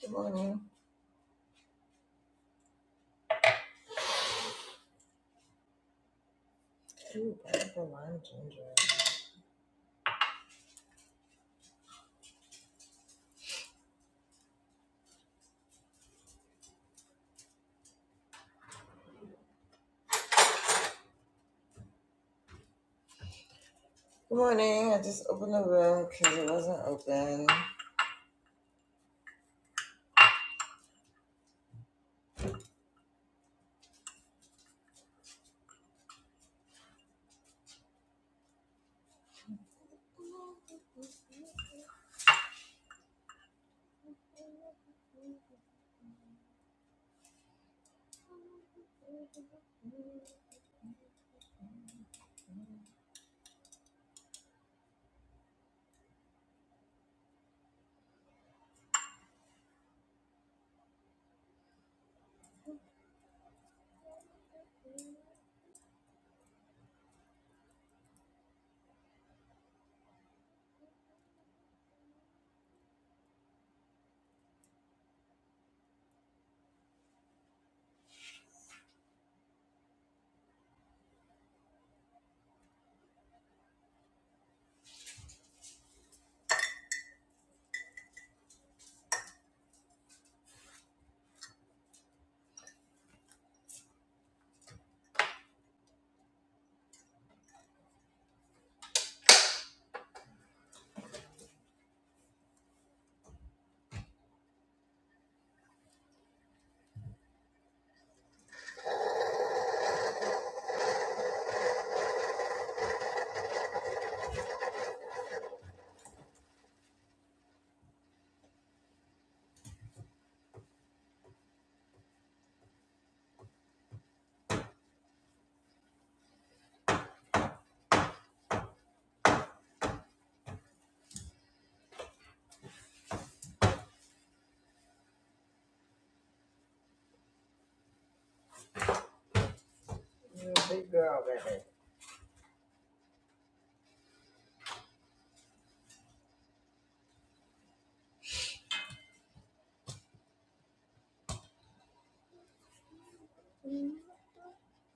Good morning. Ooh, pineapple lime ginger. Good morning. I just opened the room because it wasn't open. You're a big girl, baby.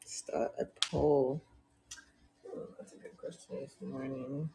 Start a poll. Ooh, that's a good question this morning.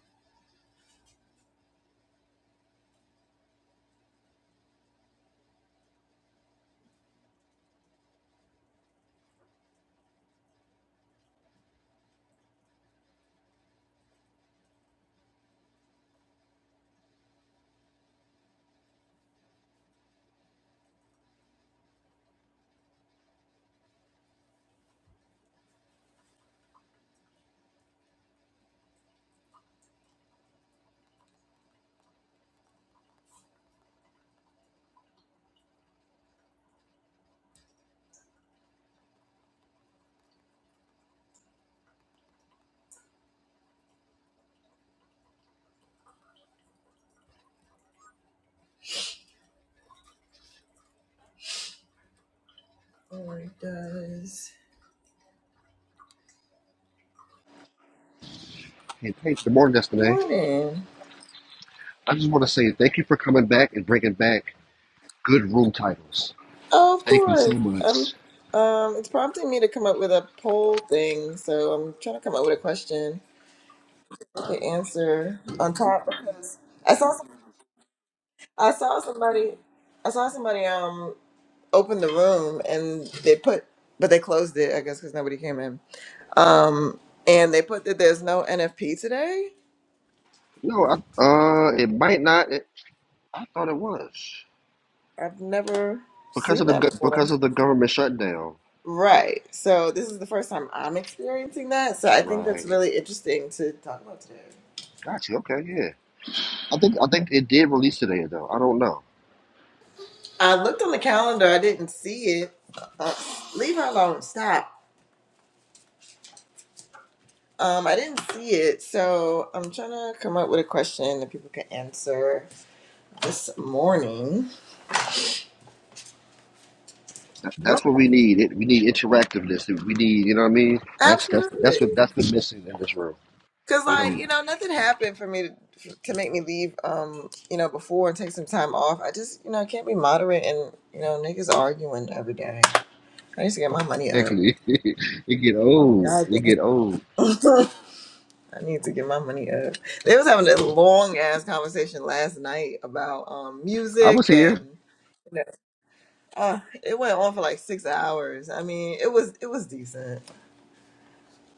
Oh, it does. Hey, Pete, good morning, Good Destiny. morning. I just want to say thank you for coming back and bringing back good room titles. Oh, of Thank you course. so Um, much. um, it's prompting me to come up with a poll thing, so I'm trying to come up with a question to answer on top because I saw I saw somebody I saw somebody um opened the room and they put, but they closed it, I guess, because nobody came in. Um, and they put that there's no NFP today. No, I, uh, it might not. It, I thought it was I've never because seen of the that go- before. because of the government shutdown. Right. So this is the first time I'm experiencing that. So I think that's Right. really interesting to talk about today. Gotcha. Okay. Yeah. I think I think it did release today though. I don't know. I looked on the calendar. I didn't see it. Uh, leave her alone. Stop. Um, I didn't see it. So I'm trying to come up with a question that people can answer this morning. That, Go. that's what we need. It, we need interactiveness. We need. You know what I mean? That's that's that's what Absolutely. that's been missing in this room. Cause You like know, you know, nothing happened for me to to make me leave. Um, you know, before and take some time off. I just you know I can't be moderate and you know niggas arguing every day. I need to get my money up. Exactly. it get old. God It get old. damn. I need to get my money up. They was having a long ass conversation last night about um I was music here. and you know, uh, it went on for like six hours. I mean, it was it was decent,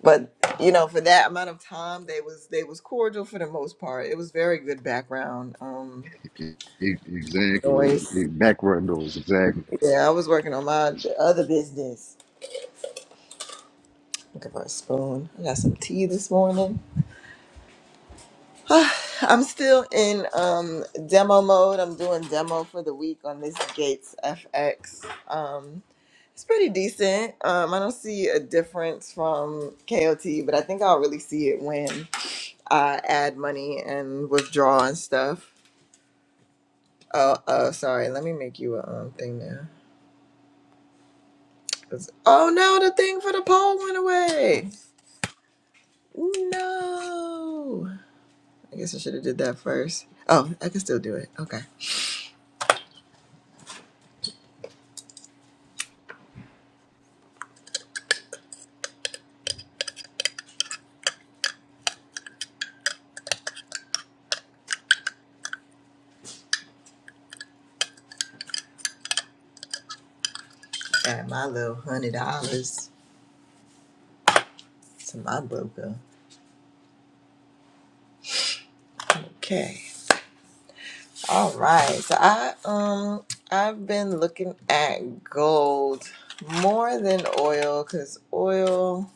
but you know, for that amount of time, they was they was cordial for the most part. It was very good background. Um, E- Exactly. Noise. E- Backward doors. Exactly. Yeah, I was working on my other business. Looking for a spoon. I got some tea this morning. I'm still in um, demo mode. I'm doing demo for the week on this Gates FX. Um, it's pretty decent. Um, I don't see a difference from KOT, but I think I'll really see it when I add money and withdraw and stuff. Oh, oh, sorry. Let me make you a um, thing now. 'Cause- Oh no, the thing for the poll went away. No. I guess I should have did that first. Oh, I can still do it. Okay. Add my little hundred dollars to my broker. Okay. All right. So I um I've been looking at gold more than oil because oil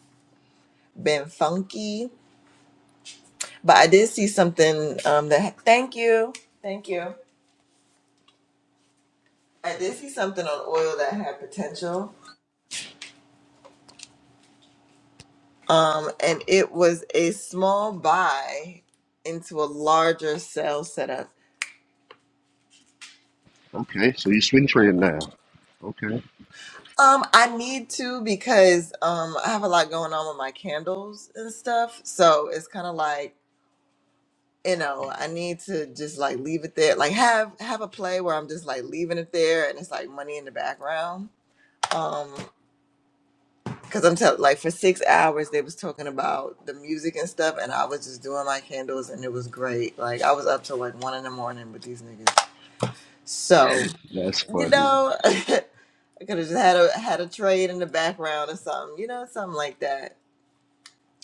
been funky. But I did see something um that thank you. Thank you. I did see something on oil that had potential. Um, and it was a small buy into a larger sale setup. Okay. So you swing trade now. Okay. Um, I need to because um I have a lot going on with my candles and stuff. So it's kind of like, you know, I need to just like leave it there. Like have have a play where I'm just like leaving it there and it's like money in the background. Um, because I'm telling like for six hours they was talking about the music and stuff and I was just doing my candles and it was great. Like I was up till like one in the morning with these niggas. So That's you funny. know, I could have just had a had a trade in the background or something, you know, something like that.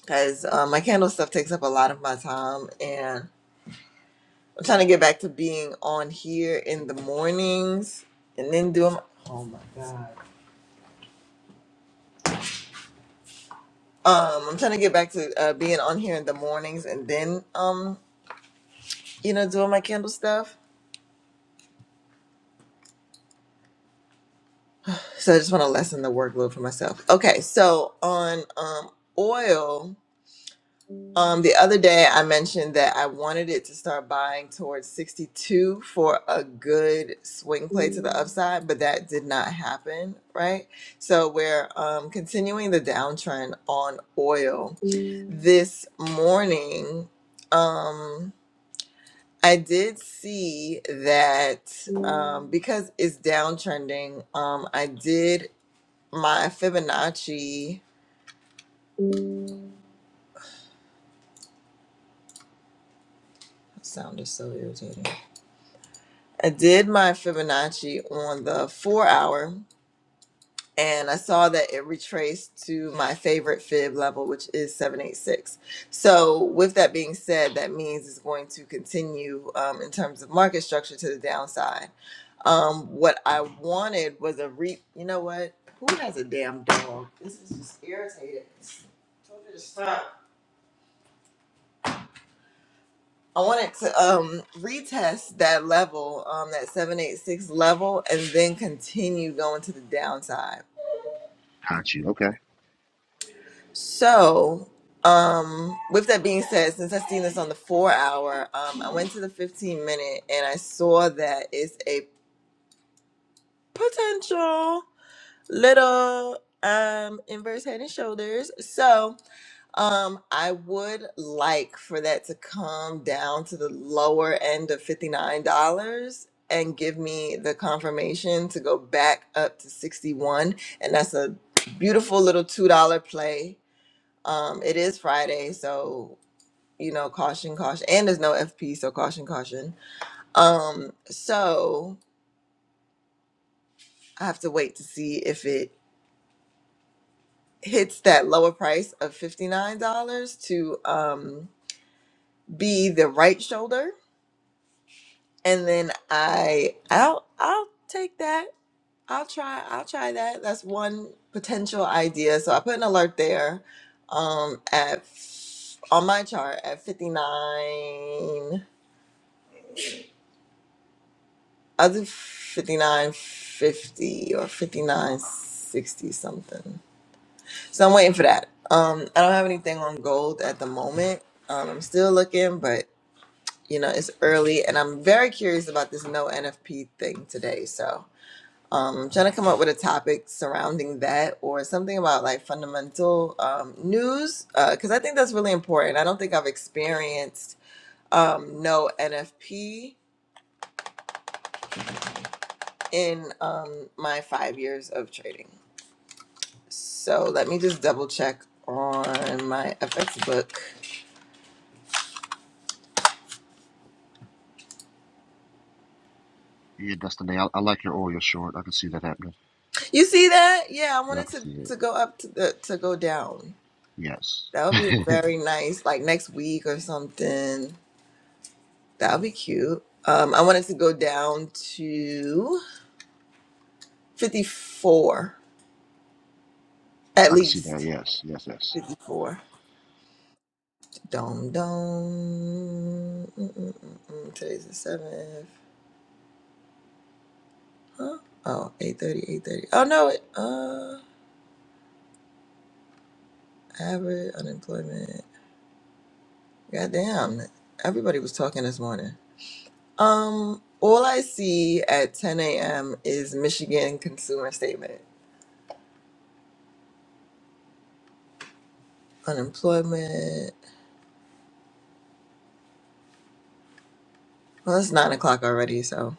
Because um, my candle stuff takes up a lot of my time, and I'm trying to get back to being on here in the mornings, and then doing. Oh my god. Um, I'm trying to get back to uh, being on here in the mornings, and then um, you know, doing my candle stuff. So I just want to lessen the workload for myself. Okay, so on um oil Um, the other day I mentioned that I wanted it to start buying towards 62 for a good swing play to the upside, but that did not happen, right? So we're um, continuing the downtrend on oil. This morning, um, I did see that um, because it's downtrending, um, I did my Fibonacci. Sound is so irritating. I did my Fibonacci on the four hour, and I saw that it retraced to my favorite fib level, which is 786. So, with that being said, that means it's going to continue um, in terms of market structure to the downside. Um, what I wanted was a re. You know what? Who has a damn dog? This is just irritating. I wanted to um, retest that level, um, that 786 level, and then continue going to the downside Got you. Okay. So, um, with that being said, since I've seen this on the four hour, um, I went to the 15 minute and I saw that it's a potential little um inverse head and shoulders. So, um, I would like for that to come down to the lower end of $59 and give me the confirmation to go back up to 61 and that's a beautiful little $2 play um, it is Friday, so you know, caution, caution, and there's no FP, so caution, caution. Um, so I have to wait to see if it hits that lower price of fifty nine dollars to um be the right shoulder, and then I I'll I'll take that. I'll try I'll try that. That's one potential idea. So I put an alert there, um, at f- on my chart at fifty nine. I'll do 5950 or 5960 something. So I'm waiting for that. Um, I don't have anything on gold at the moment. Um, I'm still looking, but you know, it's early and I'm very curious about this no NFP thing today. So um, I'm trying to come up with a topic surrounding that or something about like fundamental um, news because I think that's really important. I don't think I've experienced um, no NFP in um, my five years of trading. So let me just double check on my FX book. Yeah, Destiny, I, I like your Oreo short. I can see that happening. You see that? Yeah, I Yeah, I wanted can to see it. to go up to the to go down. Yes. That would be very nice, like next week or something. That would be cute. Um, I wanted to go down to fifty four Yes, at I can see that. least. Yes, yes, yes. Fifty four. Dom dom. Mm, mm, mm, mm. Today's the seventh. Huh? Oh, eight thirty, eight thirty. Oh no, it, uh average unemployment. Goddamn. Everybody was talking this morning. Um, all I see at 10 a.m. is Michigan consumer statement. Unemployment. Well, it's nine o'clock already, so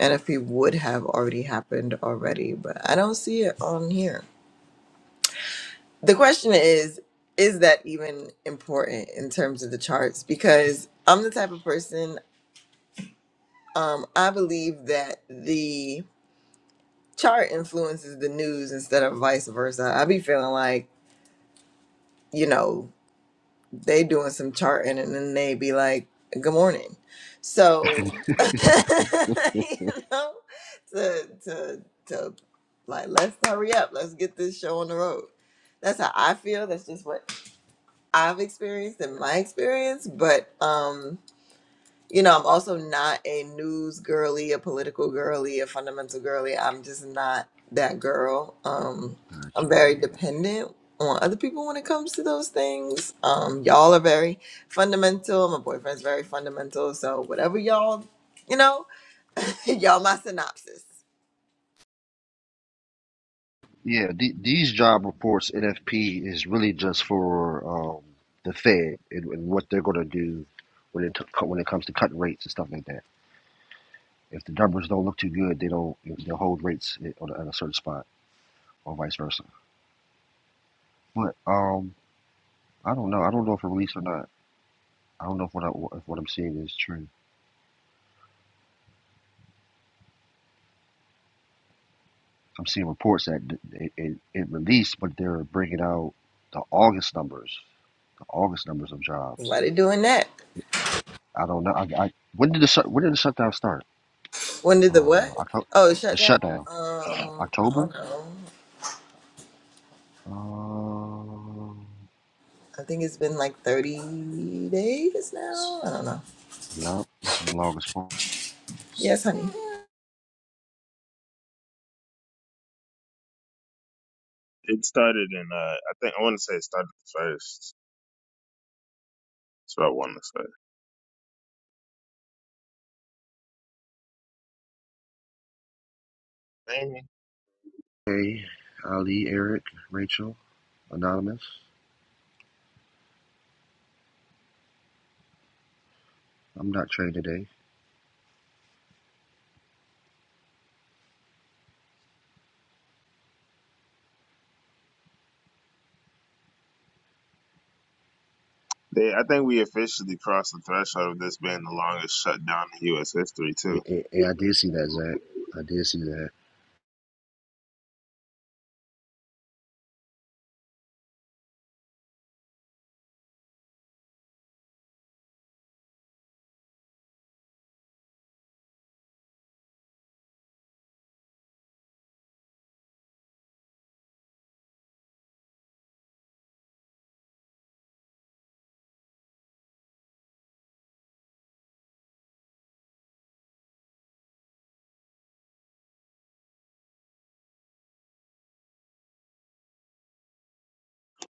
NFP would have already happened already, but I don't see it on here. The question is, is that even important in terms of the charts? Because I'm the type of person, um, I believe that the chart influences the news instead of vice versa. I be feeling like, you know, they doing some charting and then they be like good morning so you know to to to like let's hurry up let's get this show on the road that's how i feel that's just what i've experienced in my experience but um you know, I'm also not a news girly, a political girly, a fundamental girly. I'm just not that girl. Um, Got I'm you. very Yeah, yeah. dependent on other people when it comes to those things. Um, y'all are very fundamental. My boyfriend's very fundamental. So whatever y'all, you know, y'all my synopsis. Yeah, the, these job reports, NFP, is really just for um, the Fed and, and what they're going to do when it t- when it comes to cutting rates and stuff like that. If the numbers don't look too good, they don't. They'll hold rates at, on a, at a certain spot. or vice versa. But um, I don't know. I don't know if it released or not. I don't know if what I, if what I'm seeing is true. I'm seeing reports that it, it, it released, but they're bringing out the August numbers, the August numbers of jobs. Why they doing that? I don't know. I, I when did the shut when did the shutdown start? When did Uh, the what? October. Oh, shut The down. shutdown, Um, I October. don't know. Uh, I think it's been like 30 days now. I don't know. yeah, this is the longest one. Yes, honey. It started in uh, I think I want to say it started the first. That's what I want to say. Maybe. Hey, Ali, Eric, Rachel, Anonymous. I'm not trained today. They, I think we officially crossed the threshold of this being the longest shutdown in U.S. history Yeah, too. yeah, yeah, I did see that, Zach. I did see that.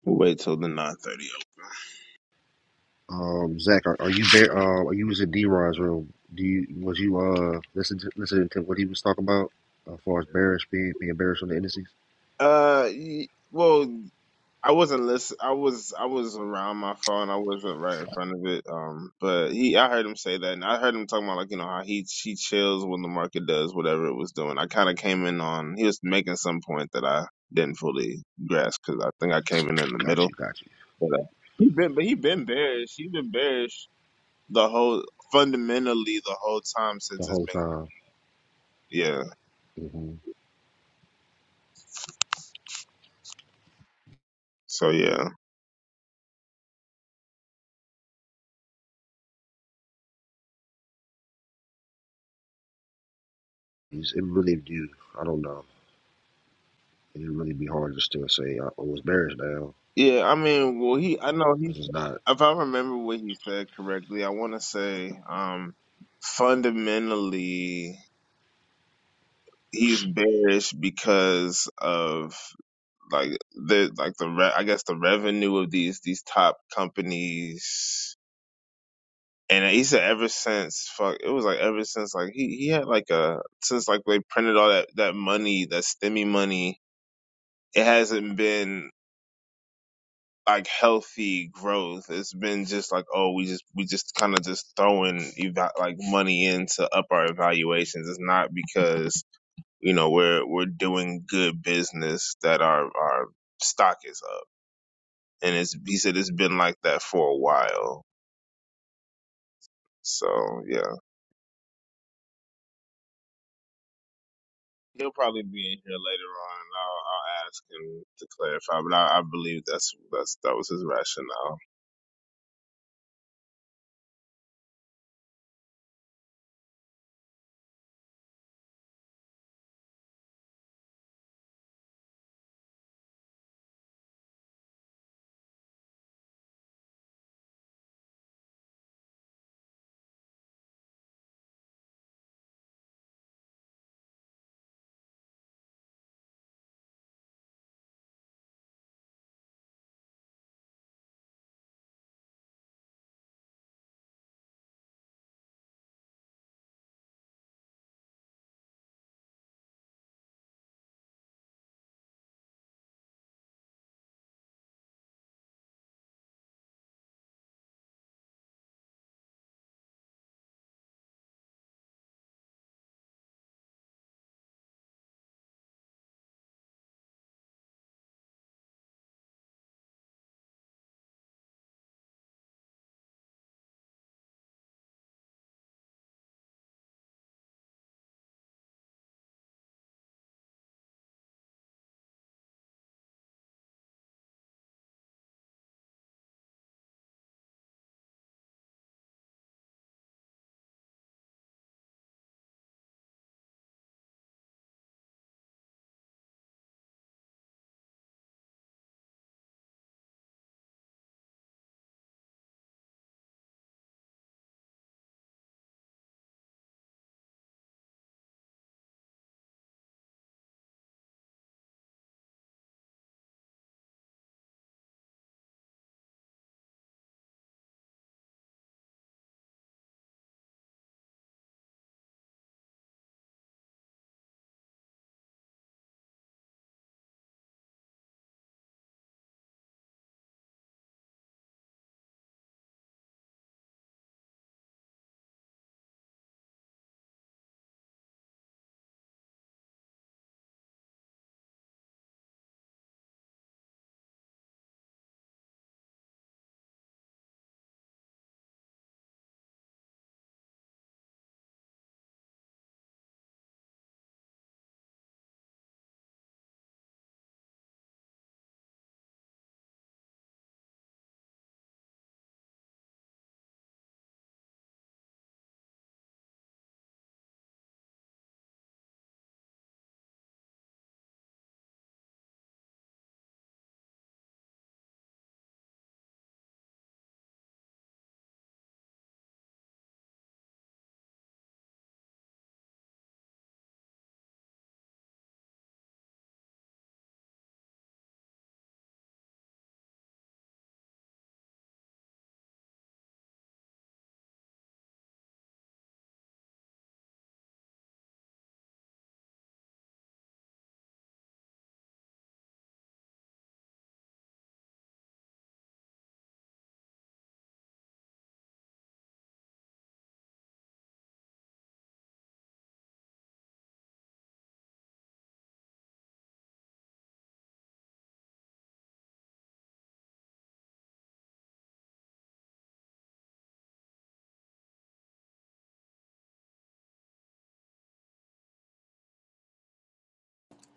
We'll wait till the 9:30. Um, Zach, are, are you there? Uh, are you was in D Rod's room? Do you was you uh listen to, listening to what he was talking about uh, as far as bearish being being bearish on the indices? Uh, y- well. I wasn't listen. I was I was around my phone. I wasn't right in front of it. Um, but he, I heard him say that, and I heard him talking about like you know how he she chills when the market does whatever it was doing. I kind of came in on he was making some point that I didn't fully grasp because I think I came in in the Got middle. you, got you. But uh, he been but he been bearish. He been bearish the whole fundamentally the whole time The since it's whole been time, yeah. hmm So yeah, it really do. I don't know. It'd really be hard to still say I I was bearish now yeah. I mean, well, he I know he. because it's not. if I remember what he said correctly, I want to say um, fundamentally he's bearish because of like the like the re- I guess the revenue of these these top companies. And he said ever since fuck it was like ever since like he, he had like a since like they printed all that that money that STEMI money it hasn't been like healthy growth. It's been just like, oh, we just we just kind of just throwing eva- like money in to up our evaluations. It's not because you know we're we're doing good business that our our stock is up. And it's he said it's been like that for a while. So yeah, he'll probably be in here later on, and I'll, I'll ask him to clarify. But I, I believe that's that's that was his rationale.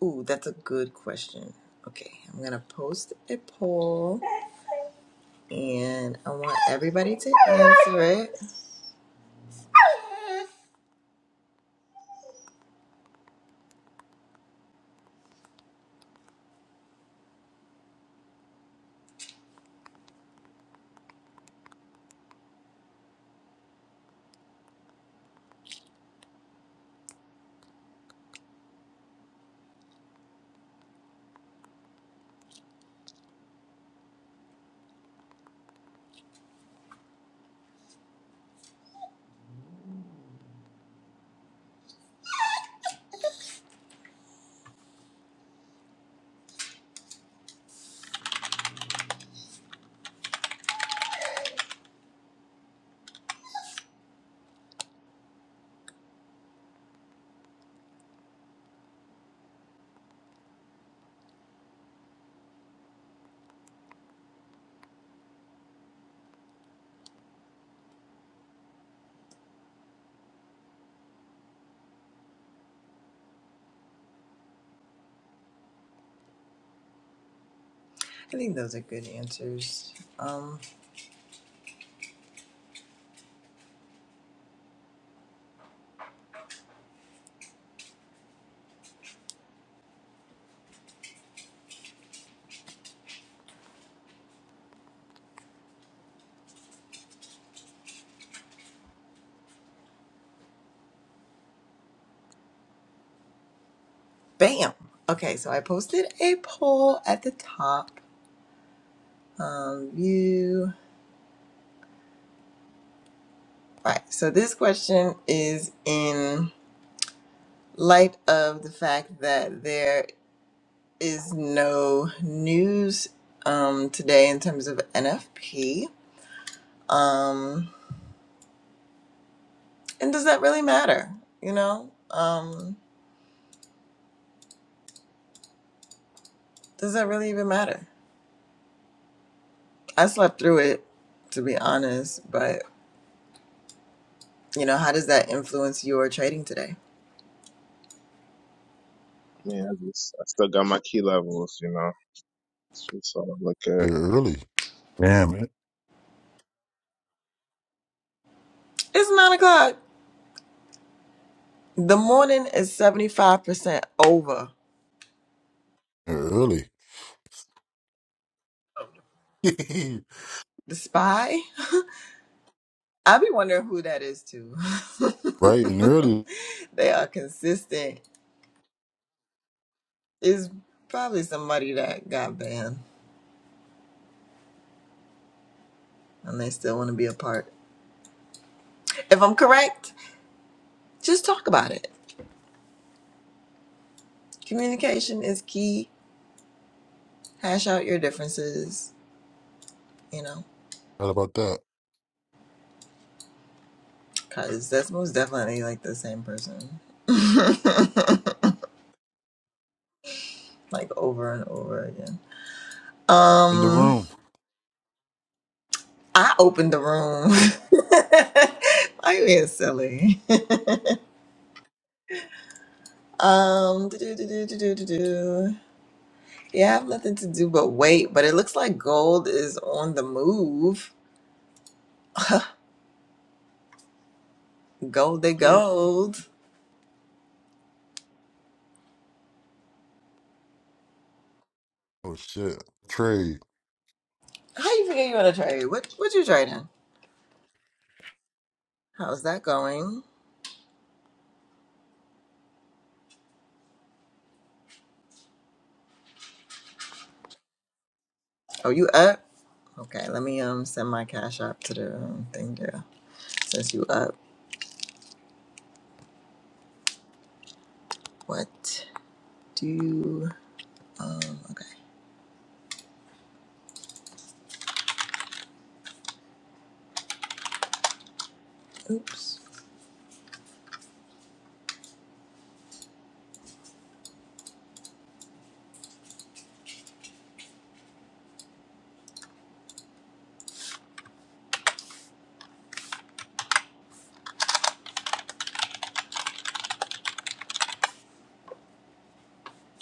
Ooh, that's a good question. Okay, I'm gonna post a poll and I want everybody to answer it. I think those are good answers. Um, bam! Okay, so I posted a poll at the top. Um, you. Right, so this question is in light of the fact that there is no news um, today in terms of NFP. Um, and does that really matter? You know, um, does that really even matter? I slept through it, to be honest. But you know, how does that influence your trading today? I mean, I just I still got my key levels, you know. That's what I look at. Here early. Damn it. It's nine o'clock. The morning is seventy five percent over. Here early. The spy. I be wondering who that is too. Bright and early. they are consistent. It's probably somebody that got banned and they still want to be a part. If I'm correct, just talk about it. Communication is key hash out your differences, you know, How about that? because that's most definitely like the same person, like over and over again. In the Um, room. I opened the room. I'm being silly. Um, do do do do do do do. Yeah, I have nothing to do but wait. But it looks like gold is on the move. Gold, they Good. gold. Oh shit. Trade. How you figure you want to trade? What what you trading? How's that going? Oh, you up? Okay, let me um send my cash app to the um, thing there. Since you up, what do um okay. Oops.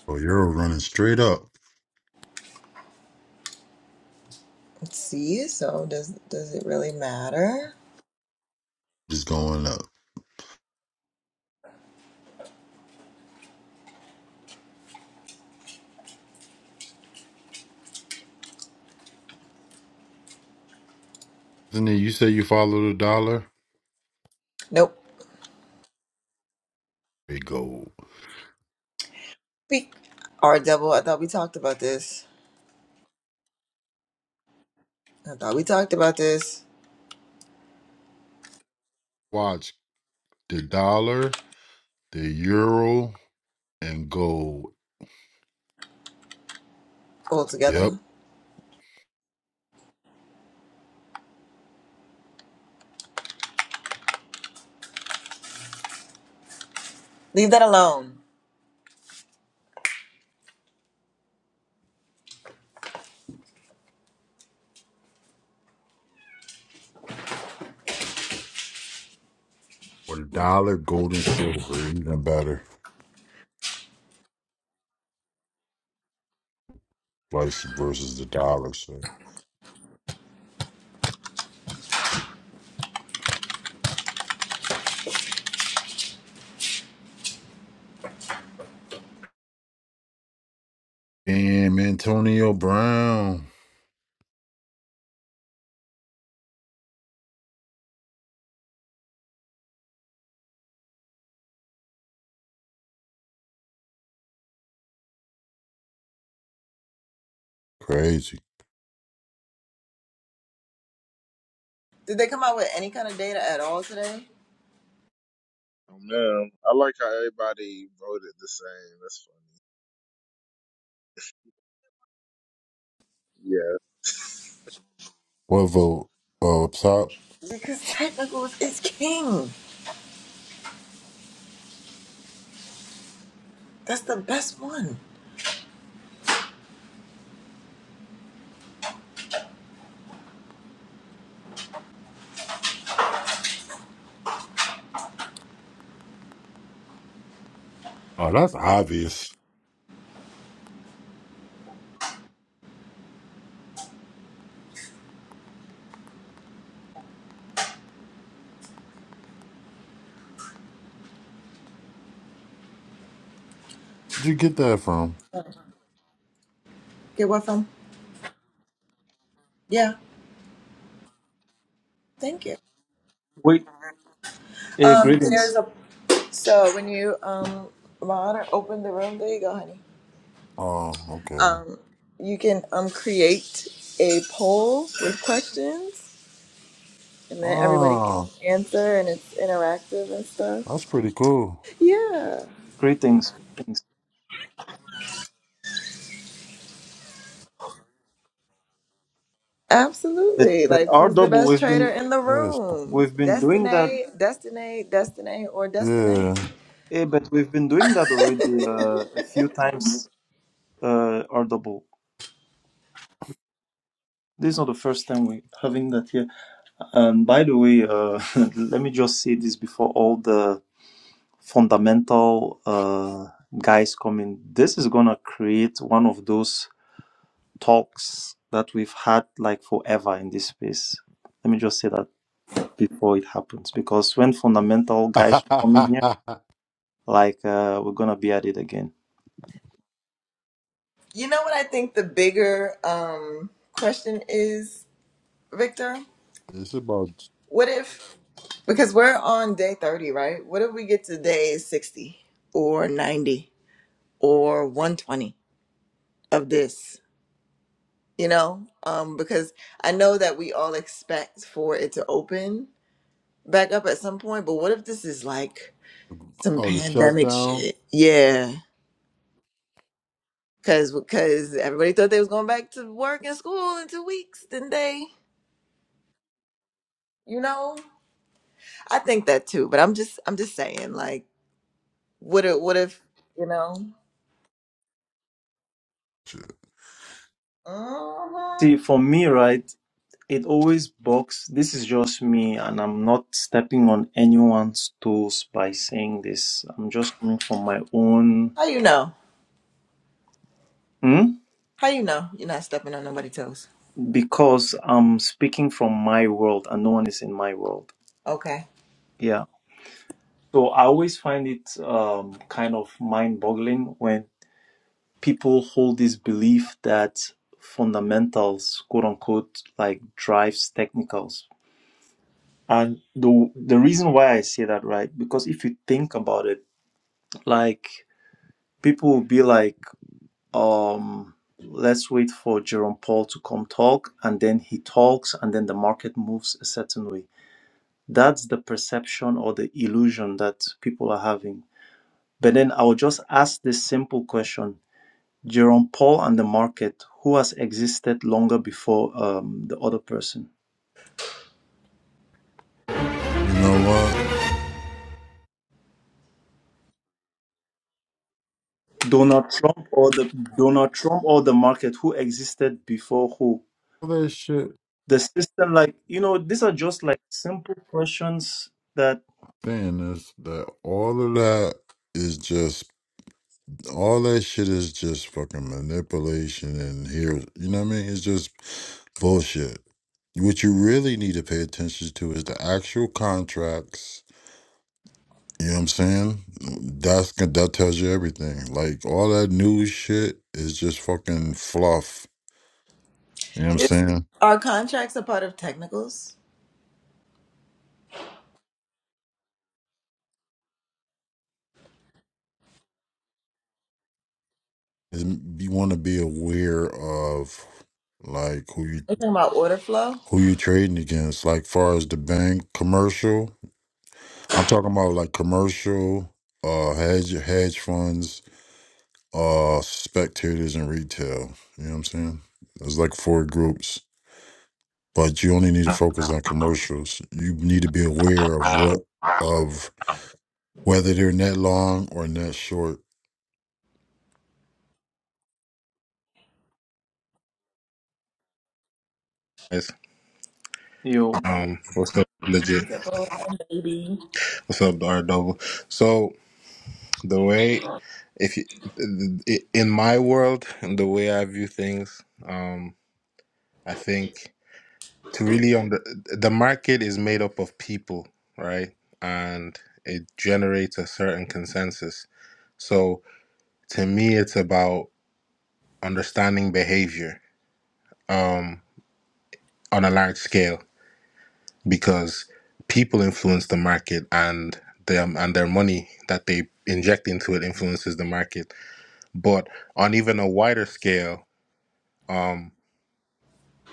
Oh, you're running straight up. Let's see. So does does it really matter? Just going up. Isn't it you say you follow the dollar? Nope. They gold. Beep. R double. I thought we talked about this. I thought we talked about this Watch the dollar, the euro, and gold. Yep. altogether. Leave that alone. Or the dollar, gold and silver, even better. Price versus the dollar, so. Damn, Antonio Brown. Crazy. Did they come out with any kind of data at all today? Oh man, I like how everybody voted the same. That's funny. Yeah. What vote? Oh, top? Because technical is is king. That's the best one. Oh, that's obvious. Where'd you get that from? Get what from? Yeah. Thank you. We uh, Um, greetings, there's a So when you um mod or open the room, there you go, honey. Oh, okay. Um, you can um create a poll with questions, and then everybody can Oh, answer, and it's interactive and stuff. that's pretty cool. Yeah, greetings, greetings. That absolutely. that Like, R who's the double best we've trader been in the Yes. room? we've been doing that, Destiny, Destiny, Destiny, or Destiny? Yeah. eh, but we've been doing that already uh, a few times. Uh, our double. This is not the first time we having that here. And by the way, uh, let me just say this before all the fundamental uh, guys come in. This is gonna create one of those talks that we've had like forever in this space. Let me just say that before it happens because when fundamental guys come in here like uh, we're gonna be at it again You know what I think the bigger um question is, Victor? it's about What if, because we're on day 30, right? What if we get to day 60 or 90 or 120 of this? You know, um, because I know that we all expect for it to open back up at some point, but what if this is like some oh the pandemic shutdown. shit? Yeah. Cause, cause everybody thought they was going back to work and school in two weeks, didn't they? You know, I think that too. But I'm just, I'm just saying, like, what if, what if, you know? Uh-huh. see for me right it always bugs this is just me and i'm not stepping on anyone's toes by saying this i'm just coming from my own How you know? Hmm? How you know you're not stepping on nobody's toes? because i'm speaking from my world and no one is in my world Okay. yeah so i always find it um, kind of mind boggling when people hold this belief that fundamentals, quote unquote, like drives technicals. And the the reason why I say that, right? Because if you think about it, like people will be like, um, let's wait for Jerome Powell to come talk, and then he talks, and then the market moves a certain way. That's the perception or the illusion that people are having. But then I will just ask this simple question Jerome Paul and the market, who has existed longer before um, the other person? You know what? Donald Trump or the Donald Trump or the market, who existed before who? All that shit The system, like you know, these are just like simple questions that saying is that all of that is just all that shit is just fucking manipulation and here you know what I mean? It's just bullshit. What you really need to pay attention to is the actual contracts You know what I'm saying? That's gon- that tells you everything. Like all that news shit is just fucking fluff. You know what I'm Is, saying? are contracts a part of technicals? It's- you want to be aware of like who you We're talking about order flow. who you trading against. Like far as the bank commercial, I'm talking about like commercial, uh, hedge hedge funds, uh, spectators and retail. You know what I'm saying? It's like four groups, but you only need to focus on commercials. You need to be aware of what of whether they're net long or net short guys. you. Know, Um, what's up, legit? Triple and baby. What's up, the R double? So the way, if you, in my world and the way I view things, um, I think to really on the the market is made up of people, right? And it generates a certain consensus. So to me, it's about understanding behavior um, on a large scale because people influence the market and them and their money that they inject into it influences the market but on even a wider scale um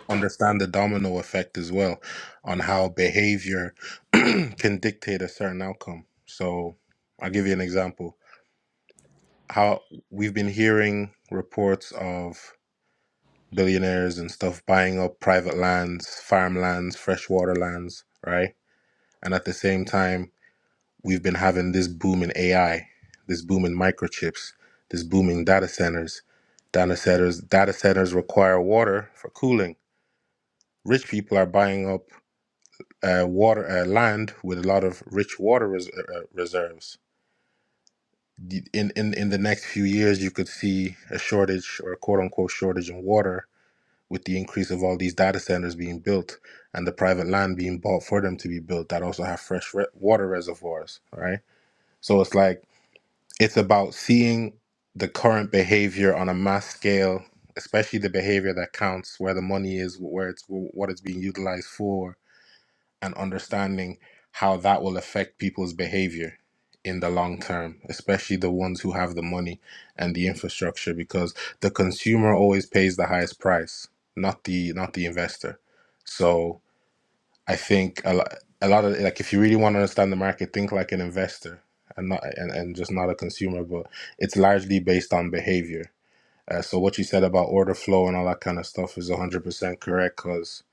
understand the domino effect as well on how behavior can dictate a certain outcome so i'll give you an example how we've been hearing reports of billionaires and stuff buying up private lands farmlands freshwater lands right and at the same time we've been having this boom in AI, this boom in microchips, this boom in data centers. Data centers, data centers require water for cooling. Rich people are buying up uh, water uh, land with a lot of rich water res- uh, uh, reserves. The- In, in in the next few years, you could see a shortage or a quote unquote shortage in water with the increase of all these data centers being built and the private land being bought for them to be built that also have fresh re- water reservoirs. Right, so it's like It's about seeing the current behavior on a mass scale, especially the behavior that counts, where the money is, where it's what it's being utilized for, and understanding how that will affect people's behavior in the long term, especially the ones who have the money and the infrastructure, because the consumer always pays the highest price, not the not the investor. So I think a lot, a lot of like if you really want to understand the market, think like an investor and not and, and just not a consumer. But it's largely based on behavior. Uh, so what you said about order flow and all that kind of stuff is one hundred percent correct. Cause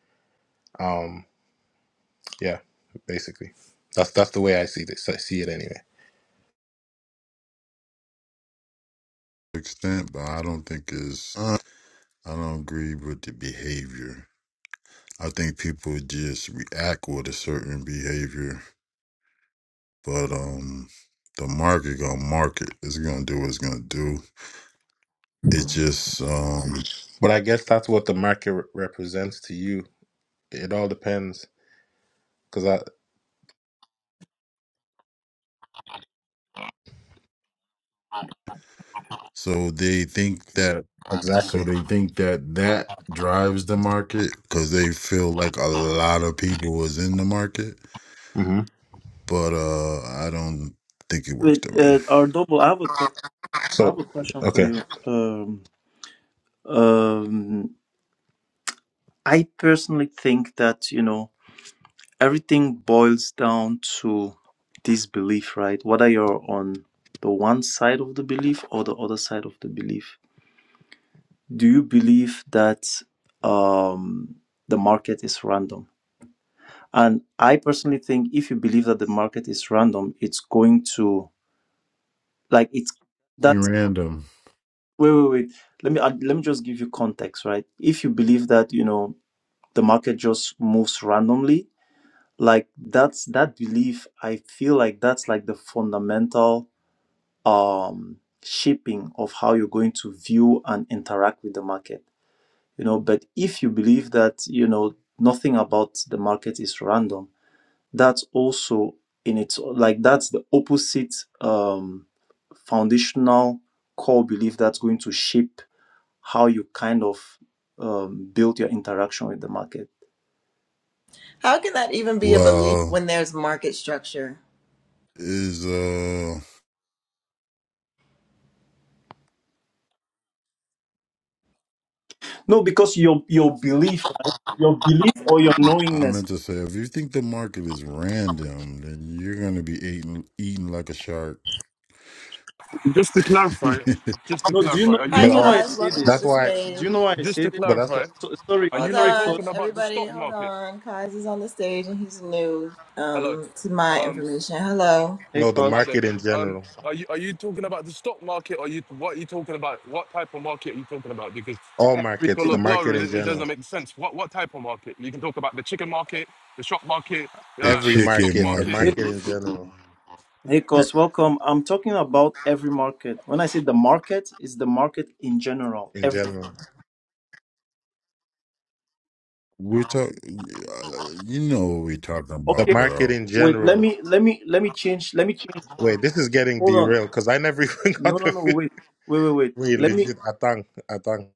um, yeah, basically, that's that's the way I see this. I see it anyway. extent, but I don't think it's, I don't agree with the behavior. I think people just react with a certain behavior, but um, the market gonna market. It's gonna do what it's gonna do. It just um, But I guess that's what the market re- represents to you. It all depends. Cause I so they think that, so exactly. they think that that drives the market because they feel like a lot of people was in the market, hmm but uh, I don't think it works wait, that way. uh, our double. I have a que- I So have a question for okay, you. Um, um, I personally think that you know everything boils down to this belief, right? Whether you're on the one side of the belief or the other side of the belief. Do you believe that um, the market is random? And I personally think if you believe that the market is random, it's going to like it's that. Ain't random. Wait, wait, wait. Let me uh, let me just give you context, right? If you believe that you know the market just moves randomly, like that's that belief. I feel like that's like the fundamental um, shaping of how you're going to view and interact with the market you know but if you believe that you know nothing about the market is random that's also in its like that's the opposite um, foundational core belief that's going to shape how you kind of um, build your interaction with the market How can that even be a belief Well, when there's market structure? is uh, no because your your belief right your belief or your I knowingness meant to say, if you think the market is random, then you're gonna be eating eating like a shark. Just to clarify, the just to no do you clarify, know are do you you Hi, but know all right, why i Kaz. say Welcome to that's this the why. do stage. you know why i just say this to But that's clarify, what So, sorry, are you Hold not sorry, on, cause talking about the everybody. stock Hold market? on. Kaz is on the stage and he's new Hello. um, to my Um, information. Hello. no the hi there. market in Um, general. are you are you talking about the stock market or you what are you talking about? What type of market are you talking about? Because All markets, the color everything. blur market it in it general, doesn't make sense. What what type of market? You can talk about the chicken market, the shop market, every uh, the stock chicken market, the market. Hey, market. market in general, hey, eh, cause welcome. I'm talking about every market. When I say the market, it's the market in general, in everything. general, We're talking, you know what we're talking the about, Okay. market bro. in Wait, let general. me, let me, let me change. Let me change. Wait, this is getting Hold on. derailed because I never even No, got no, to. no. fin- Wait, wait, wait, wait. Wait, Let me. legit, atang, atang.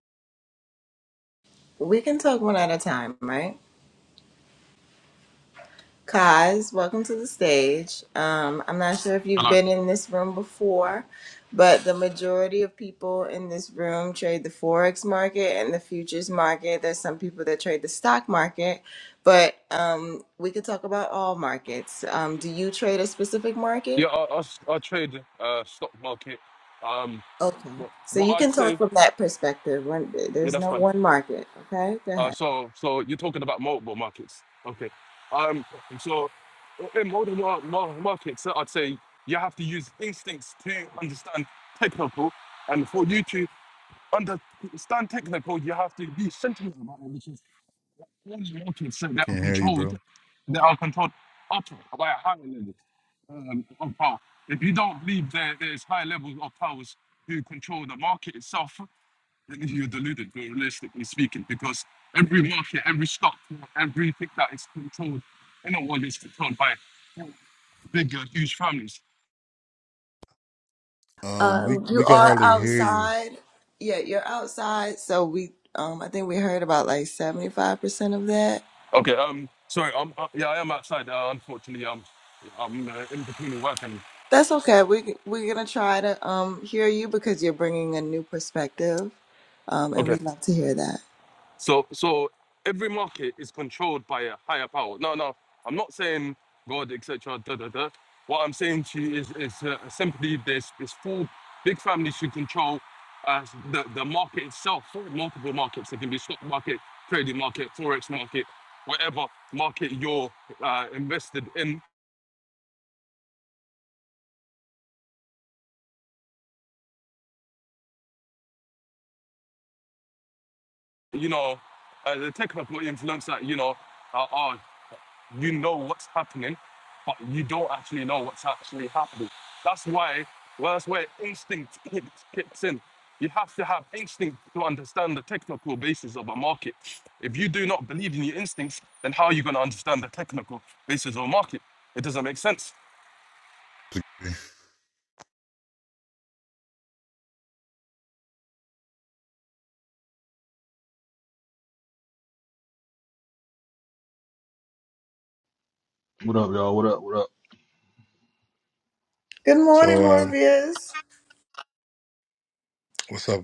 We can talk one at a time, right? Kaz, welcome to the stage. Um, I'm not sure if you've Hello. been in this room before, but the majority of people in this room trade the forex market and the futures market. There's some people that trade the stock market, but um, we could talk about all markets. Um, do you trade a specific market? Yeah, I, I, I trade uh, stock market. Um, Okay. what So what you I'd can talk say, from that perspective. One- yeah, There's that's no fine. one market. Okay. Go Uh, ahead. so, so you're talking about multiple markets. Okay. Um, so in modern mar- mar- markets, I'd say you have to use instincts to understand technical. And for you to understand technical, you have to be sentimental about it, which is all the markets that are Can't hear you, controlled, bro. that are controlled up by a higher level um, of power. If you don't believe there, there's high levels of powers who control the market itself, you're deluded, realistically speaking, because every market, every stock, everything that is controlled in the world is controlled by big, uh, huge families. Um, we Um, you we can are hardly hear you. outside. Yeah, you're outside. So we, um, I think we heard about like seventy five percent of that. Okay. Um. Sorry. Um. uh, yeah, I am outside. Uh, unfortunately, um, I'm uh, in between work and. That's okay. We we're gonna try to um hear you because you're bringing a new perspective, um, and Okay. we'd love to hear that. So so every market is controlled by a higher power. No, no, I'm not saying God, etc. Da da da. What I'm saying to you is is uh, simply there's this full big family should control uh, the the market itself. Multiple markets. It can be stock market, trading market, forex market, whatever market you're uh, invested in. You know, uh, the technical influence that you know. Uh, are you know what's happening, but you don't actually know what's actually happening. That's why, well, that's where instinct kicks, kicks in. You have to have instinct to understand the technical basis of a market. If you do not believe in your instincts, then how are you going to understand the technical basis of a market? It doesn't make sense. What up, y'all? What up? What up? Good morning, So, um, Morpheus. what's up?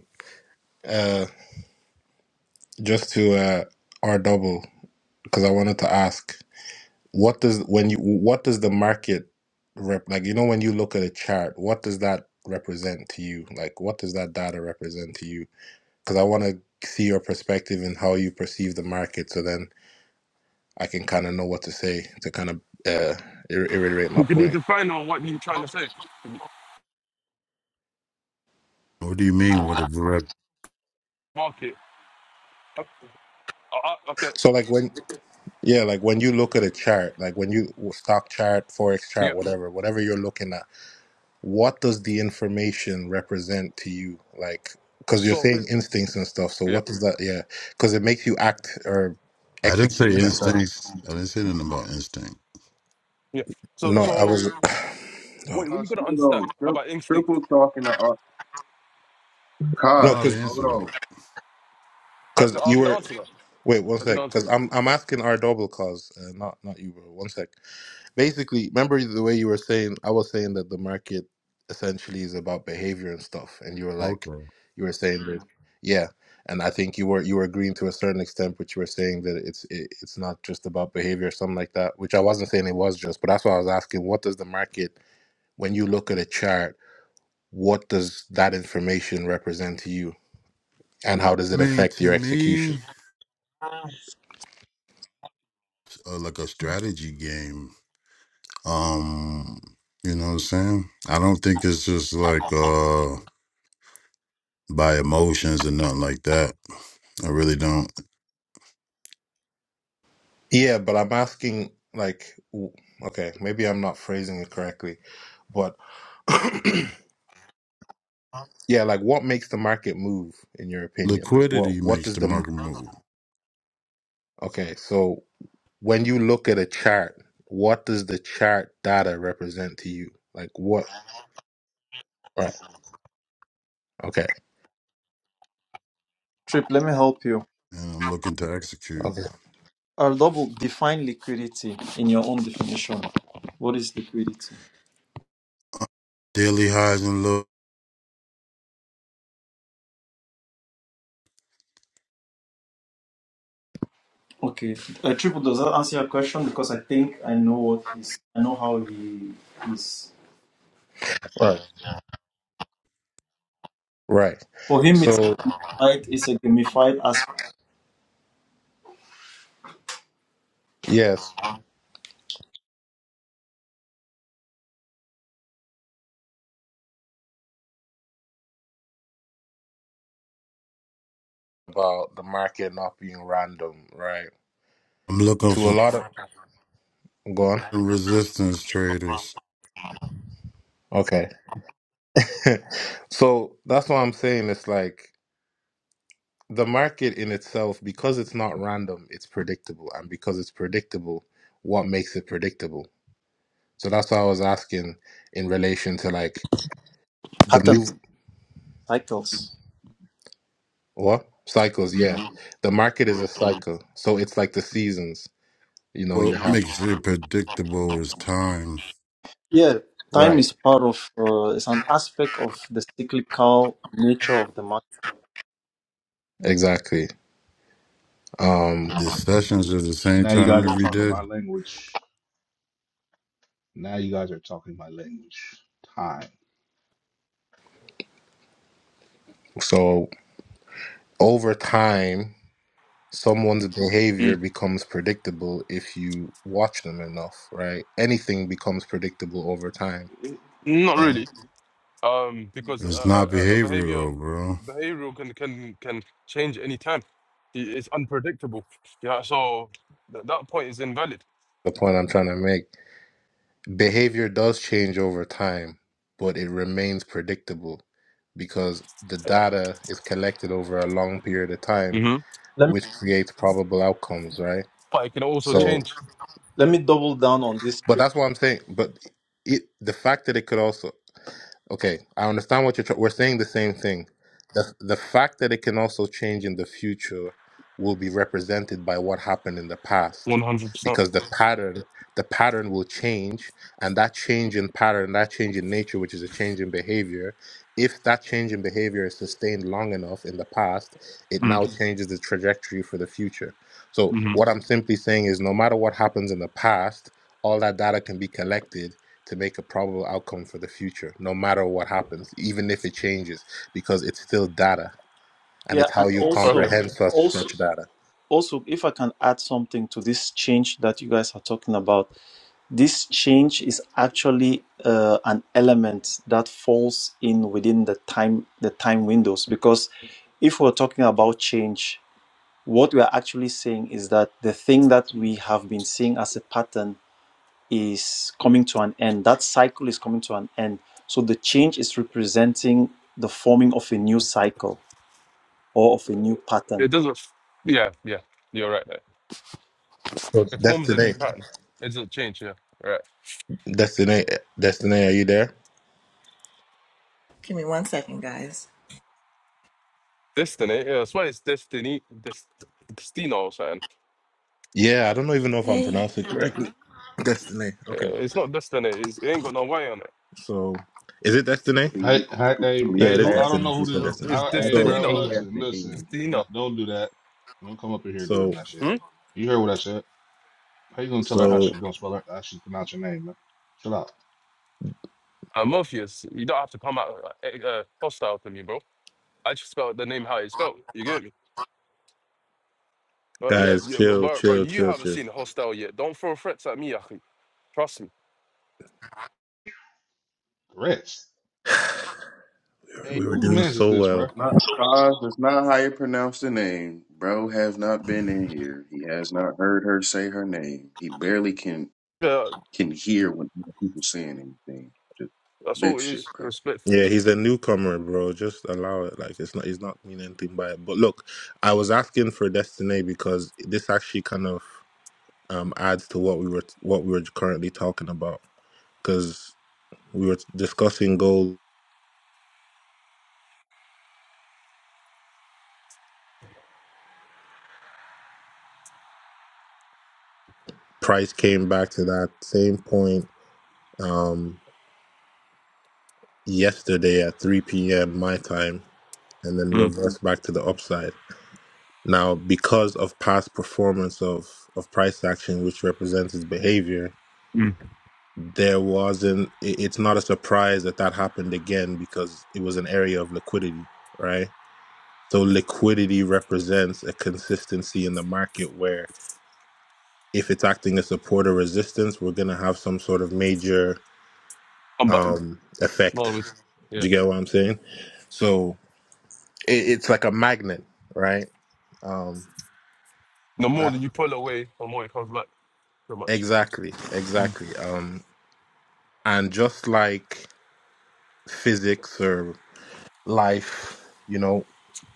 Uh, just to uh, R double because I wanted to ask, what does when you what does the market rep like? You know, when you look at a chart, what does that represent to you? Like, what does that data represent to you? because I want to see your perspective and how you perceive the market, so then I can kind of know what to say to kind of uh, ir- reiterate You my can need point. to find out what you're trying to say. What do you mean? What a direct? Market. Oh, Uh, uh, okay. So, like when yeah, like when you look at a chart, like when you stock chart, forex Yeah. chart, whatever, whatever you're looking at, what does the information represent to you? Like, because you're So, saying instincts and stuff, so yeah. what does that? Yeah, because it makes you act or I didn't execute say in a sense. instincts. I didn't say nothing about instinct. Yeah. So, No, I so was oh, what, what are you Cause, going to hold on. understand Tri- about instinct? triple talking to our I don't no, know how cause. because to answer Hold that. on. I can, because I you can were. answer that. Wait one I can sec, answer because that. I'm I'm asking our double cause, uh, not not you, bro. One sec. Basically, remember the way you were saying I was saying that the market essentially is about behavior and stuff, and you were Okay. like, I you were saying that, Mhm. yeah. And I think you were you were agreeing to a certain extent, but you were saying that it's it, it's not just about behavior or something like that, which I wasn't saying it was just, but that's why I was asking, what does the market when you look at a chart, what does that information represent to you, and how does it mean, affect to your me, execution? it's, uh, like a strategy game. Um, you know what I'm saying? I don't think it's just like uh by emotions and nothing like that. I really don't. Yeah, but I'm asking, like, w- okay, maybe I'm not phrasing it correctly, but yeah, like, what makes the market move, in your opinion? Like, what Liquidity what makes does the the market move, okay? So when you look at a chart, what does the chart data represent to you? Like, what? Right. Okay. Trip. Let me help you. and I'm looking to execute Okay. I'll double define liquidity in your own definition. What is liquidity? daily highs and low. Okay. Uh, Triple does that answer your question because I think I know what he's. I know how he is. Right. Right. For him, it's So Fight is a gamified as yes, about the market not being random, right? I'm looking To a for lot of, go on. resistance traders. Okay. so that's what I'm saying. It's like. the market in itself, because it's not random, it's predictable. And because it's predictable, what makes it predictable? So that's why I was asking in relation to like the patterns, move, cycles. what? Cycles, yeah. Mhm. The market is a cycle. So it's like the seasons, you know, you What have. makes it predictable is time. Yeah, time Right, is part of, uh, it's an aspect of the cyclical nature of the market. exactly. Um, The sessions are the same Now you time guys are every talking day. my language. Now you guys are talking my language. Time. so over time, someone's behavior becomes predictable if you watch them enough, right? Anything becomes predictable over time. Not right? really, um, because a, It's not a, a behavior behavior, though, bro. behavioral can can can change any time. I- It's unpredictable. Yeah, so th- that point is invalid. The point I'm trying to make. Behavior does change over time, but it remains predictable because the data is collected over a long period of time, hmm Let me, which creates probable outcomes, right? But it can also let me, So, change let me double down on this. but that's what I'm saying. But it, the fact that it could also Okay, I understand what you're. Tr- we're saying the same thing. The the fact that it can also change in the future will be represented by what happened in the past, one hundred percent. because the pattern the pattern will change, and that change in pattern, that change in nature, which is a change in behavior, if that change in behavior is sustained long enough in the past, it now Mhm. changes the trajectory for the future. So Mm-hmm. what I'm simply saying is, no matter what happens in the past, all that data can be collected to make a probable outcome for the future, no matter what happens, even if it changes, because it's still data and Yeah, it's how and you also, Okay, comprehend such also, such data. also, if I can add something to this change that you guys are talking about, this change is actually uh, an element that falls in within the time, the time windows, because if we're talking about change What we are actually saying is that the thing that we have been seeing as a pattern is coming to an end. That cycle is coming to an end. So the change is representing the forming of a new cycle or of a new pattern. it doesn't. Yeah, yeah, you're right. There. So It forms a Destiny, new pattern. It doesn't change. Yeah, right. Destiny, Destiny, are you there? Give me one second, guys. Destiny. Yeah, that's why it's destiny. Dest, destino or something. Yeah, I don't even know if I'm Hey, pronouncing it correctly. Destiny. Okay. Yeah, It's not destiny. It's, it ain't got no way on it. So is it Destiny? Hey, hey, Please, hey, Yeah, please hey, it is who? I add, don't Destiny. know She who said this. It's, Destiny. it's I, add hey, the So bro, destinino. A at listen, the listen. end. No- Destina. Don't do that. Don't come up in here doing so that shit. You heard what I said. How you gonna tell her how so she gonna spell her? How she pronounce your name, man? Chill out. Uh, Morpheus, you don't have to come out uh, uh, uh, hostile to me, bro. I just spelled the name how it's spelled. You get me? But yeah, guys, yeah but chill, bro, bro, chill, you chill, haven't chill. seen hostile yet. Don't throw threats at me, Akhi. Trust me. Rest. Hey, We were Whose doing man's It's is so this, well. bro? not cause. It's not how you pronounce the name. Bro has not been in here. He has not heard her say her name. He barely can Yeah, can hear when people saying anything. Just that's all next it shit, is, bro. Yeah, respectfully. he's a newcomer, bro. Just allow it. Like it's not he's not mean anything by it. But look, I was asking for Destiny because this actually kind of um adds to what we were what we were currently talking about because we were discussing gold. Price came back to that same point um yesterday at 3 p.m. my time and then Mm. reversed back to the upside. Now, because of past performance of of price action which represents its behavior, Mm. there wasn't it- it's not a surprise that that happened again because it was an area of liquidity right so liquidity represents a consistency in the market where if it's acting as support or resistance we're going to have some sort of major Come back. um effect Well, with, do yeah. you get what i'm saying so it, it's like a magnet right um The more that that you pull away, the more it comes back, pretty much. exactly Mm. exactly um and just like physics or life you know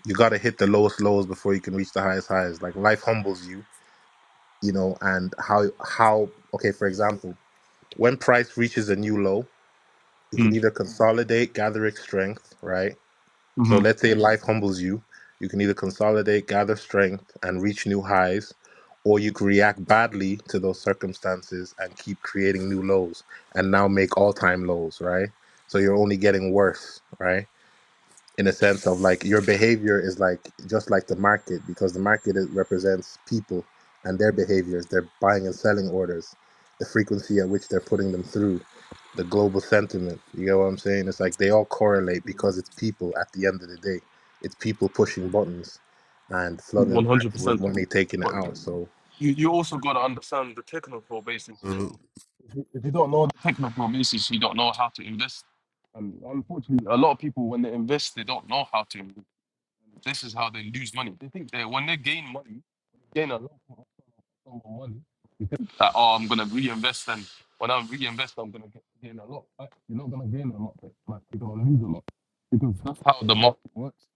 you got to hit the lowest lows before you can reach the highest highs like life humbles you you know and how how okay for example when price reaches a new low it can Mm. either consolidate gather its strength right so Mm-hmm. let's say life humbles you you can either consolidate gather strength and reach new highs or you can react badly to those circumstances and keep creating new lows and now make all-time lows right so you're only getting worse right in a sense of like your behavior is like just like the market because the market is, represents people and their behaviors their buying and selling orders the frequency at which they're putting them through the global sentiment you get what i'm saying it's like they all correlate because it's people at the end of the day it's people pushing buttons and flooding the market with 100%. money taking it But out so you, you also got to understand the technical basis as Uh, well. if you don't know the technical basis, you don't know how to invest. And unfortunately, a lot of people, when they invest, they don't know how to. invest. This is how they lose money. They think that when they gain money, gain a lot of money, that oh, I'm gonna reinvest, and when I reinvest, I'm gonna get, gain a lot. Like, you're not gonna gain a lot, but like, you're gonna lose a lot because that's how the market works.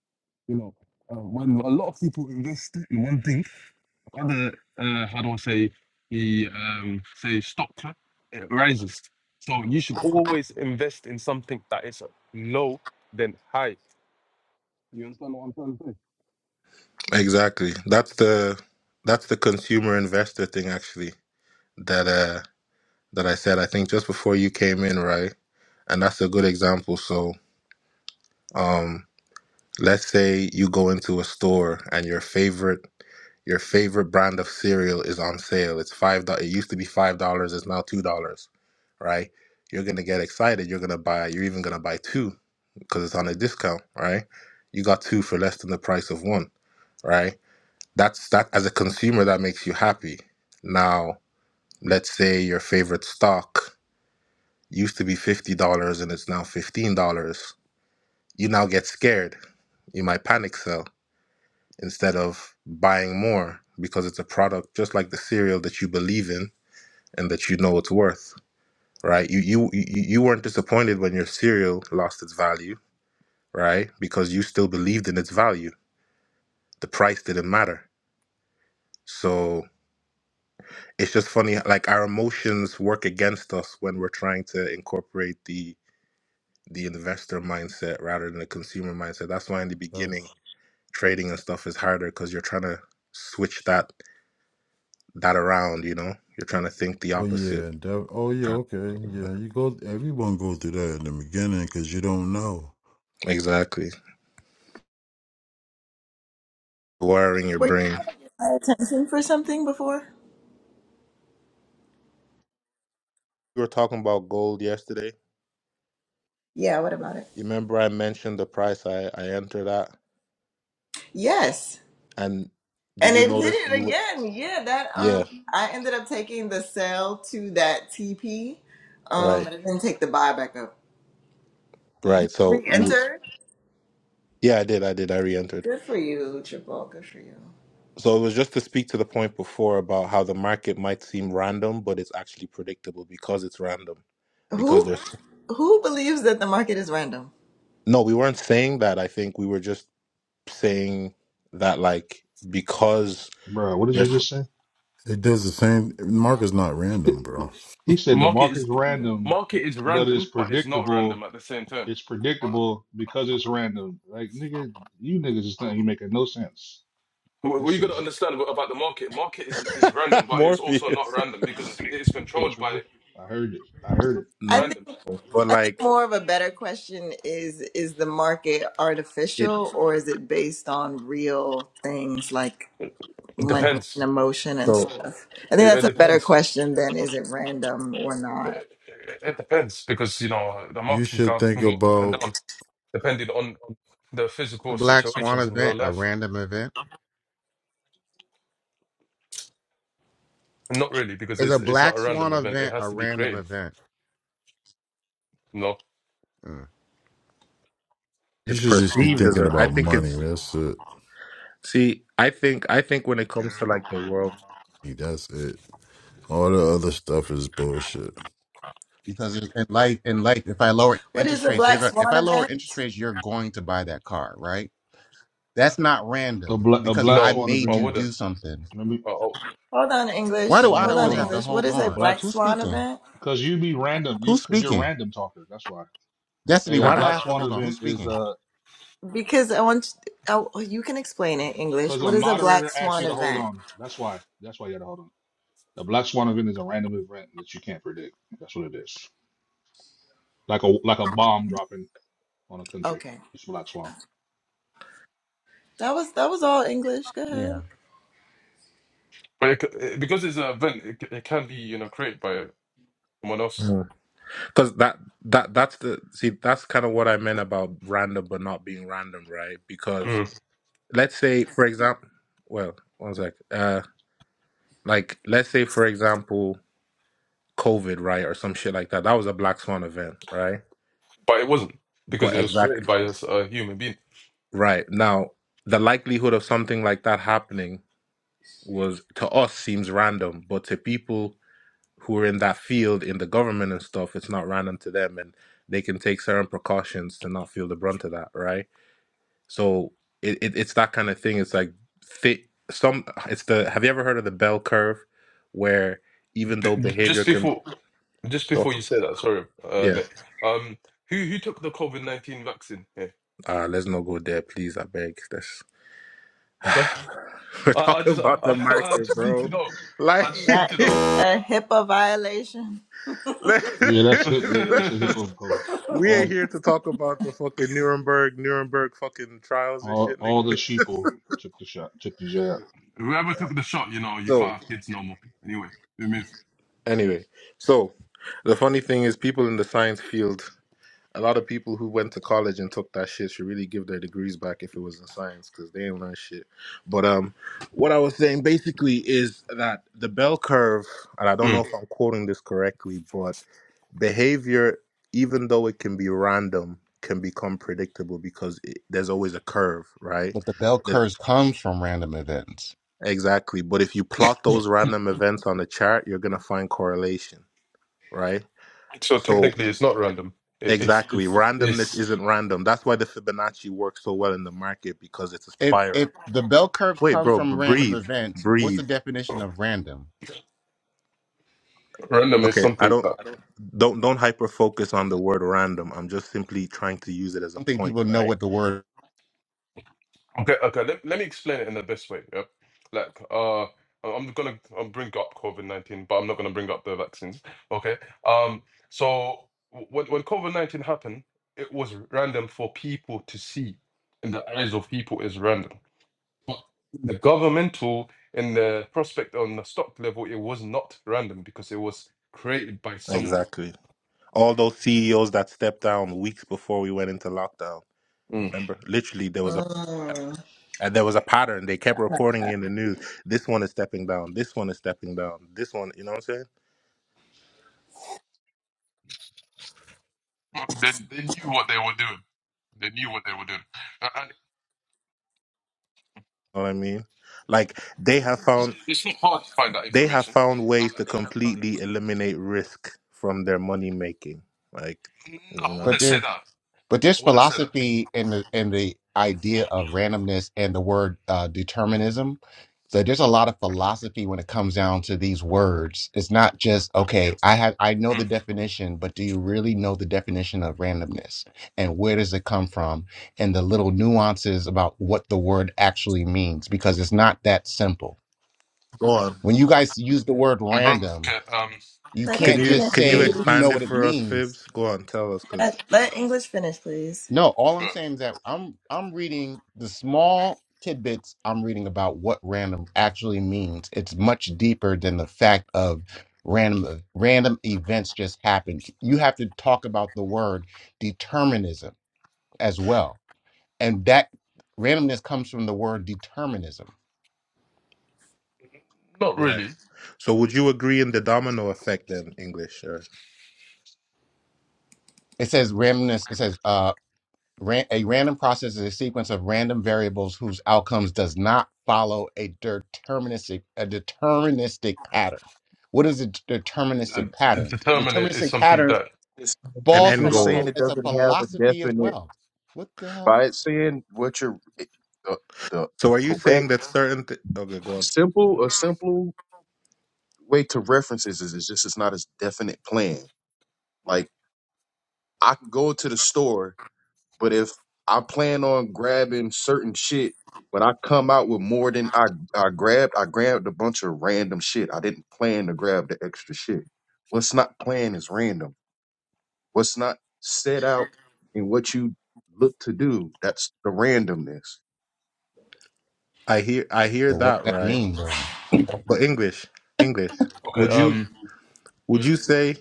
You know, uh, when a lot of people invest in one thing other uh, how do I say the um say stock it rises. So you should always invest in something that is low than high. You understand what I'm trying to say? exactly that's the that's the consumer investor thing actually that uh that i said i think just before you came in right And that's a good example. So, um, let's say you go into a store and your favorite your favorite brand of cereal is on sale. It's five. do- It used to be five dollars. It's now two dollars, right? You're gonna get excited. You're gonna buy. You're even gonna buy two because it's on a discount, right? You got two for less than the price of one, right? That's that. As a consumer, that makes you happy. Now, let's say your favorite stock used to be fifty dollars and it's now fifteen dollars you now get scared. You might panic sell instead of buying more because it's a product just like the cereal that you believe in and that you know it's worth, right? You you you you weren't disappointed when your cereal lost its value, right? Because you still believed in its value. The price didn't matter. So it's just funny like our emotions work against us when we're trying to incorporate the the investor mindset rather than the consumer mindset. That's why in the uh, beginning trading and stuff is harder because you're trying to switch that that around, you know? You're trying to think the Oh opposite. yeah, def- oh yeah, Okay. okay, yeah. You go, everyone go through that in the beginning because you don't know. Exactly. Wiring your were you brain. paying attention for something before? We were talking about gold yesterday. Yeah. What about it? You remember I mentioned the price I, I entered at? Yes. And did And you it hit notice you it were again. Yeah, that Yeah, um I ended up taking the sell to that TP. Um right. but I didn't take the buy back up. Right. So we, Re-enter. yeah, I did, I did, I re entered. Good for you, Triple. Good for you. So it was just to speak to the point before about how the market might seem random, but it's actually predictable because it's random. Because Who there's who believes that the market is random? no, we weren't saying that. I think we were just saying that like because Bro, what did you there's. just say? It does the same. Market's not random, bro. he said the Market is market's random, market is but random, it's but it's not predictable random at the same time. It's predictable because it's random. Like nigga, you niggas is not you making no sense. What That what you got shit to is understand about about the market, market is is random, but it's also not Morpheus. random because it is yeah, controlled by triple. I heard it. I heard it. I No, think random. but I think like more of a better question is is the market it, artificial or is it based on real things like It money and depends. emotion and so stuff? I think It, that's it a better depends. question than is it random or It, not. it- it depends because you know the You market can should go, think can go up and about. down. depending on the a physical black swan situations in real event a life. random event? Not really, because Is it's a it's not black a swan random event. It event a has to be random created. event? No, Mm. You it's should just be perceived as thinking a. I about think money. it's. That's it. See, I think I think when it comes to like the world, Hey, That's it. All the other stuff is bullshit. Because in in life, in life, if I lower What is interest the rates, you're Black going. If Swan I event? lower interest rates, you're going to buy that car, right? That's not A random black a because black I no, swan I made you event. do wouldn't. something. Let me. Oh, oh. Hold on, Why do English. mm. All I Hold right, on, always hold have on. to English. What hold is The a on? black black Who's swan speaking? event? because you be random. You Who's because you're a speaking? random talker. That's why. Destiny. A, a Why do I black have to swan hold on? Who's event is speaking? uh Because I want you, I, you can explain it, English. because a What is a black moderator asked swan you to hold event? on. That's why. That's why you got to hold on. A black swan event is a random event that you can't predict. That's what it is. Like a like a bomb dropping on a country. Okay, It's black swan. that was that was all English. Go ahead. Yeah, But it, c- it- because it's an event, it, c- it can be you know created by someone else. because that that that's the see that's kind of what I meant about random but not being random, right? Because Mm. let's say, for example, well, one sec, uh, like let's say for example, COVID, right, or some shit like that. That was a black swan event, right? But it wasn't because But it was created exactly by a, s- a human being. right now, the likelihood of something like that happening was to us seems random, but to people who are in that field in the government and stuff, it's not random to them, and they can take certain precautions to not feel the brunt of that, right? So it, it it's that kind of thing. It's like thi- some. It's the. Have you ever heard of the bell curve, where even B- though behavior just can, before, just well, before you say that, sorry, uh, yeah, mate. Um, who who took the COVID nineteen vaccine? Yeah. uh, let's not go there, please. I beg. That's we're I, I talking just about the I, I I market, just need to bro. know. I Like, just need That to is know. a HIPAA violation. let Yeah, that's hip. It's a hippo coat. We ain't All, here to talk about the fucking Nuremberg, Nuremberg fucking trials and all, shit, all nigga. the sheeple took the shot, took the jab. Whoever Alright. took the shot, you know, you So, can't have kids no more. Anyway, we move. anyway, so the funny thing is, people in the science field, a lot of people who went to college and took that shit should really give their degrees back if it was in science because they ain't learn shit. But um, what I was saying basically is that the bell curve, and I don't know Mm. if I'm quoting this correctly, but behavior, even though it can be random, can become predictable because it, there's always a curve, right? but the bell the, Yeah. curves comes from random events. Exactly. But if you plot those random events on the chart, you're going to find correlation, right? So So, technically, it's not random. It, it's exactly. it's Randomness it's isn't random. That's why the Fibonacci works so well in the market because it's a If spiral. if the bell curves Wait, comes bro, b- from random breathe. events, what's Breathe. the definition of random? random. is Okay, I something don't that I don't. don't don't hyper focus on the word random. I'm just simply trying to use it as I a don't think point, people know right? what the word okay okay. Let, let me explain it in the best way. Yeah, like uh, I- I'm gonna I'm bring up COVID nineteen, but I'm not gonna bring up the vaccines. Okay. Um. So w- when when COVID nineteen happened, it was random for people to see. In the eyes of people, is random. the governmental and the prospect on the stock level, it was not random because it was created by someone. Exactly. All those CEOs that stepped down weeks before we went into lockdown. Mm. Remember, literally there was a Mm. And there was a pattern. They kept reporting in the news. This one is stepping down. This one is stepping down. This one, you know what I'm saying? They, they knew what they were doing. They knew what they were doing. Uh, and Know what I mean? Like they have found it's not hard to find that they have information. found Uh, ways to completely eliminate risk from their money making. Like, no, you I know. But wouldn't say there, that. but there's I wouldn't say that. philosophy in the in the idea of randomness and the word uh, determinism. So there's a lot of philosophy when it comes down to these words. It's not just okay. I have I know the Mm. definition, but do you really know the definition of randomness and where does it come from and the little nuances about what the word actually means because it's not that simple. Go on. When you guys use the word And bro, random, okay, um, you Let Can him can't it, you it, just finish, can you say please. you know expand it what it for us, means Fibs? Go on, tell us, cause Let, mm, let English finish, please. No, all I'm no, saying is that I'm I'm reading the small tidbits I'm reading about what random actually means. It's much deeper than the fact of random uh, random events just happen. You have to talk about the word determinism as well. And that randomness comes from the word determinism. not right. really. So would you agree in the domino effect then, English, or It says randomness, it says uh, Ran, a random process is a sequence of random variables whose outcomes does not follow a deterministic a deterministic pattern. What is a d- Uh, deterministic pattern? A Determinate is deterministic something pattern that, It's, an it's falls end from just a goal? saying phil- it it's a doesn't have a philosophy as definite. well. What the hell? By it saying what you're the, the So are you correct, saying that certain? Th- okay, a go on. simple, a simple way to references is it's just it's not as definite plan. Like I can go to the store, but if I plan on grabbing certain shit, when I come out with more than I I grabbed, I grabbed a bunch of random shit. I didn't plan to grab the extra shit. What's not planned is random. What's not set out and what you look to do, that's the randomness. I hear I hear Well, what that does that right. mean though? But English, English. okay, Would you um, would you say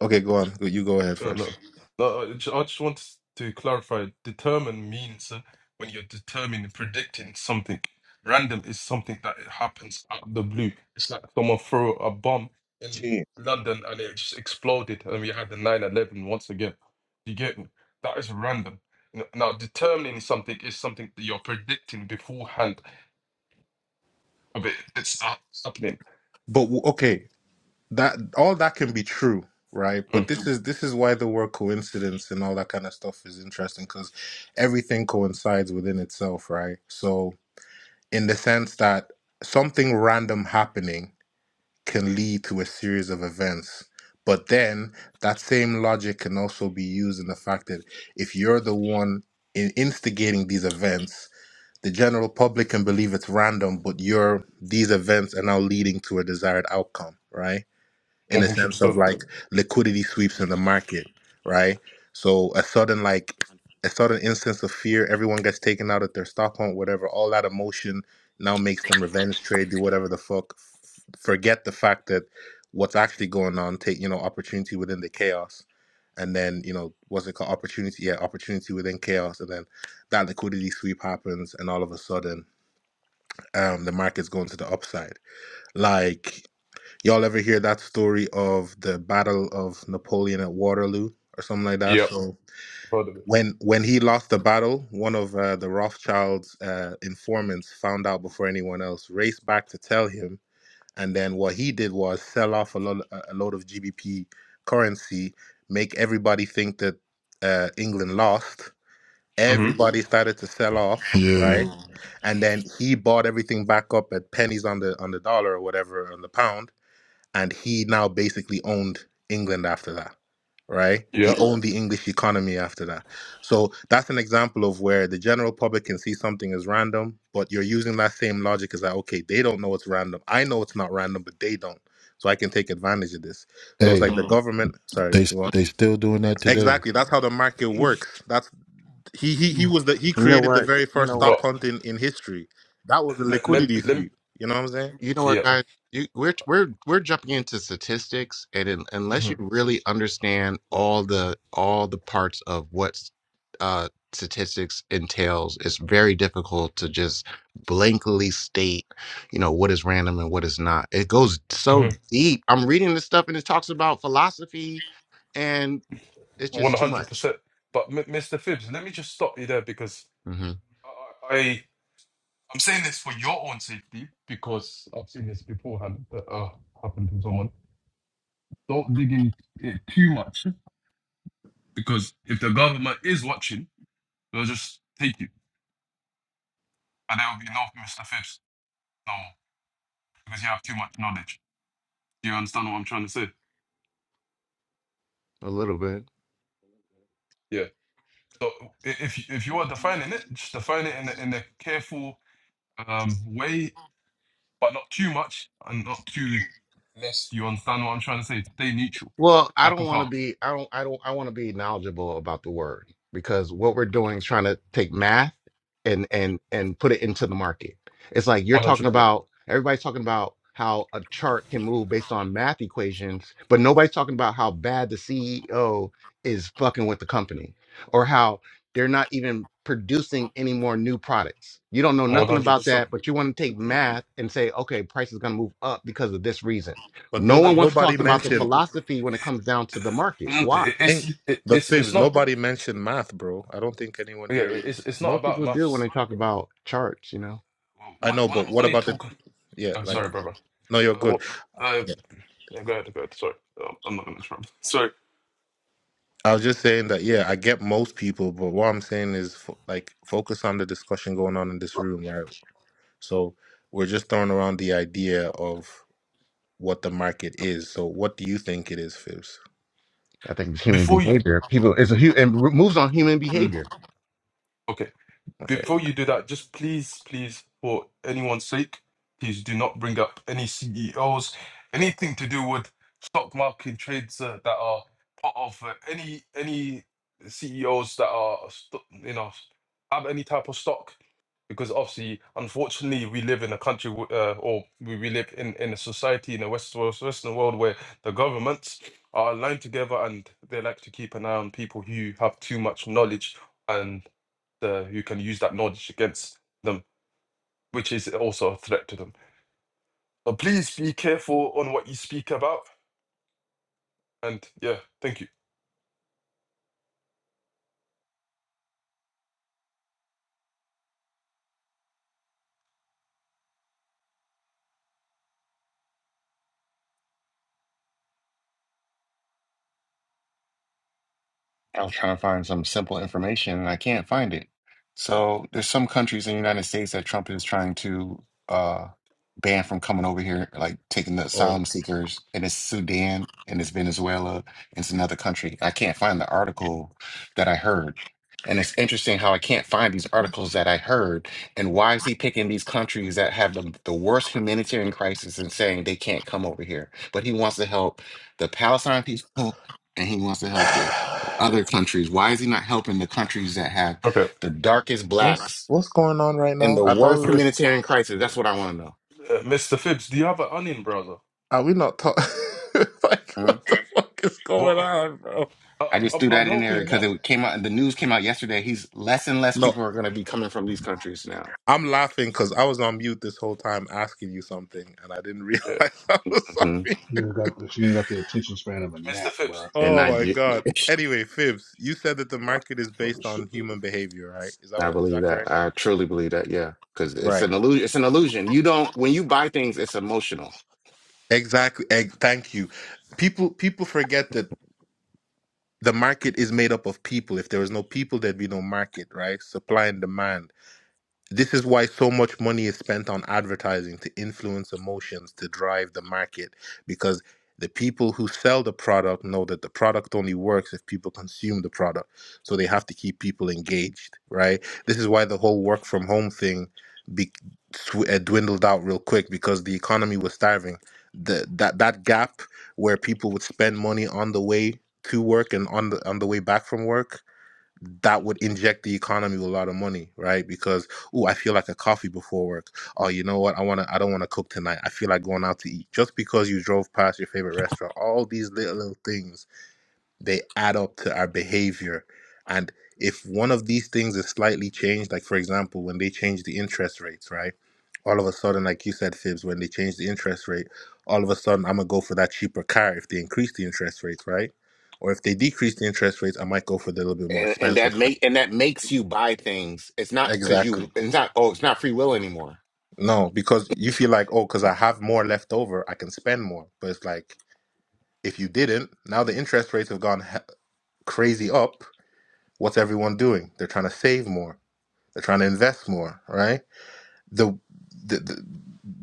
okay? Go on. You go ahead No, first. no, no. I ju- I just want to clarify. Determine means uh, when you're determining, predicting something. Random is something that it happens out of the blue. It's like someone threw a bomb in Chance. London and it just exploded, and we had the nine eleven once again. You get me? That is random. N- Now, determining something is something that you're predicting beforehand of it. It's hap- happening. But w- okay, that all that can be true, right? But Mm, this is this is why the word coincidence and all that kind of stuff is interesting because everything coincides within itself, right? So in the sense that something random happening can lead to a series of events. But then that same logic can also be used in the fact that if you're the one in instigating these events, The general public can believe it's random, but your these events are now leading to a desired outcome, right? in the sense of 100%. like liquidity sweeps in the market, right? So a sudden like a sudden instance of fear, everyone gets taken out at their stock hunt, whatever. All that emotion now makes them revenge trade, do whatever the fuck. f- Forget the fact that what's actually going on. Take you know opportunity within the chaos, and then you know what's it called? Opportunity, yeah, opportunity within chaos, and then that liquidity sweep happens, and all of a sudden, um, the market's going to the upside. Like Y'all ever hear that story of the Battle of Napoleon at Waterloo or something like that? Yeah, I've So heard of it. when when he lost the battle, one of uh, the Rothschild's uh, informants found out before anyone else, raced back to tell him, and then what he did was sell off a lot a load of GBP currency, make everybody think that uh, England lost. hmm Everybody started to sell off, Yeah. right? Mm. And then he bought everything back up at pennies on the on the dollar or whatever on the pound and he now basically owned England after that, right? He Yeah. owned the English economy after that. So that's an example of where the general public can see something as random, but you're using that same logic as that, okay, they don't know it's random. I know it's not random, but they don't. So I can take advantage of this. So it's Hey, like the government, sorry, they go on. they still doing that today. Exactly. That's how the market works. That's he he he was the he You know created the what? very You first know what? But stop hunting in in history. That was the let, liquidity let, sweep. You know what I'm saying? You know what, Yeah. guys? You, we're we're we're jumping into statistics, and in, unless hmm you really understand all the all the parts of what uh, statistics entails, it's very difficult to just blankly state, you know, what is random and what is not. It goes so hmm deep. I'm reading this stuff, and it talks about philosophy, and it's One just too hundred much. percent. But M- Mr. Phibbs, let me just stop you there because hmm I, I I'm saying this for your own safety because I've seen this beforehand that uh, happened to someone. Don't dig in it too much because if the government is watching, they'll just take you and there will be no Mr. Phibbs no more because you have too much knowledge. Do you understand what I'm trying to say? A little bit. Yeah. So i- if if you are defining it, just define it in a, in a careful um, way but not too much and not too less. You understand what I'm trying to say? Stay neutral, Well, I like a don't want to car. be. I don't. I don't. I want to be knowledgeable about the word because what we're doing is trying to take math and and and put it into the market. It's like you're One talking hundred percent. about. Everybody's talking about how a chart can move based on math equations, but nobody's talking about how bad the CEO is fucking with the company or how they're not even producing any more new products. You don't know One nothing hundred about percent. that, but you want to take math and say, okay, price is going to move up because of this reason But no no, one Look, wants to nobody talk about the mentioned philosophy when it comes down to the market. Why? Think It's it- but it's it's fibs. not Nobody mentioned math, bro. I don't think anyone yeah here really. it's it's not Most about people do when maths, they talk bro. about charts, you know. I We're, know, we're but not what only about the? talking. Yeah, I'm like sorry, brother. no, you're Uh, good. what? Uh, Yeah. yeah, go ahead, go ahead. Sorry, Um, I'm not gonna interrupt. Sorry. I was just saying that. Yeah, I get most people, but what I'm saying is fo- like focus on the discussion going on in this room, right? So we're just throwing around the idea of what the market is. So what do you think it is, fibs? I think it's human Before you, behavior. People, it's a hu- and moves on human Mm. behavior. okay. Okay. Before you do that, just please, please, for anyone's sake, please do not bring up any CEOs, anything to do with stock market trades uh, that are part of uh, any any CEOs that are st- you know have any type of stock, because obviously, unfortunately, we live in a country w- uh, or we, we live in in a society in a west West- Western world where the governments are aligned together and they like to keep an eye on people who have too much knowledge and uh, who can use that knowledge against them, which is also a threat to them. So please be careful on what you speak about. And yeah, thank you. I was trying to find some simple information and I can't find it. So there's some countries in the United States that Trump is trying to uh, ban from coming over here, like taking the Oh, asylum seekers, and it's Sudan and it's Venezuela and it's another country. I can't find the article that I heard. And it's interesting how I can't find these articles that I heard. And why is he picking these countries that have the, the worst humanitarian crisis and saying they can't come over here? But he wants to help the Palestine people and he wants to help the other countries? Why is he not helping the countries that have Okay, the darkest what's blacks what's going on right and now? the I thought we worst okay. were. humanitarian crisis? Uh, That's what I want to know. Mr. Phibbs, do you have an onion browser? Are we not talking? like Huh? what the fuck is going What? on, bro? I, I just I, threw I'm that in there helping him because out. it came out. The news came out yesterday. He's less and less No. people are going to be coming from these countries now. I'm laughing because I was on mute this whole time asking you something, and I didn't realize Yeah, I was on hmm mute. She nigga got the, nigga got the attention span of a Mr. gnat, Phibbs. bro. And Oh my Nigeria, god! Anyway, Fibs, you said that the market is Fucking based on stupid. human behavior, right? Is that I what, is believe that that. correct? I truly believe that. Yeah, because it's Right. an illusion. It's an illusion. You don't when you buy things, it's emotional, Exactly. Ex- thank you. People people forget that the market is made up of people. If there was no people, there'd be no market, right? Supply and demand This is why so much money is spent on advertising to influence emotions to drive the market because the people who sell the product know that the product only works if people consume the product. So they have to keep people engaged, right? This is why the whole work from home thing be, sw- uh, dwindled out real quick because the economy was starving. The, that that gap where people would spend money on the way to work and on the on the way back from work that would inject the economy with a lot of money, right? Because oh, I feel like a coffee before work. Oh, you know what? I wanna I don't wanna cook tonight. I feel like going out to eat. Just because you drove past your favorite restaurant, all these little, little things they add up to our behavior. And if one of these things is slightly changed, like for example, when they change the interest rates, right? All of a sudden, like you said, Fibs, when they change the interest rate, all of a sudden I'm gonna go for that cheaper car if they increase the interest rates, right? Or if they decrease the interest rates, I might go for the little bit more and and expensive that make and that makes you buy things. It's not because you. Exactly. It's not. Oh, it's not free will anymore. No, because you feel like, oh, because I have more left over, I can spend more. But it's like, if you didn't, now the interest rates have gone he- crazy up. What's everyone doing? They're trying to save more. They're trying to invest more, right? The the the,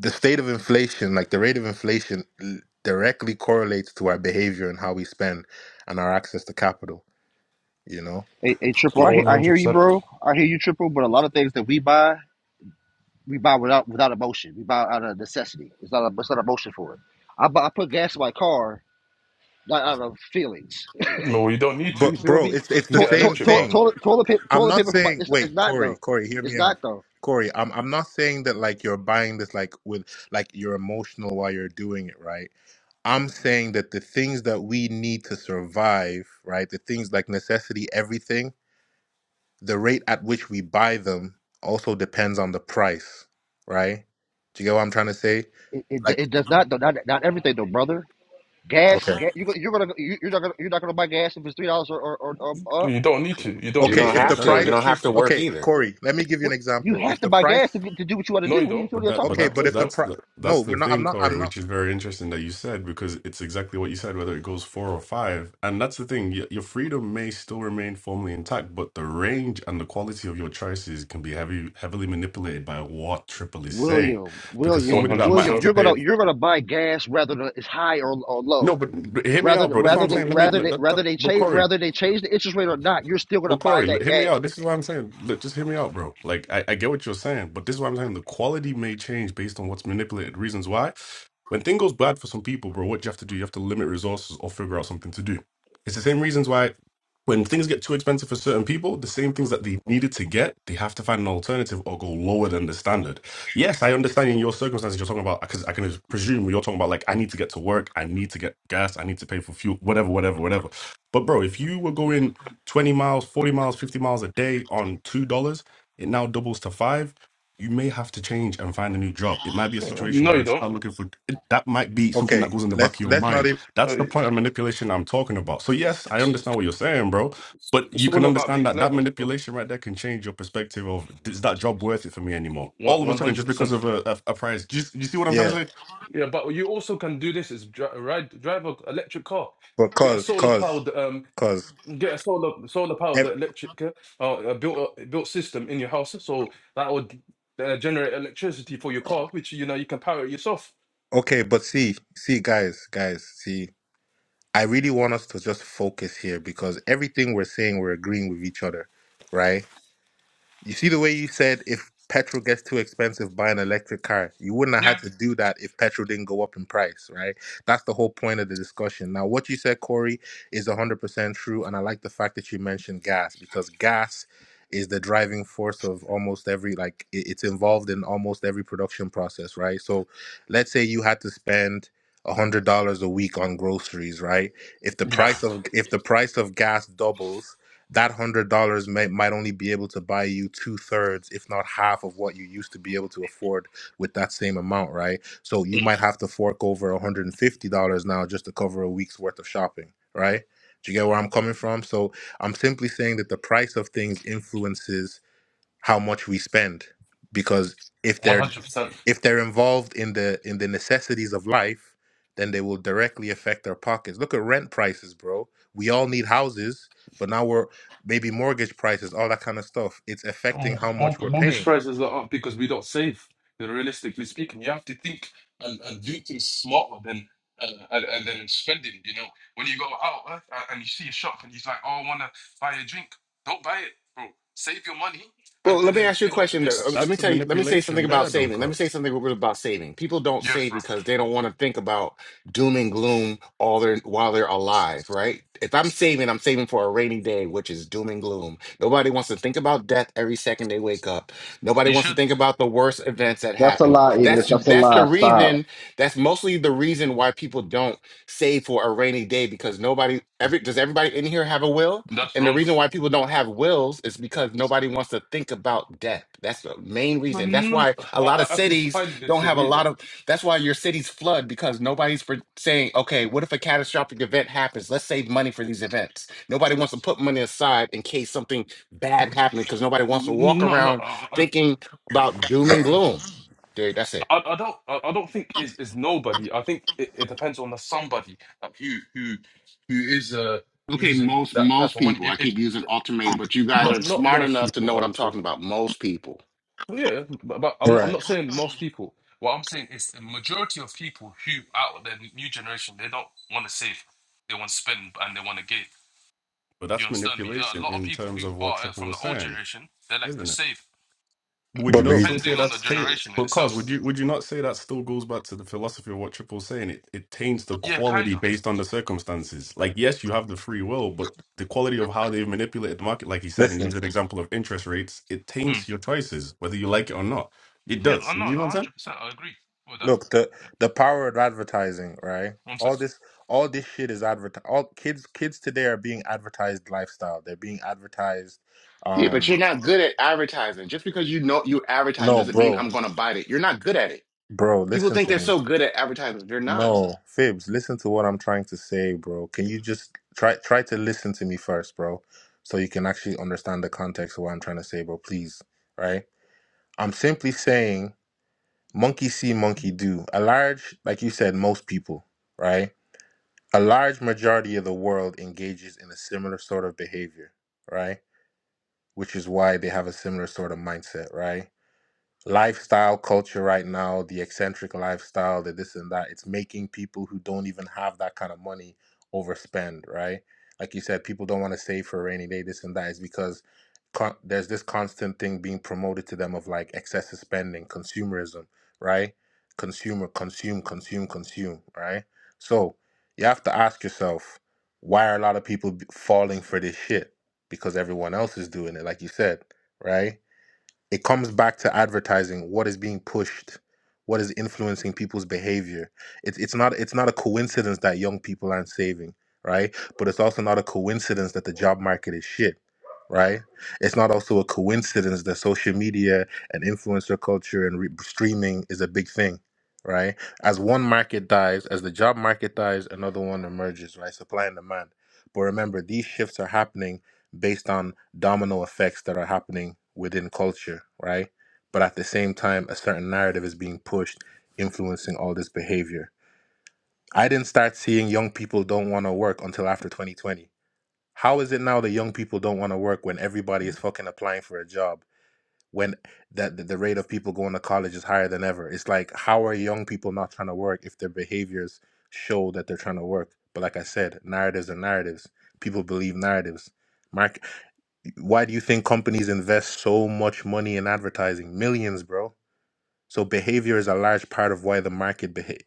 the state of inflation, like the rate of inflation, l- directly correlates to our behavior and how we spend and our access to capital. You know, Hey, hey, triple, I, he- I hear you, 100%. bro. I hear you, triple. But a lot of things that we buy, we buy without without emotion. We buy out of necessity. It's not a, it's not emotion for it. I, buy, I put gas in my car not out of feelings. No, you don't need to. You but feel bro, me? it's You it's can the get an Toilet, same toilet, electric car. thing. toilet, toilet paper, I'm toilet not paper for saying It's not, it's wait, not Corey, though. Corey, hear It's me out. not though. Corey, I'm I'm not saying that like you're buying this like with like you're emotional while you're doing it, right? I'm saying that the things that we need to survive, right? The things like necessity, everything, the rate at which we buy them also depends on the price, right? Do you get what I'm trying to say? It, it, Like it does not though. Not, not everything though, brother. Gas, okay. gas you, you're gonna, you, you're not gonna you're not gonna buy gas if it's three dollars or or, or or up. You don't need to. You don't You But Okay, need don't that, to. if the but have Just that, buy to. You price don't have to electricity. work okay, either. Corey, let me give you an What you example. have If to the buy gas to, price get, to do what you want to No, do. you What are don't. you what but are you that, talking but okay, about? that's but No, you if the don't. that's price the that's no, the we're not I'm thing, not Corey, I'm not which is very interesting that you said because it's exactly what you said. Whether it goes four or five, and that's the thing, your, your freedom may still remain formally intact, but the range and the quality of your choices can be heavy, heavily manipulated by what Triple is saying, William, because somebody William, that might William, have 100%. to you're pay. gonna you're gonna buy gas rather than it's high or, or low. No, but but hear me Rather out, than bro. That's what rather I'm they saying. Let me. rather Let, they that, that, rather they but change Corey, rather they change the interest rate or not, you're still gonna Well, buy Corey, l- that hear me gas. out. This is what I'm saying. Look, just hear me out, bro. Like, I, I get what you're saying, but this is what I'm saying. The quality may change based on what's manipulated. Reasons why. When things goes bad for some people, bro, what you have to do, you have to limit resources or figure out something to do. It's the same reasons why when things get too expensive for certain people, the same things that they needed to get, they have to find an alternative or go lower than the standard. Yes, I understand in your circumstances you're talking about, because I can presume you're talking about, like, I need to get to work, I need to get gas, I need to pay for fuel, whatever, whatever, whatever. But, bro, if you were going 20 miles, 40 miles, 50 miles a day on $2, it now doubles to five. You may have to change and find a new job. It might be a situation No, where you you don't. start looking for it- that, might be something that okay. goes in the Let's back of your let's not even mind. That's Uh, the point of manipulation I'm talking about. So, yes, I It's understand what you're saying, bro, but it's you can all about understand being that that clever. so manipulation right there can change your perspective of is that job worth it for me anymore? All of a One sudden, just hundred because percent. of a, a, a price. Do you, do you see what I'm trying to Yeah, say? Yeah, but you also can do this: is dri- ride drive a electric car, but get a cause, solar cause, powered um, cause. get a solar solar powered ev- electric uh, uh, built uh, built system in your house, so that would uh, generate electricity for your car, which you know you can power it yourself. Okay, but see, see, guys, guys, see. I really want us to just focus here because everything we're saying, we're agreeing with each other, right? You see the way you said if petrol gets too expensive, buy an electric car. You wouldn't have had Yeah, to do that if petrol didn't go up in price, right? That's the whole point of the discussion. Now, what you said, Corey, is 100% true. And I like the fact that you mentioned gas because gas is the driving force of almost every, like, it- it's involved in almost every production process, right? So let's say you had to spend. $100 a week on groceries right if the yeah, price of if the price of gas doubles that hundred dollars may might only be able to buy you two thirds, if not half, of what you used to be able to afford with that same amount, right? So you might have to fork over one hundred and fifty dollars now just to cover a week's worth of shopping, right? Do you get where I'm coming from? So I'm simply saying that the price of things influences how much we spend because if one they're hundred percent. if they're involved in the in the necessities of life then they will directly affect our pockets look at rent prices bro we all need houses but now we're maybe mortgage prices all that kind of stuff it's affecting Um, how um, much we're mortgage paying prices are up because we don't save. You know, realistically speaking, you have to think and, and do things smarter than uh, and, and then spending. You know, when you go out uh, a- and you see a shop and he's like, "Oh, I want to buy a drink," don't buy it, bro. Save your money and, Well, let and me then ask you a you know question. Though. That- Uh, Let invest. me That's a tell you. Let me say something manipulation Mm, there, about though, saving. Let me cuz. say something real quick about saving. People don't Yes, save bro. because they don't want to think about doom and gloom all their while they're alive, right? If I'm saving, I'm saving for a rainy day, which is doom and gloom. Nobody wants to think about death every second they wake up. Nobody You wants to should. think about the worst events that That's a happen. lie, Enos. That's That's a You that's the should. lie. Stop. reason. That's mostly the reason why people don't save for a rainy day because nobody. Every does everybody in here have a will? That's And the wrong. reason why people don't have wills is because nobody wants to think about death. That's the main No, reason. That's no, no, why I, a lot of I I can cities highly don't have a disagree, lot though. of, that's why your cities flood because nobody's for saying, okay, what if a catastrophic event happens? Let's save money for these events. Nobody wants to put money aside in case something bad happens because nobody wants to walk No, no. around I, I- thinking about doom and gloom. Dude, that's it. I, I don't I, I don't think it's, it's nobody. I think it, it depends on the somebody like who who who is uh Okay, using most that most type of money. people. I It, it keep using ultimatum, but you guys not are not smart most enough to people, know I what I'm would say. talking about. Most people. But yeah, but, but I'm not, I'm right not saying most people. What I'm saying is the majority of people who out of the new generation they don't want to save, they want to spend and they want to give. But You that's understand me? There are a manipulation lot of in people terms who of what are uh, Triple from the was old saying, generation they like isn't to it? save, Would The you but not look still reason. say depending on the that's taint? generation in Because would itself. you would you not say that still goes back to the philosophy of what Triple's saying? It it taints the Yeah, kind quality based of. on the circumstances. Like yes, you have the free will, but the quality of how they've manipulated the market, like he said, and listen he's an example of interest rates, it taints your choices, whether you like it or not. It Yeah, does. I'm You not know what I'm saying? 100%. I agree with that. look the Yeah, the power of advertising right one sec. all this all this shit is advertised all kids kids today are being advertised lifestyle they're being advertised Yeah, but um you're not good at advertising. Just because you know you're advertising no doesn't mean bro I'm gonna bite it. You're not good at it. Bro, People listen think to they're me. so good at advertising. They're not. No, Fibs, listen to what I'm trying to say, bro. Can you just try try to listen to me first, bro, so you can actually understand the context of what I'm trying to say, bro, please. Right? I'm simply saying monkey see, monkey do. A large, like you said, most people, right? A large majority of the world engages in a similar sort of behavior, right? Which is why they have a similar sort of mindset, right? lifestyle culture right now, the eccentric lifestyle, the this and that, it's making people who don't even have that kind of money overspend, right? Like you said, people don't want to save for a rainy day, this and that is because con- there's this constant thing being promoted to them of like excessive spending, consumerism, right? Consumer, consume, consume, consume, right? So you have to ask yourself, why are a lot of people b- falling for this shit? Because everyone else is doing it, like you said, right? it comes back to advertising what is being pushed what is influencing people's behavior it's it's not it's not a coincidence that young people aren't saving right but it's also not a coincidence that the job market is shit right it's not also a coincidence that social media and influencer culture and re- streaming is a big thing right as one market dies as the job market dies another one emerges right supply and demand but remember these shifts are happening based on domino effects that are happening within culture, right? But at the same time, a certain narrative is being pushed, influencing all this behavior. I didn't start seeing young people don't want to work until after 2020. How is it now that young people don't want to work when everybody is fucking applying for a job? When that the the rate of people going to college is higher than ever. It's like how are young people not trying to work if their behaviors show that they're trying to work? But like I said, narratives are narratives. People believe narratives. Mar- why do you think companies invest so much money in advertising? Millions, bro. So behavior is a large part of why the market beha-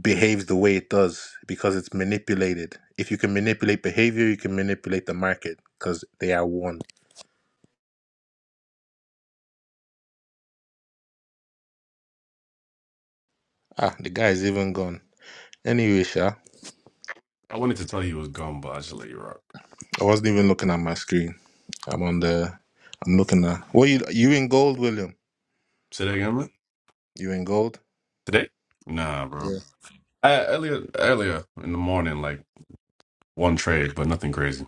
behaves the way it does because it's manipulated. If you can manipulate behavior, you can manipulate the market because they are one. Ah, the guy's even gone. Anyway, Sha, I wanted to tell you it was gone, but I just let you rock. I wasn't even looking at my screen. I'm on the. I'm looking at. Well, you you in gold, William? Say that again, man. You in gold? Today? Nah, bro. Yeah. Uh, earlier earlier in the morning, like one trade, but nothing crazy.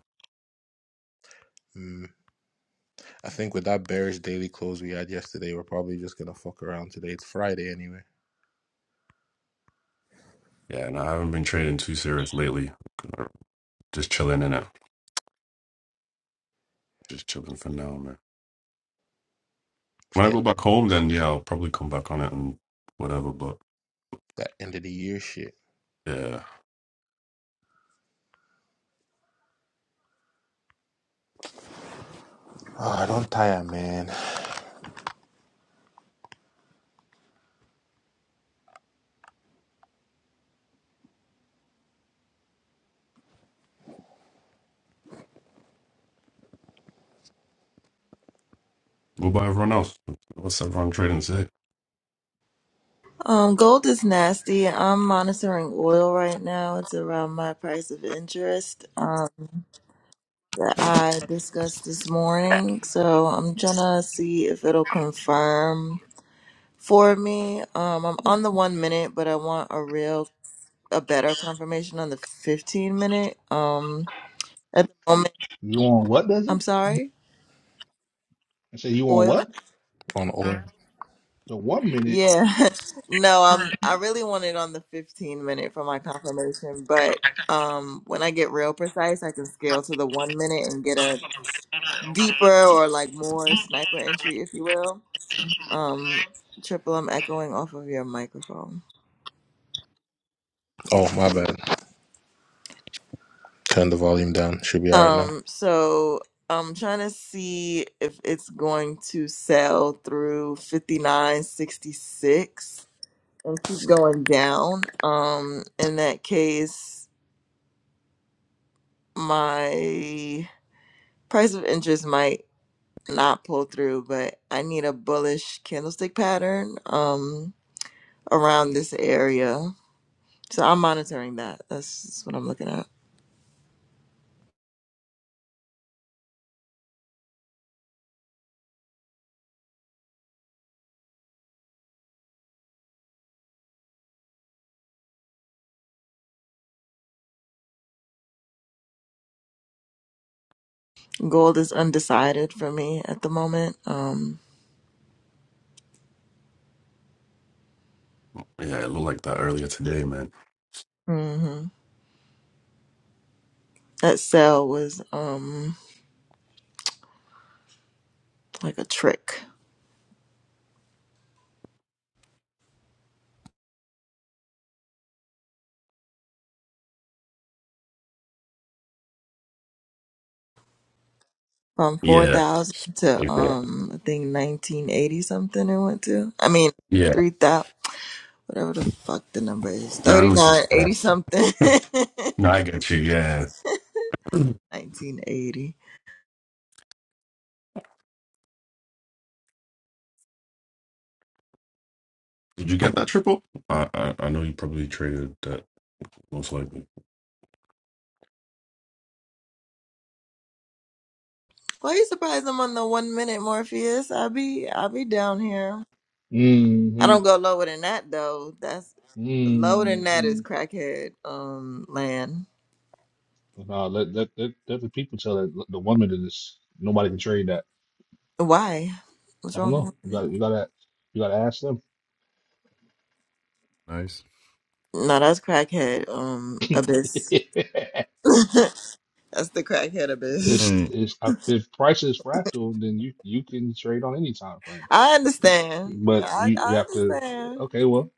Mm. I think with that bearish daily close we had yesterday, we're probably just gonna fuck around today. It's Friday anyway. Yeah, and I haven't been trading too serious lately. Just chilling in it. Just chilling for now, man. When I go back home, then yeah, I'll probably come back on it and whatever. But That end of the year shit yeah, Ah, don't tire, man. go by everyone else. What's everyone trading say? Um, gold is nasty. I'm monitoring oil right now. It's around my price of interest. Um. that I discussed this morning. So I'm gonna see if it'll confirm for me. Um, I'm on the one minute, but I want a real, a better confirmation on the 15 minute. Um, at the moment, You on what, does I'm he? sorry. I say you on Oil? what? on oil. The one minute. Yeah. no, I'm, I really want it on the 15 minute for my confirmation, but um when I get real precise I can scale to the one minute and get a deeper or like more sniper entry if you will. Um, Triple, I'm echoing off of your microphone. Oh my bad. Turn the volume down. Should be all right now. Um, so I'm trying to see if it's going to sell through 59.66 and keep going down. Um, in that case, my price of interest might not pull through, but I need a bullish candlestick pattern um around this area. So I'm monitoring that. That's, that's what I'm looking at. Gold is undecided for me at the moment. Um, Yeah, it looked like that earlier today, man. mhm. That sale was um like a trick from four Yeah, thousand to like that. um I think nineteen eighty something it went to. I mean Yeah, three thousand whatever the fuck the number is now I thirty know what you're nine trying. eighty to- something Now I get you. Yeah. nineteen eighty. Did you get that triple? I I, I know you probably traded that most likely. Why you surprised I'm on the one minute Morpheus? I'll be I'll be down here. I Mm-hmm. don't go lower than that though. That's lower than that Mm-hmm. is crackhead um land. But nah, let, let, let, let the people tell that the one minute is nobody can trade that. Why? What's I don't wrong with the one know. You minute? got you gotta, you gotta ask them. Nice. No, that's crackhead um abyss. it's, that's the crackhead abyss. Hey, it's, if price is fractal, then you, you can trade on any time frame. I understand. But I, you, you I have to, understand. okay, well,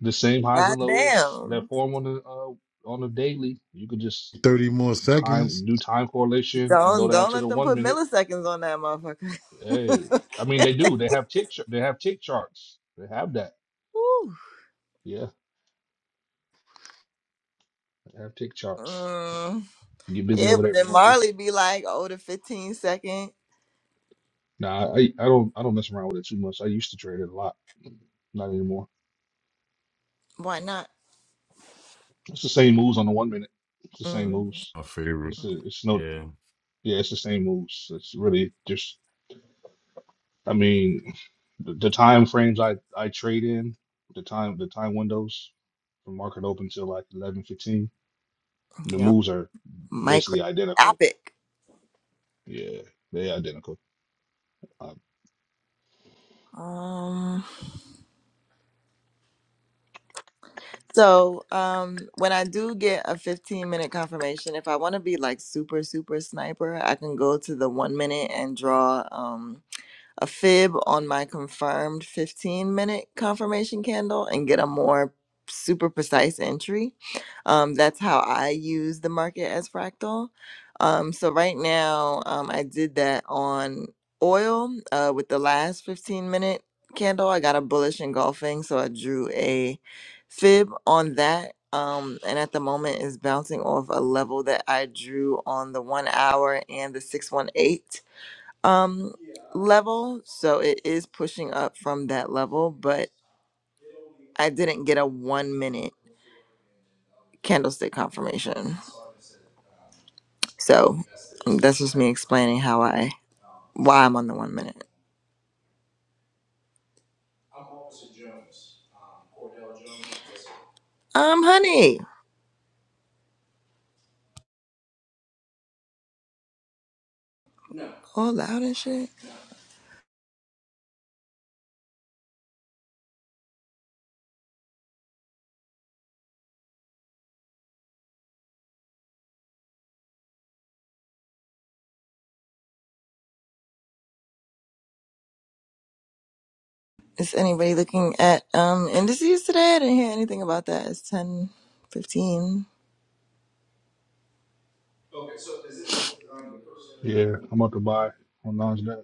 the same highs God and lows that damn. form on the uh, on the daily, you could just Thirty more seconds. time do time correlation and Don't go down don't to the let them one put minute. milliseconds on that motherfucker. Hey, I mean they do. They have tick char- they have tick charts. They have that. Yeah, they have tick charts. Woo. You get busy Yeah, over there but if you then want to. Marley be like, oh, the 15 second. Nah, I, I don't I don't mess around with it too much. I used to trade it a lot. Not anymore. Why not? It's the same moves on the one minute. It's the same Mm, moves. My favorite. It's the it's no Yeah. yeah, it's the same moves. It's really just I mean, the, the time frames I I trade in, the time the time windows from market open till like eleven fifteen, the yeah, moves are basically identical. microscopic. Yeah, they identical. Um, Um, so um, when I do get a 15 minute confirmation, if I want to be like super, super sniper, I can go to the one minute and draw. Um, a fib on my confirmed 15 minute confirmation candle and get a more super precise entry. Um, that's how I use the market as fractal. Um, so right now, um, I did that on oil uh, with the last 15 minute candle. I got a bullish engulfing, so I drew a fib on that. Um, and at the moment is bouncing off a level that I drew on the one hour and the 618 um level so it is pushing up from that level but i didn't get a one minute candlestick confirmation so um, that's just me explaining how i why i'm on the one minute um honey all loud and shit is anybody looking at um indices today i didn't hear anything about that it's ten fifteen. yeah, I'm about to buy on Nasdaq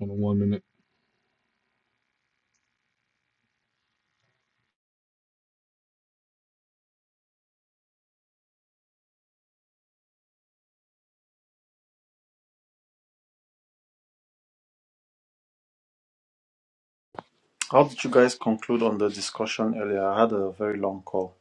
on the one minute. How did you guys conclude on the discussion earlier? I had a very long call.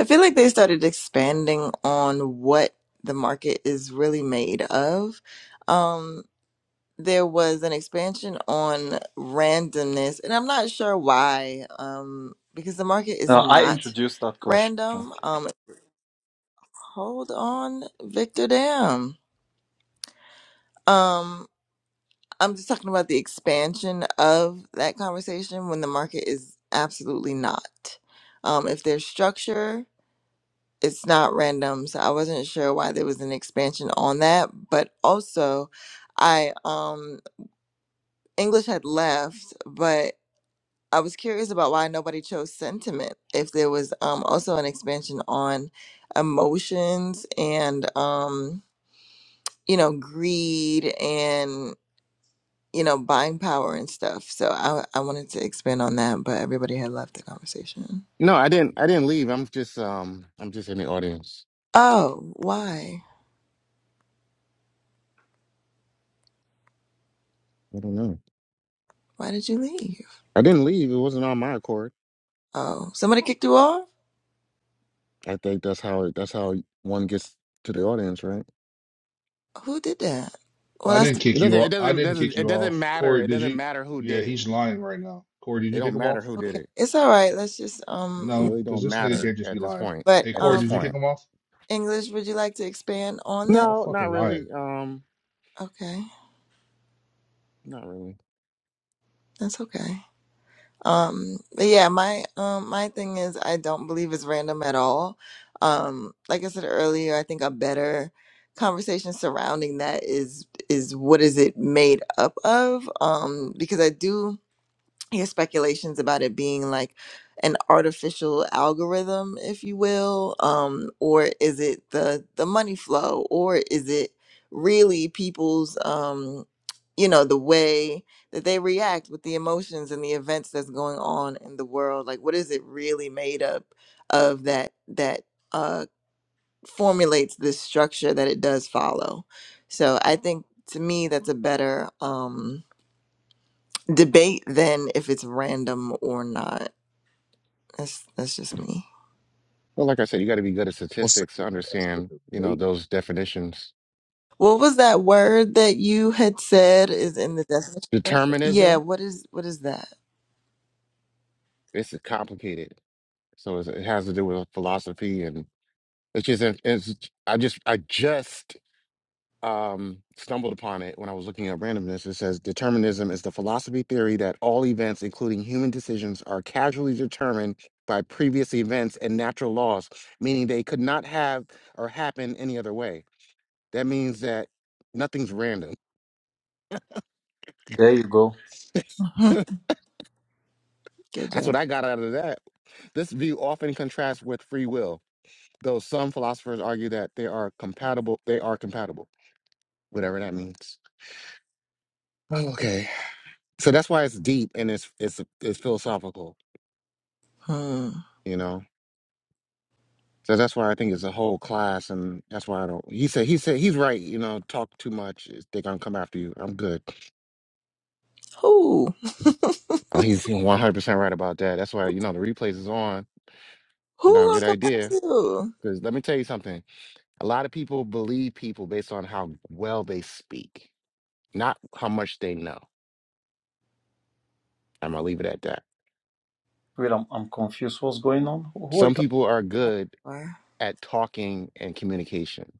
i feel like they started expanding on what the market is really made of Um. there was an expansion on randomness, and I'm not sure why, um, because the market is Now, I not introduced that question. random. Um, hold on, Victor Dam. Um, I'm just talking about the expansion of that conversation when the market is absolutely not. Um, if there's structure, it's not random. So I wasn't sure why there was an expansion on that, but also, I um English had left, but I was curious about why nobody chose sentiment. If there was um, also an expansion on emotions and um, you know greed and you know buying power and stuff. So I I wanted to expand on that, but everybody had left the conversation. No, I didn't I didn't leave. I'm just um I'm just in the audience. Oh, why? I don't know. Why did you leave? I didn't leave. It wasn't on my accord. Oh, somebody kicked you off. I think that's how it that's how one gets to the audience, right? Who did that? Well, I that's didn't It kick you doesn't it off. I doesn't it didn't doesn't kick it you doesn't off, matter. Corey. It Did doesn't you? matter who Yeah, did it. he's lying right now. Corey, did It you kick don't him matter off? who did okay. it. It's all right. Let's just um. It No, move really because don't this on. nigga matter can't just at be this lying. point. But Hey, At Corey, this um, did you kick point. him off? English. Would you like to expand on that? Stop No, fucking not lying. really. Um Okay, not really. that's okay. Um, but yeah, my um my thing is I don't believe it's random at all. Um, like I said earlier, I think a better conversation surrounding that is is what is it made up of? Um, because I do. Here's speculations about it being like an artificial algorithm, if you will, um, or is it the the money flow, or is it really people's, um, you know, the way that they react with the emotions and the events that's going on in the world? Like, what is it really made up of that that uh, formulates this structure that it does follow? So, I think to me, that's a better. Um, debate then if it's random or not. That's that's just me. Well, like I said, you got to be good at Also, statistics to that's understand, a you know, debate. those definitions. What was that word that you had said is in the definition of? Yeah, Determinism, what is what is that? it's complicated. So it's, it has to do with philosophy and it's just, it's, I just, I just um, stumbled upon it when I was looking at randomness. It says determinism is the philosophy theory that all events, including human decisions, are casually determined by previous events and natural laws, meaning they could not have or happen any other way. That means that nothing's random. There you go. Mhm. Good That's job. what I got out of that. This view often contrasts with free will, though some philosophers argue that they are compatible. They are compatible, whatever that means. Oh, Okay, so that's why it's deep and it's it's it's philosophical, Hmm. you know. So that's why I think it's a whole class, and that's why I don't. He said he said he's right, you know. Talk too much, they're gonna come after you. I'm good. Who Oh, he's 100 percent right about that. That's why you know the replays is on. Not who a good gonna come back idea. to? you? Because let me tell you something. A lot of people believe people based on how well they speak. not how much they know. I'm gonna leave it at that. Wait, I'm, I'm confused. What's going on? Who who are you Some talking? people are good Or- at talking and communication,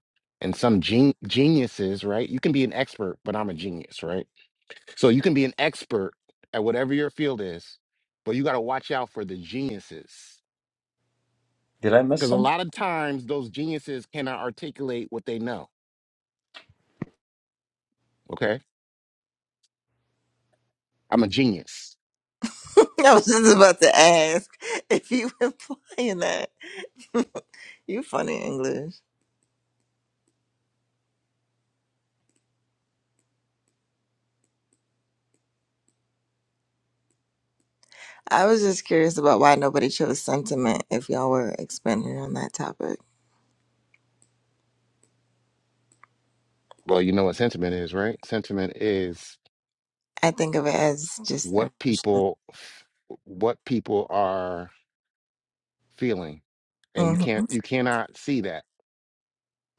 and some gen- geniuses, right? You can be an expert, but I'm a genius, right? So you can be an expert at whatever your field is, but you got to watch out for the geniuses Did I miss because a some? lot of times those geniuses cannot articulate what they know. Okay, I'm a genius. I was just about to ask if you were playing that. you funny English. I was just curious about why nobody chose sentiment. If y'all were expanding on that topic, Well, you know what sentiment is, right? Sentiment is I think of it as just. what A, people, what people are feeling and you can't Mhm. you cannot see that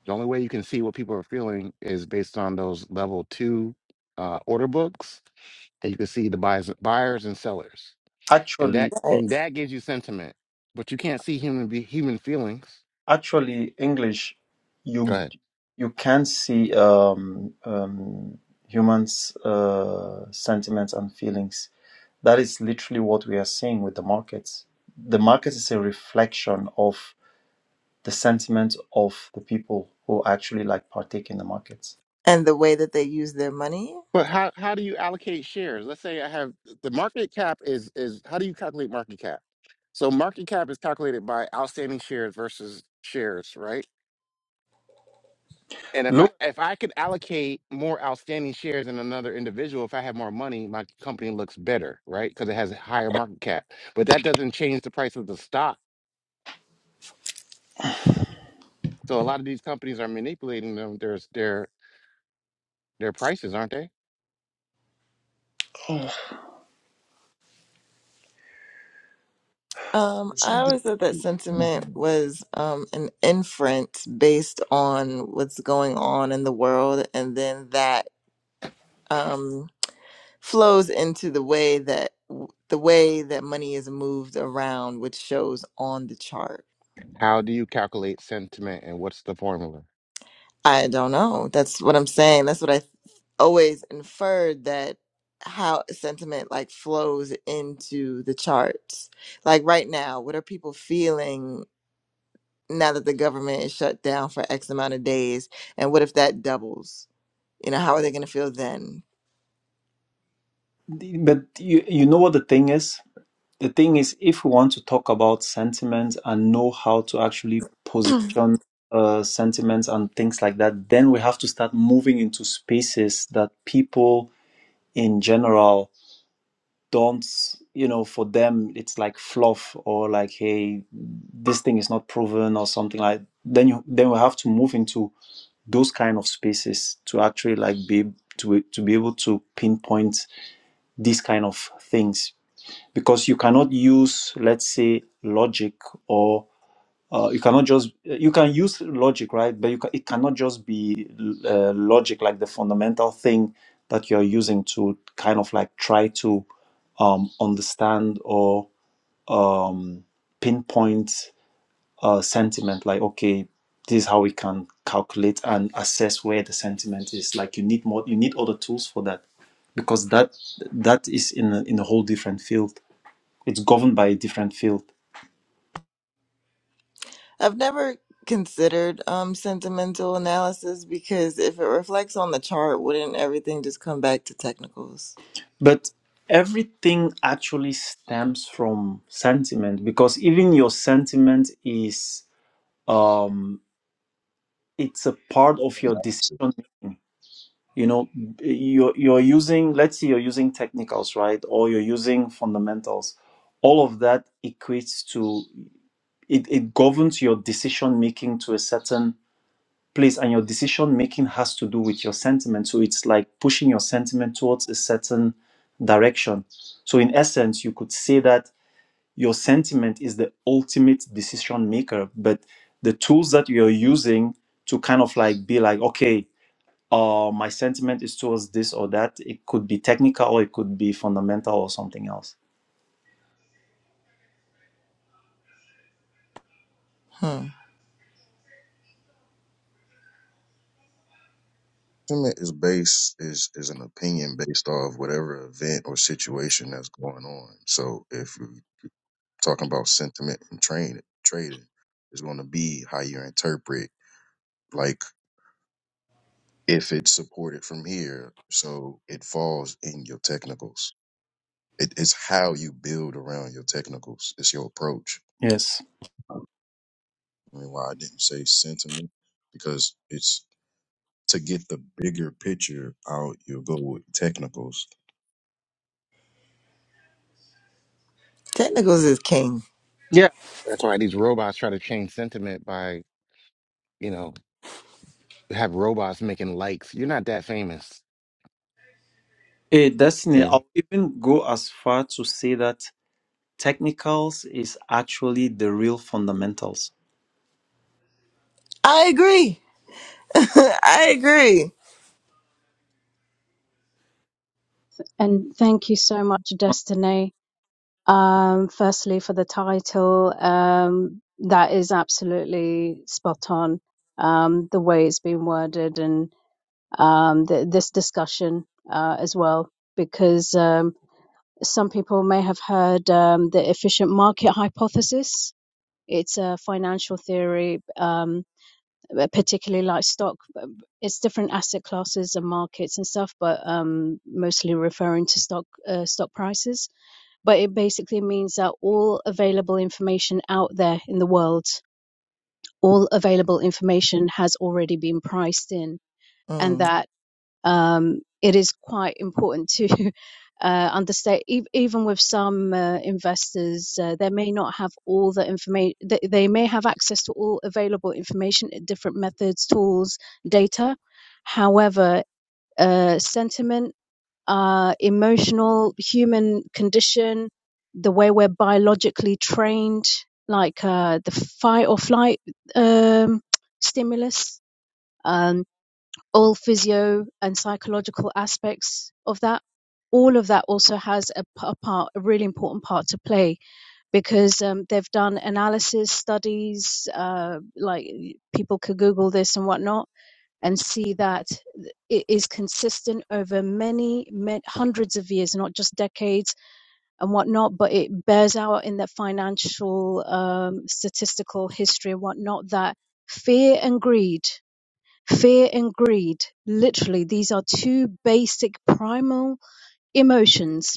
the only way you can see what people are feeling is based on those level two uh, order books and you can see the buyers buyers and sellers and Actually. that and that gives you sentiment but you can't see human be human feelings Actually, English, go you ahead you can see um, um, humans' uh, sentiments and feelings. That is literally what we are seeing with the markets. The market is a reflection of the sentiment of the people who actually like partake in the markets. and the way that they use their money. but how, how do you allocate shares let's say i have the market cap is is how do you calculate market cap so market cap is calculated by outstanding shares versus shares right And if I Look, if I could allocate more outstanding shares in another individual, if I have more money, my company looks better, right? Because it has a higher market cap. But that doesn't change the price of the stock. So a lot of these companies are manipulating them their their their prices, aren't they? Um, I Personally, this always thought that is- sentiment was um, an inference based on what's going on in the world, and then that um, flows into the way that the way that money is moved around, which shows on the chart. How do you calculate sentiment and what's the formula? I don't know. That's what I'm saying. That's what I always inferred that how sentiment like flows into the charts. Like right now, what are people feeling now that the government is shut down for X amount of days? And what if that doubles? You know, how are they going to feel then? but you, you know what the thing is? The thing is, if we want to talk about sentiments and know how to actually position uh, sentiments and things like that, then we have to start moving into spaces that people in general don't, you know, for them it's like fluff or like, hey, this thing is not proven or something like. Then you then we have to move into those kind of spaces to actually like be to to be able to pinpoint these kind of things because you cannot use let's say logic or uh, you cannot just you can use logic right but you ca- it cannot just be uh, logic like the fundamental thing that you're using to kind of like try to um, understand or um, pinpoint uh, sentiment like okay this is how we can calculate and assess where the sentiment is like you need more you need other tools for that because that that is in a, in a whole different field it's governed by a different field I've never considered um, sentimental analysis because if it reflects on the chart, wouldn't everything just come back to technicals? but everything actually stems from sentiment because even your sentiment is um it's a part of your decision good. making you know you're, you're using let's say you're using technicals right or you're using fundamentals all of that equates to it, it governs your decision making to a certain place and your decision making has to do with your sentiment so it's like pushing your sentiment towards a certain direction so in essence you could say that your sentiment is the ultimate decision maker but the tools that you're using to kind of like be like okay uh my sentiment is towards this or that it could be technical or it could be fundamental or something else Hmm. Sentiment is based is is an opinion based off whatever event or situation that's going on. So if you're talking about sentiment and trade trading, it's going to be how you interpret. Like if it's supported from here, so it falls in your technicals. It, it's how you build around your technicals. It's your approach. yes I mean, why I didn't say sentiment because it's to get the bigger picture out. You go with technicals. Technicals is king. yeah That's why these robots try to change sentiment by, you know, have robots making likes. You're not that famous. eh, destiny Okay. i'll even go as far to say that technicals is actually the real fundamentals I agree. I agree. And thank you so much, Destiny. Um, firstly, for the title, um, that is absolutely spot on. Um, the way it's been worded and um, th this discussion uh, as well, because um, some people may have heard um, the efficient market hypothesis. It's a financial theory, um, particularly like stock. It's different asset classes and markets and stuff, but um, mostly referring to stock uh, stock prices but it basically means that all available information out there in the world, all available information has already been priced in, and Mm. that um, it is quite important to uh, understand. E- even with some uh, investors, uh, they may not have all the information. They, they may have access to all available information, different methods, tools, data. However, uh, sentiment uh, emotional human condition, the way we're biologically trained, like uh, the fight or flight um, stimulus, um, all physio and psychological aspects of that. All of that also has a a part, a really important part to play because um, they've done analysis studies. Uh, like people could Google this and whatnot and see that it is consistent over many, many hundreds of years, not just decades and whatnot, but it bears out in the financial, um, statistical history and whatnot that fear and greed, fear and greed, literally, these are two basic primal emotions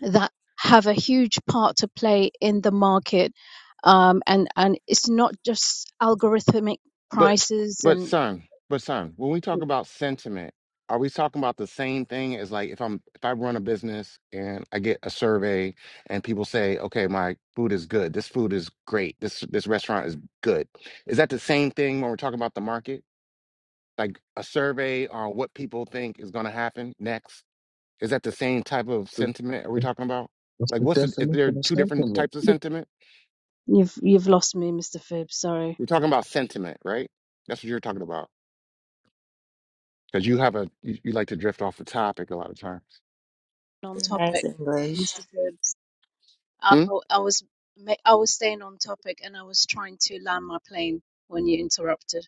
that have a huge part to play in the market. Um, and, and it's not just algorithmic But prices but and son, but son, when we talk about sentiment, are we talking about the same thing as like if I'm if I run a business and I get a survey and people say, okay, my food is good, this food is great, this this restaurant is good. Is that the same thing when we're talking about the market? Like a survey on what people think is going to happen next? Is that the same type of sentiment are we talking about? What's Like the what's the, if definition there are of two different sentiment? types of sentiment? You've you've lost me, Mr. Phibbs. Sorry. We're talking about sentiment, right? That's what you're talking about. Because you have a you, you like to drift off the topic a lot of times. On Nice topic, English. Mr. Phibbs. I, Hmm? I I was ma- I was staying on topic, and I was trying to land my plane when you interrupted.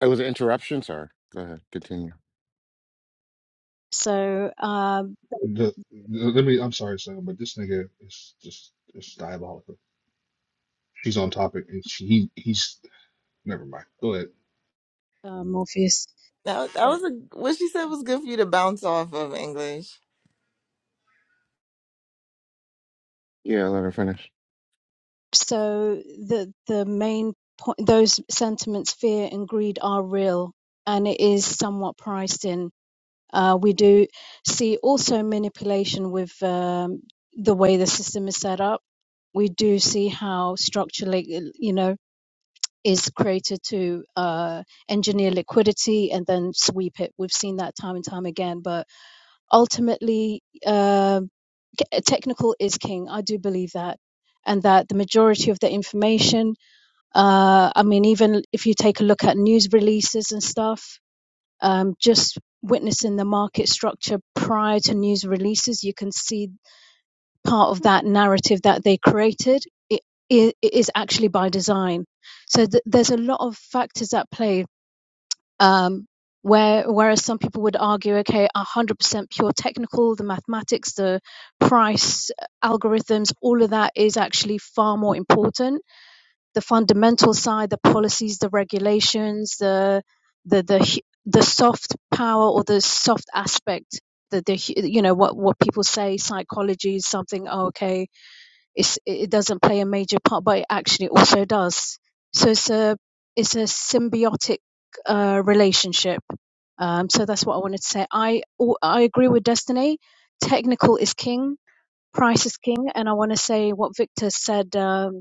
It was an interruption, sir. Go ahead, continue. So, um, The, the- let me. I'm sorry, son, but this nigga is just it's diabolical. She's on topic, and she he, he's never mind. Go ahead. uh, Morpheus. That, that was a, what she said was good for you to bounce off of English. Yeah, let her finish. So the the main point, those sentiments, fear and greed, are real, and it is somewhat priced in. Uh, we do see also manipulation with um, the way the system is set up. We do see how structure, like, you know, is created to uh, engineer liquidity and then sweep it. We've seen that time and time again. But ultimately, um, c- technical is king. I do believe that. And that the majority of the information, uh, I mean, even if you take a look at news releases and stuff, um, just witnessing the market structure prior to news releases, you can see part of that narrative that they created. It, it, it is actually by design. So th- there's a lot of factors at play. Um, where, whereas some people would argue, okay, 100% pure technical, the mathematics, the price uh, algorithms, all of that is actually far more important the fundamental side, the policies, the regulations, the the the the soft power or the soft aspect. The, the you know what what people say psychology is something oh, okay it's, it doesn't play a major part but it actually also does so it's a it's a symbiotic uh, relationship um, so that's what I wanted to say I I agree with Destiny technical is king price is king and I want to say what Victor said um,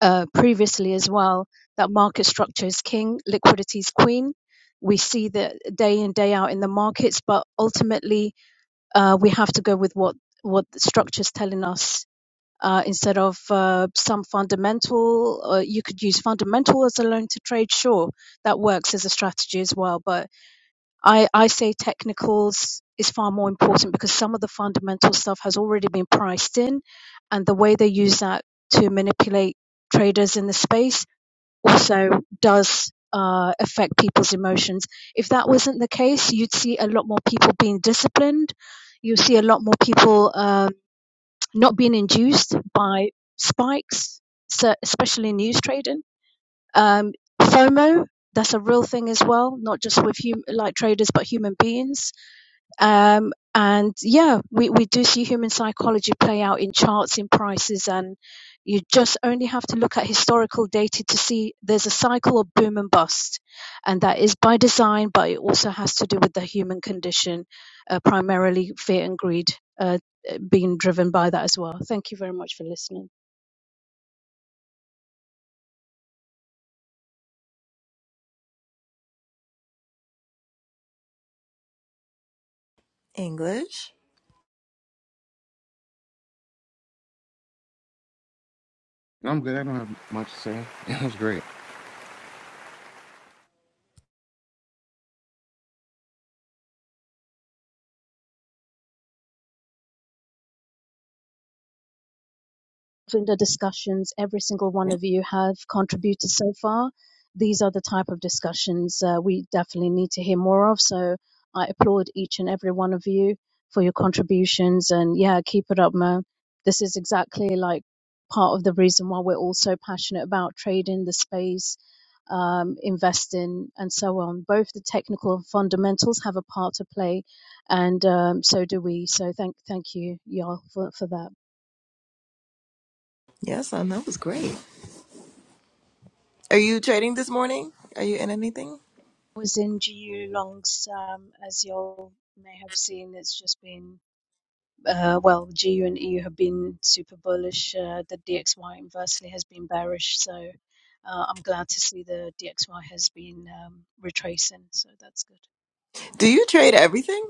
uh, previously as well that market structure is king, liquidity is queen. We see that day in day out in the markets, but ultimately uh, we have to go with what what the structure is telling us uh, instead of uh, some fundamental. Uh, you could use fundamental as a loan to trade, sure, that works as a strategy as well, but I, I say technicals is far more important because some of the fundamental stuff has already been priced in, and the way they use that to manipulate traders in the space also does uh, affect people's emotions. If that wasn't the case, you'd see a lot more people being disciplined. You see a lot more people um not being induced by spikes, so especially in news trading. Um, FOMO, that's a real thing as well, not just with hum- like traders, but human beings um, and yeah, we, we do see human psychology play out in charts, in prices, and you just only have to look at historical data to see there's a cycle of boom and bust. And that is by design, but it also has to do with the human condition, uh, primarily fear and greed uh, being driven by that as well. Thank you very much for listening. English? No, I'm good. I don't have much to say. That was great. in the discussions every single one Yeah. of you have contributed so far. These are the type of discussions uh, we definitely need to hear more of. So I applaud each and every one of you for your contributions. And yeah, keep it up, Mo. This is exactly like part of the reason why we're all so passionate about trading the space, um, investing, and so on. Both the technical and fundamentals have a part to play, and um, so do we. So thank thank you, y'all, for, for that. Yes, I know. It was great. Are you trading this morning? Are you in anything? was in GU Long's, um, as you all may have seen, it's just been, uh, well, GU and EU have been super bullish. Uh, the DXY inversely has been bearish. So uh, I'm glad to see the DXY has been um, retracing. So that's good. Do you trade everything?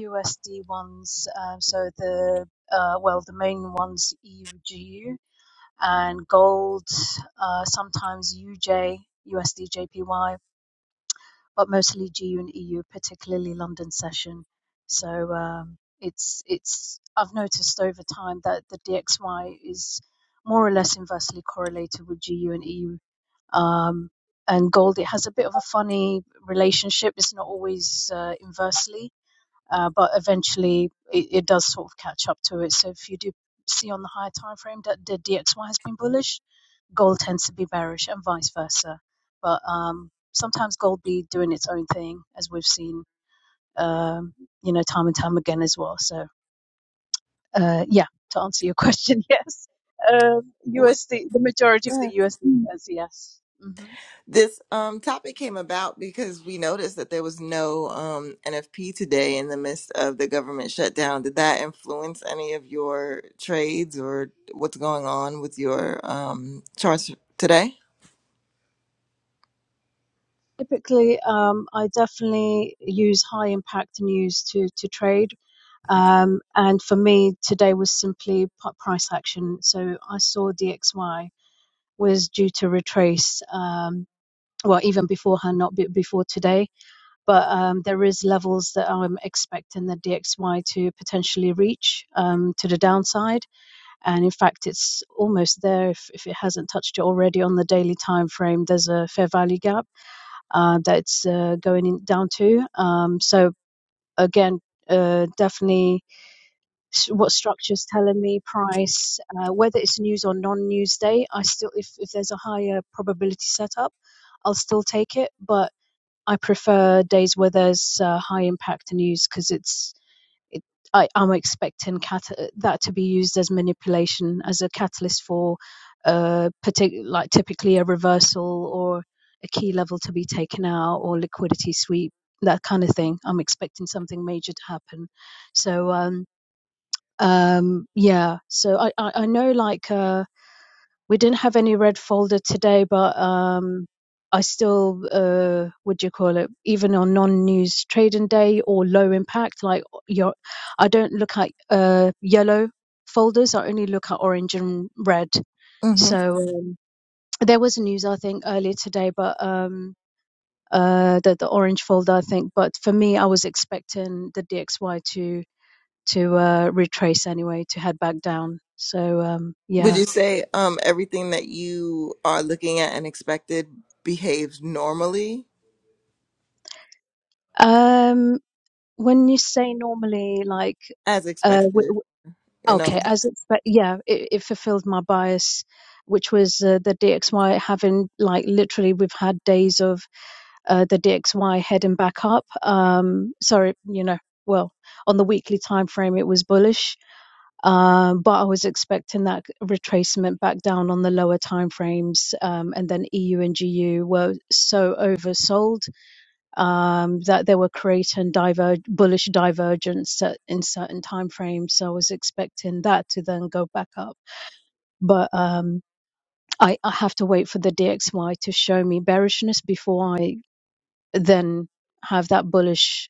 USD ones, uh, so the, uh, well, the main ones, EU, GU, and gold, uh, sometimes UJ, USD, JPY. but mostly GU and EU, particularly London session. So um, it's it's I've noticed over time that the DXY is more or less inversely correlated with GU and EU. Um, and gold, it has a bit of a funny relationship. It's not always uh, inversely, uh, but eventually it, it does sort of catch up to it. So if you do see on the higher time frame that the DXY has been bullish, gold tends to be bearish and vice versa. But um, sometimes gold be doing its own thing, as we've seen, um, you know, time and time again as well. So, uh, yeah, to answer your question, yes, um, We USD, the majority of the Yeah. USD is yes. hmm this um topic came about because we noticed that there was no um NFP today in the midst of the government shutdown. Did that influence any of your trades or what's going on with your um charts today? Typically, um, I definitely use high impact news to to trade. Um, and for me, today was simply price action. So I saw DXY was due to retrace. Um, well, even before her, not be, before today. But um, there is levels that I'm expecting the DXY to potentially reach um, to the downside, and in fact, it's almost there if, if it hasn't touched it already on the daily time frame. There's a fair value gap uh, that's uh, going in, down to. Um, so again. Uh, definitely s- what structure's telling me price uh, whether it's news or non-news day i still if, if there's a higher probability setup i'll still take it but I prefer days where there's uh, high impact news because it's it, I, I'm expecting cat- that to be used as manipulation as a catalyst for uh, partic- like typically a reversal or a key level to be taken out or liquidity sweep that kind of thing. I'm expecting something major to happen, so um, um, yeah. So I, I, I know like. Uh, we didn't have any red folder today, but um, I still, uh, what do you call it? Even on non-news trading day or low impact, like your, I don't look at uh, yellow folders. I only look at orange and red. hmm So um, there was news, I think, earlier today, but um, uh, the the orange folder, I think. But for me, I was expecting the DXY to to uh, retrace anyway, to head back down. So um, Would yeah. you say um everything that you are looking at and expected behaves normally Um, When you say normally, like, as uh, w expected? w You okay, know. as expect, yeah, it, it fulfilled my bias, which was uh, the DXY having, like, literally, we've had days of uh, the DXY heading back up. Um, sorry, you know, well, on the weekly time frame, it was bullish, um, but I was expecting that retracement back down on the lower time frames, um, and then EU and GU were so oversold um, that they were creating diver- bullish divergence at, in certain time frames. So I was expecting that to then go back up, but um, I, I have to wait for the DXY to show me bearishness before I then have that bullish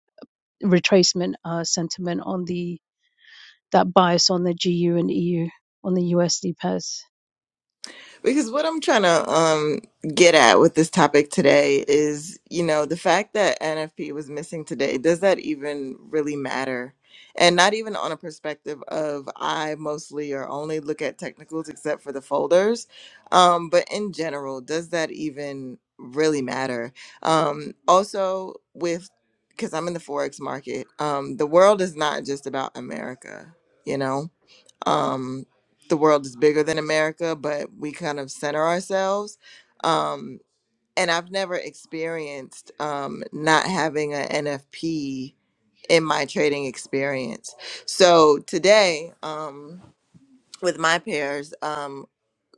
retracement uh, sentiment on the that bias on the GU and EU on the USD pairs. Because what I'm trying to um, get at with this topic today is, you know, the fact that NFP was missing today, does that even really matter? And not even on a perspective of I mostly or only look at technicals except for the folders. Um, but in general, does that even really matter? Um, also, with because I'm in the Forex market, um, the world is not just about America, you know? um, the world is bigger than America, but we kind of center ourselves. Um, and I've never experienced um, not having an NFP in my trading experience. So today, um, with my pairs, um,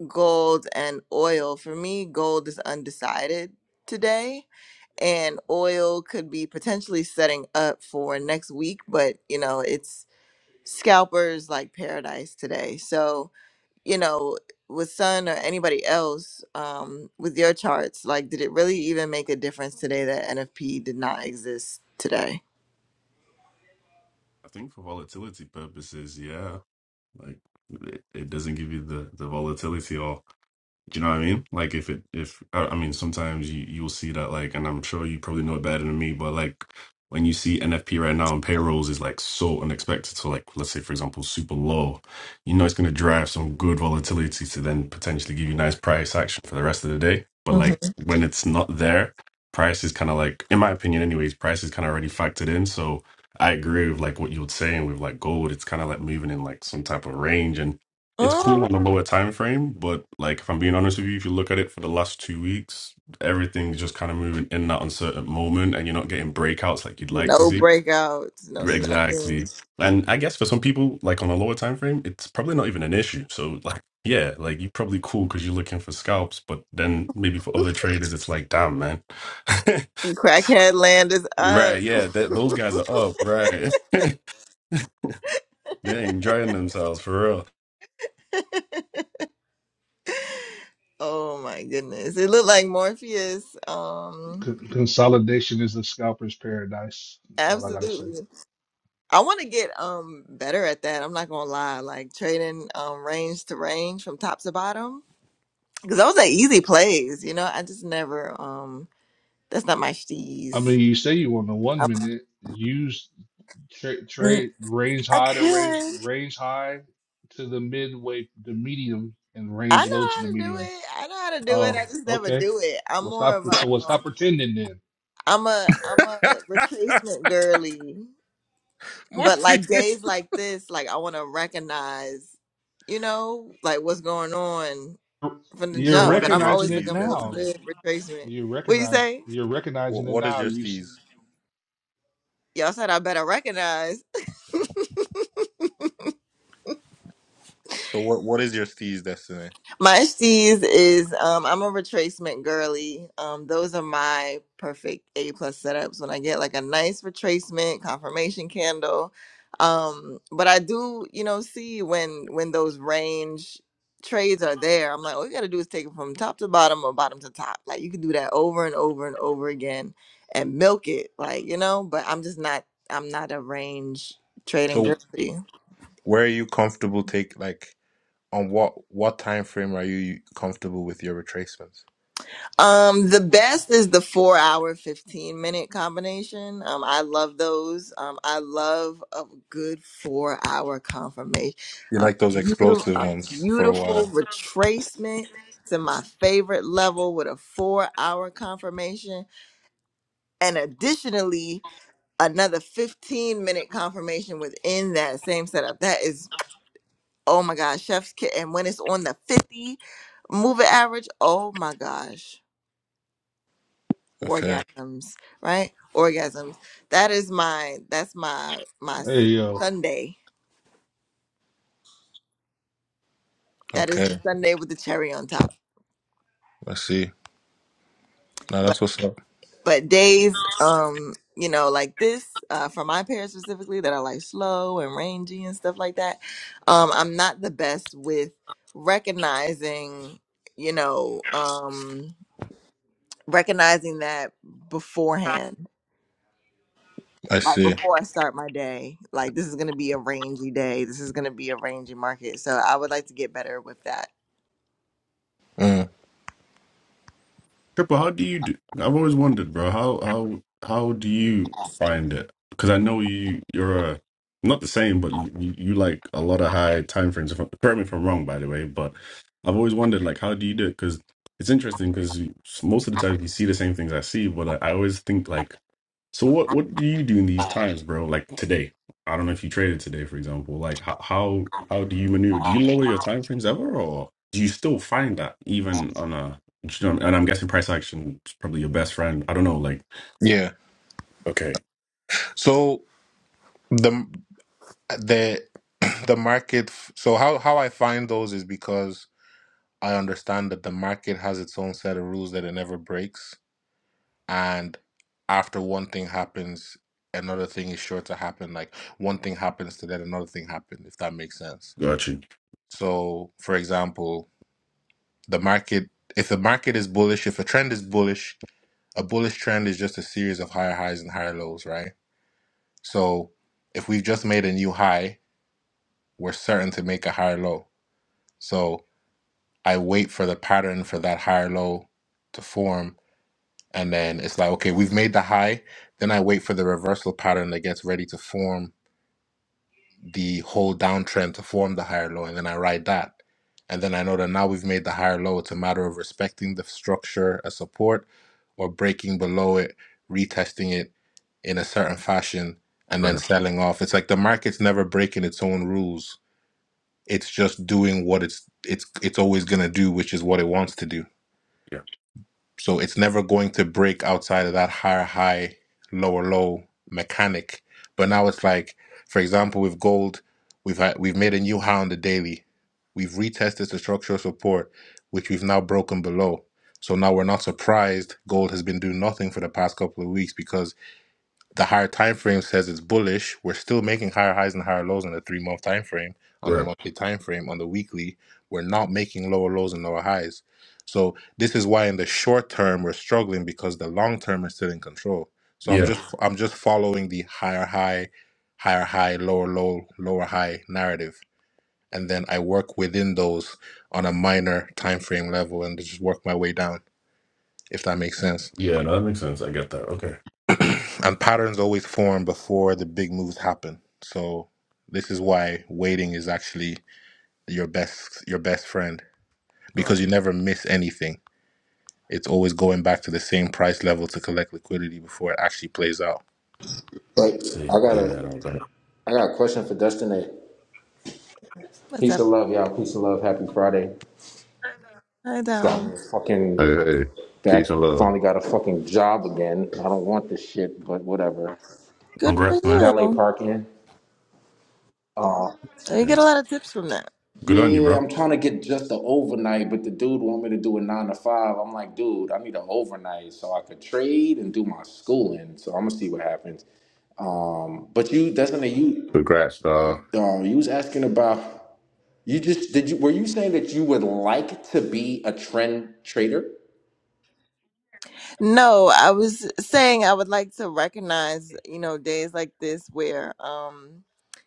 gold and oil, for me, gold is undecided today. And oil could be potentially setting up for next week, but you know, it's scalpers like paradise today. So, you know, with Sun or anybody else um, with your charts? Like, did it really even make a difference today that NFP did not exist today? I think for volatility purposes, yeah. Like it, it doesn't give you the the volatility or Do you know what I mean? Like if it if I I mean sometimes you you will see that like and I'm sure you probably know it better than me, but like when you see NFP right now and payrolls is like so unexpected. So like let's say for example super low, you know it's gonna drive some good volatility to then potentially give you nice price action for the rest of the day. But hmm like when it's not there, price is kinda like in my opinion anyways, price is kinda already factored in. So I agree with like what you were saying with like gold, it's kinda like moving in like some type of range. and it's cool mm on a lower time frame, but like if I'm being honest with you, if you look at it for the last two weeks, everything's just kind of moving in that uncertain moment, and you're not getting breakouts like you'd like to No see. breakouts, no Exactly, nothing. and I guess for some people, like on a lower time frame, it's probably not even an issue. So like, yeah, like you're probably cool because you're looking for scalps, but then maybe for other traders, it's like, damn, man, Crackhead land is up. right? Yeah, th- those guys are up, right? They ain't enjoying themselves for real. oh my goodness. It looked like Morpheus. Um Con- consolidation is the scalper's paradise. That's all I gotta say. absolutely. I want to get um better at that. I'm not gonna lie. Like trading um range to range from top to bottom. Because those are easy plays, you know. I just never. Um, that's not my I steez. mean, you say you want the one I, minute use trade Mm, trade range I high to range could. range high to the midway the medium and I range know low to the how to do medium. it. I know how to do it. I Oh, just never okay. do it. I'm Well, more stop. of a. So, well, stop Um, pretending then. I'm a. I'm a retracement girly. But Morpheus. like days like this, like I want to recognize, you know, like what's going on from the You're So what jump. But is I'm your recognizing always it steez looking for a now. destiny? good retracement. You are What you recognize say? you're What recognizing it what is now. your You steez? s- Y'all said I better recognize. So what what is your steez destiny? My C's is um, I'm a retracement girly. Um, those are my perfect A plus setups when I get like a nice retracement confirmation candle. Um, but I do, you know, see when when those range trades are there. I'm like, all you gotta do is take it from top to bottom or bottom to top. Like you can do that over and over and over again and milk it, like you know. But I'm just not. I'm not a range trading So girly. where are you comfortable take like on what what time frame are you comfortable with your retracements? Um, the best is the four hour, 15 minute combination. Um, I love those. Um, I love a good four hour confirmation, You a like those beautiful, explosive a ones for a beautiful while. retracement to my favorite level with a four hour confirmation. And additionally, another 15 minute confirmation within that same setup. That is, oh my gosh, chef's kit. And when it's on the 50 moving average, oh my gosh Okay. orgasms, right? Orgasms. That is my that's my my hey yo, Sunday. That is the Okay, Sunday with the cherry on top. I see. Now But that's what's up. but days um you know like this uh for my parents specifically that are like slow and rangy and stuff like that. Um I'm not the best with recognizing, you know, um recognizing that beforehand I like see. before I start my day, like this is gonna be a rangy day. This is gonna be a rangy market. So I would like to get better with that. Mm. Triple, how do you do? I've always wondered, bro. How how how do you find it? Because I know you you're uh not the same, but you, you like a lot of high time frames. If, I- correct me if I'm wrong, by the way. But I've always wondered, like, how do you do it? Because it's interesting. Because most of the time you see the same things I see, but I, I always think like so what what do you do in these times, bro? Like today, I don't know if you traded today, for example. Like how how how do you maneuver? Do you lower your time frames ever, or do you still find that even on a? you know, And I'm guessing price action is probably your best friend. I don't know. Like Yeah. okay, So the the the market. So how how I find those is because I understand that the market has its own set of rules that it never breaks, and after one thing happens, another thing is sure to happen. Like one thing happens to that, another thing happens. If that makes sense. got you. So, for example, the market. If the market is bullish, if a trend is bullish, a bullish trend is just a series of higher highs and higher lows, right? So if we've just made a new high, we're certain to make a higher low. So I wait for the pattern for that higher low to form. And then it's like, okay, we've made the high. Then I wait for the reversal pattern that gets ready to form the whole downtrend to form the higher low, and then I ride that. And then I know that now we've made the higher low. It's a matter of respecting the structure as support or breaking below it, retesting it in a certain fashion, and then Right. selling off. It's like the market's never breaking its own rules. It's just doing what it's it's it's always gonna do, which is what it wants to do. Yeah. So it's never going to break outside of that higher high, lower low mechanic. But now it's like, for example, with gold, we've had, we've made a new high on the daily. We've retested the structural support, which we've now broken below. So now we're not surprised gold has been doing nothing for the past couple of weeks because the higher time frame says it's bullish. We're still making higher highs and higher lows on the three month time frame, on the Right. monthly time frame, on the weekly. We're not making lower lows and lower highs. So this is why in the short term we're struggling because the long term is still in control. So I'm Yeah. just I'm just following the higher high, higher high, lower low, lower high narrative. And then I work within those on a minor time frame level and just work my way down, if that makes sense. Yeah. No, that makes sense. I get that. Okay. And patterns always form before the big moves happen. So this is why waiting is actually your best your best friend Got. it. because you never miss anything. It's always going back to the same price level to collect liquidity before it actually plays out. But See. I got Yeah. a No. Got it. I got a question for Dustin. That What's peace up? of love, y'all. Peace of love. Happy Friday. Hi, Got Dom. me Hey, fucking hey, peace and back. love. Finally got a fucking job again. I don't want this shit, but whatever. Good for Congrats, man. Valet you. parking. You Yeah. get a lot of tips from that. Good on you, Yeah, bro. I'm trying to get just the overnight, but the dude want me to do a nine to five. I'm like, dude, I need an overnight so I could trade and do my schooling. So I'm gonna see what happens. Um, but you, Dustin, you, Congrats, dog. uh, you was asking about. You just did you were you saying that you would like to be a trend trader? No, I was saying I would like to recognize, you know, days like this where, um,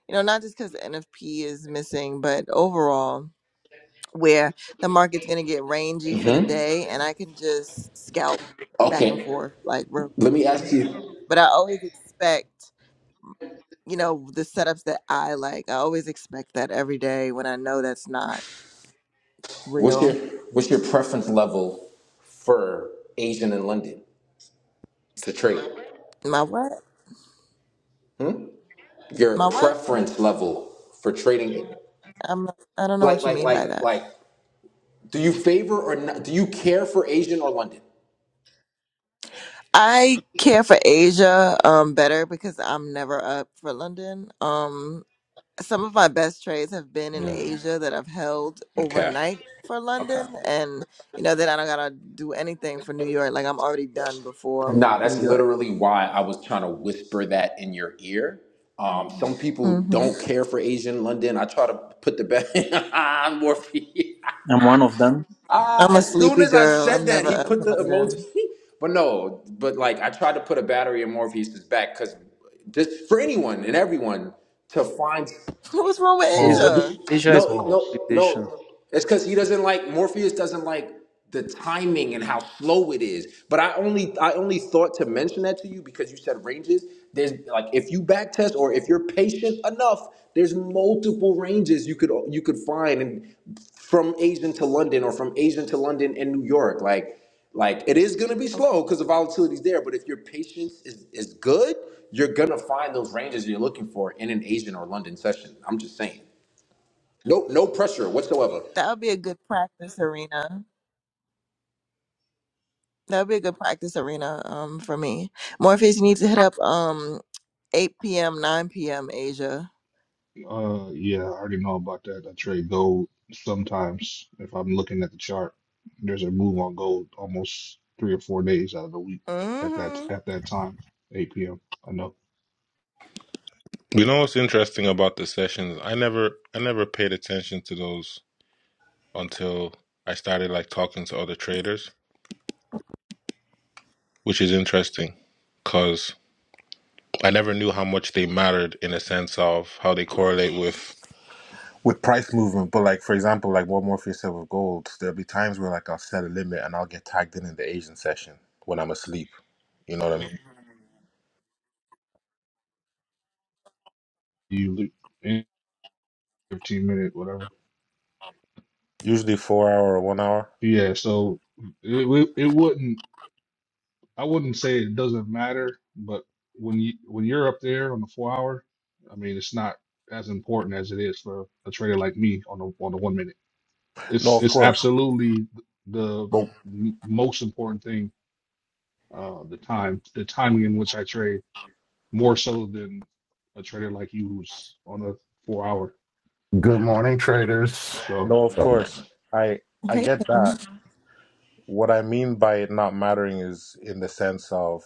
you know, not just because NFP is missing, but overall. where the market's going to get rangy for the hmm day and I can just scalp back and Okay. forth like real- Let me ask you, but I always expect you know the setups that I like I always expect that every day when I know that's not what's your real what's your preference level for Asian and London to trade? my what Your my what preference level for trading, I'm I don't know like what you like mean by like that like, do you favor or not, do you care for Asian or London? I care for Asia um better because I'm never up for London um some of my best trades have been in Asia that I've held Okay. overnight for London, Okay. and you know then I don't gotta do anything for New York. Like I'm already done before Nah, New that's York. literally why I was trying to whisper that in your ear. Um, some people hmm don't care for Asian London. I try to put the best. more for you. and one of them Ah, I'm a as soon sleepy as I girl. said I'm that, never he up put for the emoji. London. but no, but like I tried to put a battery in Morpheus's back because just for anyone and everyone to find. What's wrong with is uh, Asia? pause, Asia is No, pause. no, consolidation. no. It's because he doesn't like Morpheus doesn't like the timing and how slow it is. But I only I only thought to mention that to you because you said ranges. There's like if you backtest or if you're patient enough, there's multiple ranges you could you could find and from Asian to London or from Asian to London and New York. Like like it is gonna be Okay, slow because the volatility's there, but if your patience is, is good, you're gonna find those ranges you're looking for in an Asian or London session. I'm just saying. No, no pressure whatsoever. that would be a good practice arena. That'd be a good practice arena um for me. Morpheus, you need to hit up um 8 p.m., 9 p.m. Asia. Uh, yeah, I already know about that. I trade gold sometimes if I'm looking at the chart. There's a move on gold almost three or four days out of the week at that hmm at that time, 8 p.m. I know You know what's interesting about the sessions? I never I never paid attention to those until I started like talking to other traders, which is interesting cuz I never knew how much they mattered in a sense of how they correlate with with price movement, but like for example, like what Morpheus said with gold, there'll be times where like I'll set a limit and I'll get tagged in in the Asian session when I'm asleep. You know what I mean? you lo- in 15 minute whatever. Usually four hour or one hour. Yeah, so it it, it wouldn't. I wouldn't say it doesn't matter, but when you when you're up there on the four hour, I mean, it's not as important as it is for a trader like me on the on the one minute. No, It's of it's course. absolutely the But m- most important thing. Uh, the time, the timing in which I trade, more so than a trader like you who's on a four hour. Good morning, traders. So no, of course. I I Hey. get that. What I mean by it not mattering is in the sense of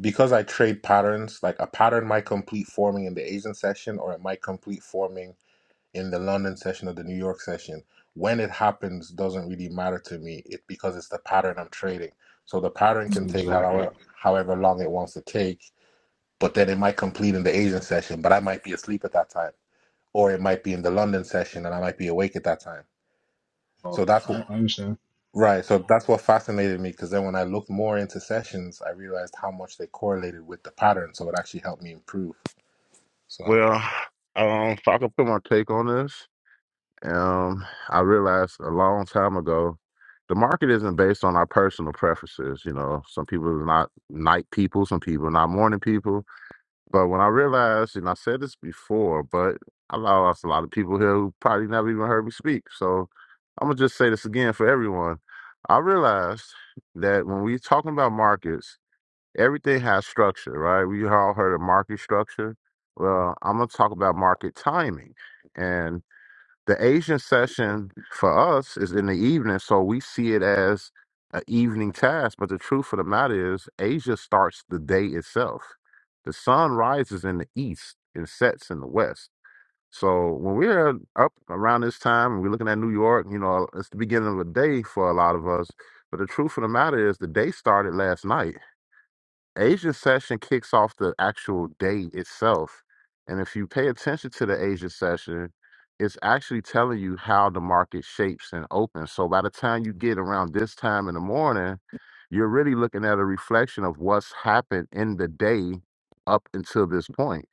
because I trade patterns, like a pattern might complete forming in the Asian session or it might complete forming in the London session or the New York session. When it happens doesn't really matter to me it, because it's the pattern I'm trading. So the pattern can take exactly, however, however long it wants to take, but then it might complete in the Asian session, but I might be asleep at that time. Or it might be in the London session and I might be awake at that time. Oh, So that's I, what, I understand. right. So that's what fascinated me because then when I looked more into sessions, I realized how much they correlated with the pattern. So it actually helped me improve. So, Well, um, if I can put my take on this, um, I realized a long time ago, the market isn't based on our personal preferences. You know, some people are not night people, some people are not morning people. But when I realized, and I said this before, but I lost a lot of people here who probably never even heard me speak. So I'm gonna just say this again for everyone. I realized that when we talking about markets. everything has structure, right? We all heard of market structure. Well, I'm going to talk about market timing. And the Asian session for us is in the evening, so we see it as an evening task. But the truth of the matter is, Asia starts the day itself. The sun rises in the east and sets in the west. So when we're up around this time and we're looking at New York, you know, it's the beginning of the day for a lot of us. But the truth of the matter is, the day started last night Asian session kicks off the actual day itself. And if you pay attention to the Asian session, it's actually telling you how the market shapes and opens. So by the time you get around this time in the morning, you're really looking at a reflection of what's happened in the day up until this point,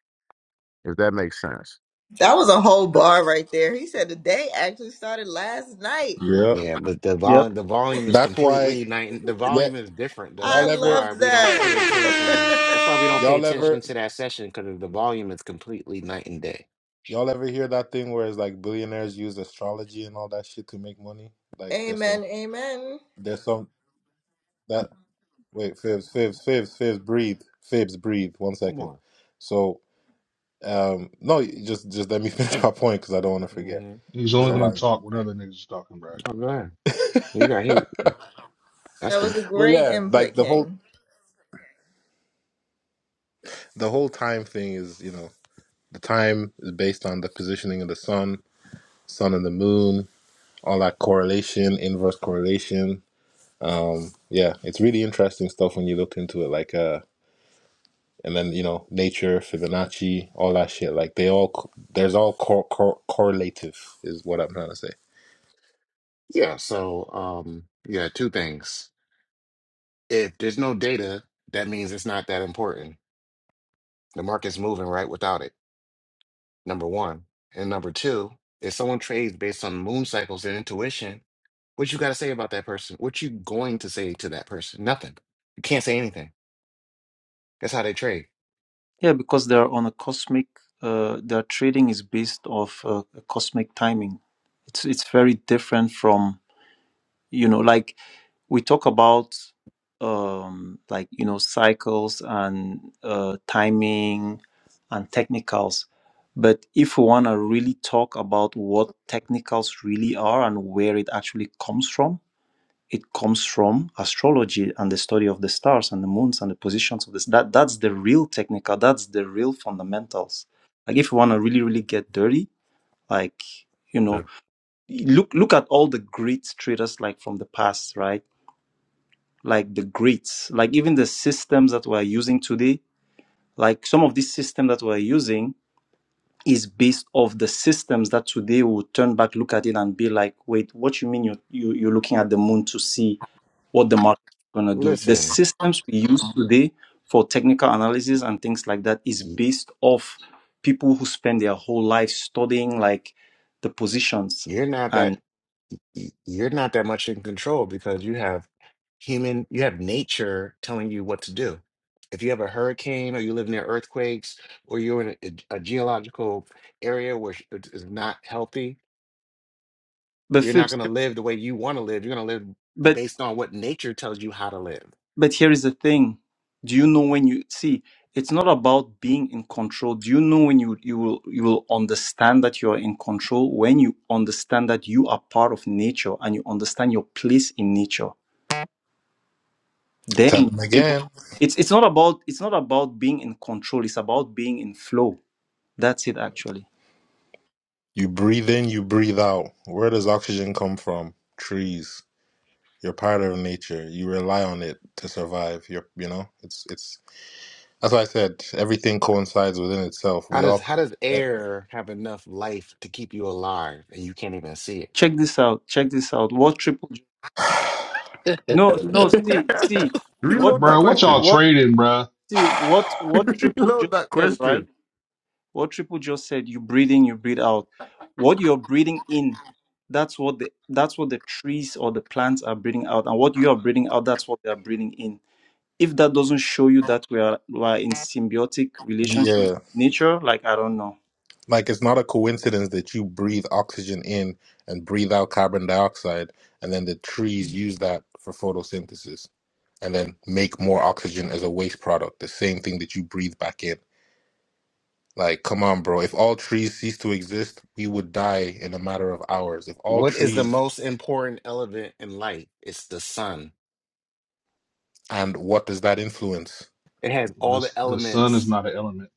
if that makes sense. That was a whole bar right there. He said the day actually started last night. yeah. Yeah, but the Yeah, volume the volume is That's why, completely night the yeah, volume is different though. I y'all That's ever love why we don't pay attention. That's why we don't that. pay y'all attention ever to that session because the volume is completely night and day. Y'all ever hear that thing where it's like billionaires use astrology and all that shit to make money? Like there's some amen. Amen. there's some that wait, fibs, fibs, fibs, fibs, breathe. Fibs, breathe. One Come second. on. So um no, just just let me finish my point because I don't want to forget. Mm-hmm. He's Go only So gonna ahead. like talk what other niggas is talking, bruh. Oh, go ahead. You got heat. That's That the was a Well great yeah, input, like the whole King. the whole time thing is, you know, the time is based on the positioning of the sun, sun and the moon, all that correlation, inverse correlation. Um yeah, it's really interesting stuff when you look into it like uh and then you know nature fibonacci all that shit like they all co- there's all cor- cor- correlative is what i'm trying to say yeah, so um yeah, two things. if there's no data, that means it's not that important. The market's moving right without it. Number one. And number two, if someone trades based on moon cycles and intuition, what you got to say about that person? What you going to say to that person? Nothing. You can't say anything. That's how they trade. yeah, because they are on a cosmic. Uh, their trading is based off uh, a cosmic timing. It's it's very different from you know like we talk about um like you know cycles and uh timing and technicals but if we want to really talk about what technicals really are and where it actually comes from it comes from astrology and the study of the stars and the moons and the positions of this that that's the real technical that's the real fundamentals like if you want to really really get dirty like you Yeah. know look look at all the great traders like from the past right like the greats like even the systems that we're using today like some of these systems that we're using is based off the systems that today will turn back look at it and be like wait what you mean you you you're looking at the moon to see what the market is going to do. The Listen, systems we use today for technical analysis and things like that is y- based off people who spend their whole life studying like the positions you're not that. and y- you're not that much in control because you have human, you have nature telling you what to do. If you have a hurricane or you live near earthquakes or you're in a, a geological area where sh- it is not healthy, but you're not Phipps, going to live the way you want to live. You're going to live but based on what nature tells you how to live. but here is the thing. Do you know when you see it's not about being in control. Do you know when you you will you will understand that you are in control when you understand that you are part of nature and you understand your place in nature tell Then them able- again it's it's not about it's not about being in control. It's about being in flow. That's it actually. you breathe in you breathe out where does oxygen come from trees you're part of nature you rely on it to survive you're you know it's it's that's why i said everything coincides within itself How we does all how does air have enough life to keep you alive and you can't even see it? Check this out. Check this out. What triple? J- No, no. See, see what Reload that Bruh, what y'all question. what trading, bruh? see what what triple Reload just that said question. right. What triple just said. You breathe in. You breathe out. What you're breathing in. That's what the that's what the trees or the plants are breathing out, and what you are breathing out, that's what they are breathing in if that doesn't show you that we are, we are in symbiotic relationship yeah with nature like i don't know like it's not a coincidence that you breathe oxygen in and breathe out carbon dioxide and then the trees use that for photosynthesis and then make more oxygen as a waste product, the same thing that you breathe back in. Like, come on, bro. If all trees cease to exist, we would die in a matter of hours. If all What is the trees, most important element in light? It's the sun. and what does that influence? It has all The the the sun is elements not an element.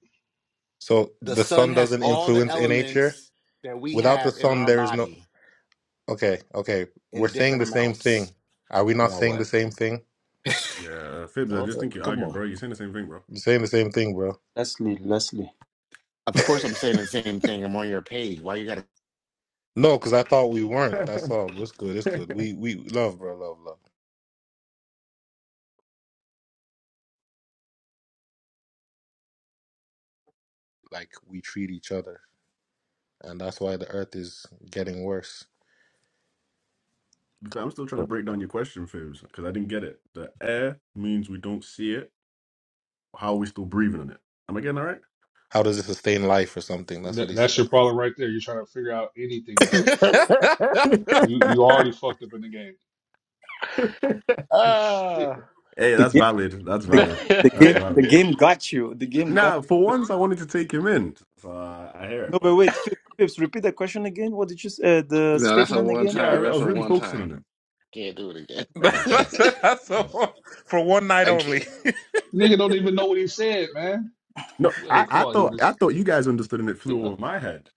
So the the sun sun has doesn't all the influence in nature. elements that we Without the have in sun, our there is no. body Okay, okay. We're in saying different the same amounts. thing. Are we not Now saying the what? same thing? Yeah, uh, Fibs, I Don't- just think you're Come arguing, on. bro. You're saying the same thing, We're bro. saying the same thing, bro. Leslie, Leslie. Of course, I'm saying the same thing. I'm on your page. Why you gotta? No, because I thought we weren't. That's all. It's good. It's good. We we love, bro. Love, love. Like we treat each other. and that's why the earth is getting worse. But I'm still trying to break down your question, Fibs, because I didn't get it. The air means we don't see it. How are we still breathing on it? Am I getting How does it sustain life or something? That's what That, he that's said. your problem right there. You're trying to figure out anything this nigga said. You all you right? already fucked up in the game. Shit. ah. Hey, The that's game, valid. That's the, valid. that's, the That's game, the valid. game got you. The game got. Nah, for once, I wanted to take him in. So uh, I hear it, No, but but wait, Phipps, Phipps, repeat the question again. What did you s- uh, the no, that's a statement one again? yeah, I, What? time. re- I That's was a really one focusing on time. it. Can't do it Uh, okay. again. that's Uh, a, for one night I only. can't. nigga don't even know what he said, man. No, I, Yo, come I on, thought English. I thought you guys understood and it flew Yeah, over my head.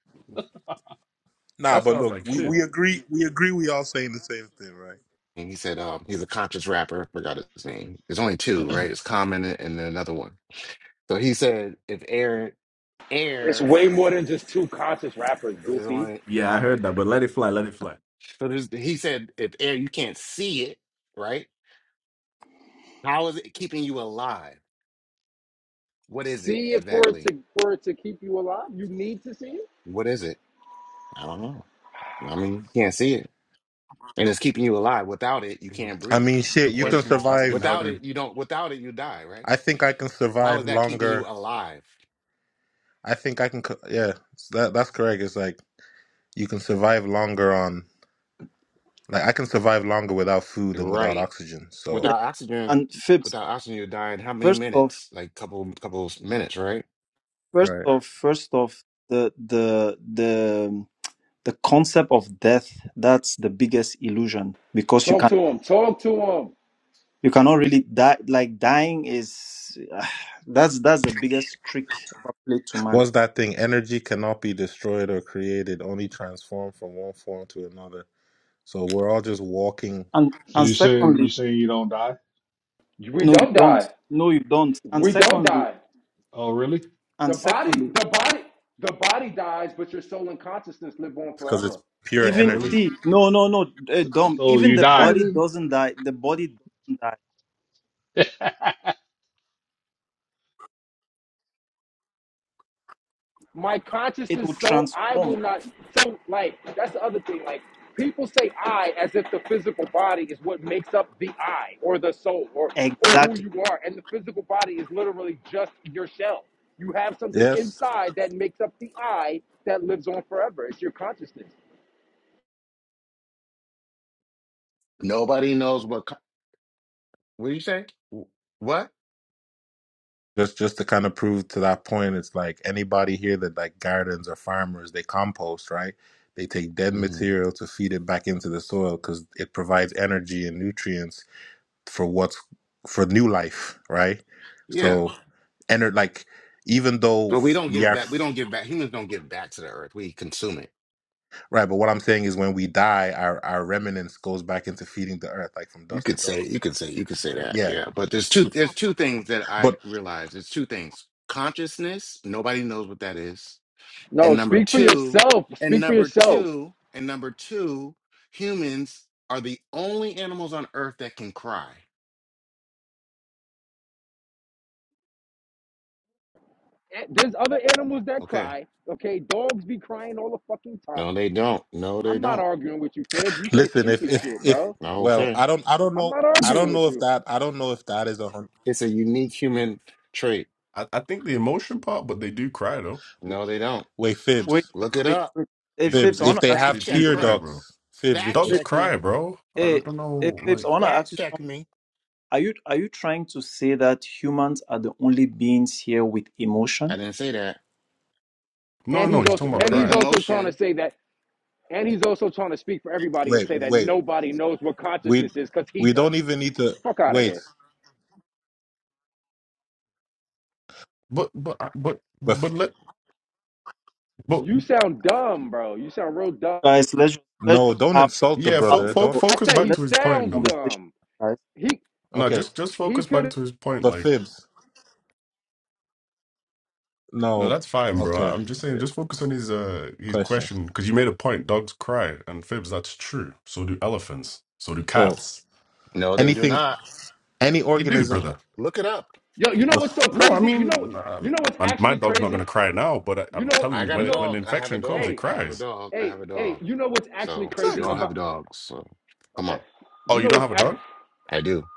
Nah, That's why but I was look, like, we, come we shit. on. agree we agree we all saying the same thing, right? And he said, um, he's a conscious rapper. I forgot his name. There's only two, right? It's Common and then another one. So he said, if air, air Way more than just two conscious rappers, is goofy. only, Yeah, I heard that, but let it fly, let it fly. so there's, he said, if air, you can't see it, right? How is it keeping you alive? What is it See it for it exactly? to for it to keep you alive. You need to see it. What is it? I don't know. I mean, you can't see it, and it's keeping you alive. Without it, you can't I breathe, mean, The shit, you and can question is asking survive. how without they. it, you don't. Without it, you die. Right? I think I can How survive is that keeping you longer. alive? I think I can co- yeah, that that's correct. It's like you can survive longer on like I can survive longer without food than without Right. oxygen. So, Yeah, Without oxygen, and Phipps, without oxygen, you die in how many first off, minutes? Like couple, couple minutes, right? first right. off, first off, the the the the concept of death that's the biggest illusion because you Talk can to him. Talk to him. you cannot really die. Like dying is that's that's the biggest trick played to man. Was that thing? Energy cannot be destroyed or created, only transformed from one form to another. So we're all just walking And So and you saying secondly, you saying you don't die? We no, you don't don't. die. No, you don't. And We don't secondly, die. Oh really? And The body, secondly, the body, the body dies, but your soul and consciousness live on because it's forever. pure Oh even energy. really? see, no, no, no, uh, Dom, So even you the die body then. doesn't die. The body doesn't die. my It consciousness will so I will transform. not so like that's the other thing. Like people say I as if the physical body is what makes up the I or the soul or or who Exactly. you are. And the physical body is literally just your shell. You have something Yes. inside that makes up the I that lives on forever. It's your consciousness. Nobody knows what. co- What do you say? Wh- What? Just just to kind of prove to that point, it's like anybody here that like gardens or farmers, they compost, right? They take dead hmm material to feed it back into the soil because it provides energy and nutrients for what's for new life, right? Yeah. So, ener- like even though But we f- don't we give are. back. We don't give back. Humans don't give back to the earth. We consume it Right, but what I'm saying is when we die, our, our remnants goes back into feeding the earth, like from You dust to could say, dust. you could say, you could say that, Yeah. yeah. But there's two, there's two things that I But realize. There's two things: consciousness. Nobody knows what that is. No, And number speak for two, yourself. and Speak for number yourself. two, and number two, humans are the only animals on Earth that can cry. And There's other animals that Okay. cry. Okay, dogs be crying all the fucking time. No, they don't. No, they I'm not don't. arguing with you, Fibs. You say listen, if stupid if shit, if bro. No, well, okay. I don't I don't I'm know not I arguing don't with know you. if that I don't know if that is a hun- It's a unique human trait. I, I think the emotion part, but they do cry though. No, they don't. wait, Wait, fibs. wait, Look it wait, up. wait. Hey, They, Phipps, I Fibs. they want If to they ask you Fact they have do check tear something. me. cry, bro. ducts, fibs, if Fact they Dogs Phipps, check me. cry, bro. I Hey, don't, don't hey, know, Phipps, I like want to ask Fact you check something. me. Are you are you trying to say that humans are the only beings here with I emotion? didn't say that. no, And no. he's He's also talking about What and is he's crying, also trying to emotion? say that and he's also trying to speak for everybody and wait, say that wait. nobody knows what We consciousness is because he we don't doesn't. even need to Fuck out of wait. here. but but but But but let but You sound dumb, bro. You sound real dumb. guys let's just, let's no, just don't have, insult the yeah. have Fo- brother. a, fo- Don't co- I focus said back he let's to his just have point a sounds though. conversation dumb. guys He No, okay. just just he focus back could to his point. But Like fibs. no, No. that's fine, bro. Okay. I'm just saying, just focus on his uh his Question. question because you made a point. Dogs cry and fibs. That's true. So do elephants. So do So cats. No, they do anything not. any They do, organism brother. Look it up. yo, you know what's so No, I crazy? You know mean, you um, know what's my, my actually dog's not going crazy? to cry now, but I, You I'm know telling I you, got you when a it, know when dog. I have a infection comes, dog. it hey, I have a cries. dog. I hey, have a hey, dog. you know what's actually So we crazy all Exactly. about have dogs. So come okay. on. Oh, You know you don't have a what's act dog? I do.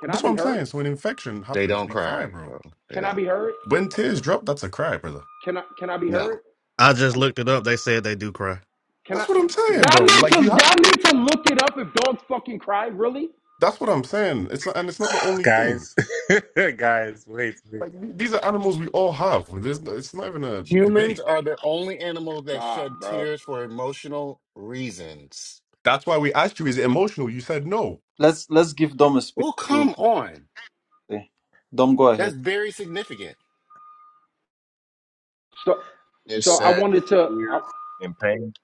can I That's what be I'm heard? saying. So when infection They happens, don't they cry, cry, bro. bro. They Can I don't. be heard? When tears drop, that's a cry, brother. Can I can I be No. heard? I just looked it up. They said they do cry. Can I? That's what I'm saying, Y'all bro. need to Like y'all you have. need to look it up. If dogs fucking cry, really? That's what I'm saying. It's and it's not the only thing. guys, guys, wait, wait. Like these are animals we all have. There's, it's not even a Humans debate. are the only animal that God, shed bro. tears for emotional reasons. That's why we asked you, is it emotional? You said no. let's let's give dom a space Well, to come on. say dom go ahead That's very significant. So It's so I But, sadness, wanted to. I, fear, and pain.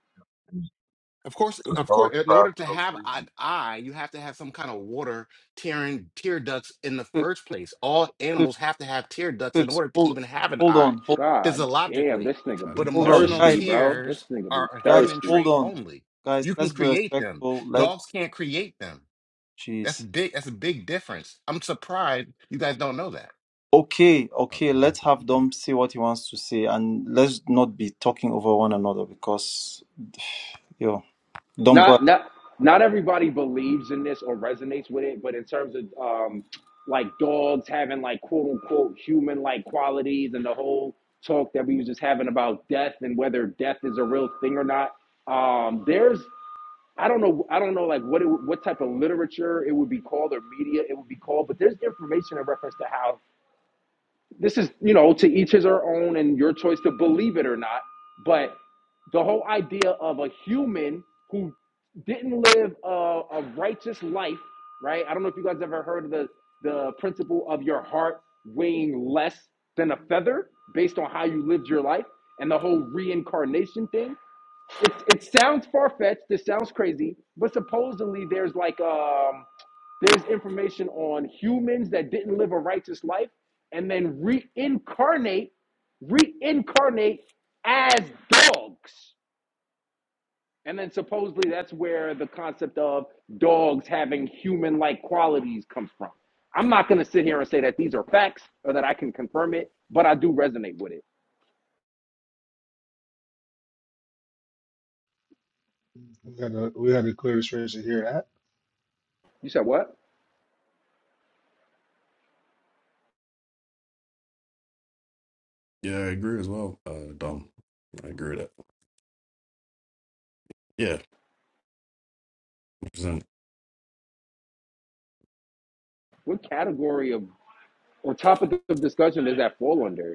Because Of course, uh, of course, dogs in cry order to for those have an reasons. eye, you have to have some kind of water tearing tear ducts in the Pip, first place. All Pips, animals have to have tear ducts in Pips, order to hold even have an hold eye, on hold, God damn, physiologically. this nigga I be But didn't hold think you on knew emotional guys thirsty, that. bro. This tears nigga be are a Guys, human thirsty. hold trait on. only. Guys, You can let's be create them. respectful. Let's Dogs can't create them. That's jeez. big. That's a big difference. I'm surprised you guys don't know that. Okay, I, okay, I don't let's think have you did. Dom see what he wants to say and let's not be talking over one another because yo, Dom go Not ahead. not not everybody believes in this or resonates with it, but in terms of um like dogs having like quote unquote human like qualities and the whole talk that we was just having about death and whether death is a real thing or not. Um, there's I don't know. I don't know like what it, what type of literature it would be called or media it would be called, but there's information in reference to how this is. You know, to each his or own, and your choice to believe it or not. But the whole idea of a human who didn't live a, a righteous life, right? I don't know if you guys ever heard of the the principle of your heart weighing less than a feather based on how you lived your life and the whole reincarnation thing. It, it sounds far fetched. This sounds crazy, but supposedly there's like um, there's information on humans that didn't live a righteous life and then reincarnate, reincarnate as dogs. And then supposedly that's where the concept of dogs having human-like qualities comes from. I'm not gonna sit here and say that these are facts or that I can confirm it, but I do resonate with it. we gotta we gotta clear the space to hear that. You said what? Yeah, I agree as well, uh, Dom. I agree with that. Yeah, 100%. What category of or topic of discussion does that fall under?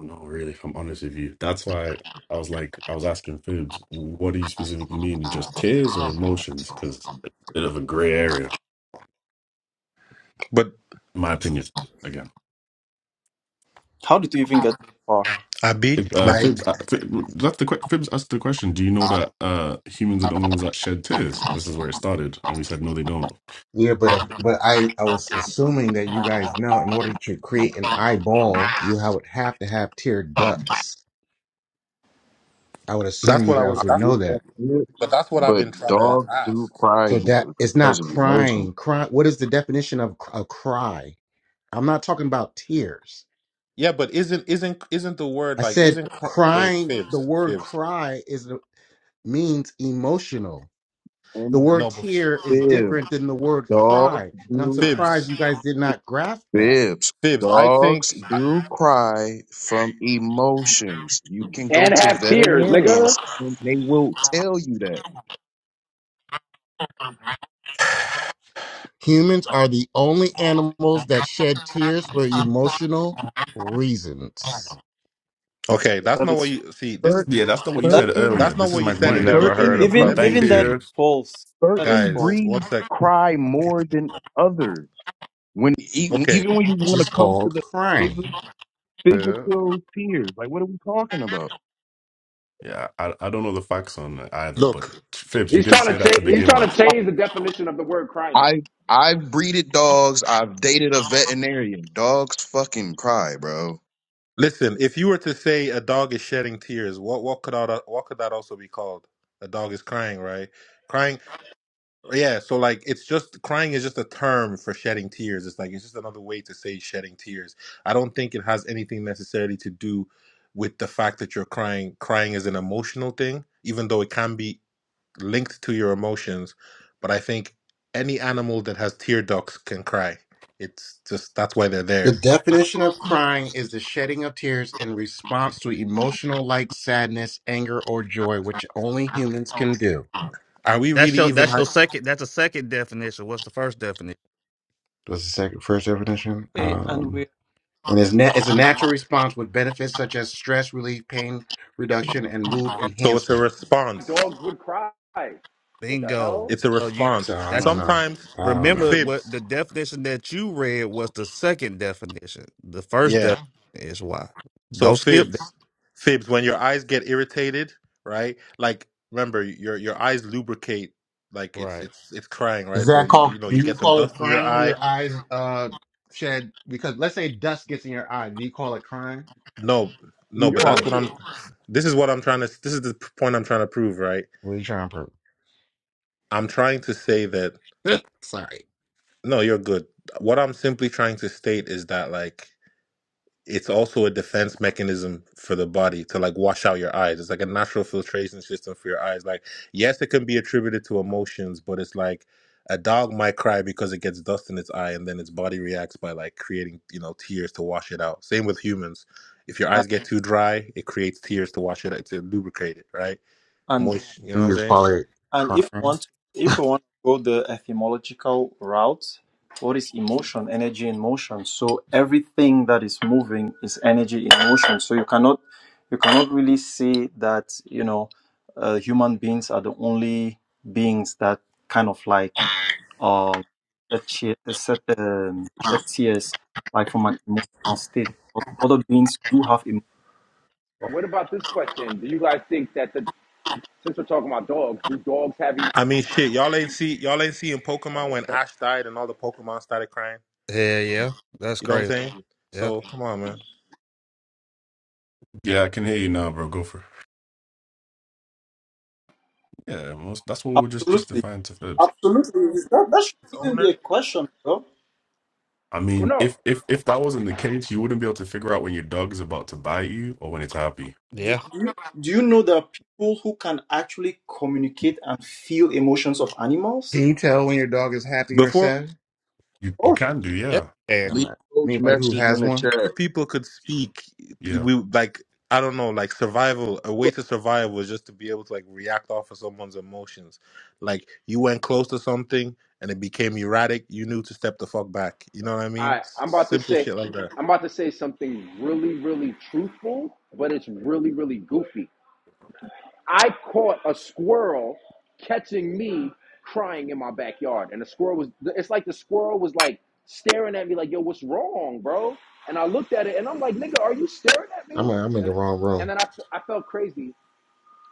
No, really, if I'm honest with you. That's why I was like, I was asking Phoebs, what do you specifically mean? Just tears or emotions? Because it's a bit of a gray area, but in my opinion. Again, How did you even get so far? Abi, if, uh, like Phoebs, uh, Ph- that's the que- Phoebs asked the question. Do you know that uh, humans are the only ones that shed tears? This is where it started, and we said no, they don't. Yeah, but if, but I I was assuming that you guys know in order to create an eyeball, you have, would have to have tear ducts. I would assume that's you what I guys was. I would That's, know get that that. it, but that's what I've but been trying to dogs do ask. cry So that it's not because of emotion. crying. Cry. What is the definition of a cry? I'm not talking about tears. Yeah, but isn't isn't isn't the word I like said isn't cr- wait crying. The fibs word fibs cry is means emotional. The And word no but tear is fibs. different than the word Dogs cry, and I'm do fibs surprised you guys did not grasp that. fibs. fibs I think Dogs I, do cry from emotions. You can go and to have tears, nigga. veterinarians and they will tell you that. Humans are the only animals that shed tears for emotional reasons, okay that's That not what is you see this is Cer- Yeah, that's not what you that said Certain earlier. that's This not is what you my said You in the point. never certain heard beginning of even let puppy breed me even Thank that is you. tears? false. That is certain guys false. one breeds sec cry Okay. more than others. When e- Okay, even when you which want to is come to called the crying. phys- Yeah. physical tears, like what are we talking about? Yeah, I, I don't know the facts on it either, but look, Phoebs, you He's didn't trying to say that to cha- he's begin trying to with. change the definition of the word crying. I I've breeded dogs. I've dated a veterinarian. Dogs fucking cry, bro. listen. If you were to say a dog is shedding tears, what what could that what could that also be called? A dog is crying, right? Crying, yeah. So like, it's just crying is just a term for shedding tears. It's like it's just another way to say shedding tears. I don't think it has anything necessarily to do with the fact that you're crying. Crying is an emotional thing, even though it can be linked to your emotions. But I think any animal that has tear ducts can cry. It's just that's why they're The there definition of crying is the shedding of tears in response to emotional like sadness, anger, or joy, which only humans can do. Are we That's really your even that's your like? second that's a second definition. What's the first definition? What's the second first definition? Hey, and Um, we and it's, na- it's a natural response with benefits such as stress relief, pain reduction, and mood So it's a enhancement. response. Dogs would cry. What the Bingo. hell? It's a So you response. So I that's don't know. Sometimes I don't know. remember what fibs. the definition that you read was the second definition. The first Yeah. definition is why. So Don't skip fibs, that. fibs. When your eyes get irritated, right? Like remember, your your eyes lubricate. Like it's Right. it's it's crying, Is right? So that you called? you know Do you you get some call it dust in your crying when eye. your eyes uh shed? Because let's say dust gets in your eye. Do you call it crying? No, What do no. you But You're an call that's it? what I'm. idiot. This is what I'm trying to. This is the point I'm trying to prove, right? What are you trying to I'm trying to say that. prove? Sorry. No, you're good. What I'm simply trying to state is that like it's also a defense mechanism for the body to like wash out your eyes. It's like a natural filtration system for your eyes. Like, yes, it can be attributed to emotions, but it's like a dog might cry because it gets dust in its eye and then its body reacts by like creating, you know, tears to wash it out. Same with humans. If your and, eyes get too dry, it creates tears to wash it out, to lubricate it, right? and Moist, you He know what I'm is saying? probably So- And if crying. we want if Can we want to go the etymological route, what is emotion? Energy in motion. So everything that is moving is energy in motion. So you cannot you cannot really say that you know uh, human beings are the only beings that kind of like uh that che- that set um, shed tears like from an emotional state. But Other beings do have What about this question? Do you guys think that the since we're talking about dogs, do dogs have e- I mean, shit, y'all ain't see y'all ain't seeing Pokemon oh, when okay? Ash died and all the Pokemon started crying. Yeah, yeah. That's You know what I'm crazy. saying? Yeah. So come on, man. Yeah, I can hear you now, bro. Go for it. Yeah, most, that's what we were just Absolutely, justifying to Phoebs. absolutely. Is That that should Its even be owner a question, bro. I Well, mean, no. if if if that wasn't the case, you wouldn't be able to figure out when your dog is about to bite you or when it's happy. Do, Yeah. do you do you know there are people who can actually communicate and feel emotions of animals? you tell when your dog is happy or before sad? You you Oh. can do, Yeah. yeah, Yeah. I'm, Leave not, coach Anybody who messages in has the one? chat. people could speak yeah. we like i don't know like survival a way to survive was just to be able to like react off of someone's emotions like you went close to something and it became erratic you knew to step the fuck back you know what i mean I S- I'm about to simple say shit like that I'm about to say something really really truthful, but it's really really goofy. I caught a squirrel catching me crying in my backyard. And the squirrel was, it's like the squirrel was like staring at me, like, yo, what's wrong, bro? And I looked at it and I'm like, nigga, are you staring at I'm, me? I'm in the And, wrong room. and then I, I felt crazy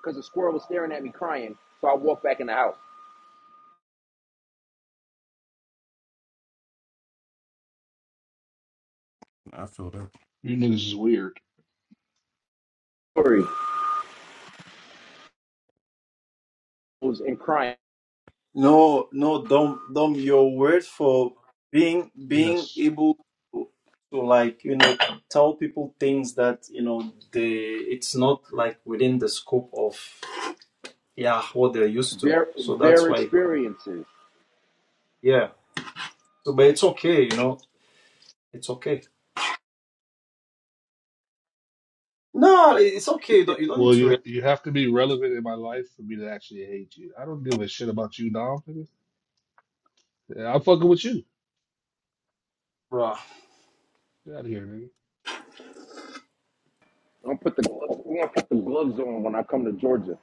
because the squirrel was staring at me crying. So I walked back in the house. I feel that. You niggas is weird. Story and crying. No, no, don't, don't your word for being being Yes. able to, to like, you know, tell people things that, you know, they it's not like within the scope of yeah, what they're used to. Their, So that's their why it, com- experiences. yeah. So but it's okay, you know. It's okay. No, it's okay. You don't, you don't need Well, to you react, you have to be relevant in my life for me to actually hate you. I don't give a shit about you, Dom. Nigga. Yeah, I'm fucking with you. bro. Get out of here, nigga. I'm gonna put the gloves, I'm gonna put the gloves on when I come to Georgia.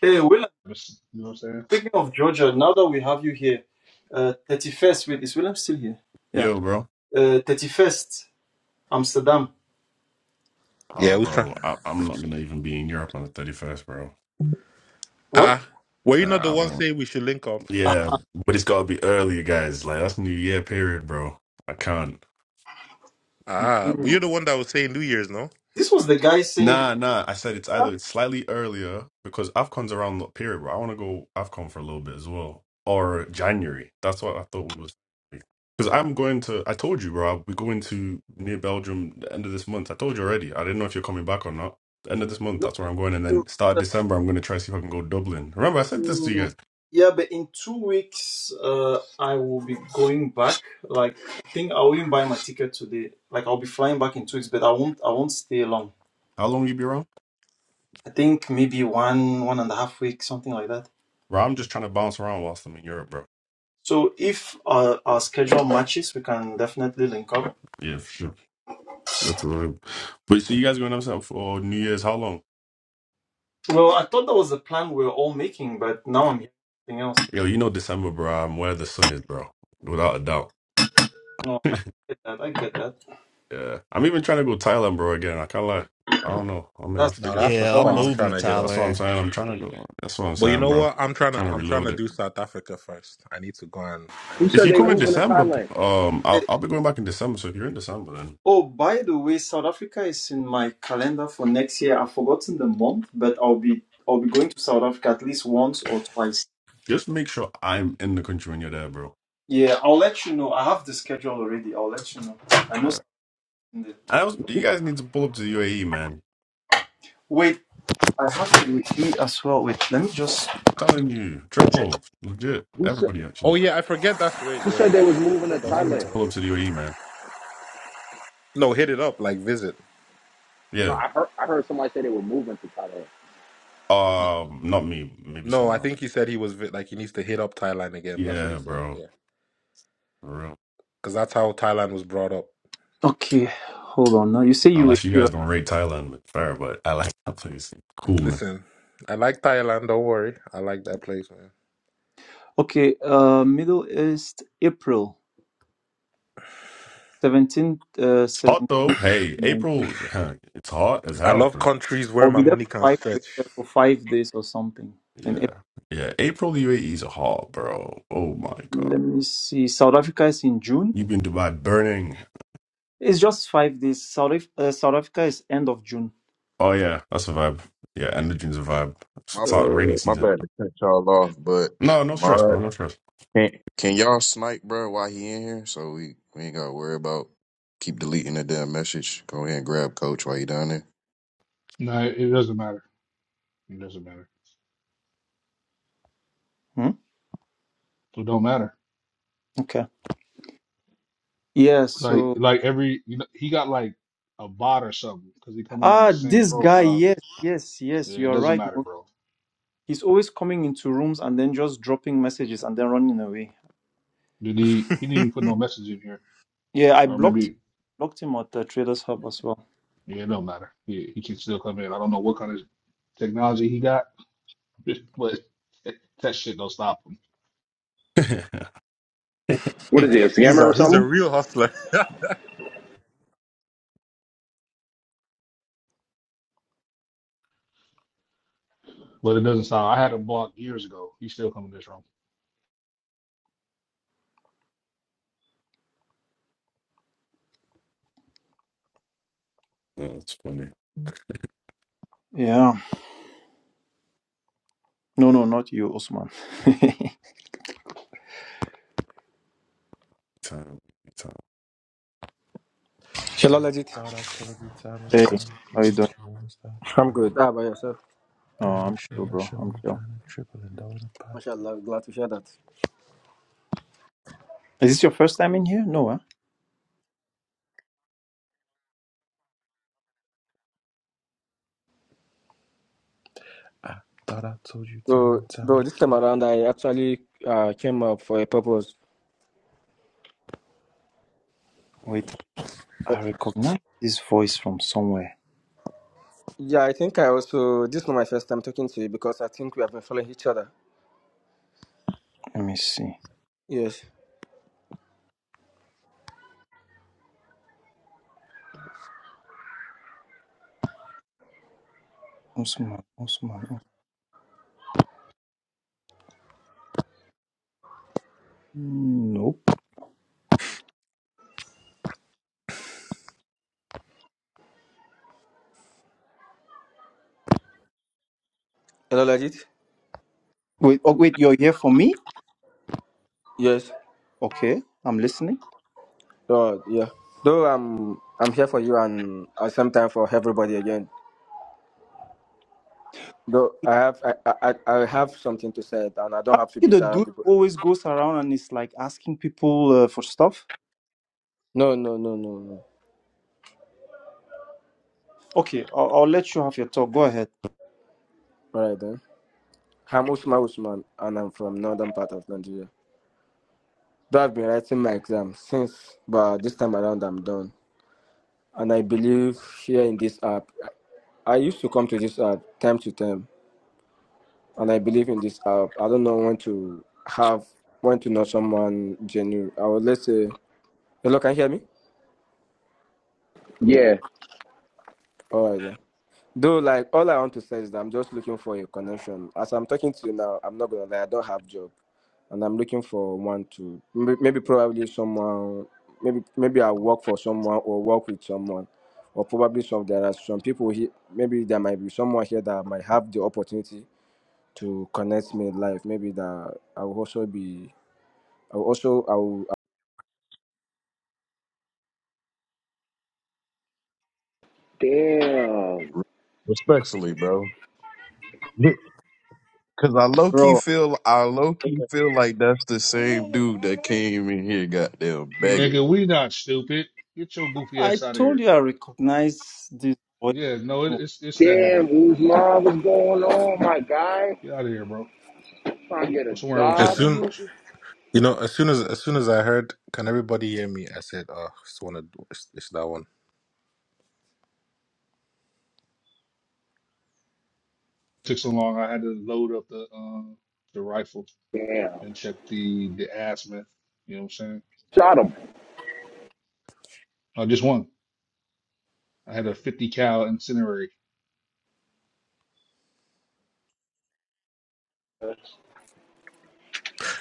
Hey, William, You know what I'm saying? speaking of Georgia, now that we have you here, uh 31st, wait, is William still here? Yeah. Yo, bro. Uh 31st, Amsterdam. Uh, yeah who's trying bro, I, I'm not gonna even be in Europe on the 31st, bro. What? Ah, uh were Nah, you not the I one won't. saying we should link up Ah. Yeah, but it's gotta be earlier, guys. Like that's New Year period, bro. I can't. ah but mm. you're the one that was saying new year's no This was the guy saying Nah, nah. I said it's no. either slightly earlier because AFCON's around the period, bro. I want to go AFCON for a little bit as well. Or January. That's what I thought was. Because I'm going to, I told you, bro, we're going to near Belgium the end of this month. I told you already. I didn't know if you're coming back or not. The end of this month, that's where I'm going. And you- then start of uh, December, I'm going to try to see if I can go Dublin. Remember, I said this to you you- guys. Yeah, but in two weeks, uh, I will be going back. Like, I think I'll even buy my ticket today. Like, I'll be flying back in two weeks, but I won't. I won't stay long. How long you be around? I think maybe one, one and a half weeks, something like that. Bro, I'm just trying to bounce around whilst I'm in Europe, bro. So if our, our schedule matches, we can definitely link up. Yeah, for sure. That's a vibe. But so you guys going up for New Year's? How long? Well, I thought that was the plan we were all making, but now I'm hearing something else. Yo, you know December, bro. I'm where the sun is, bro. Without a doubt. No, I get that. I get that. Yeah. I'm even trying to go Thailand, bro, again. I kinda like I don't know. I mean I'll That's no figure out. that's the the Yeah, I'm one spot is. i'm moving trying to to hit up That's what I'm Thailand. saying. I'm trying to go. That's what I'm but you saying, know bro. I'm what i'm trying to trying to i'm trying reload to it. do south africa first i need to go and i Who need to If said you go they come and in moving chop to December, Thailand? um Eh, I'll I'll be going back in December. So if you're in December then Oh, by the way, South Africa is in my calendar for next year. I've forgotten the month, but I'll be I'll be going to South Africa at least once or twice. just make sure I'm in the country when you're there, bro. Yeah, I'll let you know. I have the schedule already. I'll let you know. I know Yeah. something. There. I was, you guys need to pull up to the UAE, man. Wait, I have you with me as well. Wait, let me just. telling you, triple, legit. Who said Everybody Oh actually. yeah, I forget that's where. who said Yeah, they was I moving to forget You that's guys where. need You Thailand? to go. pull up to the UAE, man. No, hit it up like visit. No, Yeah. I heard I heard somebody say they were moving to Thailand. Um, not me, maybe No, someone I else. think he said he was vi- like he needs to hit up Thailand again. That's what Yeah, he said. bro. Yeah, For real. because that's how Thailand was brought up. Okay, hold on. Now you say you were Unless you guys here. don't rate Thailand, but fair. But I like that place. Cool, man. Listen, I like Thailand. Don't worry, I like that place, man. Okay, uh, Middle East, April 17th, uh, It's hot though. Hey, 17th. April, it's hot as I hell, love bro. countries where I'll my be there money can for five stretch. weeks, uh, for five days or something. And if- Yeah, yeah. April UAEs are hot, bro. Oh my let god, me see, South Africa is in June. you've been Dubai burning. It's just five days. South Af- uh, South Africa is end of June. Oh yeah, that's a vibe. Yeah, and the dunes a vibe. It's, My it's hot rainy Uh, my season. bad to cut y'all off, but No, no stress, my bro. No stress. can can y'all snipe, bro? While he in here, so we we ain't gotta worry about keep deleting the damn message. Go ahead and grab coach while you down there. No, it doesn't matter. It doesn't matter. hmm? So, It don't matter. Okay. Yeah. Like So like every you know he got like a bot or something because he coming on the ah, same this guy. profile. Yes, yes, yes. Yeah, You it are doesn't right. matter, Mo. bro. He's always coming into rooms and then just dropping messages and then running away. Did he he didn't even put no message in here Yeah, I or blocked him. maybe Blocked him at the Traders Hub as well. yeah it don't matter. He he can still come in. I don't know what kind of technology he got, but that shit don't stop him. no, What is he, a he's scammer or a he's a something? real hustler. But it doesn't stop. I had him blocked years ago. He's still coming this room. it's funny. Yeah. No, no, not you, Osman. Time, time. Inshallah, Legit. hey, how you doing? I'm good. How about yourself? Oh, I'm chill, bro. I'm chill. MashaAllah, glad to hear that. Is this your first time in here? No, huh? So, bro, this time around, I actually uh, came up for a purpose. Wait, But, I recognize this voice from somewhere. yeah, I think I also, this is not my first time talking to you because I think we have been following each other. Let me see. Yes. Osman, Osman, Osman. Nope. Hello, Legit? Wait, oh, wait, you're here for me? Yes. Okay, I'm listening. Oh, yeah. Though I'm, I'm here for you and at some time for everybody again. Though I have, I, I, I I have something to say and I don't Are have to you beat the around dude the bush. who always goes around and is like asking people uh, for stuff? No, no, no, no, no. Okay, I'll, I'll let you have your talk. Go ahead. All right then. I'm Usman Usman and I'm from northern part of Nigeria. Though I've been writing my exam since, but this time around I'm done. And I believe here in this app, I used to come to this app time to time, and I believe in this app. I don't know when to have, when to know someone genuine. I would let's say, hello, can you hear me? Yeah. All right. Then. Though, like, all I want to say is that I'm just looking for a connection. As I'm talking to you now, I'm not gonna lie, I don't have job. and I'm looking for one to may- maybe probably someone maybe maybe I work for someone or work with someone or probably some there are some people here maybe there might be someone here that might have the opportunity to connect me in life maybe that I will also be I will also I will Damn. Respectfully, bro. Cause I low key Bro, feel I low key feel like that's the same dude that came in here goddamn begging. Nigga, we not stupid. Get your goofy I ass out of told here. you I recognize this voice. Yeah, no, it, it's it's that nigga. Damn, Uzman, what's going on, my guy? Get out of here, bro. Trying to get Well, a somewhere else As with job. that soon bullshit. you know, as soon as as soon as I heard, can everybody hear me? I said, oh, it's one of it's, it's that one. Took so long, I had to load up the uh, the rifle Damn. and check the the azimuth. You know what I'm saying? Shot him. Uh, just one. I had a 50 cal incendiary.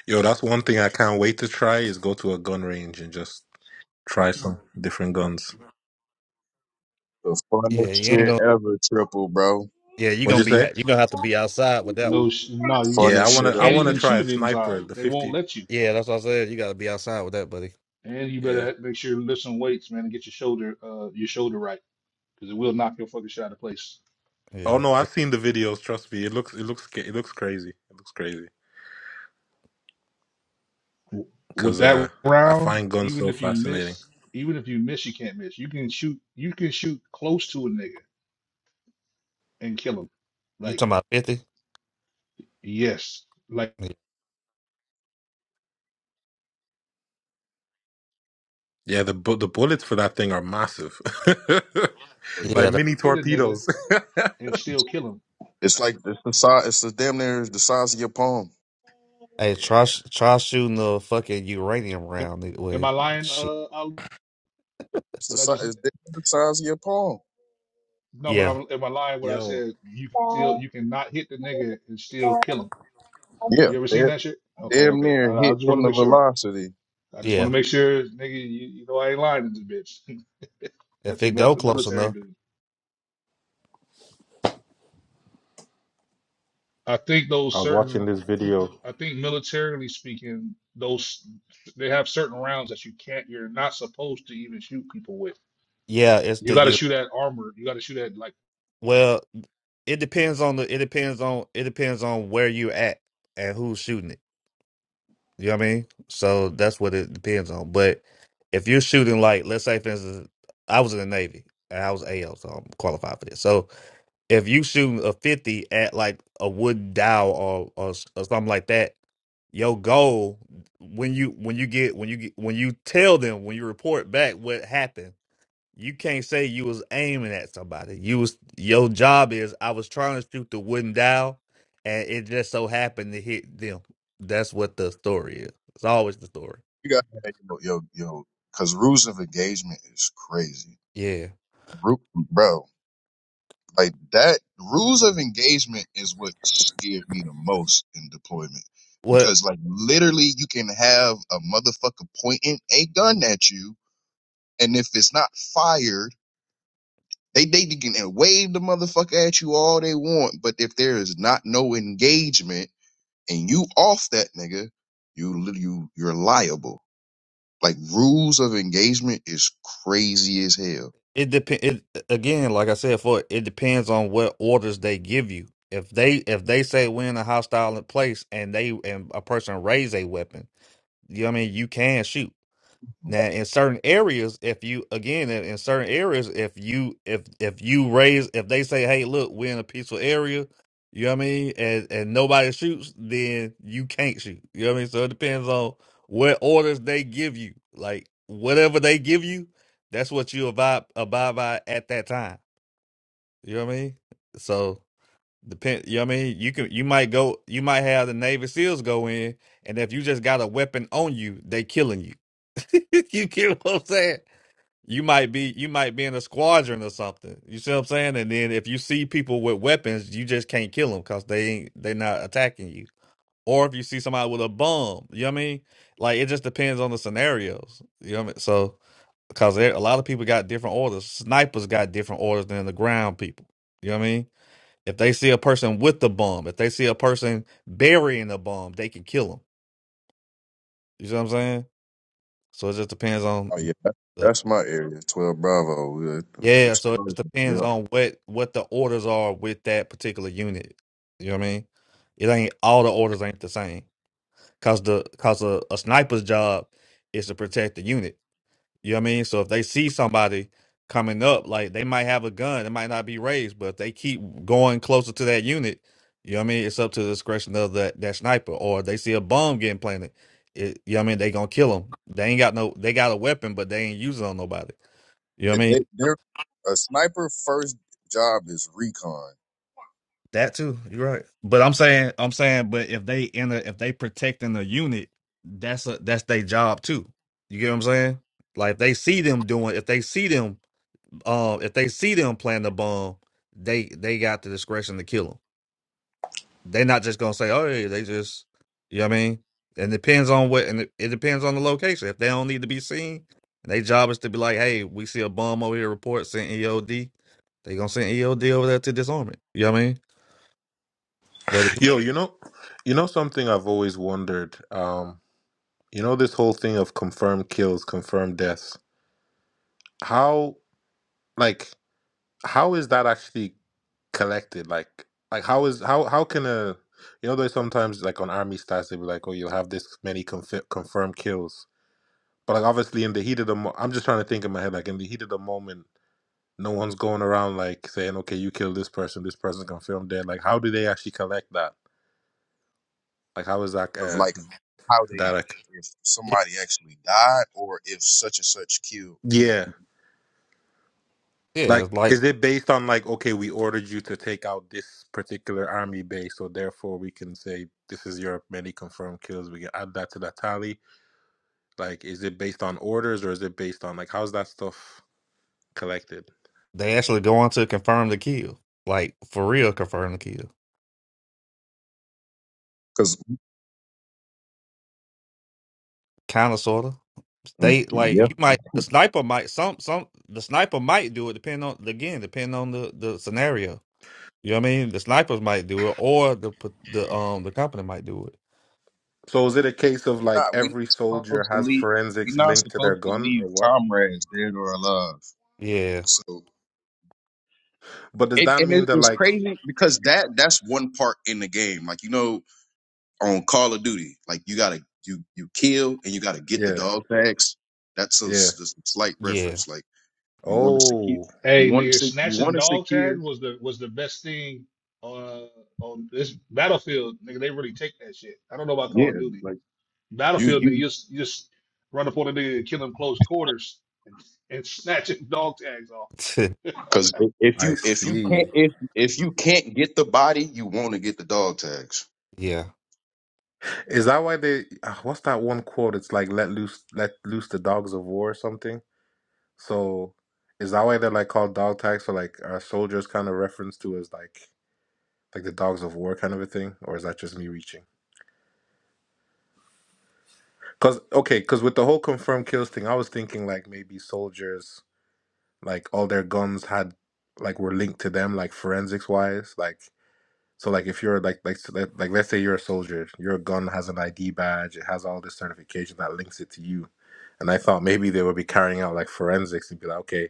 Yo, that's one thing I can't wait to try is go to a gun range and just Try some different guns. The Yeah, funnest you ain't shit gonna ever, triple bro. yeah, you What'd The gonna you be say? you gonna have to be outside with that one. No, sh- no, you Yeah, I funnest you shit wanna I can't wanna even ever. try shoot a it sniper. inside. The They won't fifty. let you. Yeah, that's what I said. You gotta be outside with that, buddy. And you better Yeah. ha- make sure to lift some weights, man, and get your shoulder uh your shoulder right because it will knock your fucking shot out of place. Oh Yeah. no, I've seen the videos. Trust me, it looks it looks ca- it looks crazy. It looks crazy W- With because uh, that I round, find guns even so if you fascinating. miss, even if you miss, you can't miss. You can shoot, you can shoot close to a nigga and kill him. You Like talking about fifty? Yes. Like Yeah. Yeah, the bu- the bullets for that thing are massive, Wait. Yeah, like the, mini hit a nigga torpedoes. and still kill him. It's like it's the size it's the damn near the size of your palm. hey, Yeah. try sh- try shooting the fucking uranium Am, round it am way. I lying? Shit. Uh, Ali? It's the what I size just it's said? damn near the size of your palm. No, but Yeah, I'm, am I lying? What I Yo, said? You can still you cannot hit the nigga and still kill him. Yeah. You ever seen Damn, that shit? Okay, damn okay. I, near I hit just want to from the make sure. velocity. I just want yeah. to make sure, nigga. You, you know I ain't lying in this bitch. If That's a, it that's go a close military enough, dude. I think I those was watching certain. this video. I think militarily speaking, those they have certain rounds that you can't. You're not supposed to even shoot people with. yeah, it's You the got to u. shoot at armor. You got to shoot at like. Well, it depends on the. It depends on. It depends on where you at and who's shooting it. You know what I mean? So that's what it depends on. But if you're shooting like, let's say, for instance, I was in the Navy and I was AL, so I'm qualified for this. So If you shooting a 50 at like a wooden dowel or, or s- or something like that, your goal when you when you get when you get when you tell them when you report back what happened, you can't say you was aiming at somebody. You was your job is I was trying to shoot the wooden dowel, and it just so happened to hit them. That's what the story is. It's always the story. You got yo yo yo cause rules of engagement is crazy. Yeah. Ru- Bro. Like that rules of engagement is what scared me the most in deployment. What? Because like literally you can have a motherfucker pointing a gun at you and if it's not fired, they they can wave the motherfucker at you all they want, but if there is not no engagement and you off that nigga, you li- you you're liable. Like rules of engagement is crazy as hell. It depend. It again, like I said, for it depends on what orders they give you. If they if they say we're in a hostile place and they and a person raise a weapon, you know what I mean. You can shoot. Now, in certain areas, if you again in, in certain areas, if you if if you raise if they say, "Hey, look, we're in a peaceful area," you know what I mean, and and nobody shoots, then you can't shoot. You know what I mean. So it depends on what orders they give you. Like whatever they give you, that's what you abide abide by at that time. You know what I mean. So. Depend, you know what I mean? You can you might go you might have the Navy SEALs go in, and if you just got a weapon on you, they killing you. you get what I'm saying? You might be you might be in a squadron or something. You see what I'm saying? And then if you see people with weapons, you just can't kill them because they ain't they not attacking you. Or if you see somebody with a bomb, you know what I mean? Like it just depends on the scenarios. You know what I mean? So because a lot of people got different orders. Snipers got different orders than the ground people. You know what I mean? If they see a person with the bomb, if they see a person burying a bomb, they can kill them. You see what I'm saying? So it just depends on Oh yeah, that- the that's my area. Twelve Bravo, uh, yeah. So it just explosions. depends Yeah. on what what the orders are with that particular unit. You know what I mean? It ain't all the orders ain't the same because the because a, a sniper's job is to protect the unit. You know what I mean? So if they see somebody coming up, like they might have a gun, it might not be raised, but if they keep going closer to that unit, you know what I mean? It's up to the discretion of that, that sniper. Or if they see a bomb getting planted, it, you know what I mean? They gonna kill them. They ain't got no, they got a weapon, but they ain't using it on nobody. You know what I they, mean? they're a sniper first job is recon That too. You're right. But I'm saying, I'm saying, but if they in a, if they protecting the unit, that's a, that's their job too. You get what I'm saying? Like if they see them doing, if they see them Um, if they see them planting a bomb, they they got the discretion to kill them. They're not just gonna say, "Oh, yeah," they just," you know what I mean. And depends on what, and it, it depends on the location. If they don't need to be seen, their job is to be like, "Hey, we see a bomb over here. Report send EOD." They gonna send EOD over there to disarm it. You know what I mean? But it- Yo, you know, you know something I've always wondered. Um, you know this whole thing of confirmed kills, confirmed deaths. How like how is that actually? collected like like how is how how can a you know there's sometimes like on army stats they be like oh you'll have this many confi- confirmed kills but like obviously in the heat of the mo- i'm just trying to think in my head like in the heat of the moment no one's going around like saying okay you killed this person this person confirmed dead like how do they actually collect that like how is that of uh like how they that a- if yeah, somebody actually died or if such and such killed who yeah yeah, it's like like is it based on like okay we ordered you to take out this particular army base so therefore we can say this is your many confirmed kills we can add that to the tally Like, is it based on orders or is it based on like how's that stuff collected? they actually go on to confirm the kill, like for real, confirm the kill, because kind of, sorta. Mm, They like Yeah. you might the sniper might some some the sniper might do it depending on again depending on the the scenario. You know what I mean? The snipers might do it, or the p- the um the company might do it. So is it a case of like not we every not soldier supposed to has leave we forensics not linked to their supposed to gun leave or what? comrades dead or alive Yeah, so But does it, that and mean it, that it's like crazy because that that's one part in the game like you know on call of duty like you gotta you you kill and you gotta get the yeah, dog tags that's a, yeah. s- just a slight yeah, reference like You want to secure. Oh, You Hey, want to nigga, sec- You snatching want to dog tags secure. was the was the best thing uh, on this battlefield, nigga. They really take that shit. I don't know about Call of Yeah, Duty. like you Battlefield, nigga, you you just, you just run up on a nigga and kill him close quarters and, and snatch his dog tags off. because if I you if you see. can't if if you can't get the body, you want to get the dog tags. yeah. Is that why they ah, what's that one quote? It's like let loose let loose the dogs of war or something. So is that why they're like called dog tags or like are soldiers kind of reference to as like like the dogs of war kind of a thing? Or is that just me reaching? Cause okay, cause with the whole confirmed kills thing, I was thinking like maybe soldiers, like all their guns had, like were linked to them, like forensics wise, like so like if you're like like like, like let's say you're a soldier, your gun has an ID badge, it has all this certification that links it to you, and I thought maybe they would be carrying out like forensics and be like, okay,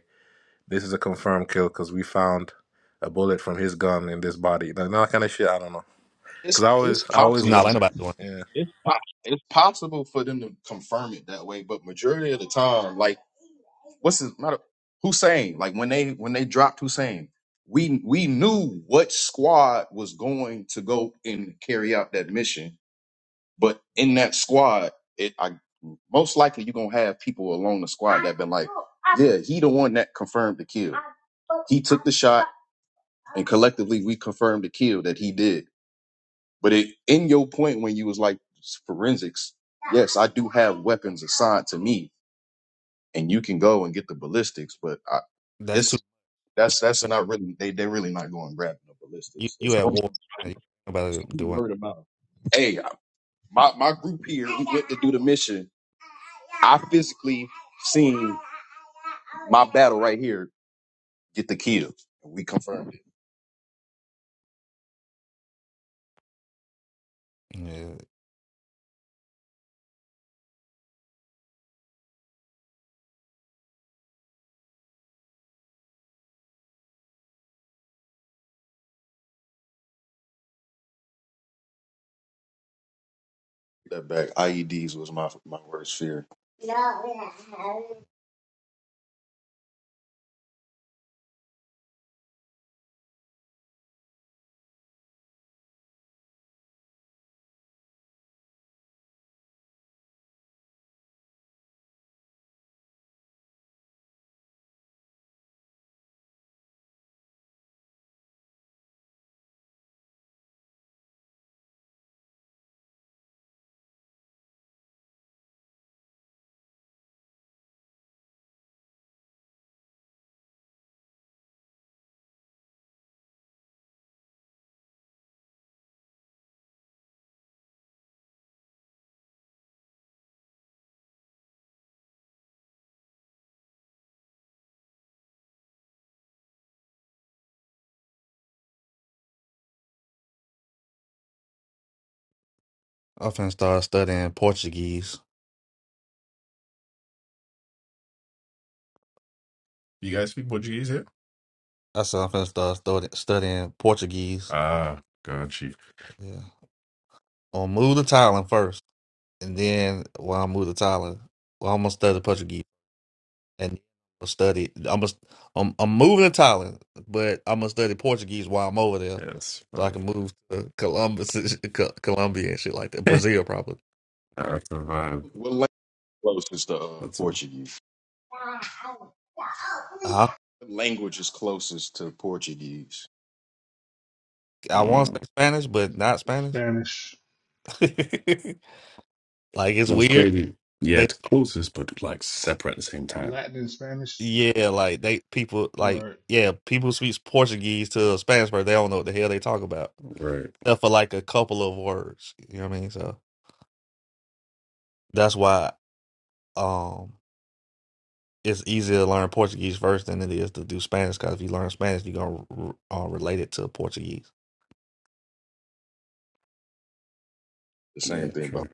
this is a confirmed kill because we found a bullet from his gun in this body, like that kind of shit. I don't know, It's cause I always it's I always possible. No, nah, ain't wondered, nobody doing. It. yeah, It's po- it's possible for them to confirm it that way, but majority of the time, like what's his matter? Hussein, like when they when they dropped Hussein, we we knew what squad was going to go and carry out that mission But in that squad, it I most likely you're gonna have people along the squad that been like, Yeah, he the one that confirmed the kill. He took the shot and collectively we confirmed the kill that he did. But it in your point when you was like forensics, yes, I do have weapons assigned to me and you can go and get the ballistics, but I That's too. it's that's that's not really they they're really not going grabbing the You ballistics. It's you at only, war. and you- it's Nobody only doing. word of mouth. Hey, My my group here we went to do the mission. I physically seen my battle right here get the kill. We confirmed it. it. Yeah, That back IEDs was my my worst fear. I'm finna start studying Portuguese. You guys speak Portuguese here? I said I'm finna start studying studying Portuguese. Ah, gotcha. Yeah, i will move to Thailand first, and then while I move to Thailand, well, I'm gonna study Portuguese. and I'ma study. I'm a, I'm I'm moving to Thailand, but I'm gonna study Portuguese while I'm over there, Yes, so I vibe. can move to Columbus, and shit- Co- Colombia, and shit like that. Brazil, probably. that's a vibe. What language closest to uh, That's a Portuguese? I What language is closest to Portuguese? I want to say Spanish, but not Spanish. Spanish, like You it's know, it's weird. crazy. Yeah, They it's closest, but like separate at the same time. Latin and Spanish. yeah, like they people like Right. yeah, people speak Portuguese to a Spanish person. They don't know what the hell they talk about, Right. except for like a couple of words. You know what I mean? So that's why. Um. it's easier to learn Portuguese first than it is to do Spanish because if you learn Spanish, you're gonna r- r- uh, relate it to Portuguese. The same Yeah, thing bro. true.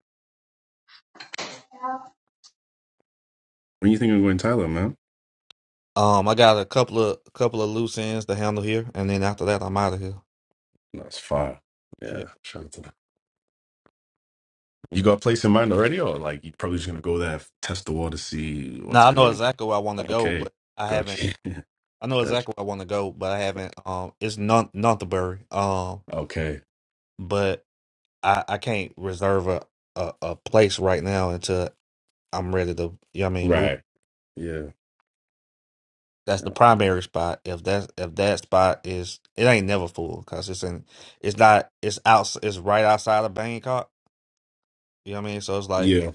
When you think of going Thailand, man? Um, I got a couple of couple of loose ends to handle here, and then after that, I'm out of here. That's fire. Yeah. Yeah, shout out to them. You got a place in mind already, or like you probably just gonna go there, test the water, see what's Now I know good? exactly where I want to go, Okay, but I haven't. gotcha, I know gotcha. exactly where I want to go, but I haven't. Um, it's not Nonthaburi. Um, Okay, but I I can't reserve a, a a place right now until I'm ready to. You know what I mean, move. right. Yeah, that's the no, I feel- primary spot. If that's if that spot is it ain't never full because it's in it's not it's out it's right outside of Bangkok. You know what I mean? So it's like yeah.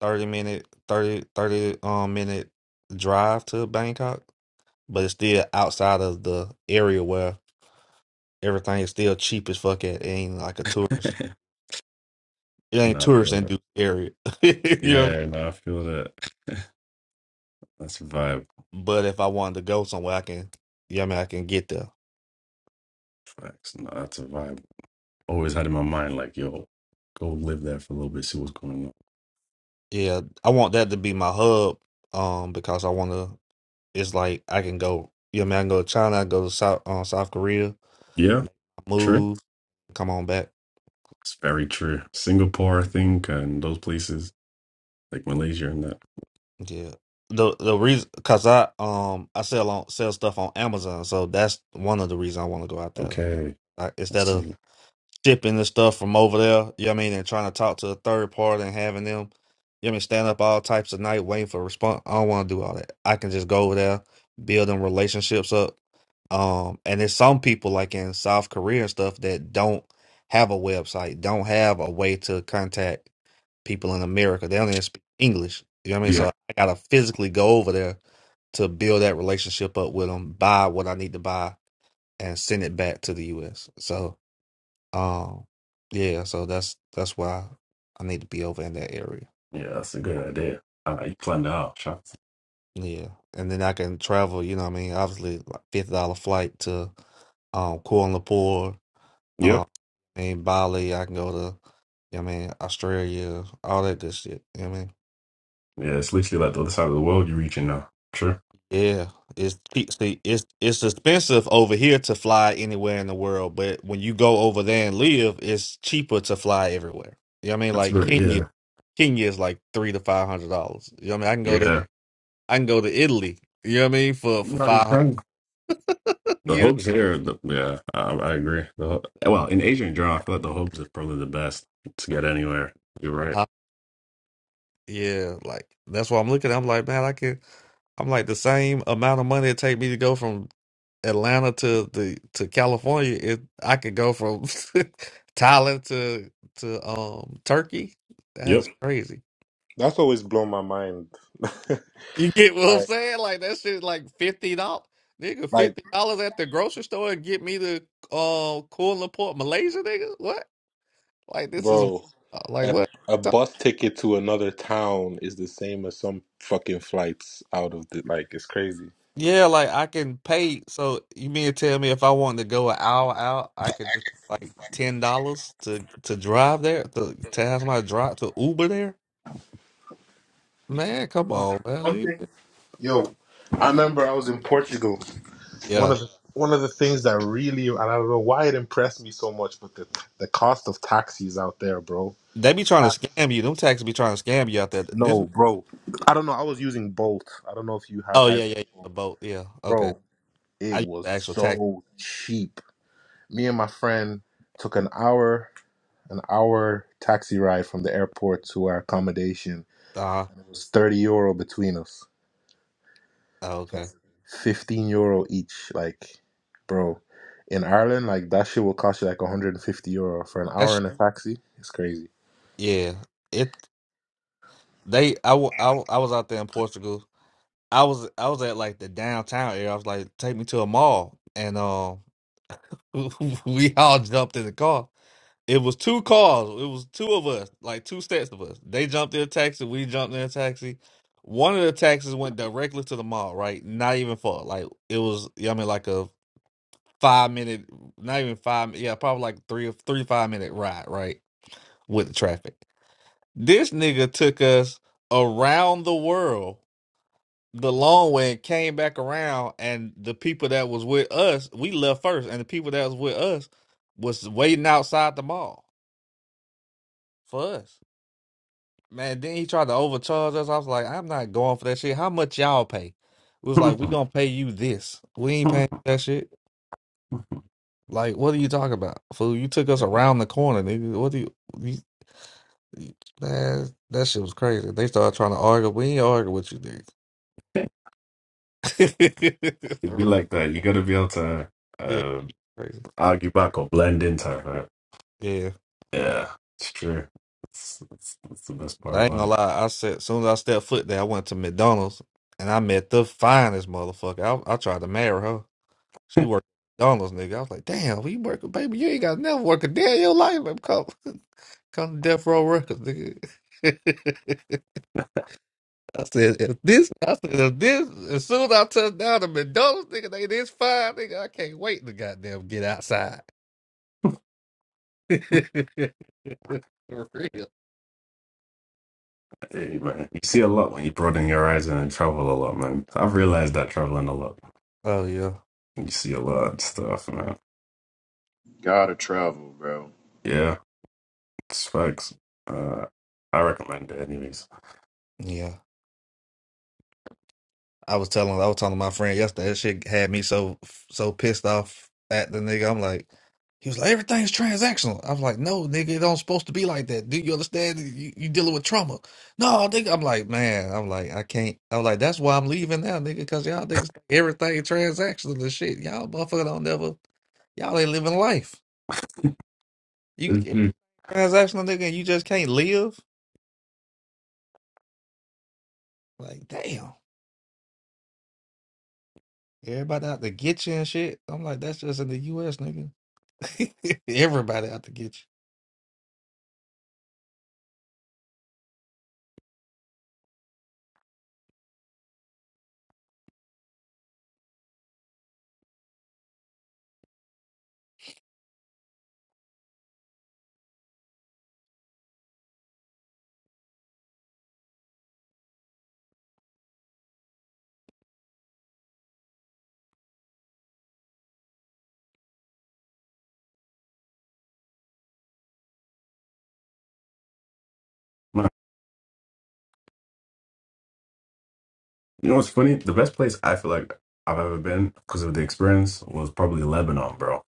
thirty minute 30 30 um minute drive to Bangkok, but it's still outside of the area where everything is still cheap as fuck. At it ain't like a tourist. It ain't no, I tourist feel that. induced area. you know? what I mean? Yeah, no, I feel that. that's a vibe. But if I wanted to go somewhere, I can. You know what I mean, I can get there. Facts. No, that's a vibe. always had in my mind, like, yo, go live there for a little bit, see what's going on. Yeah, I want that to be my hub um because I want to. it's like I can go. Yeah, man, I can go to China. I go to South um, South Korea. Yeah, true. Move, come on back. It's very true. Singapore, I think, and those places like Malaysia and that. Yeah. The the reason, cause I um I sell on sell stuff on Amazon, so that's one of the reasons I want to go out there. Okay, Like, let's instead of see. shipping the stuff from over there, you know what I mean, and trying to talk to a third party and having them, you know what I mean, stand up all types of night waiting for a response. I don't want to do all that. I can just go over there, build them relationships up, Um, and there's some people like in South Korea and stuff that don't have a website, don't have a way to contact people in America. They don't even speak English. You know what I mean? So Yeah, I gotta physically go over there to build that relationship up with them, buy what I need to buy, and send it back to the US. So, um, yeah, so that's that's why I need to be over in that area. yeah, that's a good idea. Uh, you planned it out, shots. Yeah. And then I can travel, you know what I mean? Obviously, like $50 flight to um, Kuala Lumpur Uh, Yep. I mean, Bali, I can go to, you know what I mean, Australia, all that good shit. You know what I mean, Yeah, it's literally like the other side of the world you're reaching now. True. yeah, it's cheap. See, it's it's expensive over here to fly anywhere in the world, but when you go over there and live, it's cheaper to fly everywhere. You know what I mean? That's Like very Kenya, yeah, Kenya is like three to five hundred dollars. You know what I mean? I can go to yeah. I can go to Italy. You know what I mean? For for No, five you hundred. can. The You know? hubs here, the, yeah, I, I agree. The, hub- well, in Asia in general, I feel like the hubs are probably the best to get anywhere. You're right. Uh, Yeah, like that's what I'm looking. at. I'm like, man, I can. I'm like the same amount of money it take me to go from Atlanta to the to California, it I could go from Thailand to to um Turkey. That's crazy. that's always blown my mind, You get what I'm saying? Like that shit like fifty dollars. Nigga, like. fifty dollars at the grocery store and get me to uh Kuala Lumpur, Malaysia, nigga. What? Like this is Bro, like a, what? a bus ticket to another town is the same as some fucking flights out of the like it's crazy. Yeah, like I can pay. So you mean to tell me if I want to go an hour out, I could just pay like ten dollars to to drive there to to have my drive to Uber there? Man, come on, man. One Leave thing, it. yo, I remember I was in Portugal. One Yeah. of the one of the things that really and I don't know why it impressed me so much, but the the cost of taxis out there, bro. They be trying Uh, to scam you. Them taxes be trying to scam you out there. This No, bro. I don't know. I was using Bolt. I don't know if you had Oh yeah, guys have yeah, yeah. The Bolt, boat. Yeah. Okay. bro. It I use was the actual tax. so cheap. Me and my friend took an hour. an hour taxi ride from the airport to our accommodation, Uh-huh. and it was thirty euro between us, Oh, okay. That's- fifteen euro each. Like, bro, in Ireland, like that shit will cost you like one hundred and fifty euro for an That hour in shit a taxi. It's crazy. yeah. It they I, wa- I, wa- I was out there in Portugal. I was I was at like the downtown area. I was like, take me to a mall. And um we all jumped in the car. It was two cars. It was two of us, like two sets of us. They jumped in a taxi. We jumped in a taxi. One of the taxis went directly to the mall, right? Not even far. Like it was, yeah, I mean, like a five minute, not even five. Yeah, probably like three or three five minute ride, right? With the traffic. This nigga took us around the world the long way and came back around. And the people that was with us, we left first, and the people that was with us was waiting outside the mall for us. Man, then he tried to overcharge us. I was like, I'm not going for that shit. How much y'all pay? It was like, we Yep. gonna pay you this. We ain't paying that shit. Like, what are you talking about? Fool, you took us around the corner, nigga. What do you, you, you man, that shit was crazy. They started trying to argue. We ain't argue with you, nigga. Yeah. It'd be like that. You gotta be able to yeah, uh, crazy. argue back or blend into her. Yeah. Yeah, it's true. That's, that's, that's the best But part I ain't about gonna it. lie, I said as soon as I stepped foot there, I went to McDonald's and I met the finest motherfucker. I, I tried to marry her. She worked at McDonald's, nigga. I was like, damn, we working, baby? You ain't got to never work a day in your life. Man. Come, come to Death Row Records, nigga. I said, if this, I said, if this, as soon as I touch down to McDonald's, nigga, they this fine, nigga. I can't wait to goddamn get outside. For real. Hey, man, you see a lot when you broaden your horizon and travel a lot, man. I've realized that traveling a lot, Oh, yeah. you see a lot of stuff, man. gotta travel, bro. Yeah, it's facts. Uh, I recommend it, anyways. Yeah. I was telling I was telling my friend yesterday. That shit had me so so pissed off at the nigga. I'm like, he was like, everything's transactional. I was like, no, nigga, it don't supposed to be like that. Do you understand? You, you dealing with trauma. No, nigga. I'm like, man. I'm like, I can't. i was like, that's why I'm leaving now, nigga, because y'all niggas think everything transactional and shit. Y'all motherfucker don't never. Y'all ain't living life. You It's- get mm, transactional, nigga, and you just can't live. Like, damn. Everybody out to get you and shit. I'm like, that's just in the U.S., nigga. Everybody out to get you. man, you know what's funny? The best place I feel like I've ever been because of the experience was probably Lebanon, bro.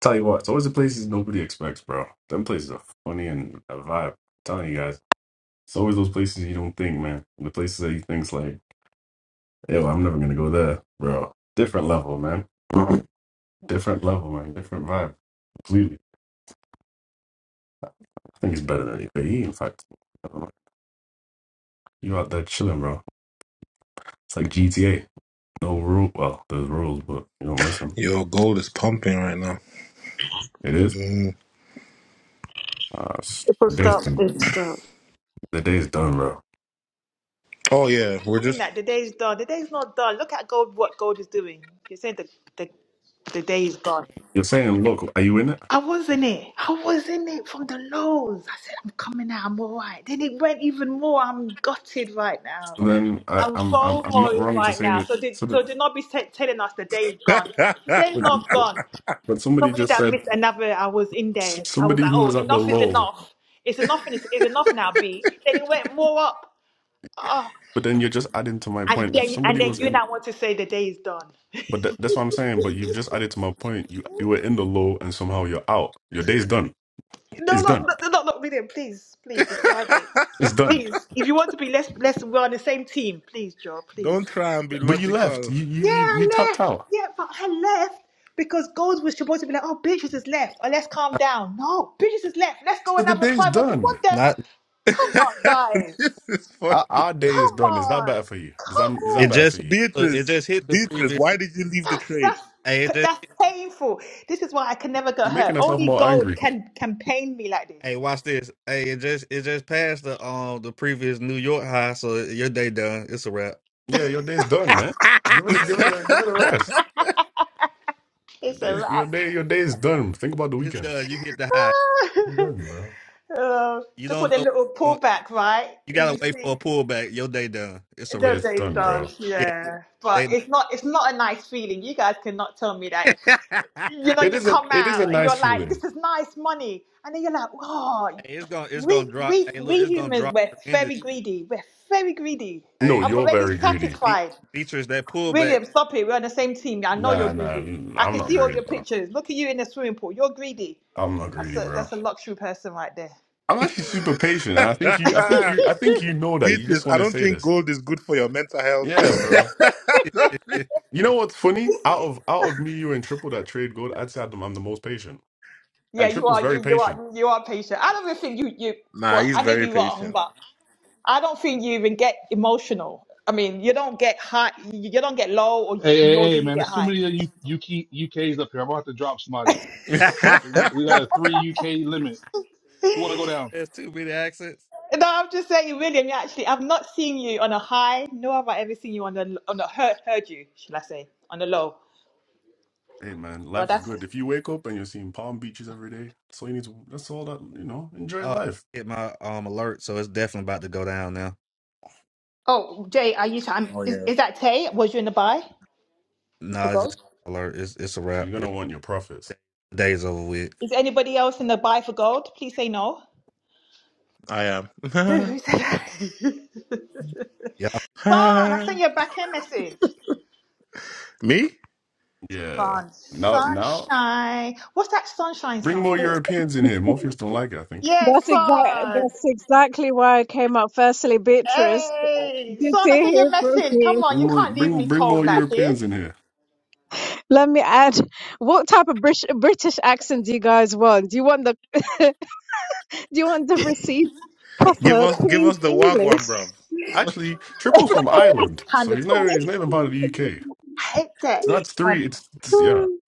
Tell you what, it's always the places nobody expects, bro. Them places are funny and a vibe. I'm telling you guys, it's always those places you don't think, man. The places that you think's like, yo, I'm never gonna go there, bro. Different level, man. Different level, man. Different vibe. Completely. I think it's better than UAE, in fact. I don't know. You out there chilling, bro. It's like GTA. No rule. Well, there's rules, but you don't listen. Yo, gold is pumping right now. It is. Mm. Uh, s- It will the day's stop. done. It stop. The day's done, bro. Oh yeah, we're saying just. that the day is done. The day is not done. Look at God, what God is doing. You're saying the, the, the day is gone. You're saying, look, are you in it? I was in it. I was in it from the lows. I said, I'm coming out. I'm all right. Then it went even more. I'm gutted right now. So then I, I'm I'm, I'm, I'm not FOMOing wrong to right say now. So, do, that. so do not be t- telling us the day is gone. The day is But, not but gone. but somebody Somebody just that said missed another, I was in s- there. I was somebody like, who oh, was at the enough is low. enough. It's enough and it's, it's enough now, B. Then it went more up. Ah. But then you're just adding to my And point. If then, and somebody then was you in, now want to say the day is done. but that, that's what I'm saying. But you've just added to my point. You you were in the low, and somehow you're out. Your day's done. No, It's no, done. no, no, no, William, please, please, it's Friday. It's done. Please, if you want to be, let's, let's, we're on the same team. Please, Joe, please. Don't try and be But you left. logical. You you Yeah, you, you I tapped left. out. Yeah, but I left because Gold was supposed to be like, oh, Beatrice has left. Oh, let's calm down. No, Beatrice has left. Let's go So the another day's 500. What done. the? Not this Come on, guys. is Our, funny, our day is Come done. Is that on. better for you? Does that Come is It that on. better for just you? hit, look, it Beatrice. just hit the Beatrice, previous. why did you leave the That's, trade? that's, Hey, it just that's painful. This is why I can never get She's hurt. making herself Only more gold angry. can, can pain me like this. hey, watch this. Hey, it just it just passed the um the previous New York high. So your day done. It's a wrap. Yeah, your day's done, man. Give it a give it a give it a rest. Your It's a day's your wrap. day your day is done. Think about the It's weekend. done. You hit the high. It's done, bro. Oh, You just want don't a know. little uh, pullback, right? You If We gotta wait see for a pullback. Your day done. It's a Yeah, wrap. the it's days done, bro. done, Yeah, yeah. But they know. it's not it's not a nice feeling. You guys cannot tell me that. hey, You know, It you isn't. come It is a out and you're nice like, this feeling. is nice money. And then you're like, oh, it's gonna it's gonna we drop. we Hey, look, we it's gonna humans drop we're tremendous. very greedy. We're very greedy. No, Hey, I'm you're already very greedy. Be- satisfied. Beatrice, that pullback. William, stop it. We're on the same team. I know you're Nah, nah. i greedy. I I'm can not see all greedy, your bro. pictures. Look at you in the swimming pool. You're greedy. I'm not That's greedy, a bro. that's a luxury person right there. I'm actually super patient, and I think you. I think you. I think you know that. You just Beatrice, want I to don't say think this. gold is good for your mental health. Yeah, I bro. don't think- You know what's funny? Out of out of me, you and Triple that trade gold, I'd say I'm I'm the most patient, yeah, and you Triple's are very you you patient. are you are patient. I don't even think you you. nah, Well, he's I may be very wrong, patient. but I don't think you even get emotional. I mean, you don't get high. You you don't get low, or Hey, nor hey, do hey, you man, get there's too high. many of you UK, UKs up here. I'm about to drop somebody. We we got a three UK limit. Who want to go what you down? there's too many accents? No, I'm just saying, William. You actually, I've not seen you on a high, nor have I ever seen you on a on a heard, heard you, should I say, on a low. Hey man, Well, life's that's. good. If you wake up and you're seeing palm beaches every day, that's all you need to. That's all that you know. Enjoy Uh life. hit my um alert, so it's definitely about to go down now. Oh, Jay, are you? Trying, oh is yeah, is that Tay? Was you in the buy for No, it's just gold? alert. It's it's a You're wrap. gonna It's want your profits. days over with. Is anybody else in the buy for gold? Please say no. I Who, who said that? Yeah, Son, I sent am. you a back end message. Me? Yeah. Son, Now, now, sunshine. What's that sunshine bring song? more Europeans in here. Morpheus don't like it. I think. Yes, That's exactly son. That's exactly why I came up. Firstly, Beatrice, Hey, good son, to I sent you a hear from message. you. Come on, Bring you more, can't leave bring me bring cold more like this. Europeans in here. Let me add, what type of British British accent do you guys want? Do you want the do you want the receipt Give proper us, give Queen's us the wagwan, English? bro. Give us- Actually, Oh, I Triple's from Or hate Ireland, that so kind of he's not he's talking. not even part of the UK. I hate that. So that's Um, three. It's, it's yeah, the-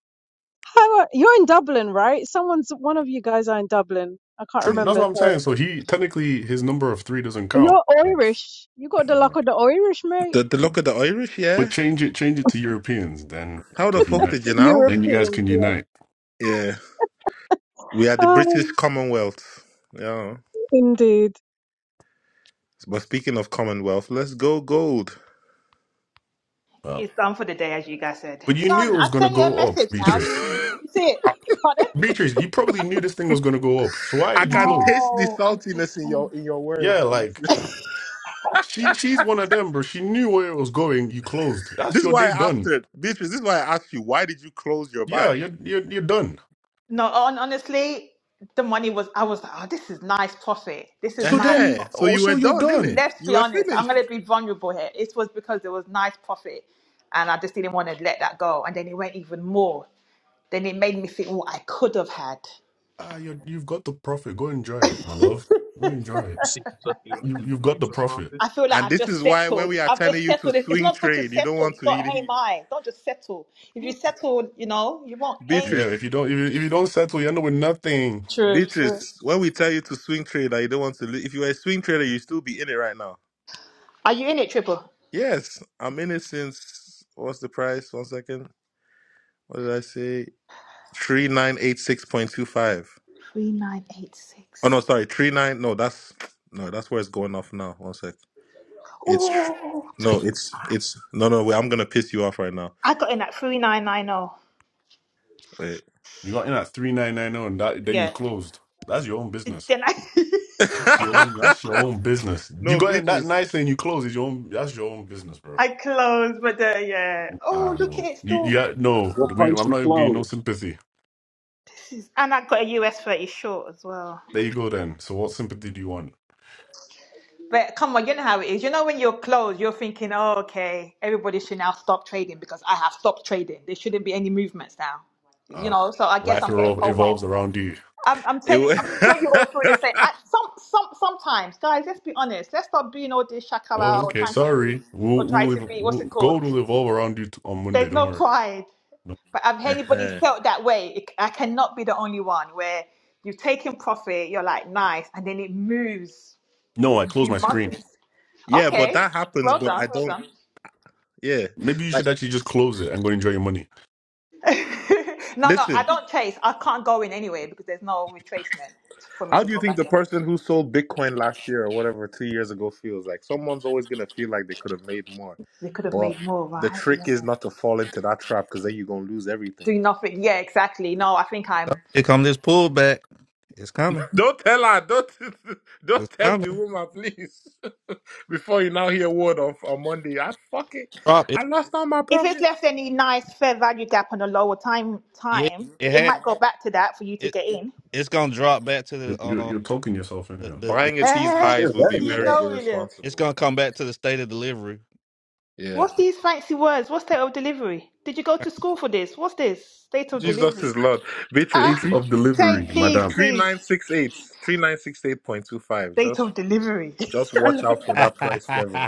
Hang on, you're in Dublin, right? Someone's one of you guys are in Dublin. I can't Trip. Me. That's remember. what I'm Sorry, saying. So he technically his number of three doesn't count. you're It's- Irish. You got the yeah. luck of the Irish, mate. The the look of the Irish, But yeah. change it, change it to Europeans, then you How the can fuck unite. did you know? Then you guys Europeans, can yeah. unite. Yeah, we are the Oh, British Commonwealth. Yeah. indeed. But speaking of Commonwealth, let's go gold. Well, it's done for the day, as you guys said. but you knew Son, it I was gonna sent you a go up, message now. Did Beatrice. I you see it? Uh, Pardon? Beatrice, you probably knew this thing was gonna go up. So why did you can close? taste the No, I saltiness in didn't. your in your Yeah, words, like Beatrice. she she's one of them, bro. She knew where it was going. You closed. That's This is your why day I done. asked her, Beatrice. This is why I asked you, why did you close your Yeah, buy? you're you're you're done. No, on, honestly, the money was. I was like, oh, this is nice profit. This is So nice uh then So profit. you also were you're done, innit? done. Let's You be were honest. I'm gonna finished. be vulnerable here. It was because there was nice profit, and I just didn't want to let that go. And then it went even more. Then it made me think what I could have had. Ah, you you've got the profit. Go enjoy, it, my love. Go enjoy it. You you've got the profit. I feel like And I've this just is why when settled. we are I've telling just you to settled. It- It's swing not good to trade, you don't settle. want You to got eat. aim eat- high. Don't just settle. If you settle, you know you won't aim. Yeah, if Beatrice, you don't if you, if you don't settle, you end up with nothing. True, true. Beatrice, when we tell you to swing trade, that you don't want to. lo- If you were a swing trader, you still be in it right now. Are you in it, Triple? Yes, I'm in it since. What's the price? One second. What did I say? Three nine eight six point two five. Three nine eight Oh six. no, sorry, three nine. No, that's no, that's where it's going off now. One sec. It's tr- Ooh, no, it's it's no, no. Wait, I'm gonna piss you off right now. I got in at three nine nine zero. Wait. You got in at three nine nine zero, and that then you Yeah. closed. That's your own business. Then I That's your own. That's your own business. You no, got in that bitches. nice and you close. Is your own. That's your own business, bro. I closed, but uh, yeah. Oh, Ah look at no. it You still. yeah no. What We, place I'm you not even giving you no close? sympathy. And I got a US thirty short as well. There you go then. So what sympathy do you want? But come on, you know how it is. You know when you're closed, you're thinking, oh, okay, everybody should now stop trading because I have stopped trading. There shouldn't be any movements now. You Uh, know, so I guess life I'm getting evol- FOMO. evolves around you. I'm, I'm It. telling. I'm sure you all feel the wa- same. At some, some, sometimes, guys. Let's be honest. Let's stop being all this Oh, shakara or okay. trying to be, Sorry. or We'll try we'll, to ev- be. What's it we'll called? gold will evolve around you t- on Monday. There's Don't no worry. pride. No, But have anybody Uh-huh. felt that way? I cannot be the only one where you've taken profit, you're like, nice, and then it moves. No, I It's closed my screen. humongous. Yeah, but Okay, that happens. well But I done, well don't. done. Yeah, Maybe you like should actually just close it and go enjoy your money. no, no, I listen. don't chase. I can't go in anyway because there's no retracement for me How to do you go think back the in. person who sold Bitcoin last year or whatever two years ago feels like? Someone's always gonna feel like they could have made more, They could have but made more, the right? Yeah. trick is not to fall into that trap because then you're gonna lose everything. Do nothing. Yeah, exactly. No, I think I'm. here come this pullback. It's coming. Don't tell her. Don't don't It's tempt the coming. woman, please. Before you now hear word of on Monday, I fucking Drop it. I lost all my If it's profit. left any nice fair value gap on a lower time Yeah, time, it it has. might go back to that for you to It get in. it's gonna drop back to You're, the you're, uh you're talking yourself in the here. the, the Buying at Just these Eh, highs There's would that be in you there. very know, William. it's irresponsible. gonna come back to the state of delivery. Yeah. What's these fancy words? What's state of delivery? Did you go to school for this? What's this? State of Jesus delivery. is Lord. Beatrice, Uh, Eighth three of delivery, say, please, madam. three please. nine six eight. Three nine six eight point two five. State Just of delivery. just I watch love out for that. That's that price level.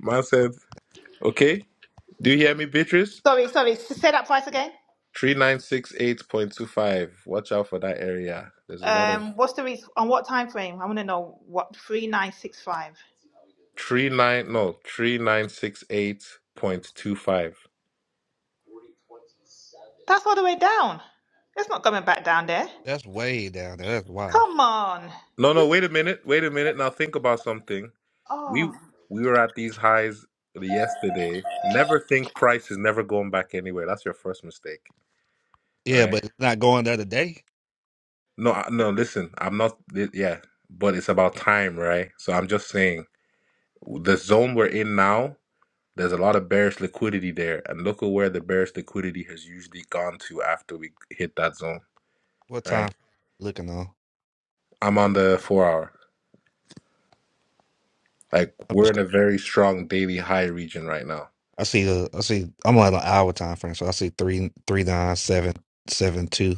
Man said, Okay, do you hear me, Beatrice? sorry, sorry. s- Say that price again. Three nine six eight point two five. Watch out for that area. There's a lot of Um, what's the reason? On what time frame? I want to know what three nine six five. three nine no three nine six eight point two five. That's all the way down. It's not coming back down there. way down there. That's wild. Come on. No, no, wait a minute, wait a minute. Now think about something. Oh. We we were at these highs yesterday. Never think price is never going back anywhere. That's your first mistake, Yeah, right? but it's not going the other day. No, I- no. Listen, I'm not. li- Yeah, but it's about time, right? So I'm just saying the zone we're in now. There's a lot of bearish liquidity there, and look at where the bearish liquidity has usually gone to after we hit that zone, What right? time? Looking on. I'm on the four hour. Like I'm we're in just, a very strong daily high region right now. I see a, I see. I'm on an hour time frame, so I see three, three nine, seven, seven two,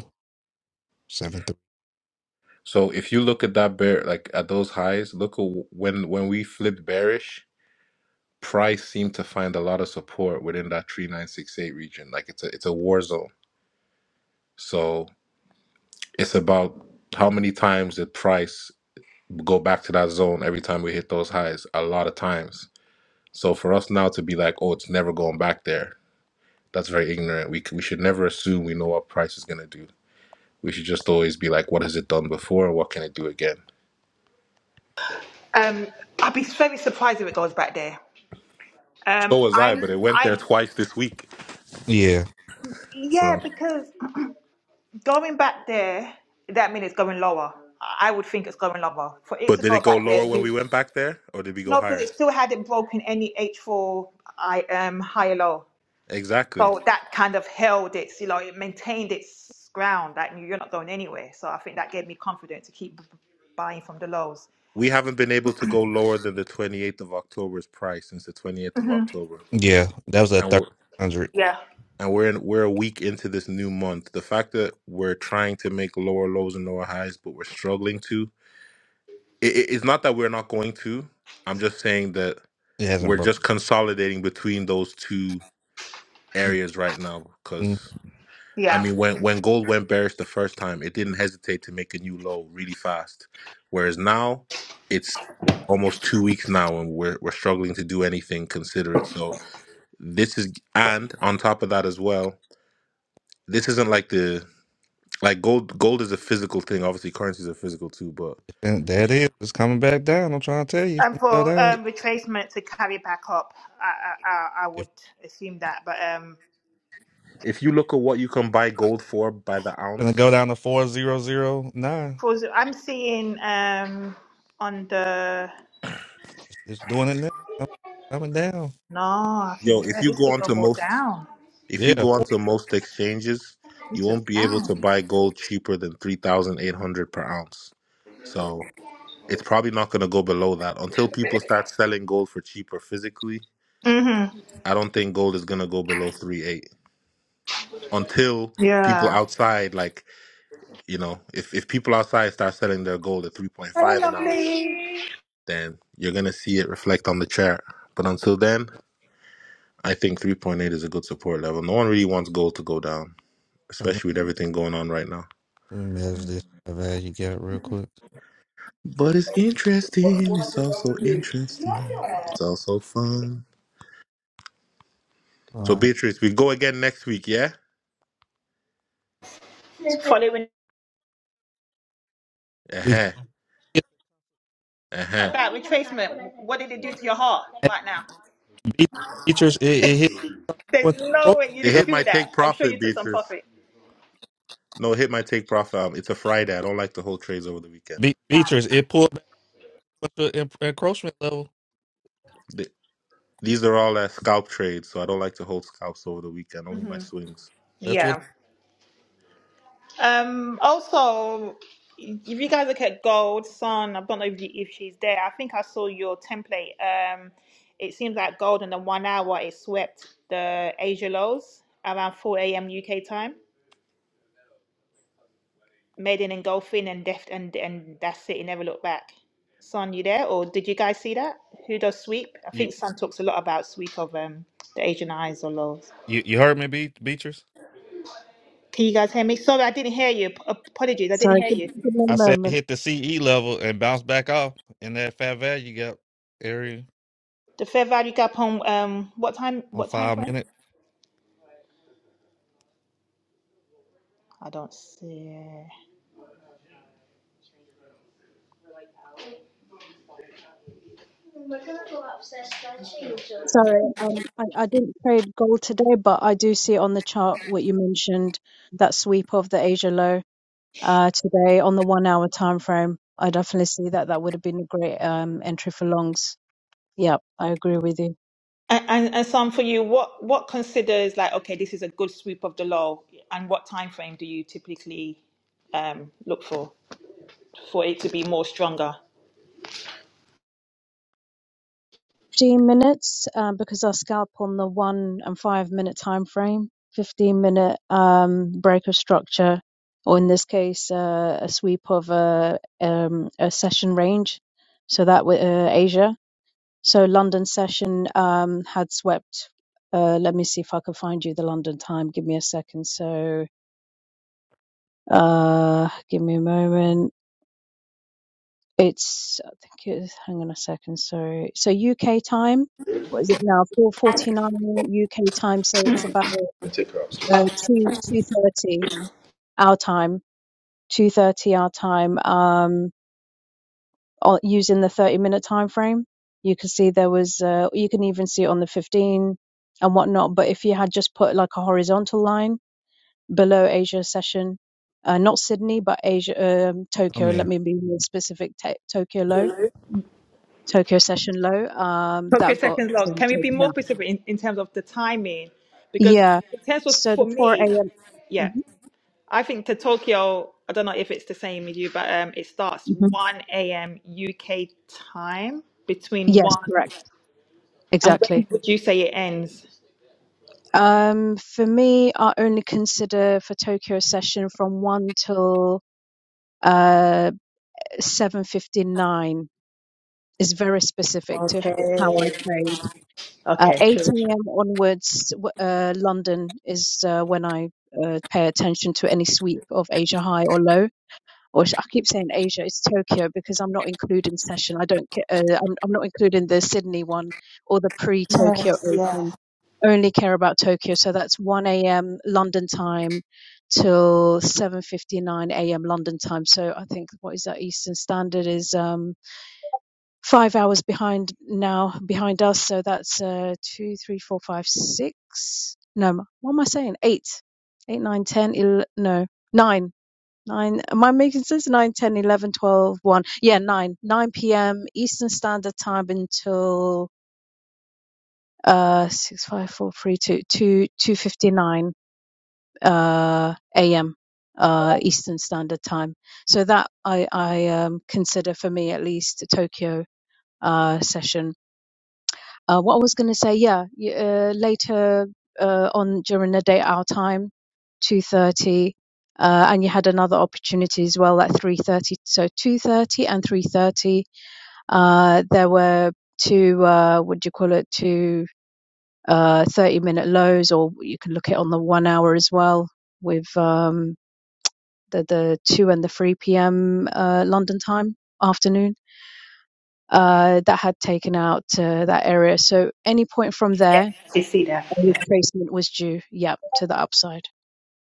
seven three. So if you look at that bear, like at those highs, look at wh- when when we flipped bearish, price seemed to find a lot of support within that 3968 region. Like it's a it's a war zone. So it's about how many times did price go back to that zone every time we hit those highs? A lot of times. So for us now to be like, oh, it's never going back there. That's very ignorant. We c- we should never assume we know what price is gonna do. We should just always be like, what has it done before? What can it do again? Um, I'd be very surprised if it goes back there. Um, So was I, I'm, but it went there I'm, twice this week. Yeah, yeah, So. because Going back there, that means it's going lower. I I would think it's going lower. For it But to did go it go back there, lower when you we went back there, or did we go no, because it higher? still hadn't broken any H4 I um high or low. Exactly. So that kind of held its, you know, it maintained its ground. That you're not going anywhere. So I think that gave me confidence to keep b- b- buying from the lows. We haven't been able to go lower than the 28th of October's price since the 28th of hmm October, yeah. That was at and thirteen we're hundred. Yeah, and we're in, we're a week into this new month. The fact that we're trying to make lower lows and lower highs, but we're struggling to. It, it- it's not that we're not going to. I'm just saying that It hasn't we're broken. just consolidating between those two areas right now Mm, I yeah. mean, when when gold went bearish the first time, it didn't hesitate to make a new low really fast. Whereas now, it's almost two weeks now, and we're we're struggling to do anything considerate. So this is, and on top of that as well, this isn't like the like gold. Gold is a physical thing. Obviously, currencies are physical too. But and There it is. It's coming back down. I'm trying to tell you, it's And gonna go for down. um, retracement to carry back up, I, I, I I If would assume that. But um, if you look at what you can buy gold for by the it's gonna ounce, go down to four zero zero nine, for I'm seeing um, on the it's, it's doing it now. Coming down. No, I yo, think if yeah, you this go could go onto more most down. If you Yeah. go Four, onto most exchanges, you This is won't be able down. to buy gold cheaper than 3,800 per ounce. So it's probably not going to go below that until people start selling gold for cheaper physically. Mm-hmm. I don't think gold is going to go below three eight until people Yeah. outside, like, you know, if, if people outside start selling their gold at Hey, 3.5 an ounce, lovely. then you're going to see it reflect on the chart. But until then, I think 3.8 is a good support level. No one really wants gold to go down, um, especially with everything going on right now. let me measure this value. Get it real quick. But it's interesting. It's also interesting. It's also fun. All So right. Beatrice, we go again next week, yeah? Following We Uh-huh. up Uh-huh. that retracement, what did it do to your heart right now? hit Beechers. It, it hit There's what the no approach way you It didn't level. hit my feel take that. I'm sure you profit, took some Beatrice. profit. No, it hit my take profit. Um, It's a Friday. I don't like to hold trades over the weekend. Be- Beechers. It pulled. But the en- encroachment level, Th- These are all uh, scalp trades, so I don't like to hold scalps over the weekend. Only my swings. that's what Yeah. Um, also, if you guys look at gold, sun, I don't know if, you, if she's there. I think I saw your template. Um, it seems like gold in the one hour it swept the Asia lows around 4 a.m. UK time. Maiden and Golfin and Deft and and that's it. He never looked back. Son, you there? Or did you guys see that? Who does sweep? I you think Son talks a lot about sweep of um the Asian eyes or lows. you, you heard me, Be- Beatrice. Can you guys hear me? Sorry, I didn't hear you. Ap- Apologies, I didn't Sorry, hear give, you. give me a I said it moment. hit the CE level and bounce back off in that fat value gap area The fair value gap on um what time? on What time five frame? minutes. I don't see. it. Sorry, um, I, I didn't trade gold today, but I do see on the chart what you mentioned, that sweep of the Asia low uh, today on the one hour time frame. I definitely see that. That would have been a great um, entry for longs. Yep, I agree with you. And, and and Son, for you, what what considers like okay, this is a good sweep of the low, and what time frame do you typically um look for? for it to be more stronger. 15 minutes uh, because I scalp on the one and five minute time frame, 15 minute um, break of structure, or in this case, uh, a sweep of a, um, a session range. So that with uh, Asia. So London session um, had swept. Uh, let me see if I can find you the London time. Give me a second. So uh, give me a moment. It's I think it's hang on a second. Sorry. So UK time. What is it now? Four forty nine UK time. So it's about uh, two two thirty our time. Two thirty our time. Um, o- using the 30 minute time frame. You can see there was, uh, you can even see it on the 15 and whatnot. But if you had just put like a horizontal line below Asia session, uh, not Sydney, but Asia, um, I am Tokyo, let there. me be more specific, t- Tokyo low, Tokyo session low, um, Tokyo that got second log. um, Can we be taken more out. specific in, in terms of the timing? Because Yeah. in terms of So for the 4 me, a.m. yeah, Mhm, I think to Tokyo. I don't know if it's the same with you, but um, it starts mhm. 1 a.m. UK time between Yes, one correct. and when Exactly. would you say it ends? Um, for me, I only consider for Tokyo session from 1 till uh, 7:59 is very specific to how I Okay. trade. Uh, Okay. 8 Sure. a.m. onwards, uh, London is uh, when I uh, pay attention to any sweep of Asia high or low. Or I keep saying Asia, it's Tokyo because I'm not including session. I don't. ca- Uh, I'm, I'm not including the Sydney one or the pre-Tokyo Yes. Yeah. Open. Only care about Tokyo, so that's 1 a.m. London time till 7:59 a.m. London time. So I think what is that Eastern Standard is? um, five hours behind now behind us so that's uh two three four five six no what am i saying eight eight nine ten el- no nine nine am i making sense nine ten eleven twelve one yeah nine nine p.m eastern standard time until uh six five four three two two two fifty nine uh a.m uh eastern standard time so that i i um consider for me at least a tokyo uh session Uh, what I was going to say, yeah, y- uh, later uh, on during the day our time, two thirty, uh, and you had another opportunity as well at three thirty. So two thirty and three thirty, uh, there were two uh, what do you call it? Two uh, thirty minute lows, or you can look at it on the one hour as well with um, the the two and the three p.m. Uh, London time afternoon. Uh, that had taken out uh, that area. So any point from Yeah. there, You see that. retracement was due, yeah, to the upside.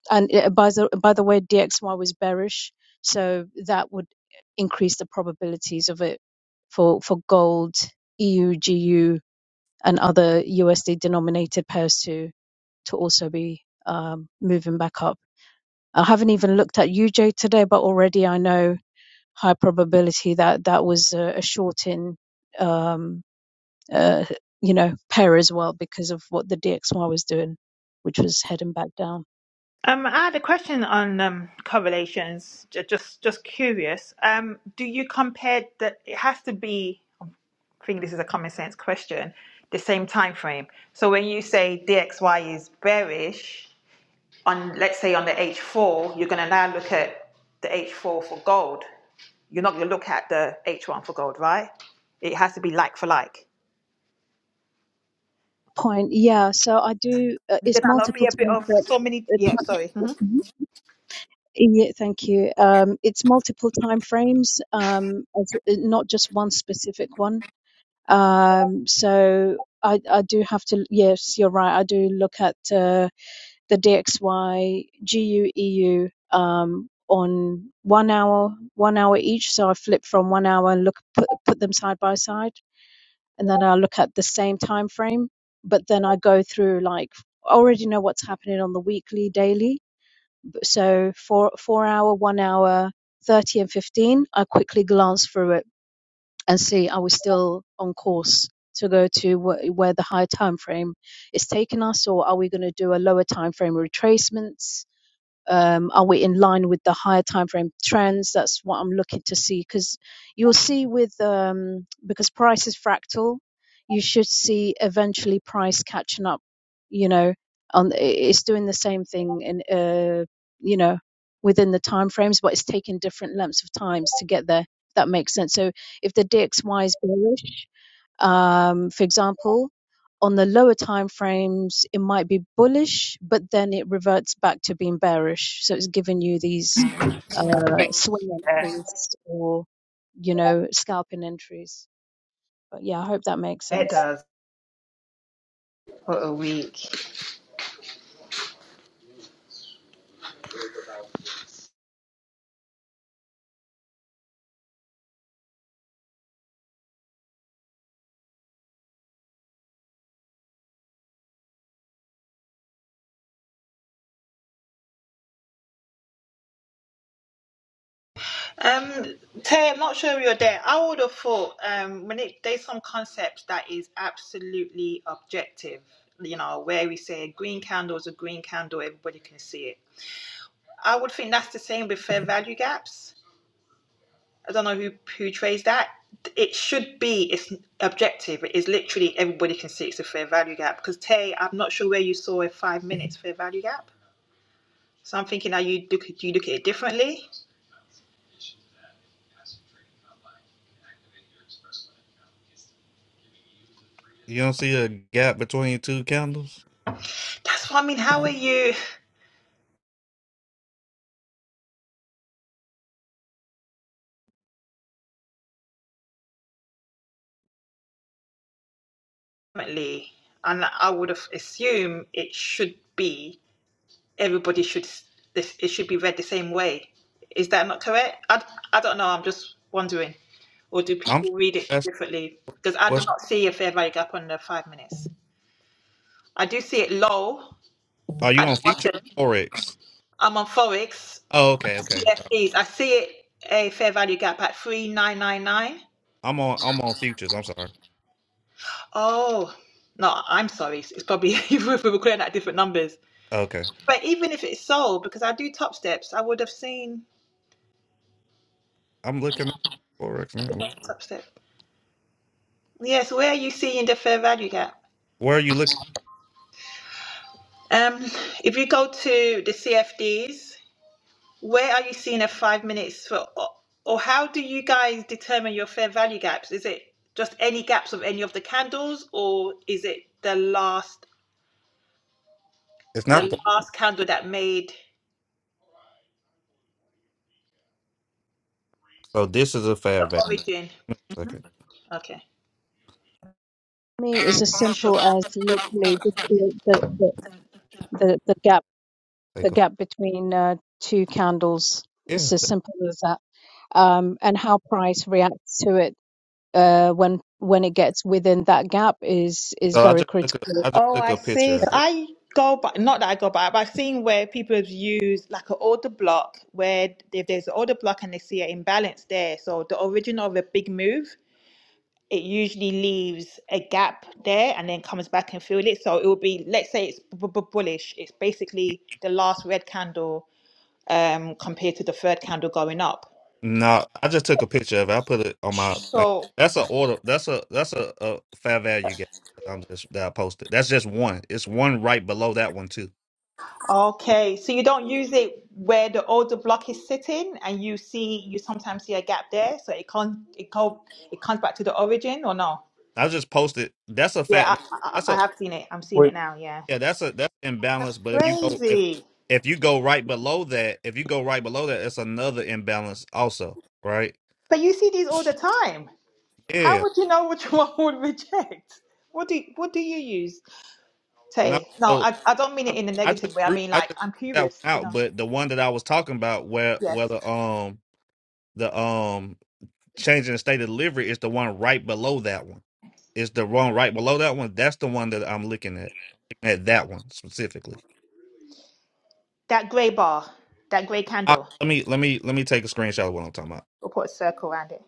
And uh, by the by the way, DXY was bearish, so that would increase the probabilities of it for for gold, EU, GU, and other USD denominated pairs to to also be um, moving back up. I haven't even looked at UJ today, but already I know high probability that that was a, a short in. Um, uh, you know, pair as well because of what the DXY was doing, which was heading back down. Um, I had a question on um, correlations. Ju- Just, just curious. Um, do you compare that? It has to be. I think this is a common sense question. The same time frame. So when you say DXY is bearish on, let's say on the H4, you're going to now look at the H4 for gold. You're not going to look at the H1 for gold, right? It has to be like for like. Point, yeah. So I do. Uh, it's Did that not be multiple a bit time of so many? Yeah, sorry. Mhm. frames. Yeah, thank you. Um, it's multiple time frames, um, not just one specific one. Um, so I, I do have to. Yes, you're right. I do look at. Uh, the DXY, GU, um, on one hour, one hour each. So I flip from one hour and look put put them side by side, and then I look at the same time frame. But then I go through like I already know what's happening on the weekly, daily. So for four hour, one hour, thirty and fifteen, I quickly glance through it and see are we still on course to go to wh- where the higher time frame is taking us, or are we going to do a lower time frame retracements? um, are we in line with the higher time frame trends? That's what I'm looking to see because you'll see with um, because price is fractal, you should see eventually price catching up. You know, on it's doing the same thing in uh, you know within the time frames, but it's taking different lengths of times to get there. if That makes sense. So if the DXY is bearish, um, for example, on the lower time frames, it might be bullish, but then it reverts back to being bearish. So it's giving you these uh, swing Yeah, entries or, you know, scalping entries. But yeah, I hope that makes it sense. does. What a week. Um, Tay, I'm not sure you're there. I would have thought um, when it there's some concepts that is absolutely objective, you know, where we say a green candle is a green candle, everybody can see it. I would think that's the same with fair value gaps. I don't know who who trades that. It should be it's objective. It is literally everybody can see it's a fair value gap. Because Tay, I'm not sure where you saw a five minutes fair value gap. So I'm thinking, are you do you look at it differently? you don't see a gap between two candles. That's what I mean. How are you? ultimately, and I would have assumed it should be everybody should it should be read the same way. Is that not correct? I, I don't know. I'm just wondering, or do I'm people read it asking, differently? Because I do what's not see a fair value gap on the five minutes. I do see it low are you at on the futures bottom. or forex? I'm on forex Oh, okay, okay. CFDs. I see it a fair value gap at three nine nine nine. I'm on I'm on futures. I'm sorry. Oh. No, I'm sorry. It's probably we were calling out different numbers. Okay, But even if it's sold, because I do top steps, I would have seen I'm looking at forex now. top step. Yes, where are you seeing the fair value gap? Where are you looking? Um, if you go to the CFDs, where are you seeing a five minutes for, or, or how do you guys determine your fair value gaps? Is it just any gaps of any of the candles, or is it the last It's not the the last candle that made so this is a fat the value. origin? Give me one Second, Okay, For me, it's as sure. simple as literally the, the, the, the, the gap the take a pho- gap between uh, two candles. It's yeah. as simple as that. Um, and how price reacts to it uh, when when it gets within that gap is is So I very just took a critical. I just Oh, took I a see. picture So of it. I go by, not that I go by, but I've seen where people have used like an order block where if there's an order block and they see an imbalance there. So the origin of a big move, it usually leaves a gap there and then comes back and fill it. So it will be, let's say it's bu- bu- bullish. It's basically the last red candle um, compared to the third candle going up. No, I just took a picture of it. I put it on my thing. So That's a order. That's a that's a, a fair value gap. that I'm just that I posted. That's just one. It's one right below that one too. Okay, so you don't use it where the older block is sitting, and you see you sometimes see a gap there, so it can't it can't it comes back to the origin or no? I just posted. That's a Yeah, I, fat. I, That's I a have seen it. I'm seeing Wait, it now. Yeah, yeah. That's a that's that's imbalance. But if you go if crazy. if you go right below that, if you go right below that, it's another imbalance also. Right? But you see these all the time. How Yeah. would you know which one would reject? What do what do you use, No. Tay? No, So I I don't mean it I, in a I just negative way. I drew mean I just like drew I'm that one curious to out. know. But the one that I was talking about, where Yes, whether um the um Changing the state of delivery is the one right below that one. It's the one right below that one. That's the one that I'm looking at. I'm looking At that one specifically. that grey bar, that grey I, candle. let me let me let me take a screenshot of what I'm talking about. We'll put a circle around it.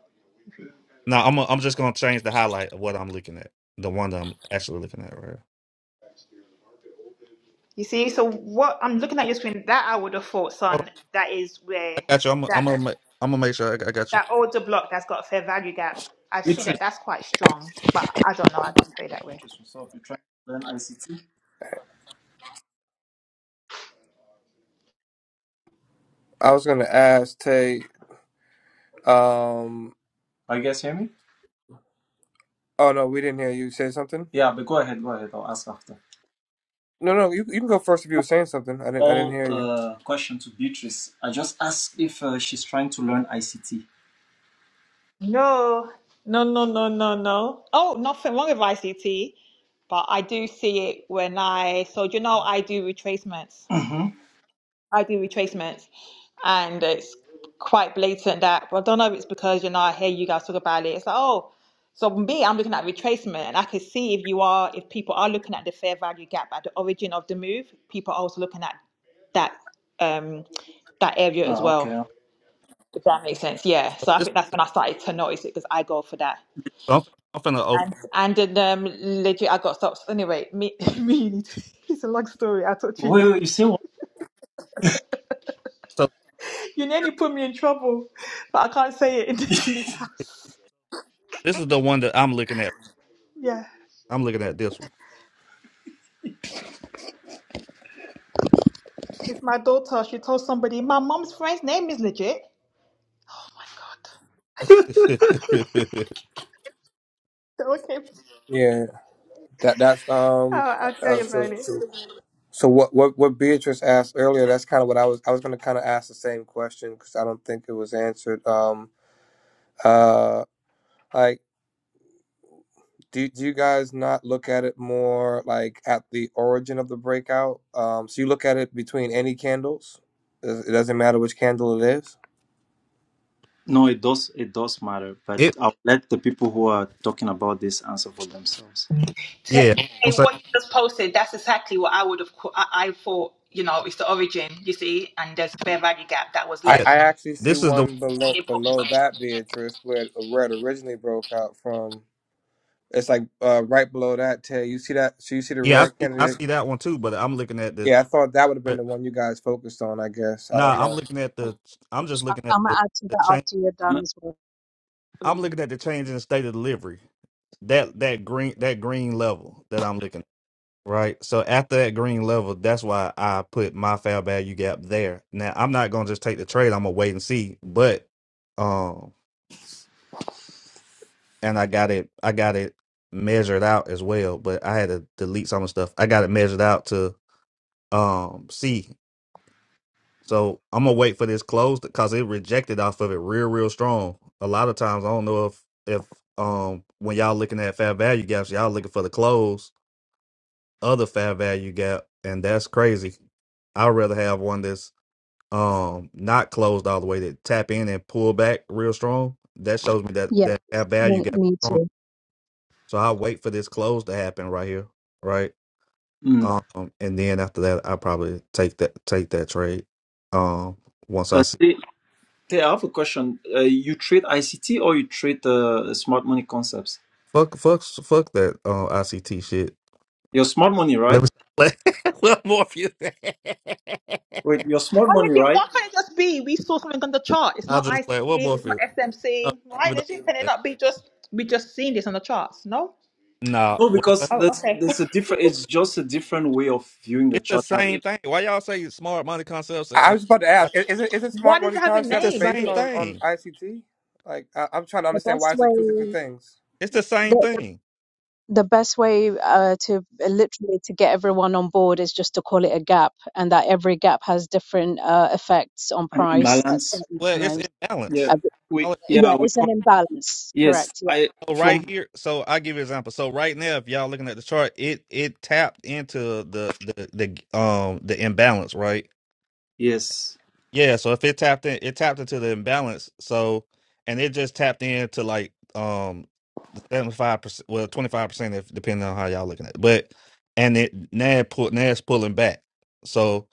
No, I'm i I'm just gonna change the highlight of what I'm looking at. The one that I'm actually looking at right here. You see, so what I'm looking at your screen, that I would have thought, Hold on, son, that is where I got you. I'm I'm that gonna make, I'm gonna make sure I, got- I got you. that older block that's got a fair value gap. I see that Beatrice. that's quite strong, but I don't know. I don't trade Hey, that way. Beatrice, what's up? You're trying to learn ICT? I was gonna ask Tay. Um, Are you guys hear me? oh no, we didn't hear you say something. Yeah, but go ahead, go ahead. I'll ask after. No, no, you you can go first if you were saying something. I didn't I didn't all hear you. uh, question to Beatrice. I just asked if uh, she's trying to learn ICT. No, no, no, no, no, no. Oh, nothing wrong with ICT, but I do see it when I. So you know, I do retracements. hmm I do retracements, and it's quite blatant that. But I don't know if it's because you know I hear you guys talk about it. It's like oh, so me, I'm looking at retracement, and I can see if you are, if people are looking at the fair value gap at the origin of the move, people are also looking at that um that area as Oh, well. okay. If that makes sense, yeah. So So I this think that's when I started to notice it because I go for that. so I'm, I'm finna And open. and then um, legit, I got stops. Anyway, me, me, it's a long story. I'll talk to you Wait, wait, another you time. say what? So You nearly put me in trouble, but I can't say it in, in this house. this is the one that I'm looking at. Yeah. I'm looking at this one. It's my daughter. She told somebody, my mom's friend's name is legit. Oh my God. So, Okay. Yeah, that that's um. I'll, I'll tell Uh, you about so, it. so so what what what Beatrice asked earlier. That's kind of what I was I was gonna kind of ask the same question because I don't think it was answered. Um. Uh. Like, do do you guys not look at it more like at the origin of the breakout? Um. So you look at it between any candles. It it doesn't matter which candle it is. No, it does. It does matter, but it I'll let the people who are talking about this answer for themselves. Hey, yeah. I'm hey, saying what you just posted, that's exactly what I would have, co- I, I thought, you know, it's the origin, you see, and there's a fair value gap that was I, yeah. I left. actually see This is the one And they below broke it below chart. that Beatrice where it- where it originally broke out from. It's like uh, right below that Taylor. You see that? So you see the Yeah, I red see. I candidate? see that one too. But I'm looking at the. Yeah, I thought that would have been the But one you guys focused on. I guess I nah, don't I'm know. looking at the. I'm just I- looking at I'm gonna the, add to the that change. after you're done Uh, as well. uh, I'm looking at the change in the state of delivery. That that green that green level that I'm looking at. Right. So after that green level, that's why I put my fair value gap there. Now I'm not gonna just take the trade. I'm gonna wait and see. But um, and I got it. I got it measured out as well. But I had to delete some of the stuff. I got it measured out to um see. So I'm gonna wait for this close because it rejected off of it real, real strong. A lot of times I don't know if if um when y'all looking at fair value gaps, y'all looking for the close other fair value gap, and that's crazy. I'd rather have one that's um not closed all the way that tap in and pull back real strong. That shows me that Yeah, that fair value me gap me is strong. too. So I wait for this close to happen right here, right? mm. Um, and then after that, I probably take that take that trade. Um, once I Uh, see. Tay- Tay, I have a question. Uh, you trade ICT or you trade uh, smart money concepts? Fuck, fuck, fuck that uh, ICT shit. Your smart money, Let right? me stop playing. One more for you. Wait, your smart Well, money, legit, right? why can't it just be we saw something on the chart? It's I'll not just ICT, play one more it's for not you. Uh, SMC. Why, even though, legit, can it uh, not be just, we just seen this on the charts? No? nah, No, what because Oh, there's okay. there's a different. It's just a different way of viewing the it's the chart, like same if thing. Why y'all say smart money concepts and, I I and was about to I, ask: i- Is it is it Why smart does it money have a it's the concept name to based same it? on on thing. ICT? Like I, I'm trying to The understand best why is it two different way things. It's the same the, thing. the best way uh, to uh, literally to get everyone on board is just to call it a gap and that every gap has different uh, effects on an price at imbalance certain Well, it's times Yeah, imbalance. uh, but- we So yeah yeah we it's an call imbalance yes. correct yeah I so from right here, so I give you an example. So right now, if y'all looking at the chart, it it tapped into the the the um the imbalance, right? yes Yeah, so if it tapped in, it tapped into the imbalance. So, and it just tapped into like um the seventy five percent, well twenty five percent, if depending on how y'all looking at. it. But and it Nad pull Nad's pulling back. So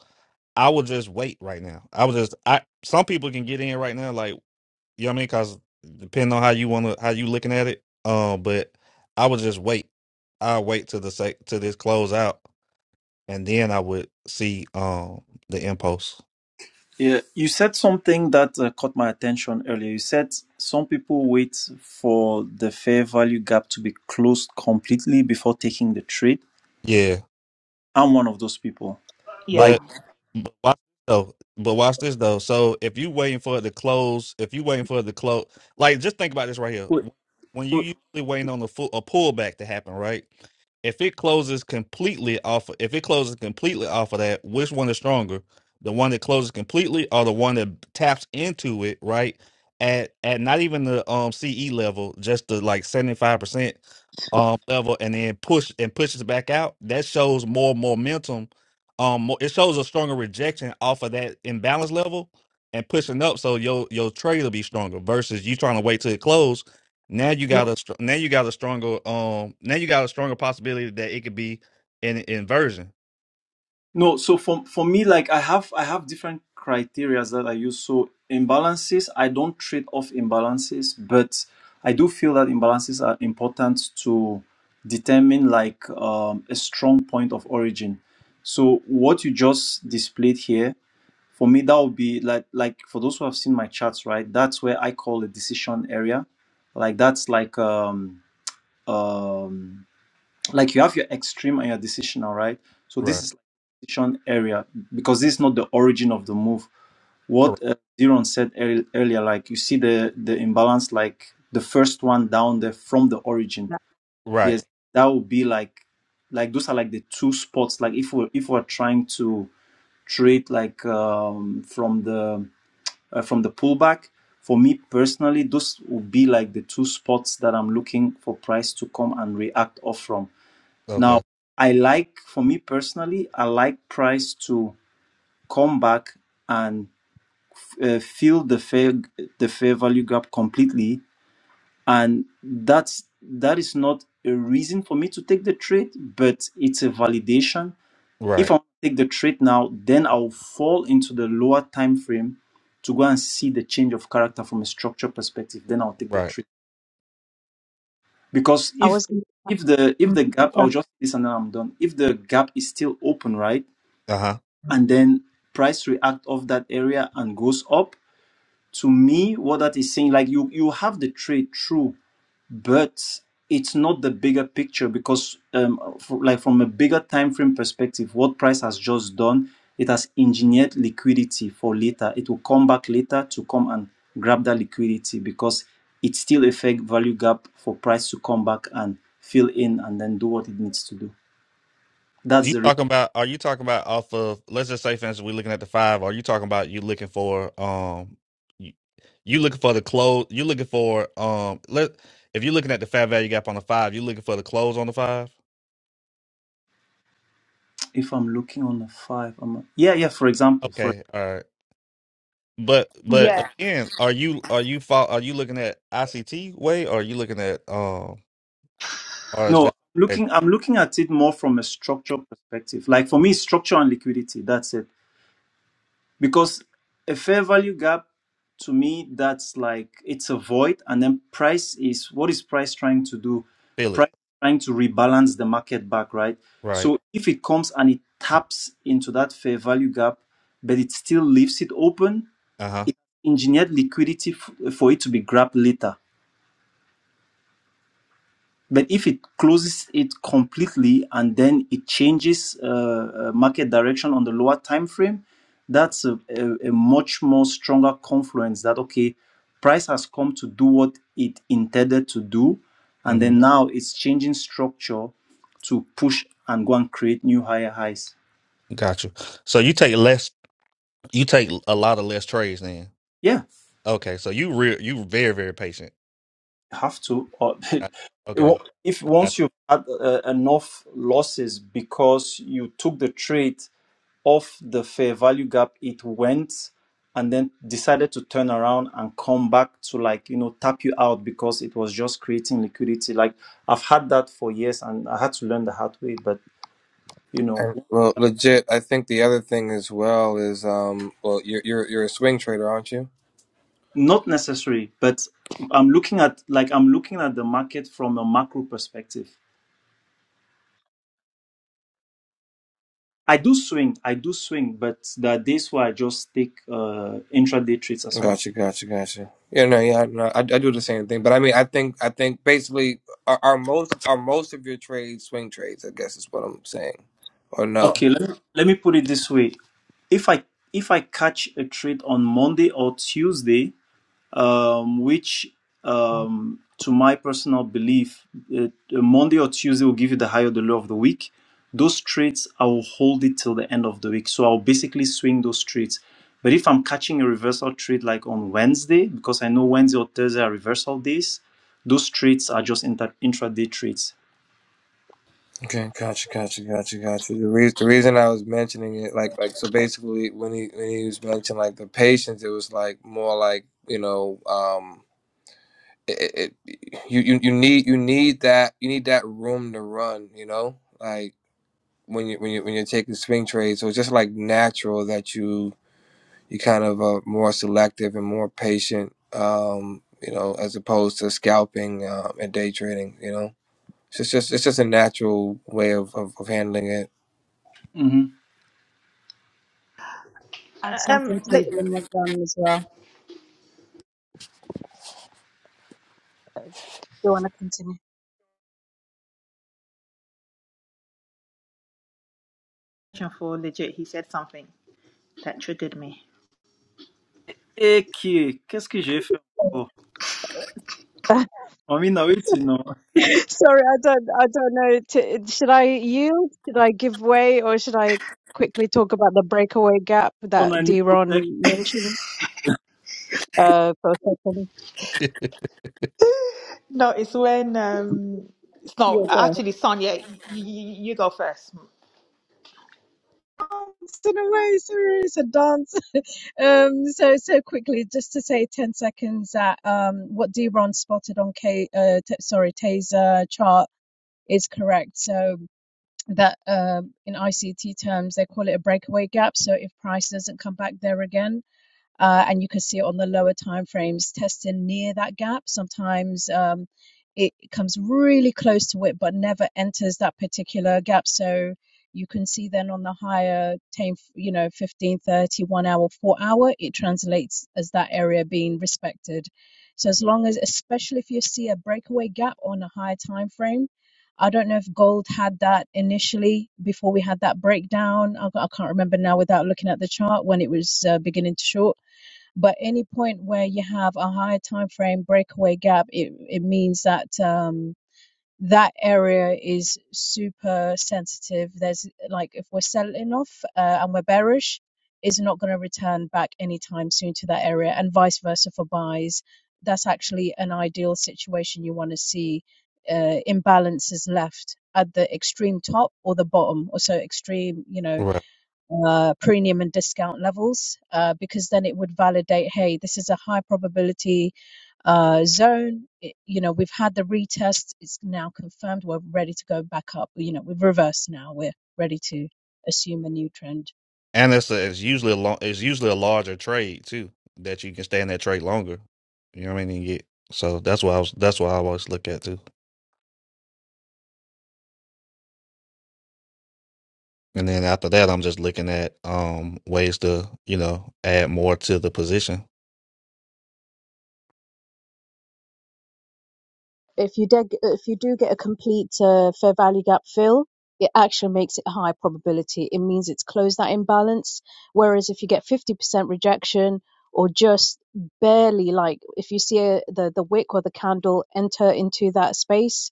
I would just wait right now. I would just I some people can get in right now, like you know what I mean, because depending on how you want to how you looking at it. Um, but I would just wait. I will wait till the sec till this close out, and then I would see um the impulse. yeah. You said something that uh, caught my attention earlier. You said some people wait for the fair value gap to be closed completely before taking the trade. Yeah, I'm one of those people. Yeah. Like, but. But watch this though. But watch this though. So if you waiting for it to close, if you waiting for it to close, like just think about this right here. Wait, When you usually waiting on a full a pullback to happen, right? If it closes completely off, if it closes completely off of that, which one is stronger? The one that closes completely, or the one that taps into it, right? At at not even the um CE level, just the like seventy five percent um level, and then push and pushes back out. That shows more momentum um mo- it shows a stronger rejection off of that imbalance level and pushing up so your your trade will be stronger versus you trying to wait till it close now you got a str- now you got a stronger um now you got a stronger possibility that it could be an inversion No, so for for me, like I have I have different criteria that I use. So imbalances, I don't trade off imbalances, but I do feel that imbalances are important to determine like um, a strong point of origin. So what you just displayed here, for me, that would be like like for those who have seen my charts, right? That's where I call a decision area. Like that's like um um like you have your extreme and your decisional, right? So this Right. is decision area because this is not the origin of the move. What Correct. uh, Diron said earl- earlier, like you see the the imbalance, like the first one down there from the origin. yeah. right Yes, that would be like like those are like the two spots. Like if we if we're trying to trade like um, from the uh, from the pullback. For me personally, those would be like the two spots that I'm looking for price to come and react off from Okay. now, I like, for me personally, I like price to come back and uh, fill the fair the fair value gap completely, and that's that is not a reason for me to take the trade, but it's a validation. If Right. I take the trade now, then I'll fall into the lower time frame to go and see the change of character from a structure perspective. Then I'll take the Right. trade because i if was gonna if the if the mhm. gap, Yeah, I'll just do this and then I'm done. If the gap is still open, right? Uh huh. and then price react off that area and goes up to me what that is saying like you you have the trade true but it's not the bigger picture because um for, like from a bigger time frame perspective what price has just done it has engineered liquidity for later it will come back later to come and grab that liquidity because it still affect value gap for price to come back and fill in and then do what it needs to do that's You the reason talking about? Are you talking about off of? Let's just say, for instance, we're looking at the five. Are you talking about you looking for um, you, you looking for the close? You looking for um? Let if you're looking at the fair value gap on the five, you looking for the close on the five. if i'm looking on the five I'm, yeah yeah for example for Okay, all right. But but Yeah. again, are you are you fol- are you looking at ICT way or are you looking at um or is No, that that looking, I'm looking at it more from a structural perspective. Like for me, structure and liquidity, that's it. Because a fair value gap, to me, that's like it's a void. And then price is what is price trying to do? feel it Price trying to rebalance the market back, right? right? So if it comes and it taps into that fair value gap, but it still leaves it open, Uh huh. it engineered liquidity f- for it to be grabbed later But if it closes it completely and then it changes uh, uh, market direction on the lower time frame, that's a, a, a much more stronger confluence that okay, price has come to do what it intended to do, and Mm-hmm. then now it's changing structure to push and go and create new higher highs. Gotcha. So you take less. You take a lot of less trades then. Yeah, Okay, so you real you very very patient. have to. Or it Got- Okay, wa- if I once got you've had uh, enough losses because you took the trade off the fair value gap it went and then decided to turn around and come back to like you know tap you out because it was just creating liquidity like i've had that for years and i had to learn the hard way but you know And, well, legit. I think the other thing as well is um. Well, you're you're you're a swing trader, aren't you? not necessary but i'm looking at like i'm looking at the market from a macro perspective i do swing i do swing but there are days where i just take uh intraday trades as well Gotcha, gotcha, gotcha. Yeah, no, yeah, no, I, I do the same thing, but I mean, I think, I think basically, are, are most are most of your trades swing trades? I guess is what I'm saying, or no? Okay, let me, let me put it this way. If I if I catch a trade on Monday or Tuesday, um, which um, to my personal belief, uh, Monday or Tuesday will give you the high or the low of the week. Those trades I will hold it till the end of the week, so I'll basically swing those trades. But if I'm catching a reversal trade like on Wednesday, because I know Wednesday or Thursday are reversal days, those trades are just inter- intraday trades. Okay, gotcha, gotcha, gotcha, gotcha. The reason the reason I was mentioning it, like, like so basically, when he when he was mentioning like the patience, it was like more like you know, um, it, it you, you you need you need that you need that room to run, you know, like when you when you when you're taking swing trades, so it's just like natural that you you kind of are more selective and more patient, um, you know, as opposed to scalping um, and day trading. You know, so it's just just- it's just a natural way of, of, of handling it. Mhm. add something Um. to it li- when you're done as well you want to continue For legit, he said something that triggered me. Eh, qui- est- qu'est-ce que j'ai fait encore? I mean, no, it's, you know, sorry i don't i don't know to, should i yield should i give way or should i quickly talk about the breakaway gap and that I need d protection. mentioned uh for a second you. No, it's when um. It's not Yeah. actually Sonia. You, you go first. in a way, serious and dance. Um, so so quickly, just to say ten seconds that um, what Deron spotted on K, uh, t- sorry, Taser chart is correct. So that um in ICT terms, they call it a breakaway gap. So if price doesn't come back there again uh, and you can see it on the lower time frames testing near that gap sometimes um, it comes really close to it but never enters that particular gap so you can see then on the higher time you know 15 30 1 hour 4 hour it translates as that area being respected so as long as especially if you see a breakaway gap on a higher time frame I don't know if gold had that initially before we had that breakdown. I, I can't remember now without looking at the chart when it was uh, beginning to short but any point where you have a higher time frame breakaway gap it, it means that um that area is super sensitive there's like if we're selling off uh, and we're bearish is not going to return back anytime soon to that area and vice versa for buys that's actually an ideal situation you want to see uh, imbalances left at the extreme top or the bottom or so extreme you know Right, uh, premium and discount levels uh, because then it would validate hey this is a high probability uh, zone it, you know we've had the retest it's now confirmed we're ready to go back up you know we've reversed now we're ready to assume a new trend and it's a, it's usually a long it's usually a larger trade too that you can stay in that trade longer. You know what I mean? And get so that's what I was that's what I always look at too. And then after that, I'm just looking at um ways to you know add more to the position. If you did, if you do get a complete uh, fair value gap fill, it actually makes it a high probability. It means it's closed that imbalance. Whereas if you get 50% rejection or just barely, like if you see a, the the wick or the candle enter into that space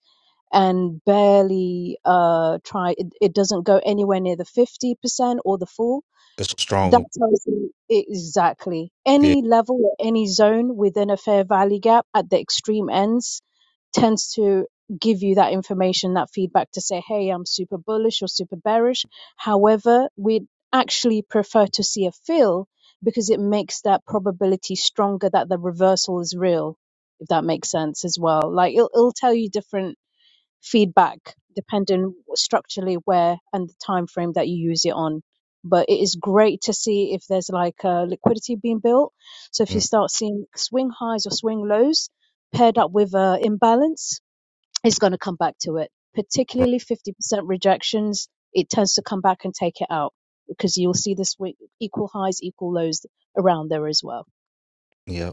and barely uh try, it, it doesn't go anywhere near the 50% or the full. It's a That strong tells you exactly yeah any level or any zone within a fair value gap at the extreme ends tends to give you that information, that feedback to say, hey, I'm super bullish or super bearish. However, we actually prefer to see a fill because it makes that probability stronger that the reversal is real, if that makes sense as well. Like it'll, it'll tell you different feedback depending structurally where and the time frame that you use it on but it is great to see if there's like a liquidity being built so if you mm, start seeing swing highs or swing lows paired up with a imbalance it's going to come back to it right particularly 50% rejections it tends to come back and take it out because you'll see this week equal highs equal lows around there as well yeah.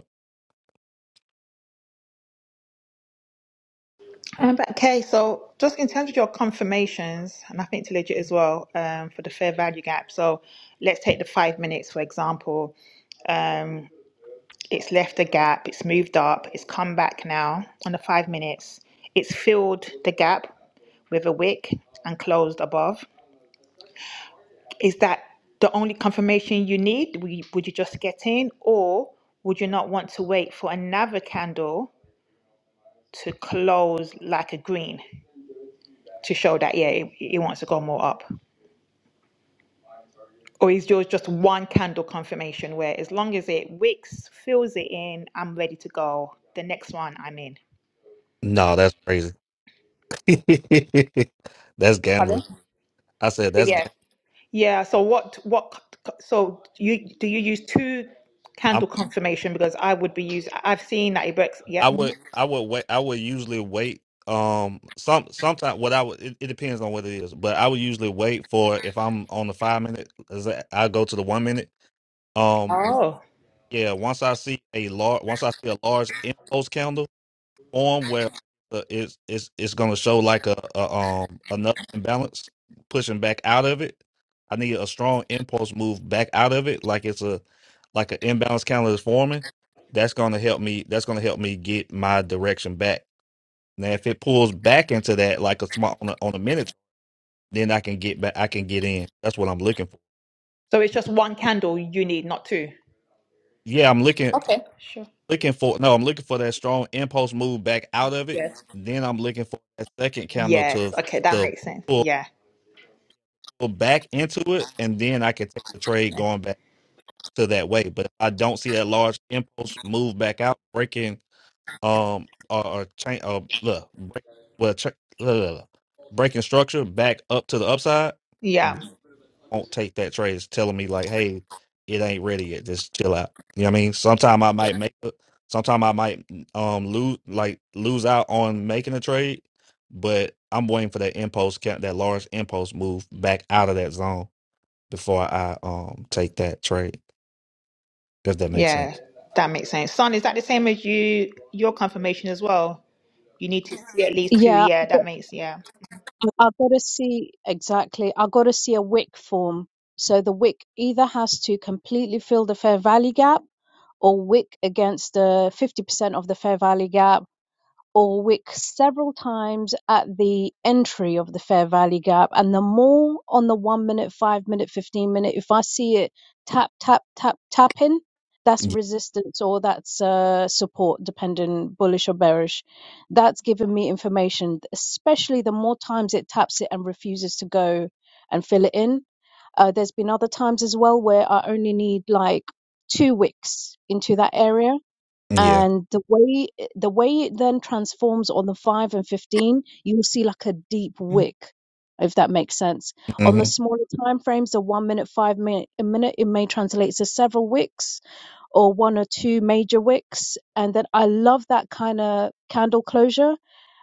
Um, but okay, so just in terms of your confirmations, and I think to legit as well um, for the fair value gap. So let's take the five minutes for example. Um, It's left a gap, it's moved up, it's come back now on the five minutes. It's filled the gap with a wick and closed above. Is that the only confirmation you need? Would you just get in, or would you not want to wait for another candle to close like a green to show that, yeah, it, it wants to go more up? Or is yours just one candle confirmation where as long as it wicks, fills it in, I'm ready to go? The next one I'm in. No, that's crazy. that's Pardon? gambling. So, I said that's Yeah. gambling. Yeah, so what what so you do you use two candle confirmation because I would be using I've seen that it works. Yeah. I mhm. would I would wait I would usually wait um some sometimes what I would it, it depends on what it is but I would usually wait for if I'm on the five minute is that- I go to the one minute um Oh. yeah once I see a large once I see a large impulse candle form where uh, it's it's it's gonna show like a, a um another imbalance pushing back out of it. I need a strong impulse move back out of it, like it's a like an imbalance counter is forming. That's gonna help me. That's gonna help me get my direction back. Now, if it pulls back into that, like a small on a, on a minute, then I can get back. I can get in. That's what I'm looking for. So it's just one candle you need, not two. Yeah, I'm looking looking for no. I'm looking for that strong impulse move back out of it. Yes. Then I'm looking for that second counter Yes. to Okay, that to makes sense. pull. Yeah. back into it, and then I can take the trade going back to that way. But if I don't see that large impulse move back out, breaking um or, or change or look break well check breaking structure back up to the upside, Yeah. then I won't take that trade. It's telling me like, hey, it ain't ready yet. Just chill out. You know what I mean? Sometime I might make it. Sometime I might um lose like lose out on making a trade, but I'm waiting for that impulse, ca- that large impulse move back out of that zone before I um take that trade, if that makes Yeah. sense. That makes sense. Son, is that the same as you your confirmation as well? You need to see at least two. yeah Yeah, that makes yeah. I've got to see exactly. I've got to see a WIC form. So the WIC either has to completely fill the fair value gap or WIC against the 50% of the fair value gap or wick several times at the entry of the Fair value Gap and the more on the one minute, five minute, 15 minute. If I see it tap, tap, tap, tapping, that's Y- resistance or that's uh, support, depending bullish or bearish. That's giving me information, especially the more times it taps it and refuses to go and fill it in. Uh, there's been other times as well where I only need like two wicks into that area Yeah. and the way the way it then transforms on the 5 and 15 you'll see like a deep wick if that makes sense on the Mm-hmm. smaller time frames the 1 minute 5 minute a minute it may translate to several wicks or one or two major wicks and then i love that kind of candle closure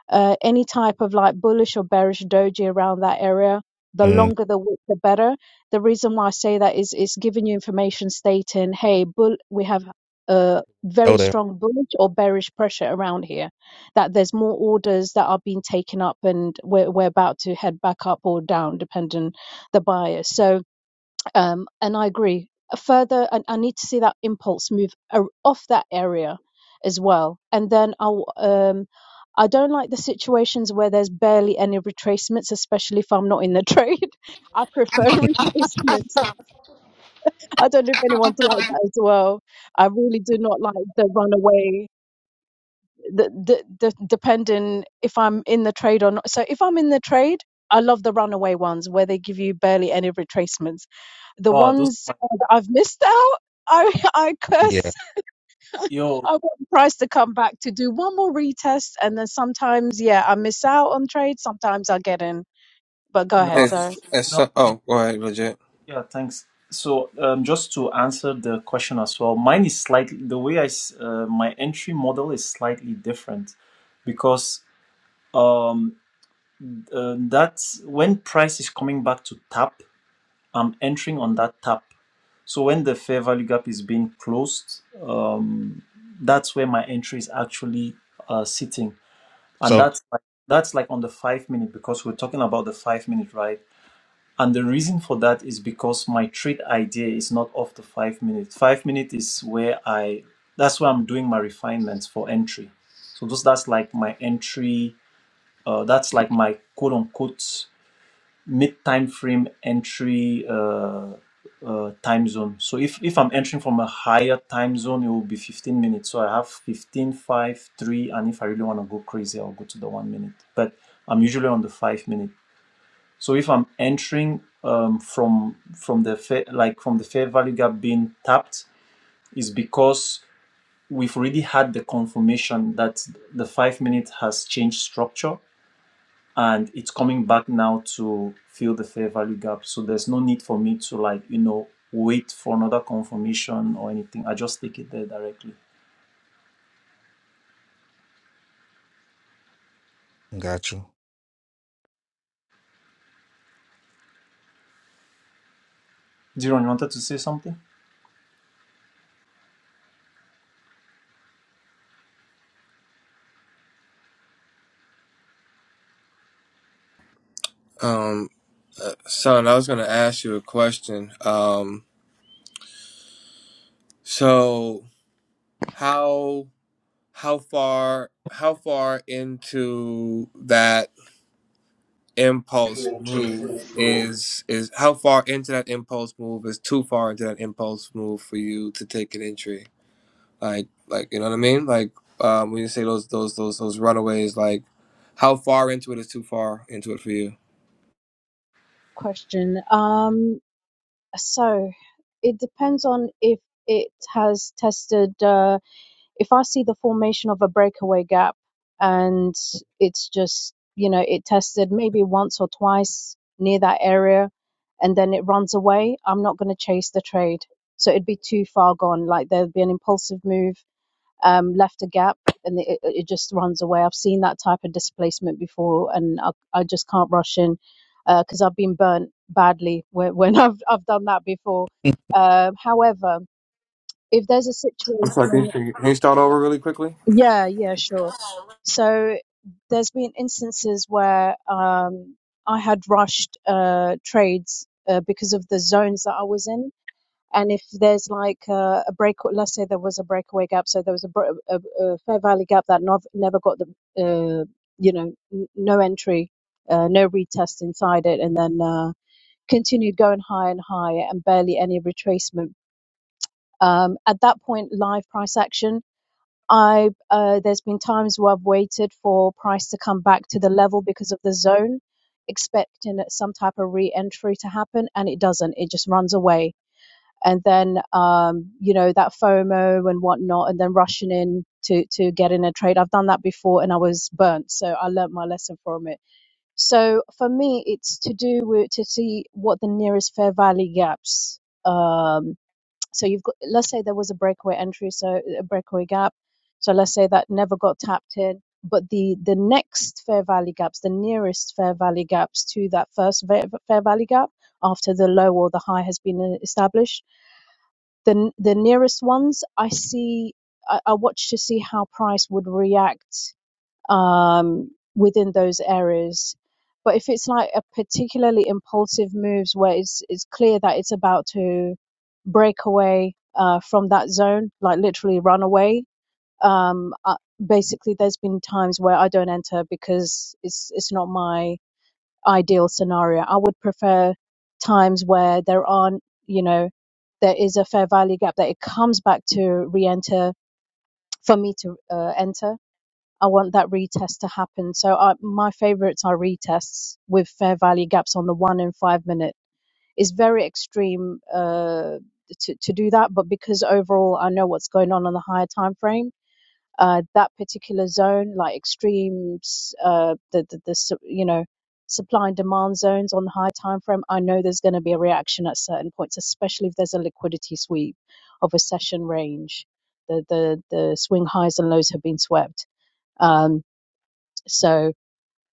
uh, any type of like bullish or bearish doji around that area. The Mm. longer the wick, the better. The reason why I say that is it's giving you information stating, hey, bull, we have a Go very there. strong bullish or bearish pressure around here, that there's more orders that are being taken up and we're, we're about to head back up or down, depending the buyer. So, um, and I agree. Further, I, I need to see that impulse move a- off that area as well. And then I'll, um, I don't like the situations where there's barely any retracements, especially if I'm not in the trade. I prefer retracements. I don't know if anyone's like that as well. I really do not like the runaway, the, the, the depending if I'm in the trade or not. So if I'm in the trade, I love the runaway ones where they give you barely any retracements the Oh, those, ones uh, that I've missed out, I, I Yeah. curse. yo, I want Price to come back to do one more retest. And then sometimes, yeah, I miss out on trades. Sometimes I get in. But go ahead, no, sir. It's, it's no, so- oh, go ahead, legit. yeah, thanks. So, um, just to answer the question as well, mine is slightly, the way I, s- uh, my entry model is slightly different because um, uh, that's when price is coming back to tap, I'm entering on that tap. So when the fair value gap is being closed, um, that's where my entry is actually uh, sitting. and So that's like, that's like on the five minute because we're talking about the five minute right and the reason for that is because my trade idea is not off the five minute five minute is where i that's where i'm doing my refinements for entry so those that's like my entry uh, that's like my quote unquote mid time frame entry uh, uh, time zone. So if, if I'm entering from a higher time zone, it will be 15 minutes. So I have 15, 5, 3, and if I really want to go crazy, I'll go to the one minute. But I'm usually on the five minute. So if I'm entering um, from from the fair, like from the fair value gap being tapped, is because we've already had the confirmation that the five minute has changed structure and it's coming back now to fill the fair value gap. So there's no need for me to like, you know, wait for another confirmation or anything. I just take it there directly. got you. Diron, you wanted to say something? Um, uh, son, I was gonna ask you a question. Um, so how? how far how far into that impulse move is is how far into that impulse move is too far into that impulse move for you to take an entry like like you know what i mean like um when you say those those those those runaways like how far into it is too far into it for you Question. Um, so it depends on if it has tested. Uh, if I see the formation of a breakaway gap and it's just, you know, it tested maybe once or twice near that area and then it runs away, I'm not going to chase the trade. So it'd be too far gone. Like there'd be an impulsive move, um, left a gap and it, it just runs away. I've seen that type of displacement before and I, I just can't rush in because uh, I've been burnt badly when, when I've, I've done that before. Um however, if there's a i'm sorry can situation you, can you can you start over really quickly yeah, yeah, sure. So there's been instances where um, I had rushed uh, trades uh, because of the zones that I was in. And if there's like uh, a break, let's say there was a breakaway gap, so there was a, br- a, a Fair Valley gap that not, never got the, uh, you know, n- no entry, uh, no retest inside it, and then uh, continued going higher and higher and barely any retracement. Um, at that point, live price action. I uh, there's been times where I've waited for price to come back to the level because of the zone, expecting some type of re-entry to happen, and it doesn't. It just runs away, and then um, you know that FOMO and whatnot, and then rushing in to to get in a trade. I've done that before, and I was burnt, so I learnt my lesson from it. So for me, it's to do with to see what the nearest fair value gaps. Um, so you've got, let's say there was a breakaway entry, so a breakaway gap. So let's say that never got tapped in, but the the next fair value gaps, the nearest fair value gaps to that first fair value gap after the low or the high has been established, the the nearest ones I see, I, I watch to see how price would react um, within those areas. But if it's like a particularly impulsive moves where it's it's clear that it's about to break away uh, from that zone, like literally run away. Um, uh, basically, there's been times where I don't enter because it's it's not my ideal scenario. I would prefer times where there aren't, you know, there is a fair value gap that it comes back to re-enter for me to uh, enter I want that retest to happen. So I, my favorites are retests with fair value gaps on the one and five minute. It's very extreme uh, to to do that, but because overall I know what's going on on the higher time frame, uh, that particular zone, like extremes, uh, the, the the su- you know supply and demand zones on the higher time frame, I know there's going to be a reaction at certain points, especially if there's a liquidity sweep of a session range. The the the swing highs and lows have been swept. Um, so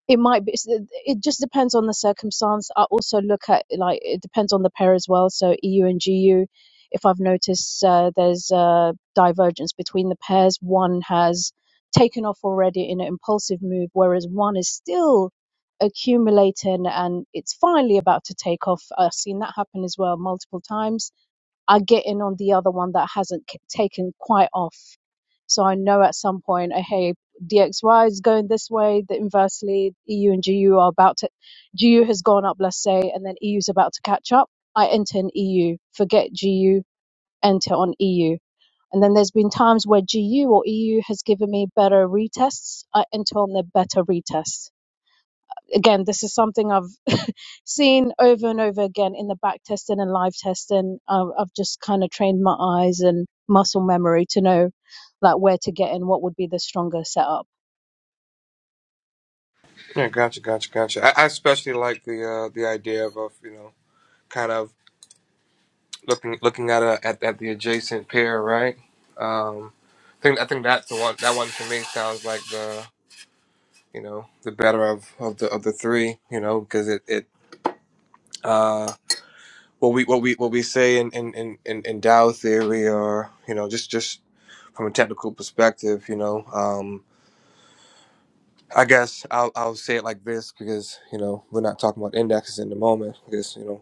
it might be, it just depends on the circumstance. I also look at, like, it depends on the pair as well. So EU and GU, if I've noticed uh, there's a divergence between the pairs, one has taken off already in an impulsive move, whereas one is still accumulating and it's finally about to take off. I've seen that happen as well multiple times I get in on the other one that hasn't k- taken quite off. So I know at some point, uh, hey, DXY is going this way. The inversely, EU and GU are about to, GU has gone up, let's say, and then EU is about to catch up. I enter in EU, forget GU, enter on EU. And then there's been times where GU or EU has given me better retests. I enter on the better retest again, this is something I've seen over and over again in the back testing and live testing. I've, I've just kind of trained my eyes and muscle memory to know like where to get in, what would be the stronger setup. Yeah, gotcha, gotcha, gotcha. I, I especially like the uh, the idea of, of you know kind of looking looking at a, at, at the adjacent pair, right? Um, I think I think that's the one that one to me sounds like the you know the better of, of the of the three, you know, because it it uh, what we what we what we say in in, in, in in Dow theory or you know just just from a technical perspective, you know. Um, I guess I'll, I'll say it like this because you know we're not talking about indexes in the moment because you know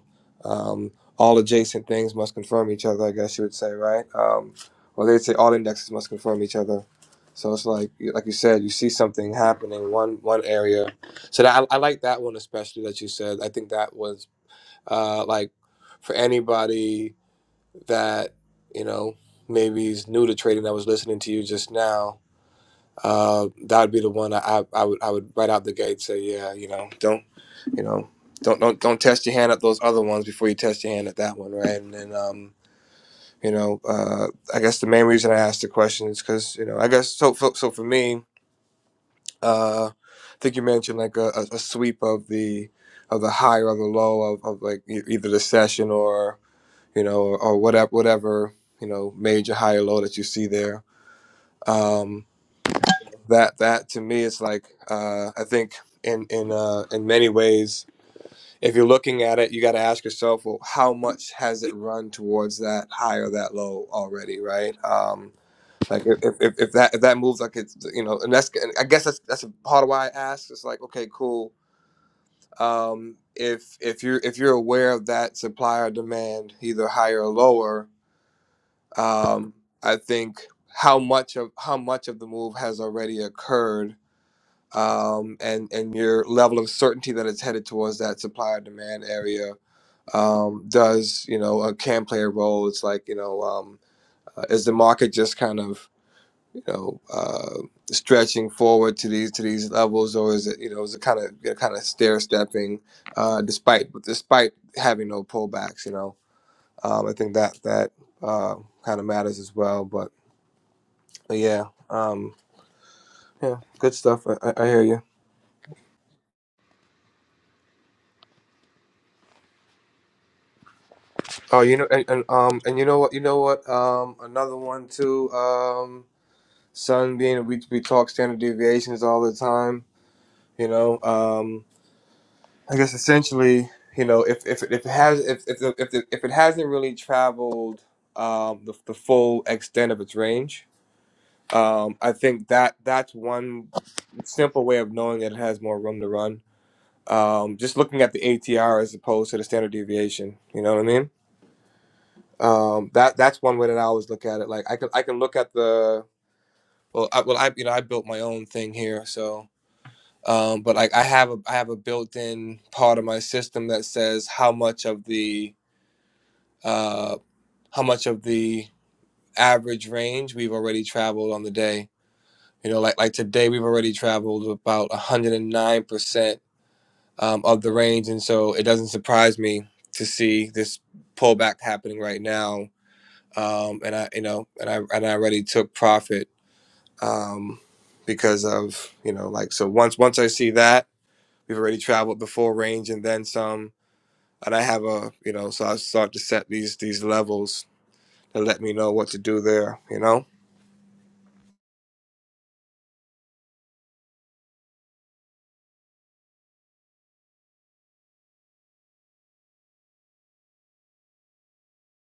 um, all adjacent things must confirm each other. I guess you would say right, um, or they'd say all indexes must confirm each other. So it's like like you said, you see something happening in one one area. So that, I, I like that one especially that you said. I think that was uh, like for anybody that you know maybe is new to trading that was listening to you just now uh, that would be the one I, I would I would right out the gate say yeah you know don't you know don't don't don't test your hand at those other ones before you test your hand at that one right and then um you know uh I guess the main reason I asked the question is because you know I guess so so, so for me uh I think you mentioned like a, a, a sweep of the of the high or the low of, of like e- either the session or you know or, or whatever whatever you know major high or low that you see there Um, that that to me is like uh, I think in in uh, in many ways, if you're looking at it, you got to ask yourself, well, how much has it run towards that high or that low already, right? Um, like if, if, if that if that moves like it's you know, and that's and I guess that's that's a part of why I ask. It's like okay, cool. Um, if if you're if you're aware of that supply or demand, either higher or lower, um, I think how much of how much of the move has already occurred um, and and your level of certainty that it's headed towards that supply or demand area um, does you know uh, can play a role. It's like you know um, uh, is the market just kind of you know uh, stretching forward to these to these levels, or is it you know is it kind of you know, kind of stair stepping uh, despite despite having no pullbacks? You know um, I think that that uh, kind of matters as well. But, but yeah um, yeah good stuff. I, I I hear you. Oh, you know, and, and um, and you know what, you know what, um, another one too, um, sun being we we talk standard deviations all the time, you know, um, I guess essentially, you know, if if if it has if if the, if, the, if it hasn't really traveled um the, the full extent of its range, um, I think that that's one simple way of knowing that it has more room to run. Um, just looking at the ATR as opposed to the standard deviation, you know what I mean? um that that's one way that i always look at it like i can i can look at the well I, well i you know i built my own thing here so um but like i have a i have a built-in part of my system that says how much of the uh how much of the average range we've already traveled on the day you know like like today we've already traveled about 109% um, of the range and so it doesn't surprise me to see this pullback happening right now um, and I, you know, and I and I already took profit um, because of you know, like so. Once once I see that we've already traveled the full range and then some, and I have a you know, so I start to set these these levels to let me know what to do there. You know,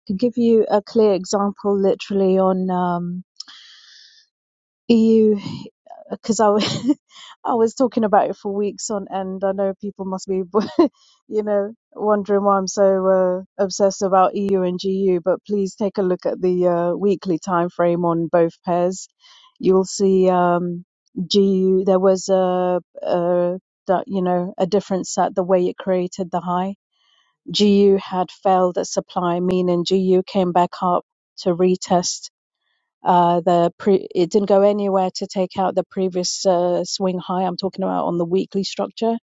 To give you a clear example, literally on um, You, because I, was- I was talking about it for weeks on end. I know people must be, you know, wondering why I'm so uh, obsessed about EU and GU. But please take a look at the uh, weekly time frame on both pairs. You'll see um, GU. There was a, a that you know a difference at the way it created the high. GU had failed at supply, meaning GU came back up to retest uh, the pre- it didn't go anywhere to take out the previous uh, swing high. I'm talking about on the weekly structure,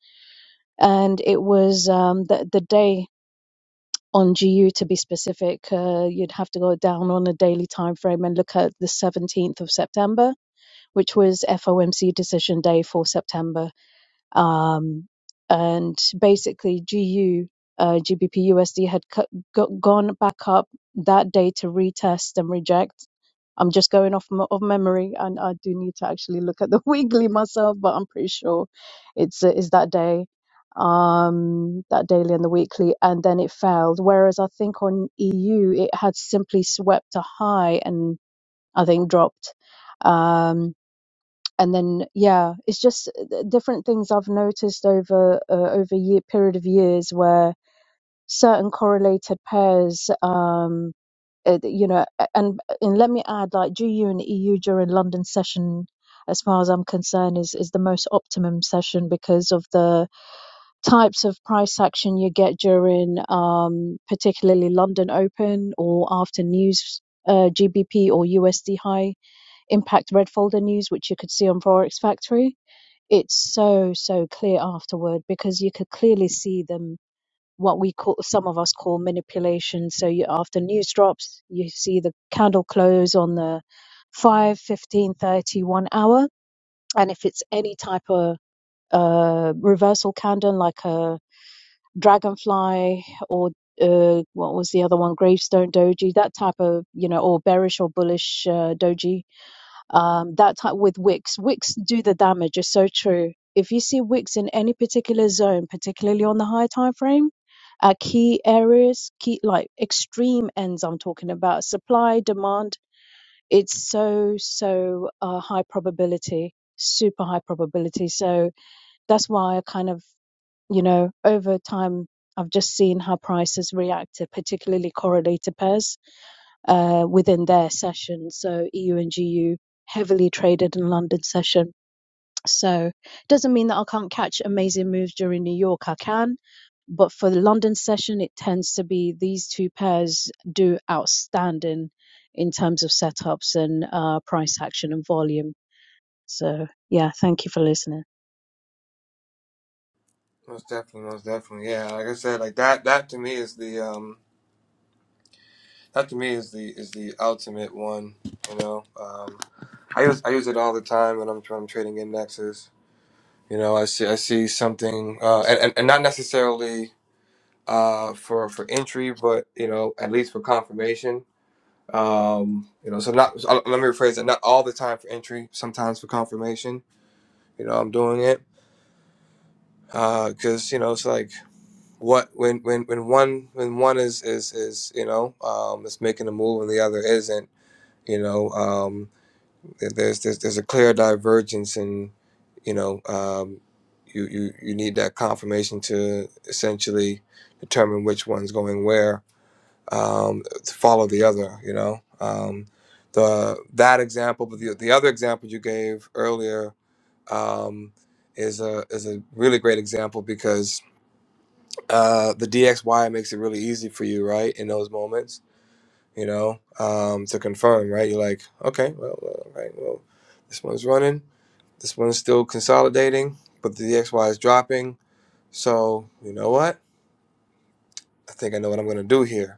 and it was um, the the day on GU to be specific. Uh, you'd have to go down on a daily time frame and look at the 17th of September, which was FOMC decision day for September um, and basically GU uh, GBP USD had cut, go- gone back up that day to retest and reject. I'm just going off m- of memory, and I do need to actually look at the weekly myself, but I'm pretty sure it's uh, is that day, um, that daily and the weekly, and then it failed. Whereas I think on EU it had simply swept a high and I think dropped. Um, and then yeah it's just uh, th- different things i've noticed over uh, over year period of years where certain correlated pairs um uh, you know a- and and let me add like gu and eu during london session as far as i'm concerned is is the most optimum session because of the types of price action you get during um particularly london open or after news uh, gbp or usd high impact red folder news which you could see on forex factory it's so so clear afterward because you could clearly see them what we call some of us call manipulation so you after news drops you see the candle close on the five, fifteen, thirty, one hour and if it's any type of uh reversal candle like a dragonfly or uh, what was the other one gravestone doji that type of you know or bearish or bullish uh, doji um, that type with wicks. Wicks do the damage. It's so true. If you see wicks in any particular zone, particularly on the high time frame, at key areas, key like extreme ends, I'm talking about supply demand. It's so so uh, high probability, super high probability. So that's why I kind of you know over time I've just seen how prices reacted, particularly correlated pairs uh, within their session. So EU and GU heavily traded in London session. So doesn't mean that I can't catch amazing moves during New York. I can, but for the London session, it tends to be these two pairs do outstanding in terms of setups and uh, price action and volume. So yeah, thank you for listening. most definitely, most definitely, yeah. Like I said, like that that to me is the um that to me is the is the ultimate one. You know, um, I use I use it all the time when I'm when I'm trading indexes. You know, I see I see something, uh, and, and and not necessarily. uh, for for entry, but you know, at least for confirmation. Um, you know, so not so uh, let me rephrase that. Not all the time for entry. Sometimes for confirmation. You know, I'm doing it because you know it's like what when when when one when one is is is you know um, is making a move and the other isn't. You know, um, there- there's there's there's a clear divergence in you know. Um, you, you, you need that confirmation to essentially determine which one's going where um, to follow the other. You know, um, the that example, but the, the other example you gave earlier um, is a is a really great example because uh, the DXY makes it really easy for you, right? In those moments, you know, um, to confirm, right? You're like, okay, well, well, all right, well, this one's running, this one's still consolidating, but the DXY is dropping. So you know what? I think I know what I'm gonna do here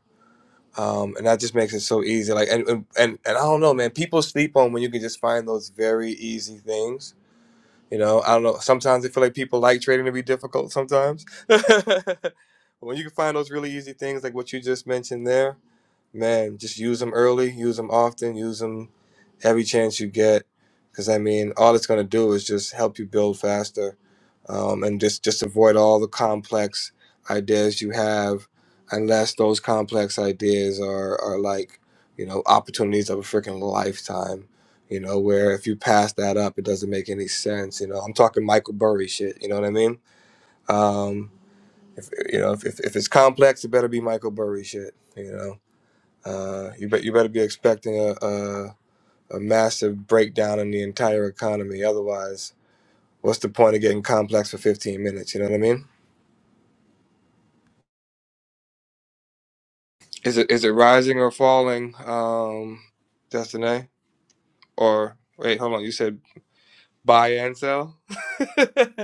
um, and that just makes it so easy. Like, and, and and and I don't know, man. People sleep on when you can just find those very easy things you know, I don't know. Sometimes I feel like people like trading to be difficult sometimes. but when you can find those really easy things like what you just mentioned there, man, just use them early, use them often, use them every chance you get. Because I mean, all it's going to do is just help you build faster, um, and just just avoid all the complex ideas you have, unless those complex ideas are are like, you know, opportunities of a freaking lifetime you know, where if you pass that up, it doesn't make any sense. You know, I'm talking Michael Burry shit. You know what I mean? Um, if, you know, if, if, if it's complex, it better be Michael Burry shit. You know, uh, you bet you better be expecting a, a a massive breakdown in the entire economy. Otherwise, what's the point of getting complex for 15 minutes? You know what I mean? Is it is it rising or falling, um, Destiny? Or wait, hold on. You said buy and sell.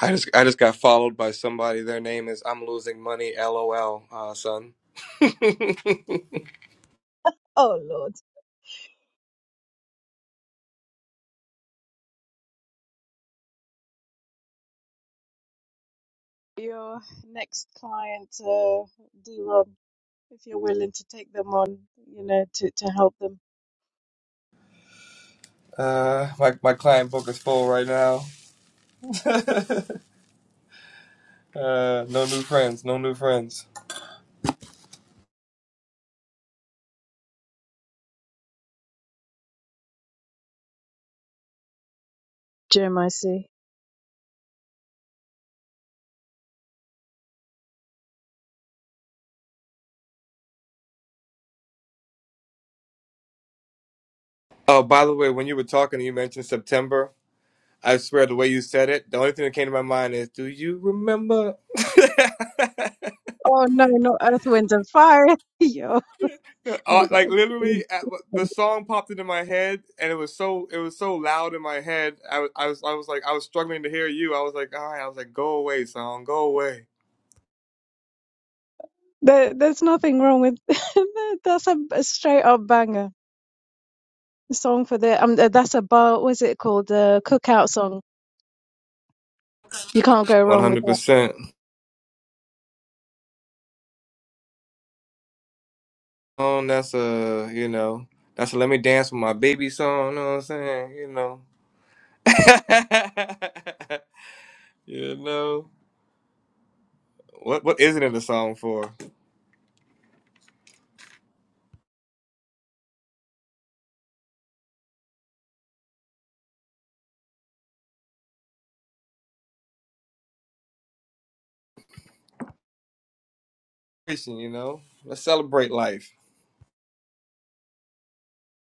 I just I just got followed by somebody. Their name is I'm losing money. LOL, uh, son. Oh, your next client, uh, D-Rob, if you're willing to take them on, you know, to, to help them. Uh, my my client book is full right now. Uh, no new friends. No new friends. Jeremiah C. Oh, by the way, when you were talking, you mentioned September. I swear, the way you said it, the only thing that came to my mind is, "Do you remember?" Oh no, no earth, wind, and fire. Yo, Uh, no, like literally, that, at, the song popped into my head, and it was so it was so loud in my head. I, was I was I was like I was struggling to hear you. I was like, "All right," I was like, "Go away, song, go away." there, there's nothing wrong with that. that's a, a straight up banger song for the um. uh, That's a bar. What's it called? The cookout song. You can't go One wrong with hundred that. percent. Um, that's a you know that's a let me dance with my baby song. You know what I'm saying? You know. you know what? What isn't it a song for? Celebration, You know, let's celebrate life.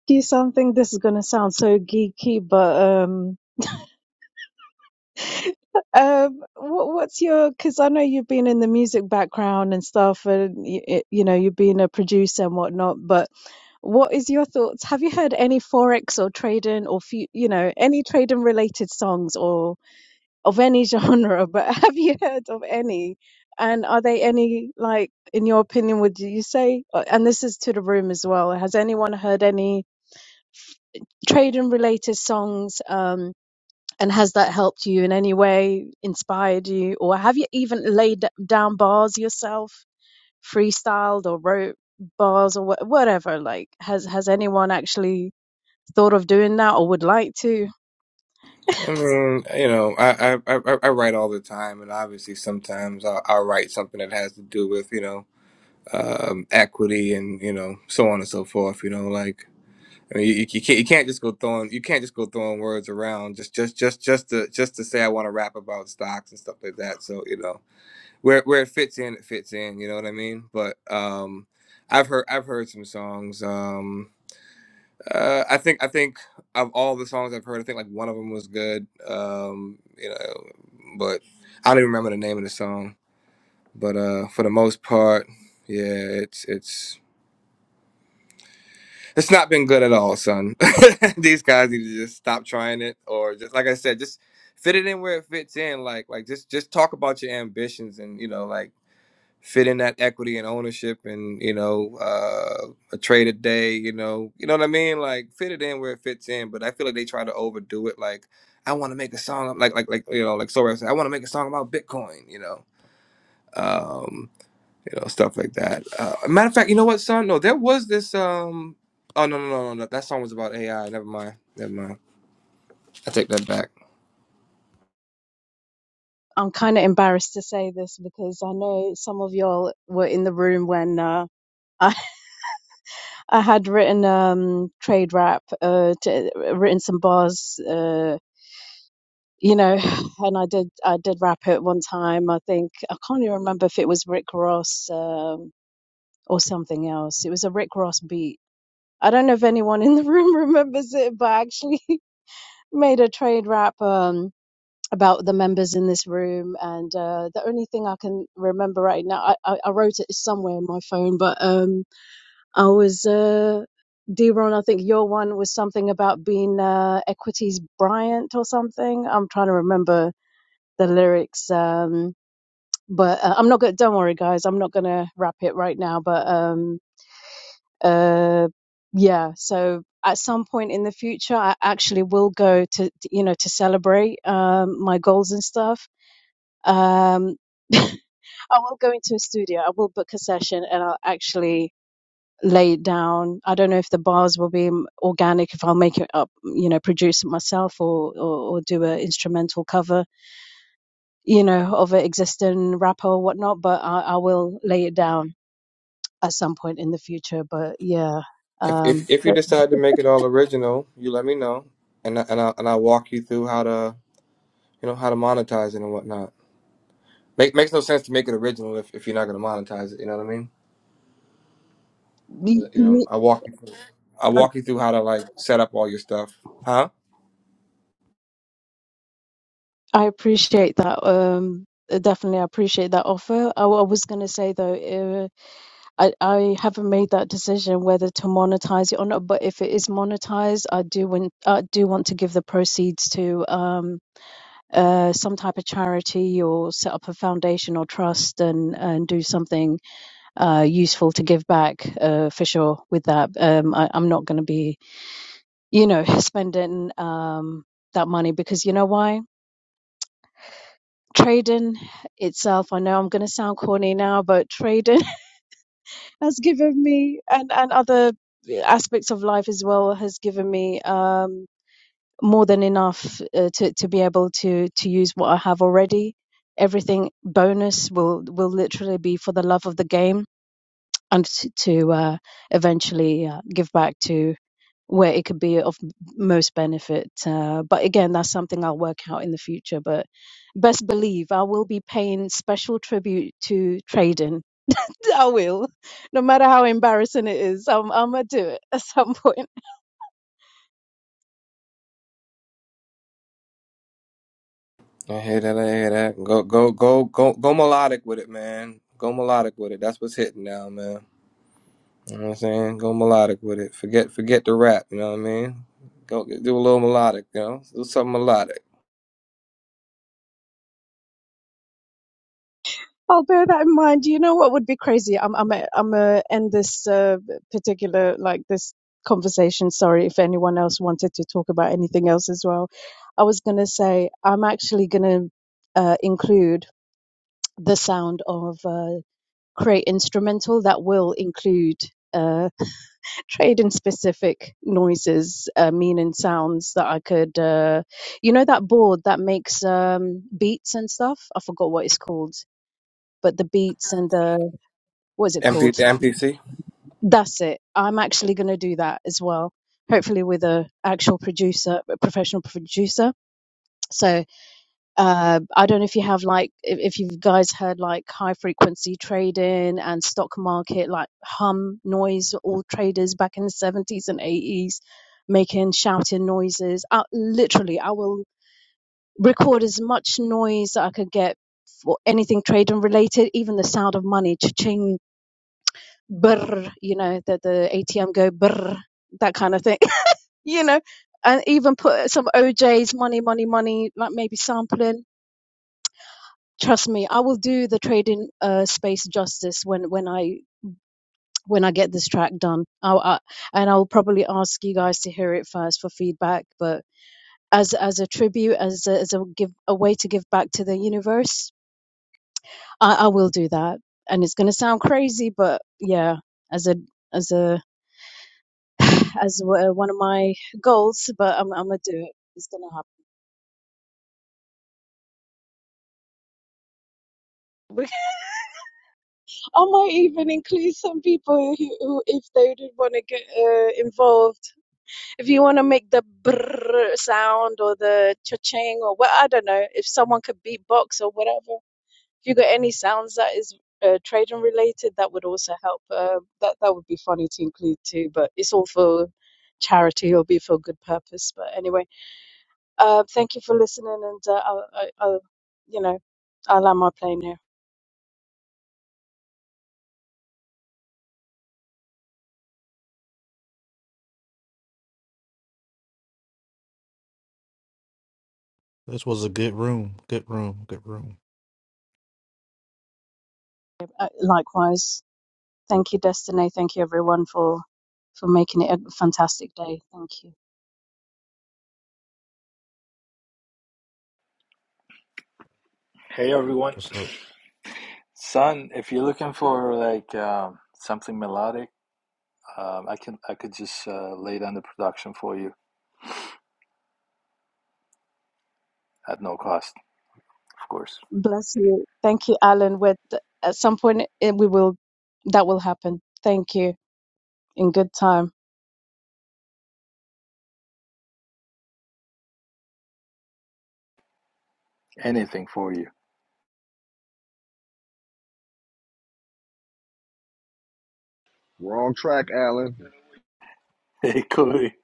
Do something. This is gonna sound so geeky, but um. Um, what, what's your? Because I know you've been in the music background and stuff, and you, you know you've been a producer and whatnot. But What is your thoughts? Have you heard any forex or trading or fu- you know any trading related songs or of any genre? But have you heard of any? And are they any like in your opinion? Would you say? uh, And this is to the room as well. Has anyone heard any trading related songs? Um, and has that helped you in any way? Inspired you, or have you even laid d- down bars yourself, freestyled or wrote bars or wha- whatever? Like, has has anyone actually? thought of doing that or would like to. I mean, you know, I I, I, I write all the time, and obviously sometimes I, I write something that has to do with you know um, equity and you know so on and so forth. You know, like. I mean, you, you can't you can't just go throwing you can't just go throwing words around just just just just to just to say I want to rap about stocks and stuff like that. So you know where where it fits in, it fits in. You know what I mean? But um, I've heard I've heard some songs. Um, uh, I think I think of all the songs I've heard, I think like one of them was good. Um, you know, but I don't even remember the name of the song. But uh, for the most part, yeah, it's it's It's not been good at all, son. These guys need to just stop trying it, or just like I said, just fit it in where it fits in. Like, like just just talk about your ambitions, and you know, like fit in that equity and ownership, and you know, uh, a trade a day. You know, you know what I mean. Like, fit it in where it fits in. But I feel like they try to overdo it. Like, I want to make a song, like like like you know, like Sorrel said, I want to make a song about Bitcoin. You know, Um, you know, stuff like that. Uh, matter of fact, you know what, son? No, there was this. Um, oh no, no, no, no, no. That song was about AI. Never mind. Never mind. I take that back. I'm kind of embarrassed to say this because I know some of y'all were in the room when uh, I, I had written um, trade rap, uh, t- written some bars. Uh, you know, and I did I did rap it one time. I think I can't even remember if it was Rick Ross um, or something else. It was a Rick Ross beat. I don't know if anyone in the room remembers it, but I actually made a trade rap um, about the members in this room. And uh, the only thing I can remember right now, I, I, I wrote it somewhere in my phone, but um, I was uh, D-Ron, I think your one was something about being uh, Equities Bryant or something. I'm trying to remember the lyrics. Um, but uh, I'm not gonna. Don't worry, guys. I'm not gonna wrap it right now. But um, uh, yeah. So at some point in the future, I actually will go to you know to celebrate um, my goals and stuff. Um, I will go into a studio. I will book a session, and I'll actually lay it down. I don't know if the bars will be m- organic, if I'll make it up, you know, produce it myself, or or, or do a instrumental cover you know, of an existing rapper or whatnot, but I, I will lay it down at some point in the future. But yeah, If um, if, if you decide to make it all original, you let me know, and I, and I, and I'll walk you through how to you know how to monetize it and whatnot. Make makes no sense to make it original if, if you're not gonna monetize it. You know what I mean? y- But, You know, y- I walk you through. I walk you through how to like set up all your stuff, huh? I appreciate that. Um, definitely, I appreciate that offer. I, wa- I was going to say though, uh, I, I haven't made that decision whether to monetize it or not, but if it is monetized, I do want I do want to give the proceeds to um uh some type of charity or set up a foundation or trust and and do something uh useful to give back uh for sure with that. Um I, I'm not gonna be, you know, spending um that money because you know why? Trading itself, I know I'm gonna sound corny now, but trading has given me and and other aspects of life as well has given me um more than enough uh, to to be able to to use what I have already everything bonus will will literally be for the love of the game and to, to uh eventually uh, give back to where it could be of most benefit uh, but again that's something I'll work out in the future but best believe I will be paying special tribute to trading I will, no matter how embarrassing it is. I'm, I'm gonna do it at some point. I hear that. I hear that. Go go go go go melodic with it, man. Go melodic with it. That's what's hitting now, man. You know what I'm saying? Go melodic with it. Forget forget the rap, you know what I mean? Go do a little melodic, you know? Do something melodic. I'll bear that in mind. You know what would be crazy? I'm, I'm, a, I'm gonna end this uh, particular like this conversation. Sorry if anyone else wanted to talk about anything else as well. I was gonna say I'm actually gonna uh, include the sound of uh, create instrumental that will include. uh, trade in specific noises, uh, meaning sounds that I could, uh, you know, that board that makes um, beats and stuff. I forgot what it's called, but the beats and the what is it MP, called? MPC? That's it. I'm actually going to do that as well. Hopefully with a actual producer, a professional producer. So uh, I don't know if you have like if, if you guys heard like high frequency trading and stock market like hum noise all traders back in the 70s and 80s making shouting noises I, literally I will record as much noise that I could get for anything trading related even the sound of money cha-ching brr you know that the ATM go brr that kind of thing you know and even put some OJ's money money money like maybe sampling Trust me, I will do the trading uh, space justice when when I when I get this track done. I'll, I, and I'll probably ask you guys to hear it first for feedback, but. As, as a tribute, as a, as a give a way to give back to the universe, I, I will do that, and it's gonna sound crazy, but yeah, as a as a as one of my goals, but I'm I'm gonna do it. It's gonna happen. I might even include some people who, who if they did want to get uh, involved if you want to make the brrr sound or the cha-ching or what I don't know, if someone could beatbox or whatever, if you got any sounds that is uh, trading related, that would also help. Uh, that that would be funny to include too, but it's all for charity or be for good purpose. But anyway, uh, thank you for listening, and uh, I'll, I- I'll, you know, I'll land my plane here. This was a good room. Good room. Good room. Uh, likewise, thank you, Destiny. Thank you, everyone, for for making it a fantastic day. Thank you. Hey everyone, What's up? son. If you're looking for like um, something melodic, um, I can I could just uh, lay down the production for you at no cost, of course. Bless you. Thank you, Alan. With at some point it, we will that will happen. Thank you. In good time. Anything for you. Wrong track, Alan. Hey Chloe,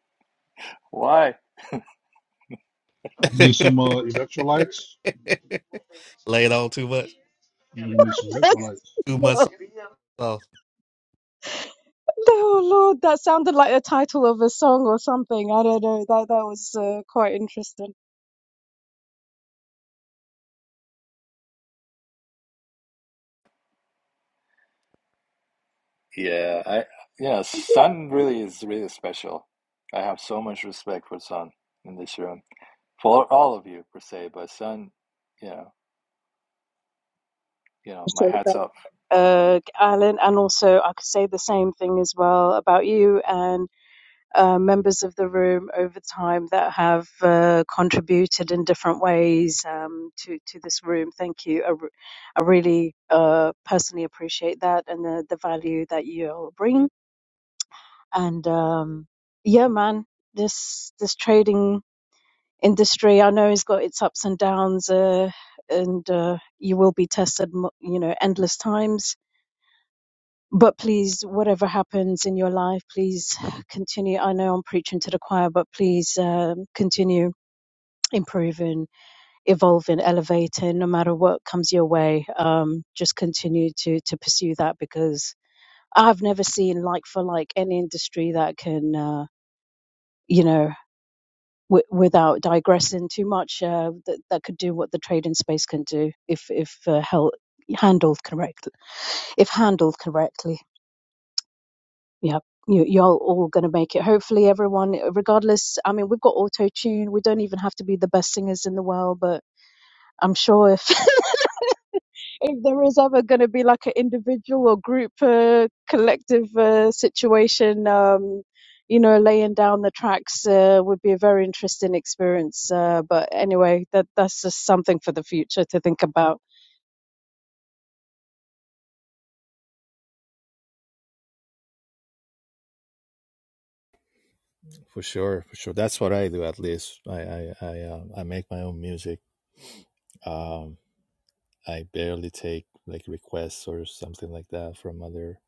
why? You need some uh, electrolytes? Laid on too much. You need some electrolytes. Too much sauce. Oh Lord, that sounded like a title of a song or something. I don't know. That that was uh, quite interesting. Yeah, I yeah. Sun really is really special. I have so much respect for Sun in this room for all of you per se, but Sun, you know, you know, my Appreciate that. hats off. Uh, Alan, and also I could say the same thing as well about you uh, members of the room over time that have uh, contributed in different ways um, to to this room. Thank you. I, I really uh, personally appreciate that and the, the value that you all bring. And um, yeah, man, this this trading industry I know it's got its ups and downs, uh, and uh, you will be tested, you know, endless times but please, whatever happens in your life, please continue. I know I'm preaching to the choir, but please um, continue improving, evolving, elevating, no matter what comes your way. Um, just continue to to pursue that because I've never seen like for like any industry that can, uh, you know. W- without digressing too much, uh, that, that could do what the trading space can do if if uh, held, handled correctly. If handled correctly. yeah, you, y'all all gonna make it. Hopefully, everyone, regardless. I mean, we've got auto tune. We don't even have to be the best singers in the world, but I'm sure if if there is ever gonna be like an individual or group, uh, collective uh, situation, um, you know, laying down the tracks uh, would be a very interesting experience. Uh, but anyway, that that's just something for the future to think about. For sure, for sure. That's what I do. At least I I I, uh, I make my own music. Um, I barely take like requests or something like that from other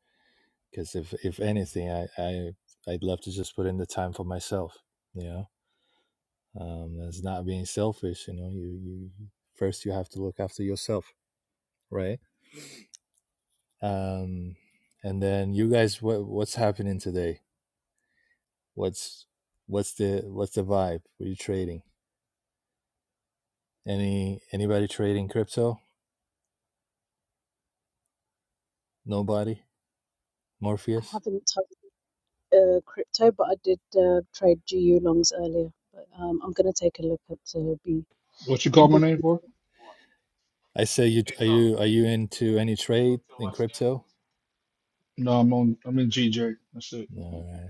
because if if anything, I I I'd love to just put in the time for myself. You know, um, that's not being selfish. You know, you you first you have to look after yourself, right? Um, and then you guys, what what's happening today? What's what's the what's the vibe? What are you trading? Any anybody trading crypto? Nobody. I Morpheus. haven't touched uh, crypto, but I did uh, trade GU longs earlier. But um, I'm gonna take a look at uh, B What you call my the- name for? I say you are you are you into any trade in crypto? No, I'm on. I'm in GJ. That's it. All right.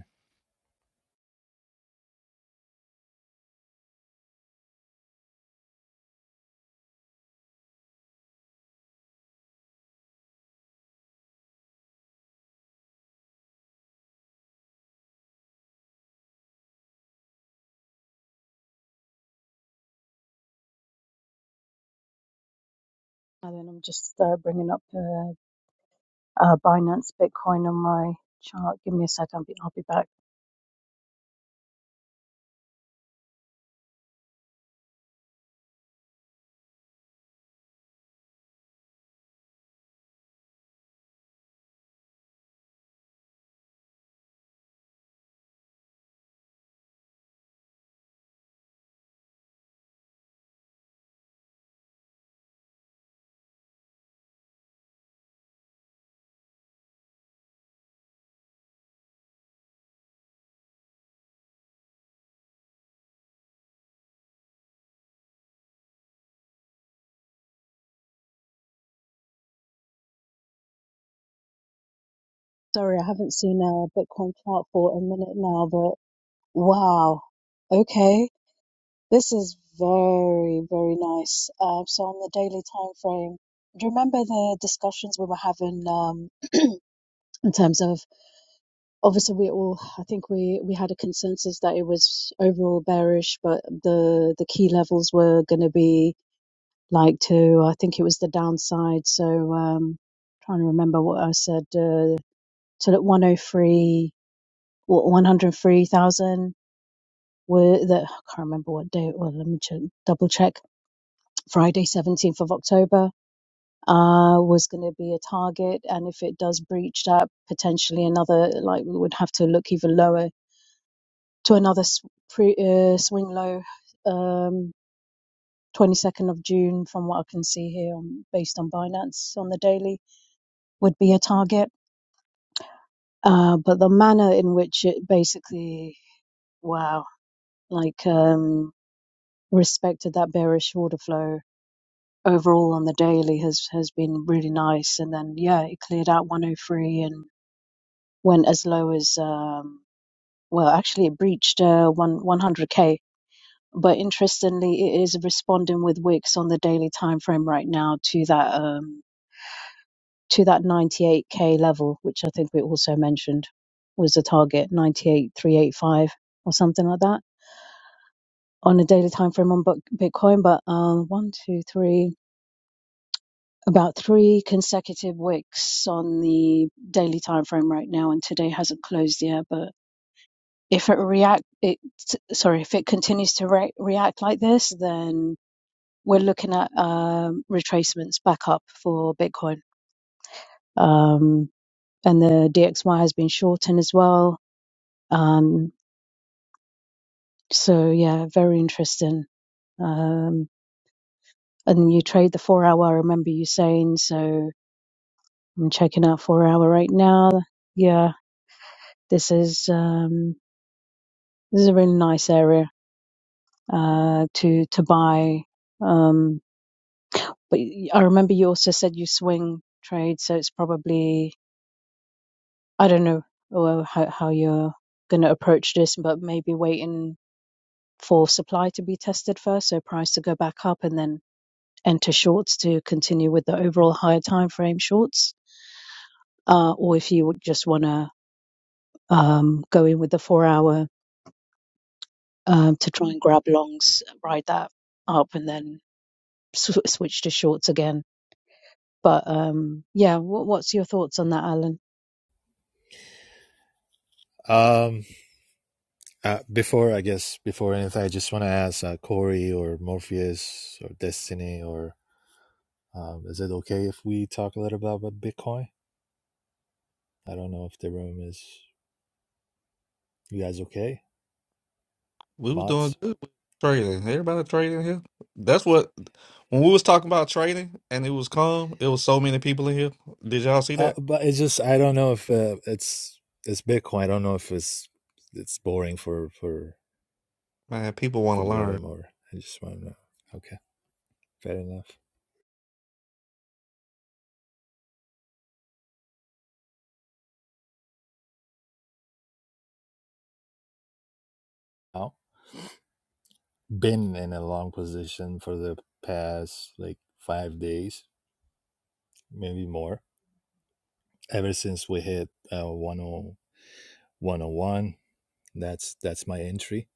and then I'm just uh, bringing up uh, uh, Binance Bitcoin on my chart. Give me a second, I'll be, I'll be back. Sorry, I haven't seen a Bitcoin chart for a minute now, but wow. Okay, this is very, very nice. Uh, so on the daily time frame, do you remember the discussions we were having um, in terms of obviously we all I think we we had a consensus that it was overall bearish, but the the key levels were going to be like to I think it was the downside. So um, trying to remember what I said. Uh, till at one hundred three, what one hundred three thousand were that I can't remember what day. Well, let me check, double check. Friday seventeenth of October uh, was going to be a target, and if it does breach that, potentially another like we would have to look even lower to another s- pre, uh, swing low. Um, 22nd of June, from what I can see here, on, based on Binance on the daily. would be a target. Uh, but the manner in which it basically, wow, like um, respected that bearish order flow overall on the daily has has been really nice. And then yeah, it cleared out 103 and went as low as um, well, actually it breached uh, one 100k. But interestingly, it is responding with wicks on the daily time frame right now to that. Um, to that 98k level, which I think we also mentioned was a target 98,385 or something like that on a daily time frame on Bitcoin. But um, one, two, three, about three consecutive wicks on the daily time frame right now, and today hasn't closed yet. But if it react, it sorry, if it continues to re- react like this, then we're looking at um, retracements back up for Bitcoin. Um, and the DXY has been shortened as well Um, so yeah, very interesting. Um, and you trade the four hour. I remember you saying so. I'm checking out four hour right now. Yeah, this is um, this is a really nice area uh, to to buy. Um, but y- I remember you also said you swing trade, so it's probably I don't know well, how how you're going to approach this, but maybe waiting for supply to be tested first, so price to go back up, and then and to shorts to continue with the overall higher time frame shorts, uh, or if you would just want to um, go in with the four hour um, to try and grab longs, ride that up, and then sw- switch to shorts again. But um, yeah, what, what's your thoughts on that, Alan? Um, uh, before I guess before anything, I just want to ask uh, Corey or Morpheus or Destiny or um, is it okay if we talk a little bit about Bitcoin? I don't know if the room is you guys okay, We was doing mods. good with trading. Everybody trading here. That's what when we was talking about trading and it was calm, it was so many people in here. Did y'all see Uh, that? but it's just I don't know if uh, it's it's Bitcoin. I don't know if it's it's boring for for Man, people want for to the learn. room or I just want to know. Okay, fair enough. I've been in a long position for the past like five days, maybe more ever since we hit uh, 101 that's that's my entry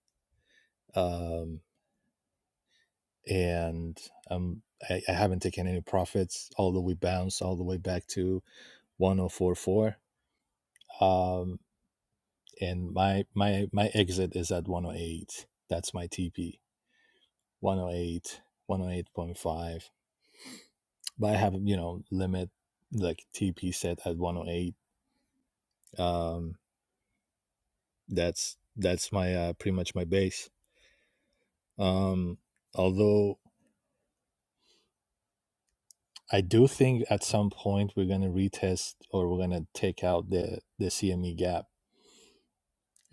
um and um I, I haven't taken any profits although we bounced all the way back to 1044 um and my my my exit is at 108 that's my tp 108 108.5 but i have you know limit like tp set at 108 um that's that's my uh, pretty much my base um although I do think at some point we're gonna retest or we're gonna take out the the CME gap.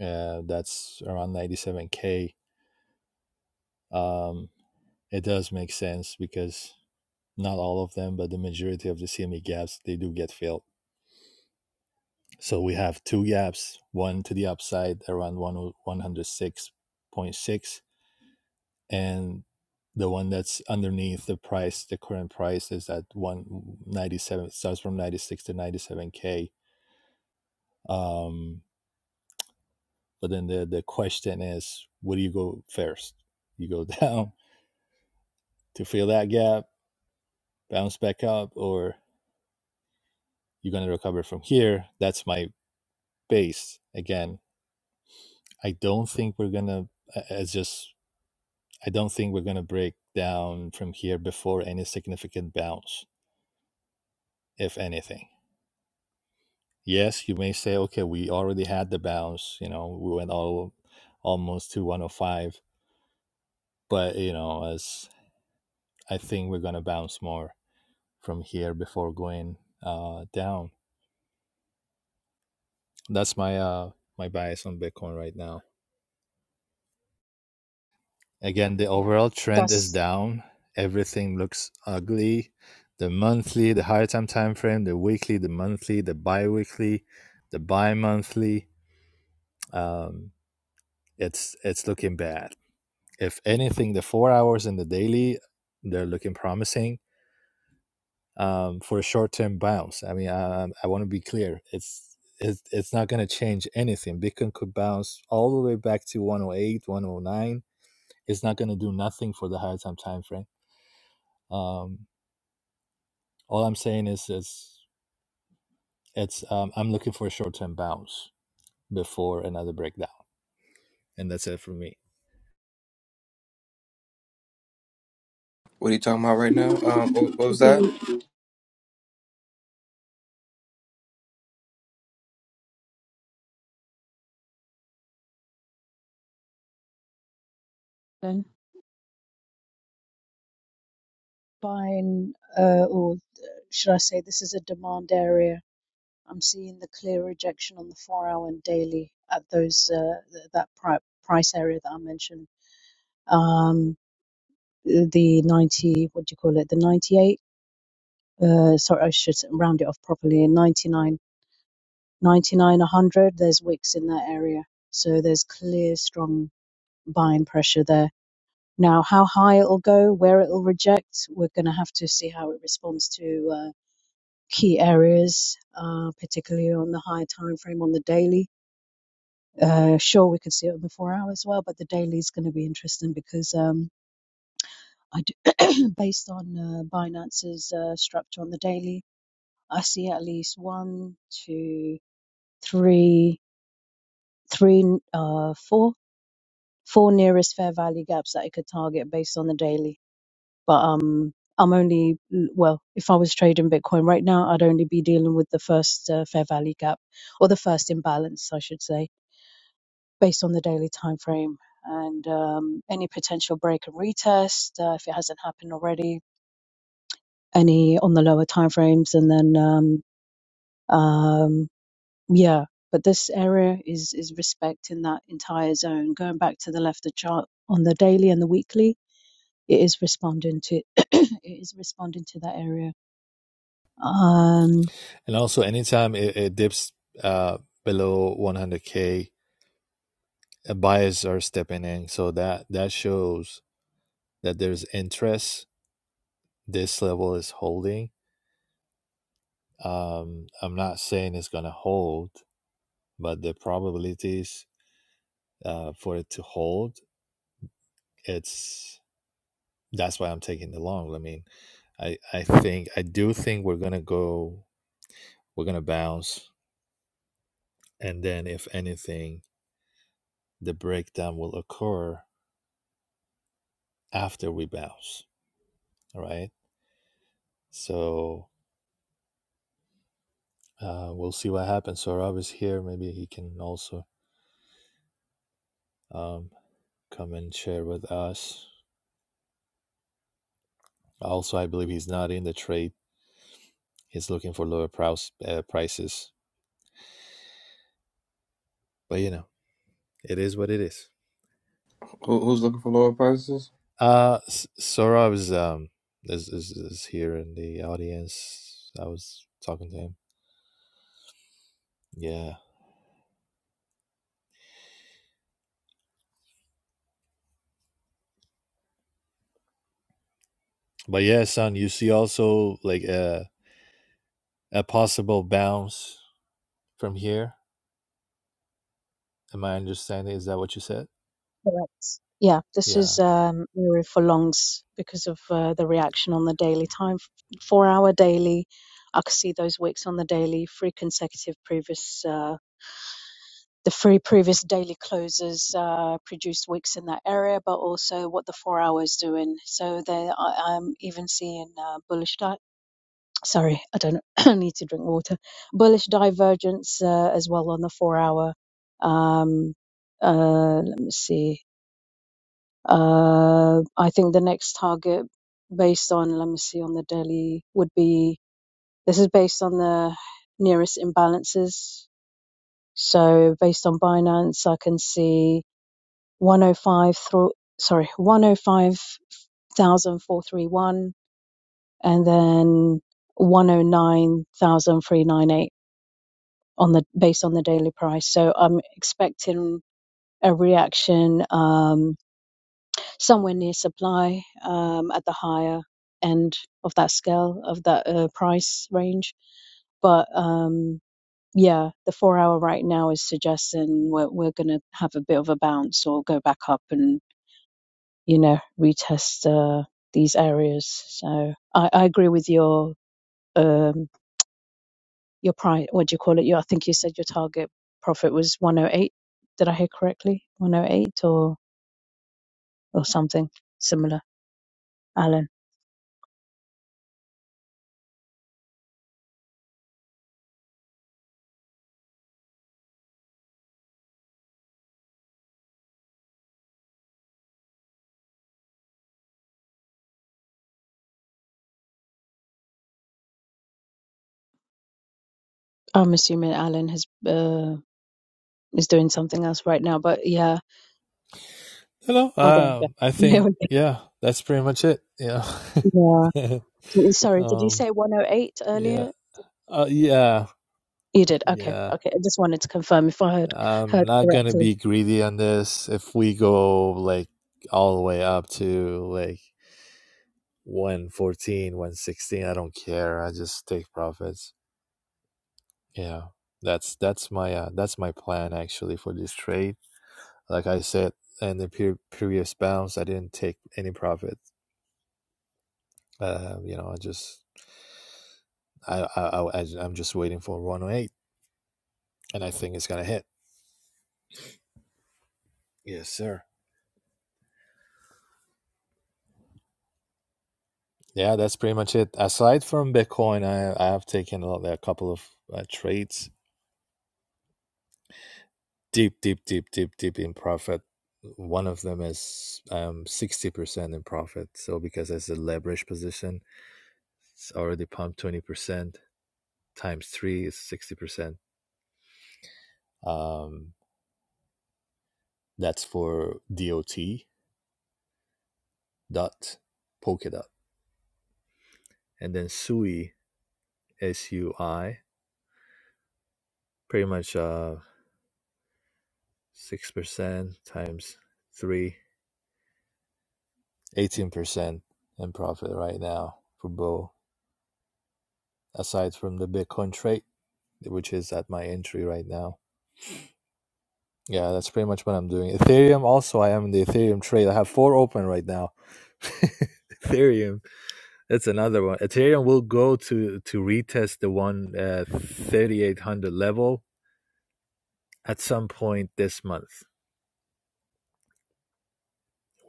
Uh, that's around 97k. Um, it does make sense because not all of them, but the majority of the CME gaps they do get filled. So we have two gaps: one to the upside around one o- 106.6, and the one that's underneath the price, the current price is at 197. starts from 96 to 97k. Um, But then the the question is, what do you go first? You go down to fill that gap, bounce back up, or you're gonna recover from here. That's my base. Again, I don't think we're gonna. It's just I don't think we're gonna break down from here before any significant bounce, if anything. Yes, you may say, okay, we already had the bounce. You know, we went all almost to 105, but you know, as I think we're gonna bounce more from here before going uh, down. That's my uh, my bias on Bitcoin right now. Again, the Yeah, overall trend is that's down. Everything looks ugly. The monthly, the higher time time frame, the weekly, the monthly, the bi-weekly, the bi-monthly. Um, it's it's looking bad. If anything, the four hours and the daily, they're looking promising um, for a short-term bounce. I mean, I, I want to be clear. It's it's, it's not going to change anything. Bitcoin could bounce all the way back to 108, 109. It's not going to do nothing for the higher time time frame. Um, all I'm saying is, it's it's um, I'm looking for a short-term bounce before another breakdown, and that's it for me. What are you talking about right now? Um, what, what was that? Alan, buying, uh, or should I say, this is a demand area I'm seeing the clear rejection on the four-hour and daily at those uh, th- that pri- price area that I mentioned. Um, the 90, what do you call it? The 98. Uh, sorry, I should round it off properly. Ninety-nine, ninety-nine, 99, 100. There's wicks in that area, so there's clear strong buying pressure there. Now, how high it'll go, where it'll reject, we're going to have to see how it responds to uh, key areas, uh, particularly on the higher time frame on the daily Uh, sure, we could see it on the four hour as well, but the daily is going to be interesting because um, I do, based on uh, Binance's uh, structure on the daily, I see at least one, two, three, three, uh, four, four nearest fair value gaps that I could target based on the daily. But um, I'm only well, if I was trading Bitcoin right now, I'd only be dealing with the first uh, fair value gap or the first imbalance, I should say based on the daily time frame and um, any potential break and retest uh, if it hasn't happened already any on the lower time frames and then um, um, yeah but this area is is respecting that entire zone going back to the left of chart on the daily and the weekly it is responding to it is responding to that area Um, And also, anytime it, it dips uh, below 100k, uh, buyers are stepping in, so that that shows that there's interest this level is holding. Um, I'm not saying it's gonna hold, but the probabilities uh, for it to hold, it's that's why I'm taking the long. I mean, I I think I do think we're gonna go, we're gonna bounce, and then if anything, the breakdown will occur after we bounce. All right, so uh, we'll see what happens. So Rob is here. Maybe he can also um, come and share with us. Also, I believe he's not in the trade It's looking for lower price, uh, prices, but you know, it is what it is. Who, who's looking for lower prices? Uh, S- Sora is um is, is is here in the audience. I was talking to him. Yeah, but yeah, son, you see also like a a possible bounce from here. Am I understanding? Is that what you said? Correct. Yeah, this is Yeah. um, area for longs because of uh, the reaction on the daily time. Four hour daily, I could see those wicks on the daily. Three consecutive previous, uh, the three previous daily closes uh, produced wicks in that area, but also what the four hours doing. So there, I, I'm even seeing uh, bullish di Sorry, I don't I need to drink water. Bullish divergence uh, as well on the four hour. Um, uh, let me see uh, I think the next target, based on, let me see, on the Delhi, would be this is based on the nearest imbalances. So based on Binance, I can see 105 through, sorry, 105,431 and then 109,398 on the based on the daily price. So I'm expecting a reaction. Um, somewhere near supply um, at the higher end of that scale of that uh, price range. But um, yeah, the four hour right now is suggesting we're we're gonna have a bit of a bounce or go back up and you know retest uh, these areas. So I, I agree with your um, your price. What do you call it? Your, I think you said your target profit was 108. Did I hear correctly? 108 or or something similar, Alan. I'm assuming Alan has uh, is doing something else right now, but yeah. You know, Oh, there we go. um, I There think we yeah, that's pretty much it. Yeah. go. Yeah. Sorry, did you um. say 108 Yeah. earlier? Uh. Yeah. You did. Okay. Yeah. Okay. I just wanted to confirm if I heard I'm heard not gonna correctly. be greedy on this. If we go like all the way up to like one fourteen, one sixteen, I don't care. I just take profits. Yeah. That's that's my uh, that's my plan actually for this trade. Like I said in the pre- previous bounce, I didn't take any profit. Uh, you know, I just I I, I I- I'm just waiting for 108 and I think it's going to hit. Yes, sir. Yeah, that's pretty much it. Aside from Bitcoin, I, I have taken a, lot- a couple of uh, trades deep, deep, deep, deep, deep in profit. One of them is um, 60% in profit. So because it's a leverage position, it's already pumped 20%. Times three is 60%. Um, that's for DOT, dot, Polkadot. And then SUI, S-U-I, pretty much uh, 6% times three 18% in profit right now for Bo. aside from the bitcoin trade which is at my entry right now yeah that's pretty much what i'm doing ethereum also i am in the ethereum trade i have four open right now ethereum that's another one ethereum will go to to retest the one uh, 3800 level at some point this month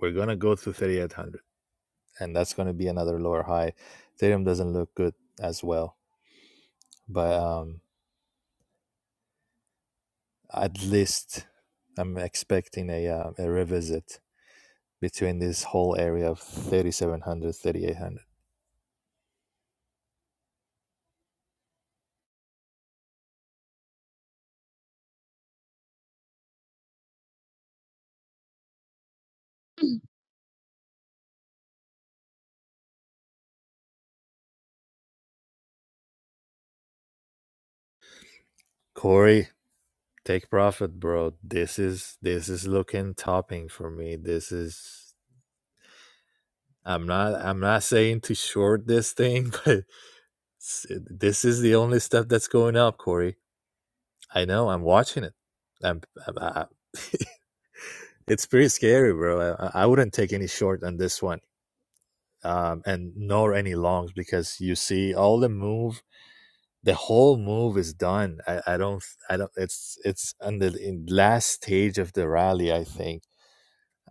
we're gonna go to 3800 and that's gonna be another lower high ethereum doesn't look good as well but um At least I'm expecting a, uh, a revisit between this whole area of thirty seven hundred, thirty eight hundred. Corey, take profit, bro. This is this is looking topping for me. This is I'm not I'm not saying to short this thing, but this is the only stuff that's going up, Corey. I know. I'm watching it. I'm, I'm I, it's pretty scary, bro. I I wouldn't take any short on this one. um, and nor any longs because you see all the move the whole move is done i, I don't i don't it's it's on the in last stage of the rally i think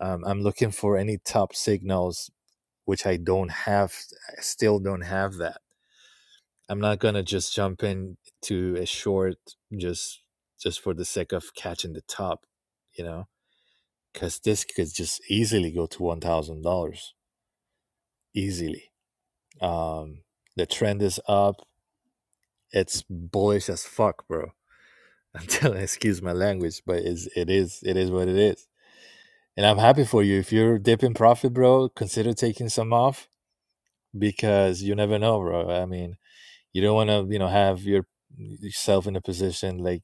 um, i'm looking for any top signals which i don't have i still don't have that i'm not gonna just jump in to a short just just for the sake of catching the top you know because this could just easily go to $1000 easily um the trend is up It's bullish as fuck, bro. Until excuse my language, but it's, it is it is what it is. And I'm happy for you. If you're dipping profit, bro, consider taking some off because you never know, bro. I mean, you don't want to, you know, have your yourself in a position like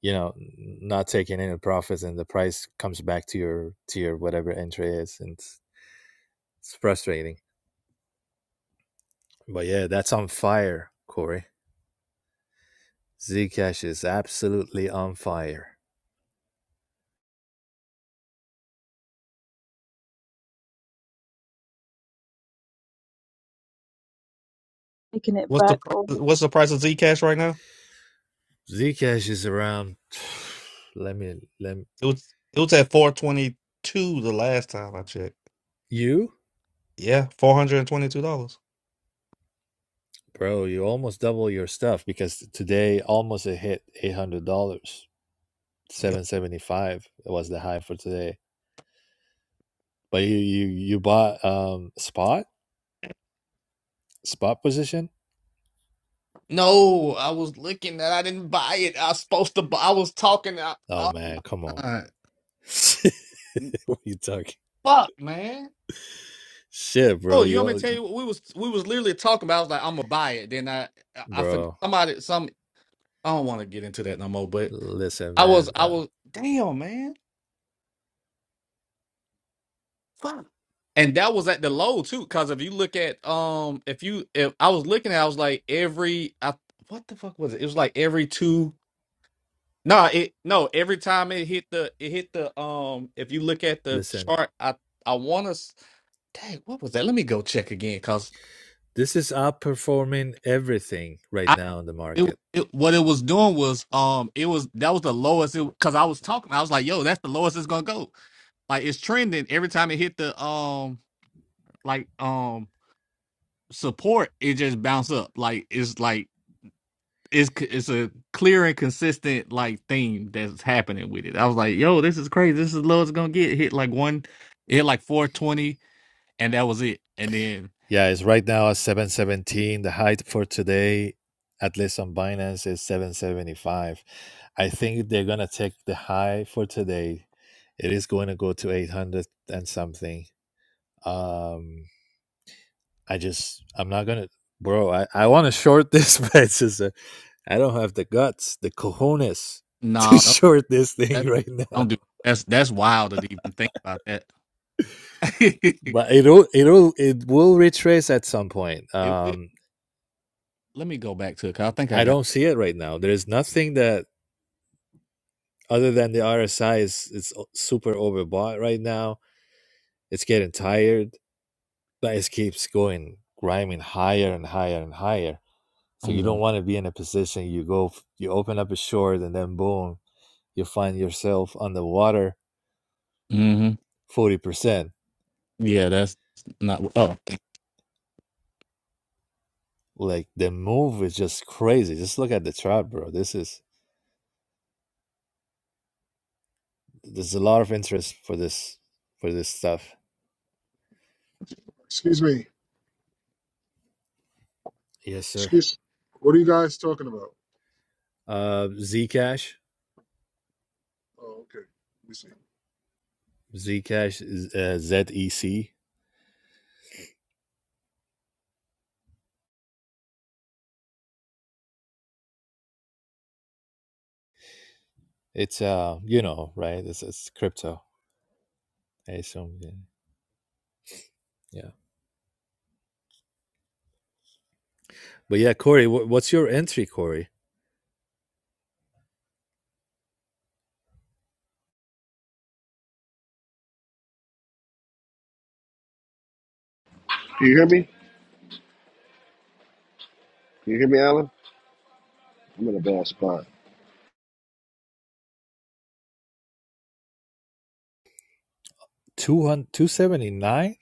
you know not taking any profits and the price comes back to your to your whatever entry is and it's, it's frustrating but yeah that's on fire corey zcash is absolutely on fire Taking it What's the back price, all what's the price of Zcash right now? Zcash is around. Let me let me, It was it was at 422 the last time I checked. you, Yeah, $422. bro. You almost double your stuff because today almost it hit eight hundred dollars. Yep. Seven seventy five was the high for today. But you you you bought um spot spot position. No, I was looking that I didn't buy it. I was supposed to buy. I was talking. I, Oh man, come on. I, what you talking? fuck, man. Shit, bro. Oh, you want me to You tell you what we was we was literally talking about? I was like, I'm gonna buy it. Then I I, I forgot bro. somebody some I don't want to get into that no more. But Listen, I was man. I Uh, was damn man fuck. And that was at the low too, because if you look at um if you if I was looking at I was like every I what the fuck was it? It was like every two no it no every time it hit the it hit the um if you look at the listen. chart I I want to dang what was that? Let me go check again because. This is outperforming everything right now in the It, market. was- it what it was doing was um it was that was the lowest it because I was talking I was like yo that's the lowest it's gonna go like it's trending every time it hit the um like um support it just bounce up like it's like it's c- it's a clear and consistent like theme that's happening with it I was like yo this is crazy this is as low as it's gonna get It hit like one it hit like four twenty and that was it and then Yeah, it's right now at 717. The height for today, at least on Binance, is 775. I think they're going to take the high for today. It is going to go to 800 and something. Um, I just, I'm not going to, bro, I, I want to short this, but it's just, uh, I don't have the guts, the cojones to no don't, short this thing that's right now. don't do that's that's wild to even think about that it But it'll, it'll, it will retrace at some point. will. Um, Let me go back to it. 'cause I think I I got. don't see it right now. There is nothing that other than the RSI is it's super overbought right now. It's getting tired. but it keeps going grinding higher and higher and higher. So I'm you don't going. want to be in a position you go you open up a short and then boom, you find yourself underwater Mm-hmm. forty percent. Yeah, that's not. Oh, Like the move is just crazy. Just look at the chart, bro. This is there's a lot of interest for this for this stuff. Excuse me. Yes, sir. Excuse. What are you guys talking about? Uh, Zcash, Oh, okay. Let me see. Zcash, is, uh, ZEC. It's uh, you know, right? it's it's crypto. I assume. Yeah. yeah. But yeah, Corey, wh- what's your entry, Corey? Can you hear me? Can you hear me, Alan? I'm in a bad spot. 200, 279?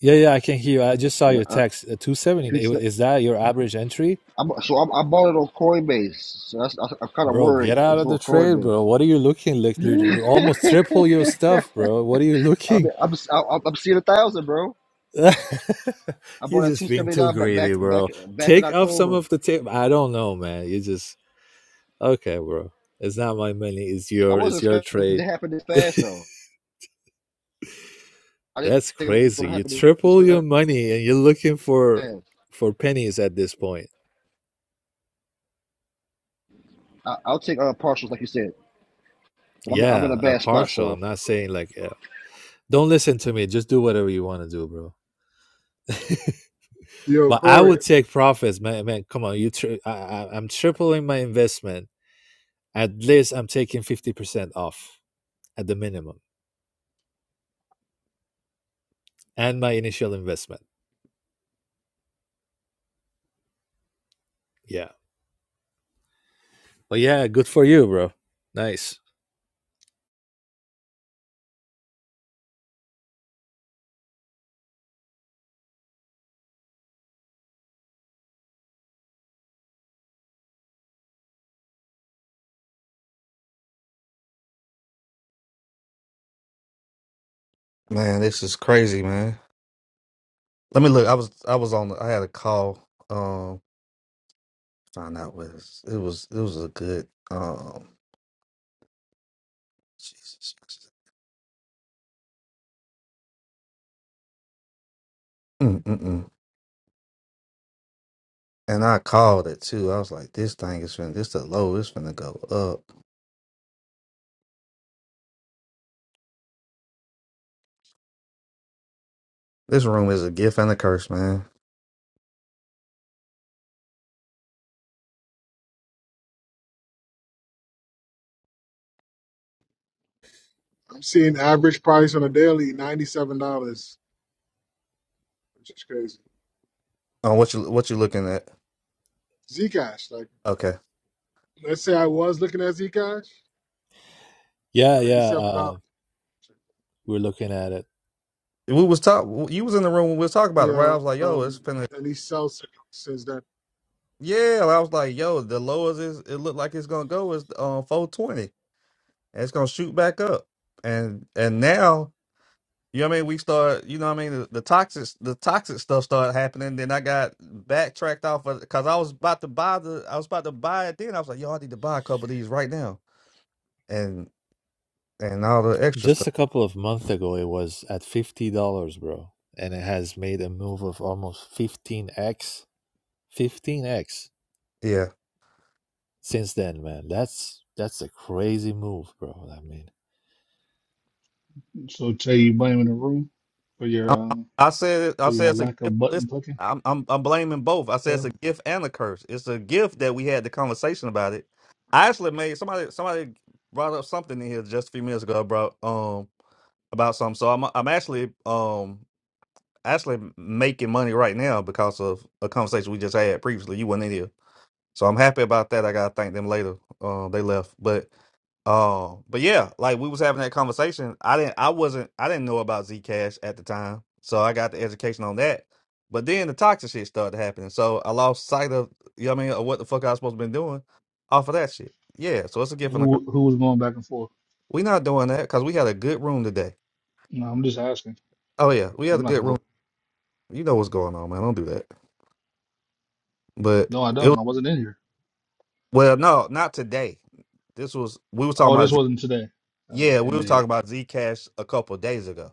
Yeah, yeah, I can hear you. I just saw Yeah, your I, text. Uh, 279. two sec. Is that your average entry? I'm, so I'm, I bought it on Coinbase. So that's, I, I'm kind of Bro, get worried. out It's of the on trade, Coinbase. bro. What are you looking like? dude? Almost triple your stuff, bro. What are you I'm, looking? I'm, I'm, I'm seeing a thousand, bro. You're I bought at just two being seventy too nine back greedy, back back bro. back in Take off some October. of the tape. I don't know, man. You just okay, bro. It's not my money. It's I your. wasn't It's your expecting it to trade. happen this fast, though. I didn't That's think it was going crazy. to You happen this triple your money and you're looking for fast. for pennies at this point. I, I'll take uh, partials, like you said, but I'm, I'm in a Yeah, a bad spot, partial. so I'm not saying like yeah. don't listen to me. Just do whatever you want to do, bro. Yo, But I Corey, would take profits, man. Man, come on. You, tri- I, I, I'm tripling my investment. At least I'm taking fifty percent off at the minimum and my initial investment. Yeah. But yeah, good for you, bro. Nice. Man, this is crazy, man. Let me look. I was I was on I had a call. Um find out what it was it was it was a good um Jesus. Mm mm mm. And I called it too. I was like, this thing is finna this the low, it's finna go up. This room is a gift and a curse, man. I'm seeing average price on a daily ninety-seven dollars, which is crazy. Oh, what you what you looking at? Zcash, like, Okay. let's say I was looking at Zcash, Yeah, yeah. ninety-seven dollars. Uh, we're looking at it. We was talk you was in the room when we was talking about it, right? I Yeah, was like, yo, it's um, finna and he sells it since that Yeah, I was like, yo, the lowest is it looked like it's gonna go is um four twenty, and it's gonna shoot back up. And and now, you know what I mean? We start, you know what I mean? The, the toxic, the toxic stuff started happening. Then I got backtracked off of because I was about to buy the, I was about to buy it. Then I was like, yo, I need to buy a couple of these right now, and and all the extra Just stuff. a couple of months ago, it was at fifty dollars, bro, and it has made a move of almost fifteen x, fifteen x yeah. since then, man. That's that's a crazy move, bro. I mean, So tell you blaming the room for your I, uh, I said I for said your it's a lack gift. of button Listen, clicking. I'm, I'm I'm blaming both. I said it's a So gift and a curse. It's a gift that we had the conversation about it. I actually made somebody somebody brought up something in here just a few minutes ago about um about something. So I'm I'm actually um actually making money right now because of a conversation we just had previously. You weren't in here, so I'm happy about that. I gotta thank them later. Uh, they left, but um, but yeah, like we was having that conversation. I didn't, I wasn't, I didn't know about Zcash at the time, so I got the education on that. But then the toxic shit started happening, so I lost sight of, you know what I mean, of what the fuck I was supposed to been doing off of that shit. Yeah, so it's a gift and a curse. who who was going back and forth? We not doing that because we had a good room today. No, I'm just asking. Oh yeah, we had I'm a not good gonna room. go. You know what's going on, man. Don't do that. But No, I it don't. was I wasn't in here. well, no, not today. This was we was talking Oh, about this Z. wasn't today. Uh, Yeah, we was indeed. talking about Zcash a couple days ago.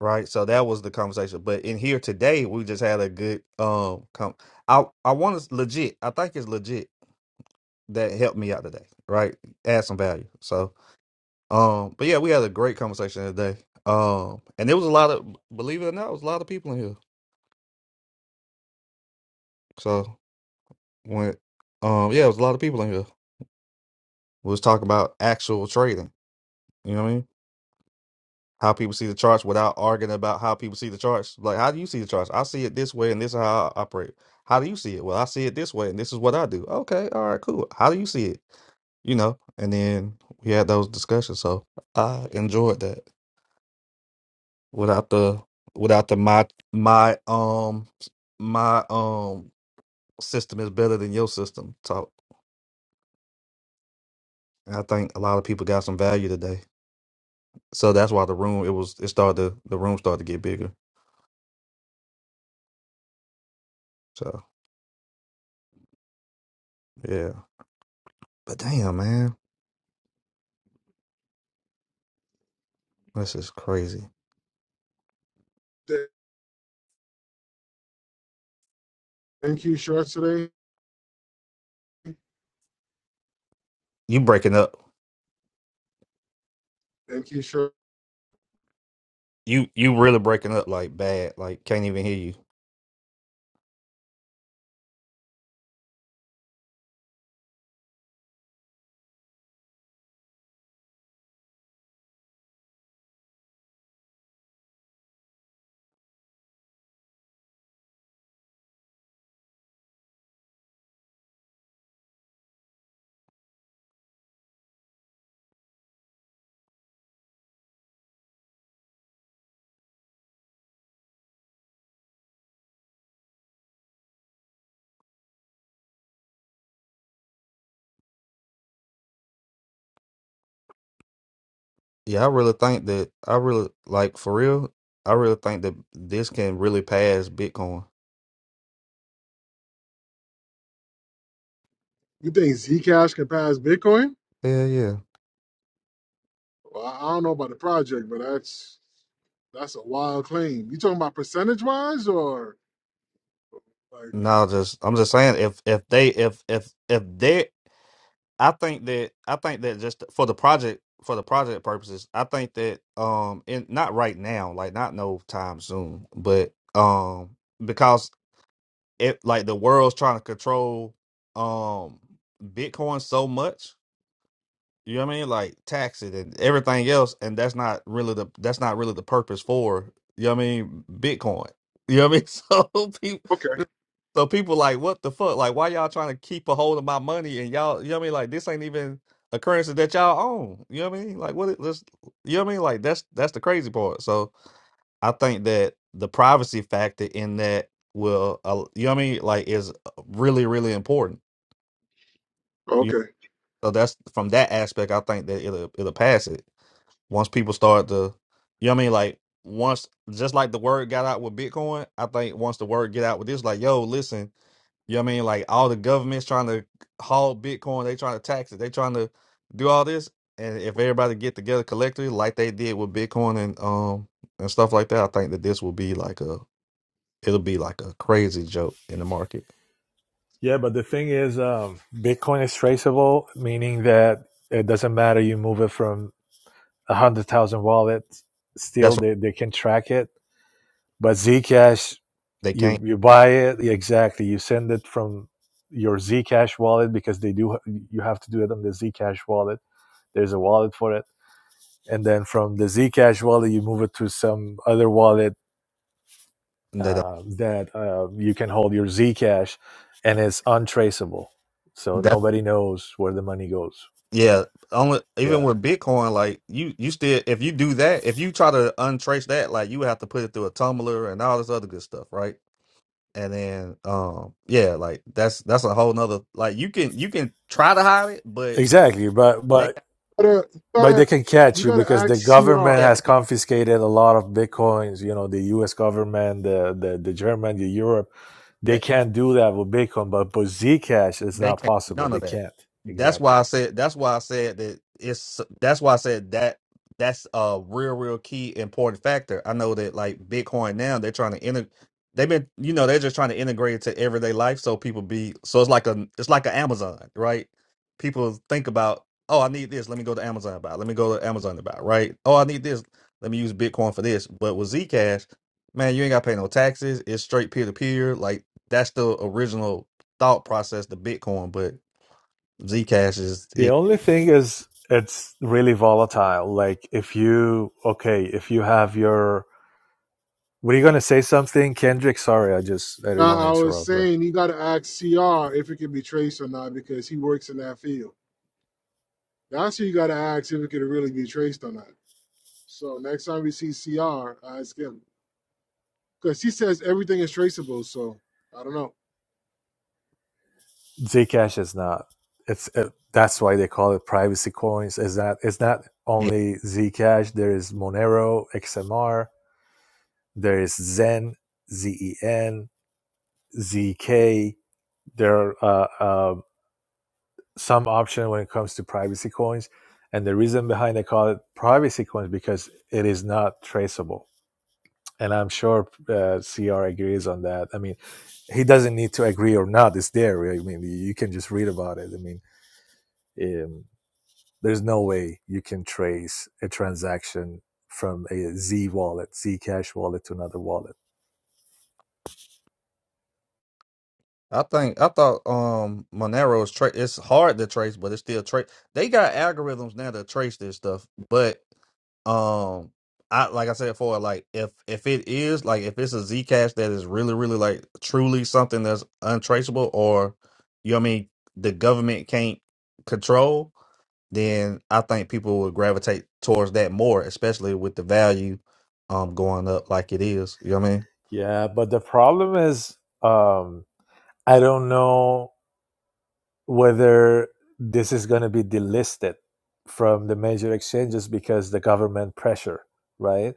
right? So that was the conversation. But in here today, we just had a good um. Com- I I want to legit. I think it's legit that helped me out today, right? Add some value. So um, but yeah, we had a great conversation today. Um, and there was a lot of believe it or not, it was a lot of people in here. So when um, yeah, it was a lot of people in here. We was talking about actual trading. You know what I mean? how people see the charts without arguing about how people see the charts. Like, how do you see the charts? I see it this way, and this is how I operate. How do you see it? Well, I see it this way, and this is what I do. Okay, all right, cool. How do you see it? You know, and then we had those discussions. So I enjoyed that without the without the my my um my um system is better than your system talk. And I think a lot of people got some value today. So that's why the room it was it started to, the room started to get bigger. So yeah. But damn man. This is crazy. day. NQ shorts today. You breaking up. NQ short. You you really breaking up like bad. Like can't even hear you. Yeah, I really think that I really like for real. I really think that this can really pass Bitcoin. You think Zcash can pass Bitcoin? Yeah, yeah. Well, I I don't know about the project, but that's that's a wild claim. You talking about percentage wise or? like? No, just I'm just saying if if they if if if they I think that I think that just for the project for the project purposes, I think that um and not right now, like not no time soon, but um because it like the world's trying to control um Bitcoin so much. You know what I mean? Like tax it and everything else, and that's not really the that's not really the purpose for you know what I mean Bitcoin. You know what I mean? Okay. So people so people like what the fuck? Like why y'all trying to keep a hold of my money and y'all you know what I mean? Like this ain't even a currency that y'all own. You know what I mean? Like what it let's you know what I mean? Like that's that's the crazy part. So I think that the privacy factor in that will, uh, you know what I mean, like is uh, really, really important. You Okay. so that's from that aspect. I think that it'll it'll pass it once people start to, you know what I mean, like once just like the word got out with Bitcoin. I think once the word get out with this, like yo, listen, you know what I mean, like all the governments trying to haul Bitcoin, they trying to tax it, they trying to do all this, and if everybody get together collectively like they did with Bitcoin and um and stuff like that, I think that this will be like a it'll be like a crazy joke in the market. Yeah, but the thing is, um, Bitcoin is traceable, meaning that it doesn't matter you move it from a hundred thousand wallets, still That's why they, they can track it But Zcash, they you can't. you buy it yeah, exactly. You send it from your Zcash wallet because they do. You have to do it on the Zcash wallet. There's a wallet for it, and then from the Zcash wallet, you move it to some other wallet That uh, that uh, you can hold your Zcash, and it's untraceable. So that's nobody knows where the money goes. yeah. Only even Yeah, with Bitcoin, like you you still if you do that, if you try to untrace that, like you have to put it through a tumbler and all this other good stuff, right? And then um yeah, like that's that's a whole nother like you can you can try to hide it, but exactly. But they but But uh, you But gotta they can catch you you gotta because ask the government yeah CR. has they confiscated a lot of bitcoins. You know, the U.S. government, the the, the German, the Europe, they can. can't do that with Bitcoin. But but Zcash is They not can't do possible. none They of that. can't That's exactly. why I said. That's why I said that it's. That's why I said that that's a real, real key important factor. I know that like Bitcoin now, they're trying to integrate. They've been, you know, they're just trying to integrate it to everyday life, so people be. So it's like a. It's like an Amazon, right? People think about, oh, I need this. Let me go to Amazon about. Let me go to Amazon about. it," Right? Oh, I need this. Let me use Bitcoin for this. But with Zcash, man, you ain't got to pay no taxes. It's straight peer to peer. Like that's the original thought process to Bitcoin, but Zcash is The it. only thing is it's really volatile. Like if you okay, if you have your were you gonna say something, Kendrick? Sorry, I just I didn't want to Now I was interrupt, bro. saying you gotta ask CR if it can be traced or not because he works in that field. That's who you gotta ask if it can really be traced or not. So next time we see CR, ask him because he says everything is traceable. So I don't know. Zcash is not. It's it, that's why they call it privacy coins. Is that it's not Yeah, only Zcash. There is Monero, XMR. There is Zen, Zen, ZK. There are uh, uh, some option when it comes to privacy coins, and the reason behind they call it privacy coins because it is not traceable. And I'm sure uh, CR agrees on that. I mean, he doesn't need to agree or not. It's there. right? I mean, you can just read about it. I mean. um, there's no way you can trace a transaction from a Z wallet, Zcash wallet to another wallet. I think I thought um Monero is tra- it's hard to trace, but it's still trace. They got algorithms now to trace this stuff, but um, I like I said before, like if if it is like if it's a Zcash that is really really like truly something that's untraceable, or you know what I mean, the government can't control. then I think people would gravitate towards that more, especially with the value um going up like it is. You know what I mean? Yeah, but the problem is, um, I don't know whether this is going to be delisted from the major exchanges because the government pressure, right?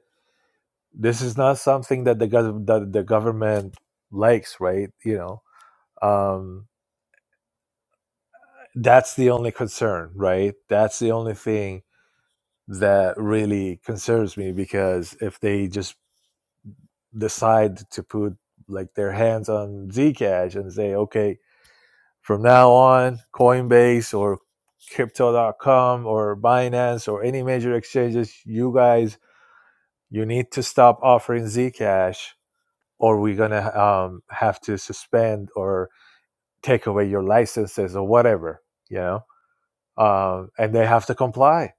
This is not something that the gov- that the government likes, right? You know, um, that's the only concern, right? That's the only thing that really concerns me because if they just decide to put like their hands on Zcash and say, okay, from now on, Coinbase or crypto.com or Binance or any major exchanges, you guys, you need to stop offering Zcash or we're going to um, have to suspend or take away your licenses or whatever, you know, um, and they have to comply.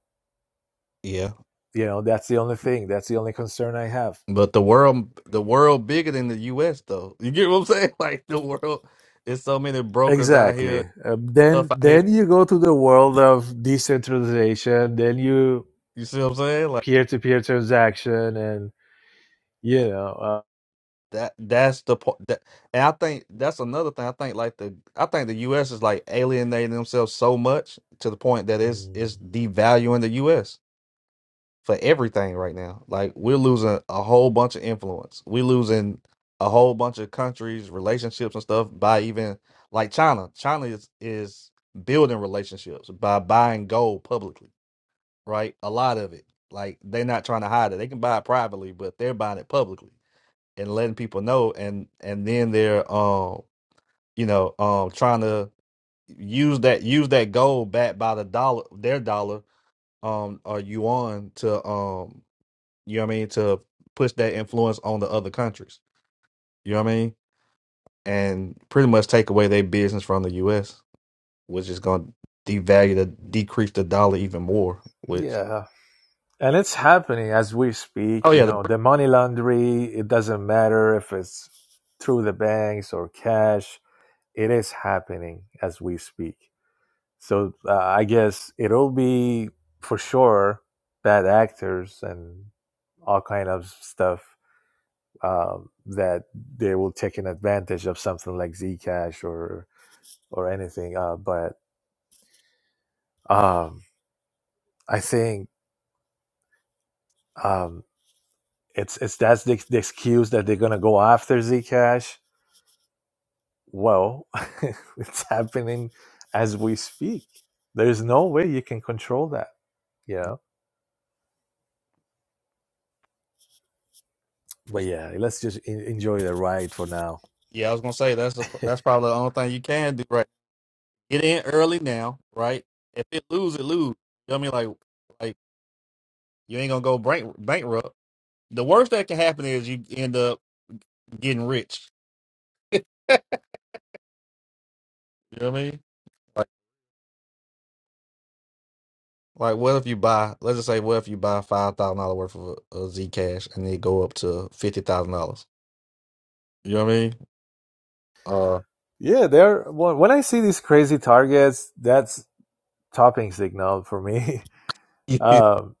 Yeah. You know, that's the only thing. That's the only concern I have. But the world the world bigger than the US though. You get what I'm saying? Like the world there's so many brokers out here, Exactly. Um, stuff then out here. then you go to the world of decentralization. Then you You see what I'm saying? Like peer to peer transaction, and you know, uh, That that's the part that, and I think that's another thing. I think like the I think the U.S. is like alienating themselves so much to the point that it's mm, it's devaluing the U.S. for everything right now. Like we're losing a whole bunch of influence. We're losing a whole bunch of countries, relationships and stuff by even like China. China is is building relationships by buying gold publicly, right? A lot of it. Like they're not trying to hide it. They can buy it privately, but they're buying it publicly and letting people know and and then they're um you know um trying to use that use that gold backed by the dollar their dollar um or yuan to um you know what I mean to push that influence on the other countries you know what I mean and pretty much take away their business from the US which is going to devalue the decrease the dollar even more which yeah, and it's happening as we oh speak. You yeah the, know, the money laundering. It doesn't matter if it's through the banks or cash. It is happening as we speak. So uh, I guess it'll be for sure bad actors and all kind of stuff um, that they will take an advantage of something like Zcash or or anything. Uh, but um, I think um, it's it's that's the, the excuse that they're gonna go after Zcash. Well, it's happening as we speak. There's no way you can control that. You know. But yeah, let's just en- enjoy the ride for now. yeah I was going to say that's the that's probably the only thing you can do right? It ain't early now, right? If it lose, it lose. You know what I mean? Like, like you ain't gonna go bank, bankrupt. The worst that can happen is you end up getting rich. You know what I mean? Like, like what if you buy? Let's just say, what if you buy five thousand dollars worth of uh, Zcash and they go up to fifty thousand dollars? You know what I mean? Uh, Yeah, there. When when I see these crazy targets, that's topping signal for me. um,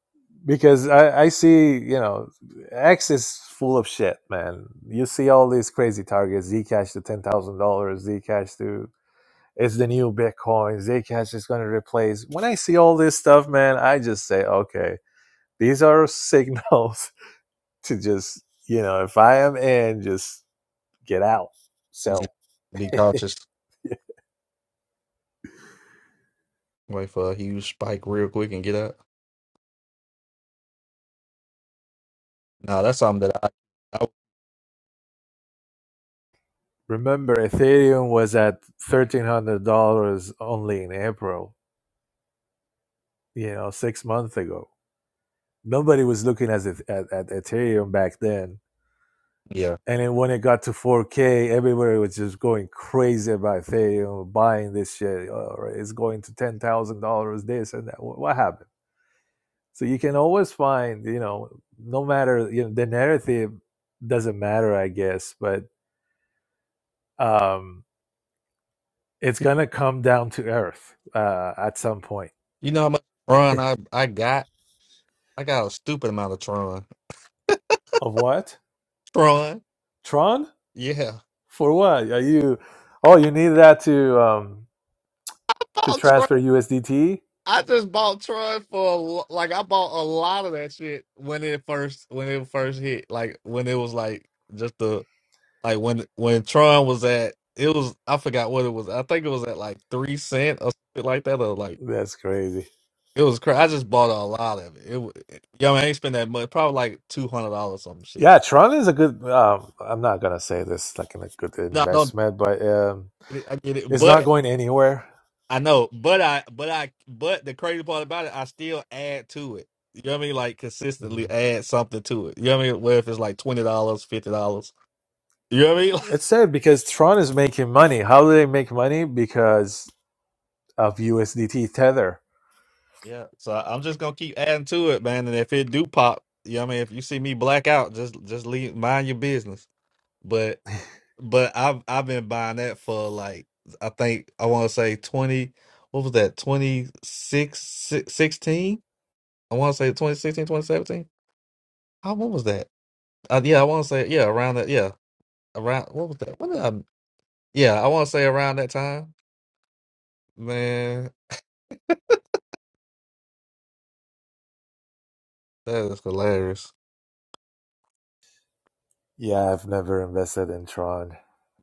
because I, I see, you know, X is full of shit, man. You see all these crazy targets, Zcash to ten thousand dollars, Zcash to it's the new Bitcoin, Zcash is going to replace. When I see all this stuff, man, I just say, okay, these are signals to just, you know, if I am in, just get out, sell. be cautious. Wait for a huge spike real quick and get out. Nah, that's something that I, I Remember, Ethereum was at thirteen hundred dollars only in April, you know, six months ago nobody was looking at, at at Ethereum back then. yeah. And then when it got to 4K, everybody was just going crazy about Ethereum, buying this shit. Oh, right, it's going to ten thousand dollars, this and that. What happened? So you can always find, you know, no matter you know the narrative doesn't matter, I guess, but um, it's gonna come down to earth uh, at some point. You know how much Tron I I got? I got a stupid amount of Tron. Of what Tron. Tron? Yeah. For what are you? Oh, you need that to um, I to bought Troy. transfer USDT I just bought Tron for a lo- like I bought a lot of that shit when it first when it first hit. Like when it was like just the like when when Tron was at it was I forgot what it was. I think it was at like three cent or something like that or like That's crazy. it was crazy. I just bought a lot of it. It, wa- it yo, man, I ain't spend that much. Probably like two hundred dollars some shit. Yeah, Tron is a good. Um, I'm not gonna say this like in a good No, I don't. investment, but um, I get it, I get it's it. not going anywhere. I know, but I, but I, but the crazy part about it, I still add to it. You know what I mean? Like consistently Mm. add something to it. You know what I mean? Where if it's like twenty dollars, fifty dollars. You know what I mean? It's sad because Tron is making money. How do they make money? Because of USDT Tether. yeah. So I- I'm just gonna keep adding to it, man. And if it do pop, you know what I mean? If you see me black out, just just leave mind your business. But but I've I've been buying that for like I think I want to say twenty. What was that? 26, I want to say 2016, 2017. How what was that? Uh, yeah, I want to say yeah around that. Yeah, around what was that? What did I? Yeah, I want to say around that time. Man, that is hilarious. Yeah, I've never invested in Tron,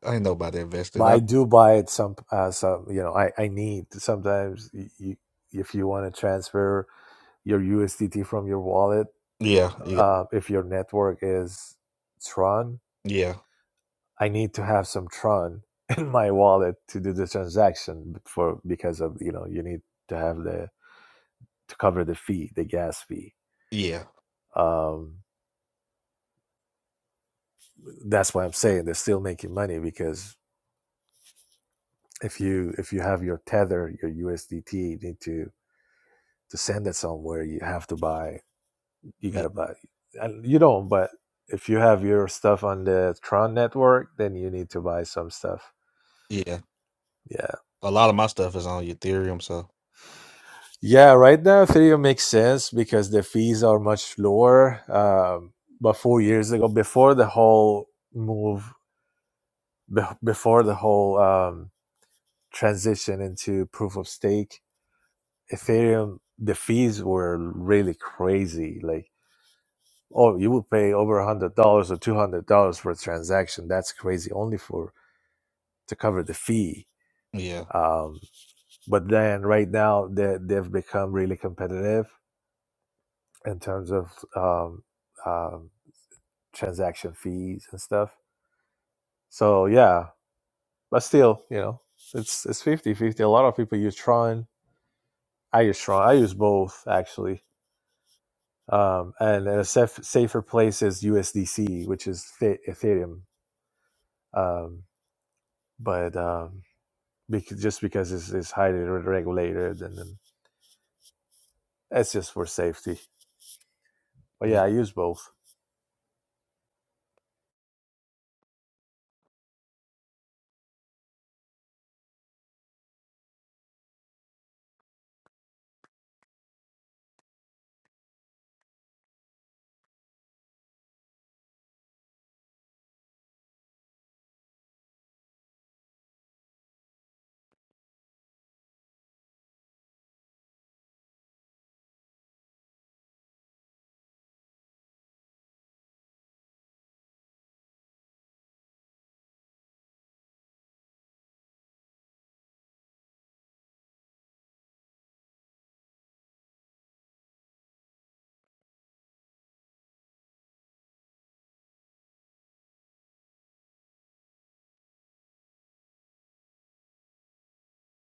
Ain't nobody but invested. I I, do buy it some. Uh, some you know, I I need sometimes. you, if you want to transfer your USDT from your wallet, yeah, yeah, uh, if your network is Tron, yeah, I need to have some Tron in my wallet to do the transaction for because of you know you need to have the to cover the fee, the gas fee. yeah, Um, that's why I'm saying they're still making money because if you if you have your tether, your USDT, you need to to send it somewhere. You have to buy. You y- gotta buy. And you don't, but if you have your stuff on the Tron network, then you need to buy some stuff. yeah. Yeah, A lot of my stuff is on Ethereum, so Yeah, right now Ethereum makes sense because the fees are much lower. Um, but four years ago, before the whole move, be- before the whole um, transition into proof of stake, Ethereum the fees were really crazy. Like, oh, you would pay over a hundred dollars or two hundred dollars for a transaction. That's crazy, only for to cover the fee. yeah. Um, but then right now they, they've become really competitive in terms of um, um, transaction fees and stuff. So yeah, but still, you know, it's it's fifty fifty. A lot of people use Tron. I use Tron. I use both actually. Um, and, a saf safer place is USDC, which is the- Ethereum. Um, but um, because, just because it's, it's highly re- regulated, and, then that's just for safety. But yeah. yeah, I use both.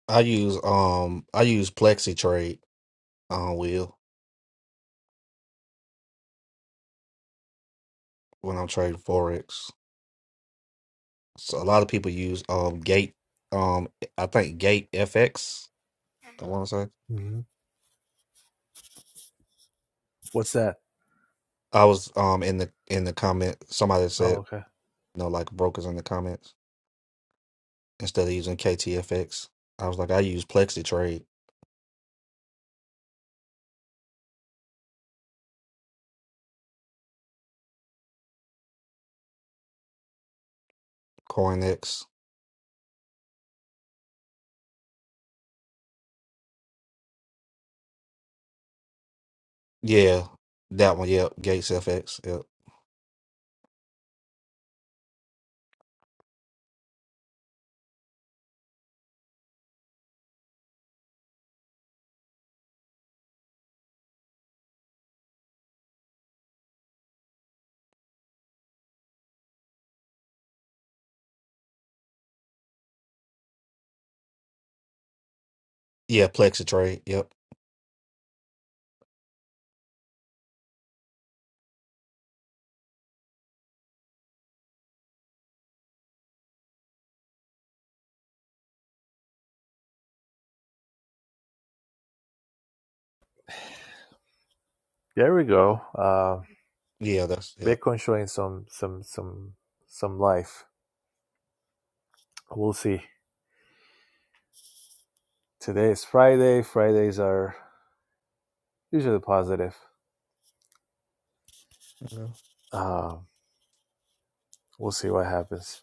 I use um I use Plexi Trade on Wheel when I'm trading forex. So a lot of people use um Gate um I think Gate FX. I want to say hmm What's that? I was um in the in the comment somebody Oh, said okay. No, like brokers in the comments instead of using KTFX. I was like, I use Plexi Trade, CoinX. Yeah, that one. Yep, Gates FX. Yep. Yeah, Plexi Trade. Yep. There we go. Uh, Yeah, that's yep. Bitcoin showing some some some some life. We'll see. Today is Friday. Fridays are usually positive. Yeah. Um, we'll see what happens.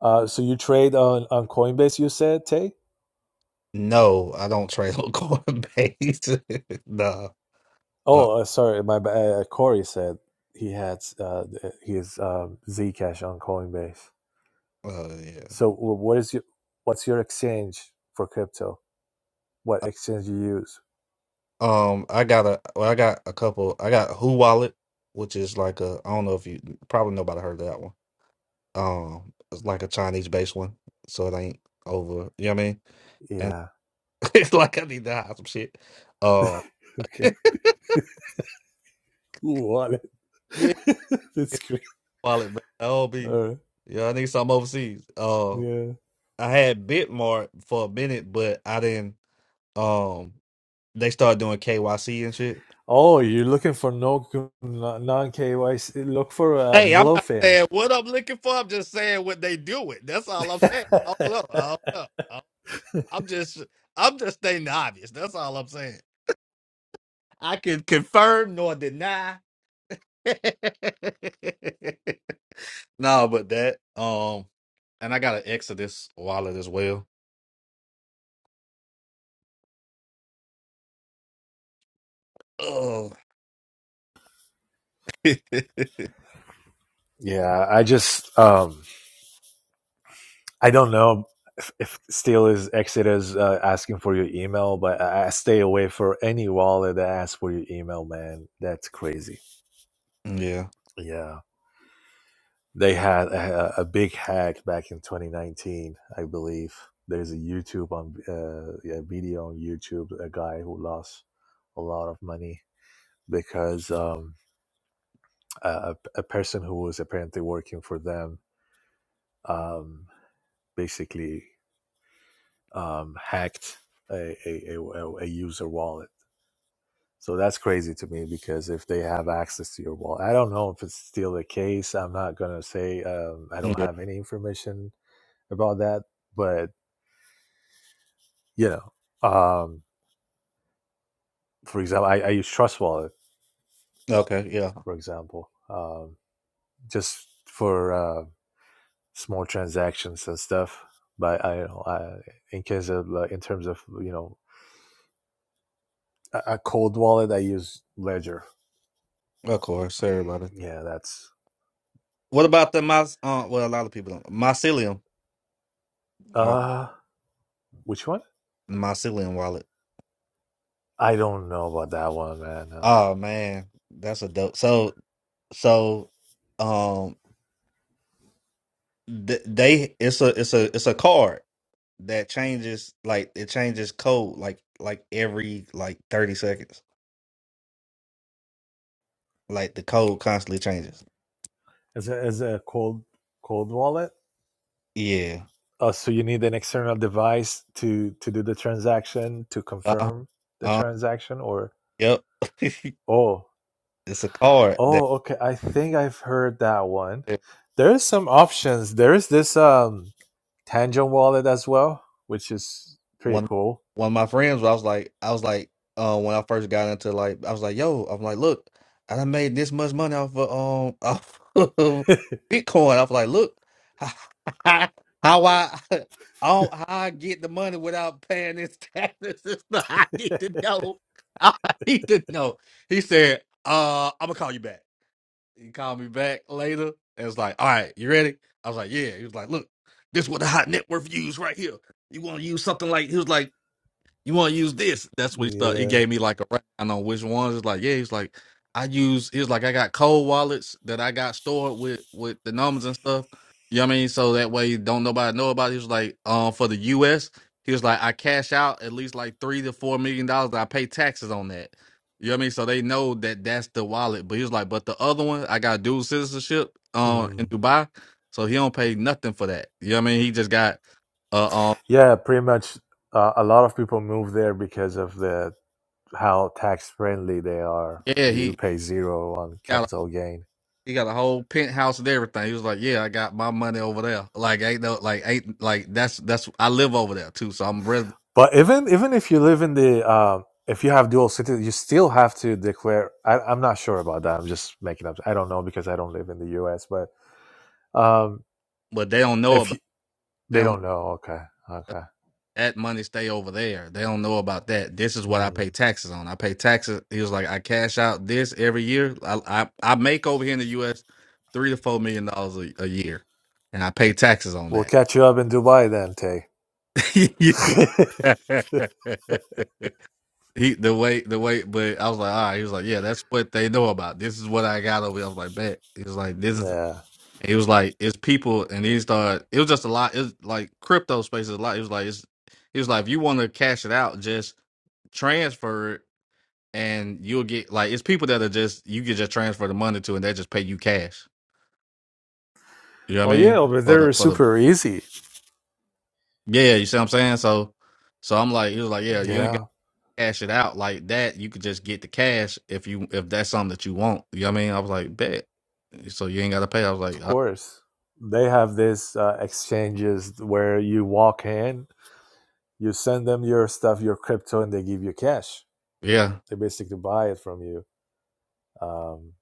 Uh, so you trade on, on Coinbase, you said, Tay? No, I don't trade on Coinbase. nah. Uh, Oh, uh, sorry, my uh, uh, Corey said he had uh, his um, Zcash on Coinbase. uh, yeah. So wh- what is your what's your exchange for crypto? What exchange you use? Um, I got a. Well, I got a couple. I got Who Wallet, which is like a. I don't know if you probably nobody heard of that one. Um, it's like a Chinese based one, so it ain't over. You know what I mean? Yeah. it's like I need to hide some shit. Uh, Okay. Who want yeah, it? That's great. wallet, man. I'll be. All right. Yeah, I need something overseas. Uh, Yeah. I had Bitmart for a minute, but I didn't. Um, they started doing KYC and shit. Oh, you're looking for no non KYC. Look for uh, Hey, I'm not Bluefin. saying what I'm looking for. I'm just saying what they do it. That's all I'm saying. I don't know. I don't know. I- I'm just, I'm just stating the obvious. That's all I'm saying. I can confirm nor deny. No, but that um, and I got an Exodus wallet as well. Oh, yeah, Yeah, I just um I don't know if, if still is Exit is uh, asking for your email, but I, I stay away for any wallet that asks for your email, man. That's crazy. Yeah, they had a, a big hack back in 2019, I believe. There's a YouTube on uh, yeah, video on YouTube, a guy who lost a lot of money because um a, a a person who was apparently working for them um basically um, hacked a, a, a, a user wallet. So that's crazy to me because if they have access to your wallet, I don't know if it's still the case. I'm not going to say um, I don't yeah. have any information about that. But, you know, um, for example, I, I use Trust Wallet, Okay, yeah. for example, um, just for uh, small transactions and stuff. But I, I in case of like, in terms of you know a, a cold wallet, I use Ledger. Of course, everybody. Yeah, that's What about the my? Uh, well, a lot of people don't. Mycelium or uh Which one? Mycelium wallet. I don't know about that one, man. Uh, Oh man, that's a dope. So so, um, th- they it's a it's a it's a card that changes like it changes code like like every like thirty seconds. Like the code constantly changes. as a as a cold cold wallet. Yeah. Oh, so you need an external device to to do the transaction to Uh-huh. confirm the uh-huh. transaction, or Yep. it's oh a card that oh okay. I think I've heard that one. that There's some options. There is this um Tangent wallet as well, which is pretty one cool. one of my friends I was like I was like uh when I first got into like I was like, yo, I'm like, look, I done made this much money off of um off of yeah. Bitcoin. I was like, look, how I I don't, how I get the money without paying this tax system. I need to know. I need to know. He said, uh, I'm gonna call you back. He called me back later and was like, "All right, you ready?" I was like, "Yeah." He was like, "Look, this is what the hot net worth use right here. You want to use something like?" He was like you want to use this? That's what he started. He gave me like a rundown on which ones. It's like, yeah, he's like, I use. He's like, I got cold wallets that I got stored with with the numbers and stuff. You know what I mean? So that way, don't nobody know about. It. He was like, um, for the U.S., he was like, I cash out at least like three to four million dollars. that I pay taxes on that. You know what I mean? So they know that that's the wallet. But he was like, but the other one, I got dual citizenship, um, in Mm. Dubai, so he don't pay nothing for that. You know what I mean? He just got, uh, um, Yeah, pretty much. Uh, a lot of people move there because of the how tax friendly they are. yeah, You he. pay zero on capital gain. He got a whole penthouse and everything. He was like, "Yeah, I got my money over there. Like, ain't no, like, ain't like that's that's I live over there too. So I'm resident, But even even if you live in the um, if you have dual citizen, you still have to declare. I, I'm not sure about that. I'm just making up. I don't know because I don't live in the U.S. But um, but they don't know if you, about they they don't don't know, okay, okay, that money stay over there. They don't know about that. This is what I mm. pay taxes on. I pay taxes. He was like, I cash out this every year. I I, I make over here in the U.S. three to four million dollars a, a year, and I pay taxes on we'll catch you up in Dubai then, Tay. that. He the way the way, but I was like, all right. He was like, yeah, that's what they know about. This is what I got over. here. I was like, bet. He was like, this is. yeah. He was like, it's people, and he started. It was just a lot. It was like crypto space is a lot. It was like, it's. He was like, if you want to cash it out, just transfer it, and you'll get like it's people that are just you can just transfer the money to, and they just pay you cash. You know Oh what I yeah, mean? over For there the is for the super easy. yeah, you see what I'm saying? So, so I'm like, he was like, yeah, you ain't Yeah, cash it out like that. You could just get the cash if you if that's something that you want. You know what I mean? I was like, bet. So you ain't gotta pay. I was like, of uh, course. They have this uh, exchanges where you walk in you send them your stuff, your crypto, and they give you cash. yeah. They basically buy it from you. Um,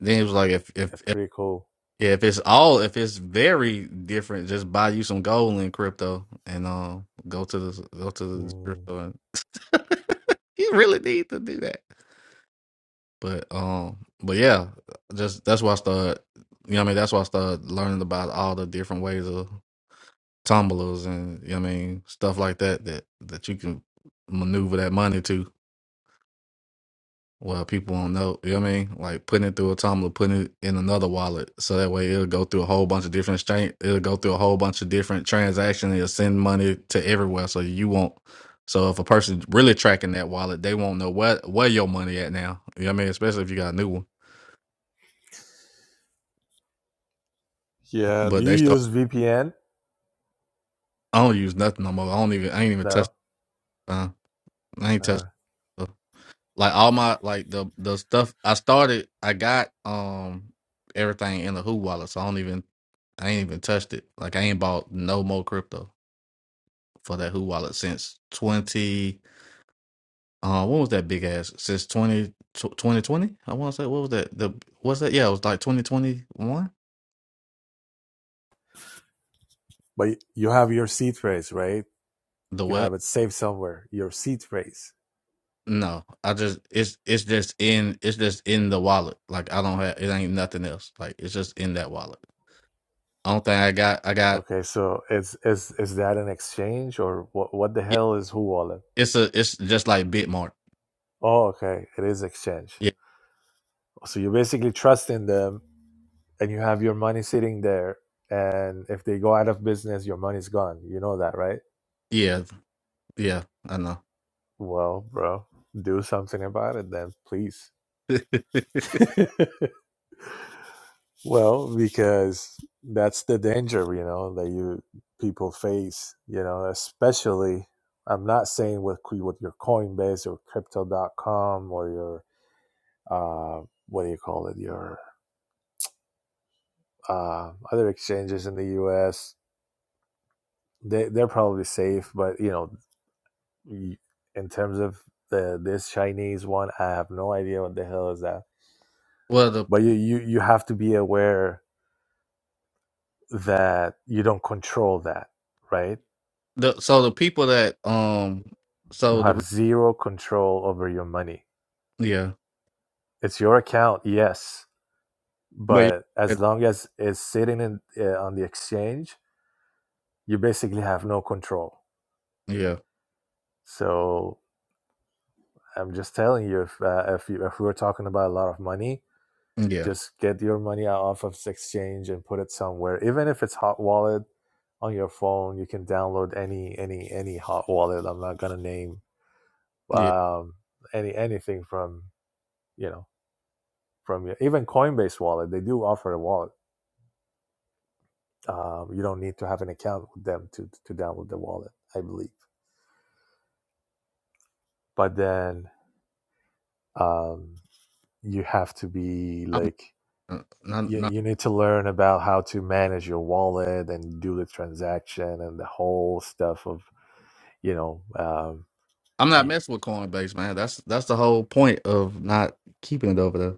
Then it was like, if yeah, if if pretty cool. yeah, if it's all if it's very different, just buy you some gold in crypto and um go to the go to the Mm. crypto. And you really need to do that. But um, but yeah, just that's why I started. You know what I mean? That's why I started learning about all the different ways of. tumblers and you know what I mean stuff like that that that you can maneuver that money to well people don't know you know what I mean like putting it through a tumbler putting it in another wallet so that way it'll go through a whole bunch of different exchange it'll go through a whole bunch of different transactions it'll send money to everywhere so you won't so if a person really tracking that wallet they won't know what where your money at now you know what I mean especially if you got a new one Yeah, do but you they start use VPN? I don't use nothing no more I don't even I ain't even touch No, uh, I ain't touch uh, Like all my like the the stuff I started, I got um everything in the Who wallet, so I don't even I ain't even touched it. Like I ain't bought no more crypto for that Who wallet since twenty. Uh, what was that big ass? Since 2020 20 I want to say what was that? The what's that? Yeah, it was like twenty twenty one. but you have your seed phrase, right? The You what? have it saved somewhere. Your seed phrase. No, I just it's it's just in it's just in the wallet. Like I don't have it ain't nothing else. Like it's just in that wallet. Only thing I got I got Okay, so is is is that an exchange or what? What the yeah, hell is Who Wallet? it's a it's just like Bitmark. Oh, okay, it is exchange. Yeah, So you basically trust in them, and you have your money sitting there. And if they go out of business, your money's gone. You know that, right? yeah, yeah. I know. Well, bro, do something about it then, please. Well, because that's the danger, you know, that you people face, you know, especially I'm not saying with with your Coinbase or crypto.com or your uh what do you call it, your uh other exchanges in the US. They they're probably safe, but you know, y- in terms of the this Chinese one, I have no idea what the hell is that. well, the But you you you have to be aware that you don't control that, right? the so the people that um You so have the zero control over your money. yeah, It's your account, yes, but but yeah, as long as it's sitting in, uh, on the exchange, you basically have no control. yeah, So I'm just telling you, if uh, if, you, if we're talking about a lot of money, yeah, just get your money out off of this exchange and put it somewhere. Even if it's hot wallet on your phone, you can download any any any hot wallet. I'm not gonna name yeah. um, any anything from you know from your even coinbase wallet they do offer a wallet um, you don't need to have an account with them to to download the wallet i believe but then um, you have to be I'm like not, you, not you need to learn about how to manage your wallet and do the transaction and the whole stuff of you know um, I'm not messing with Coinbase, man. That's that's the whole point of not keeping it over there.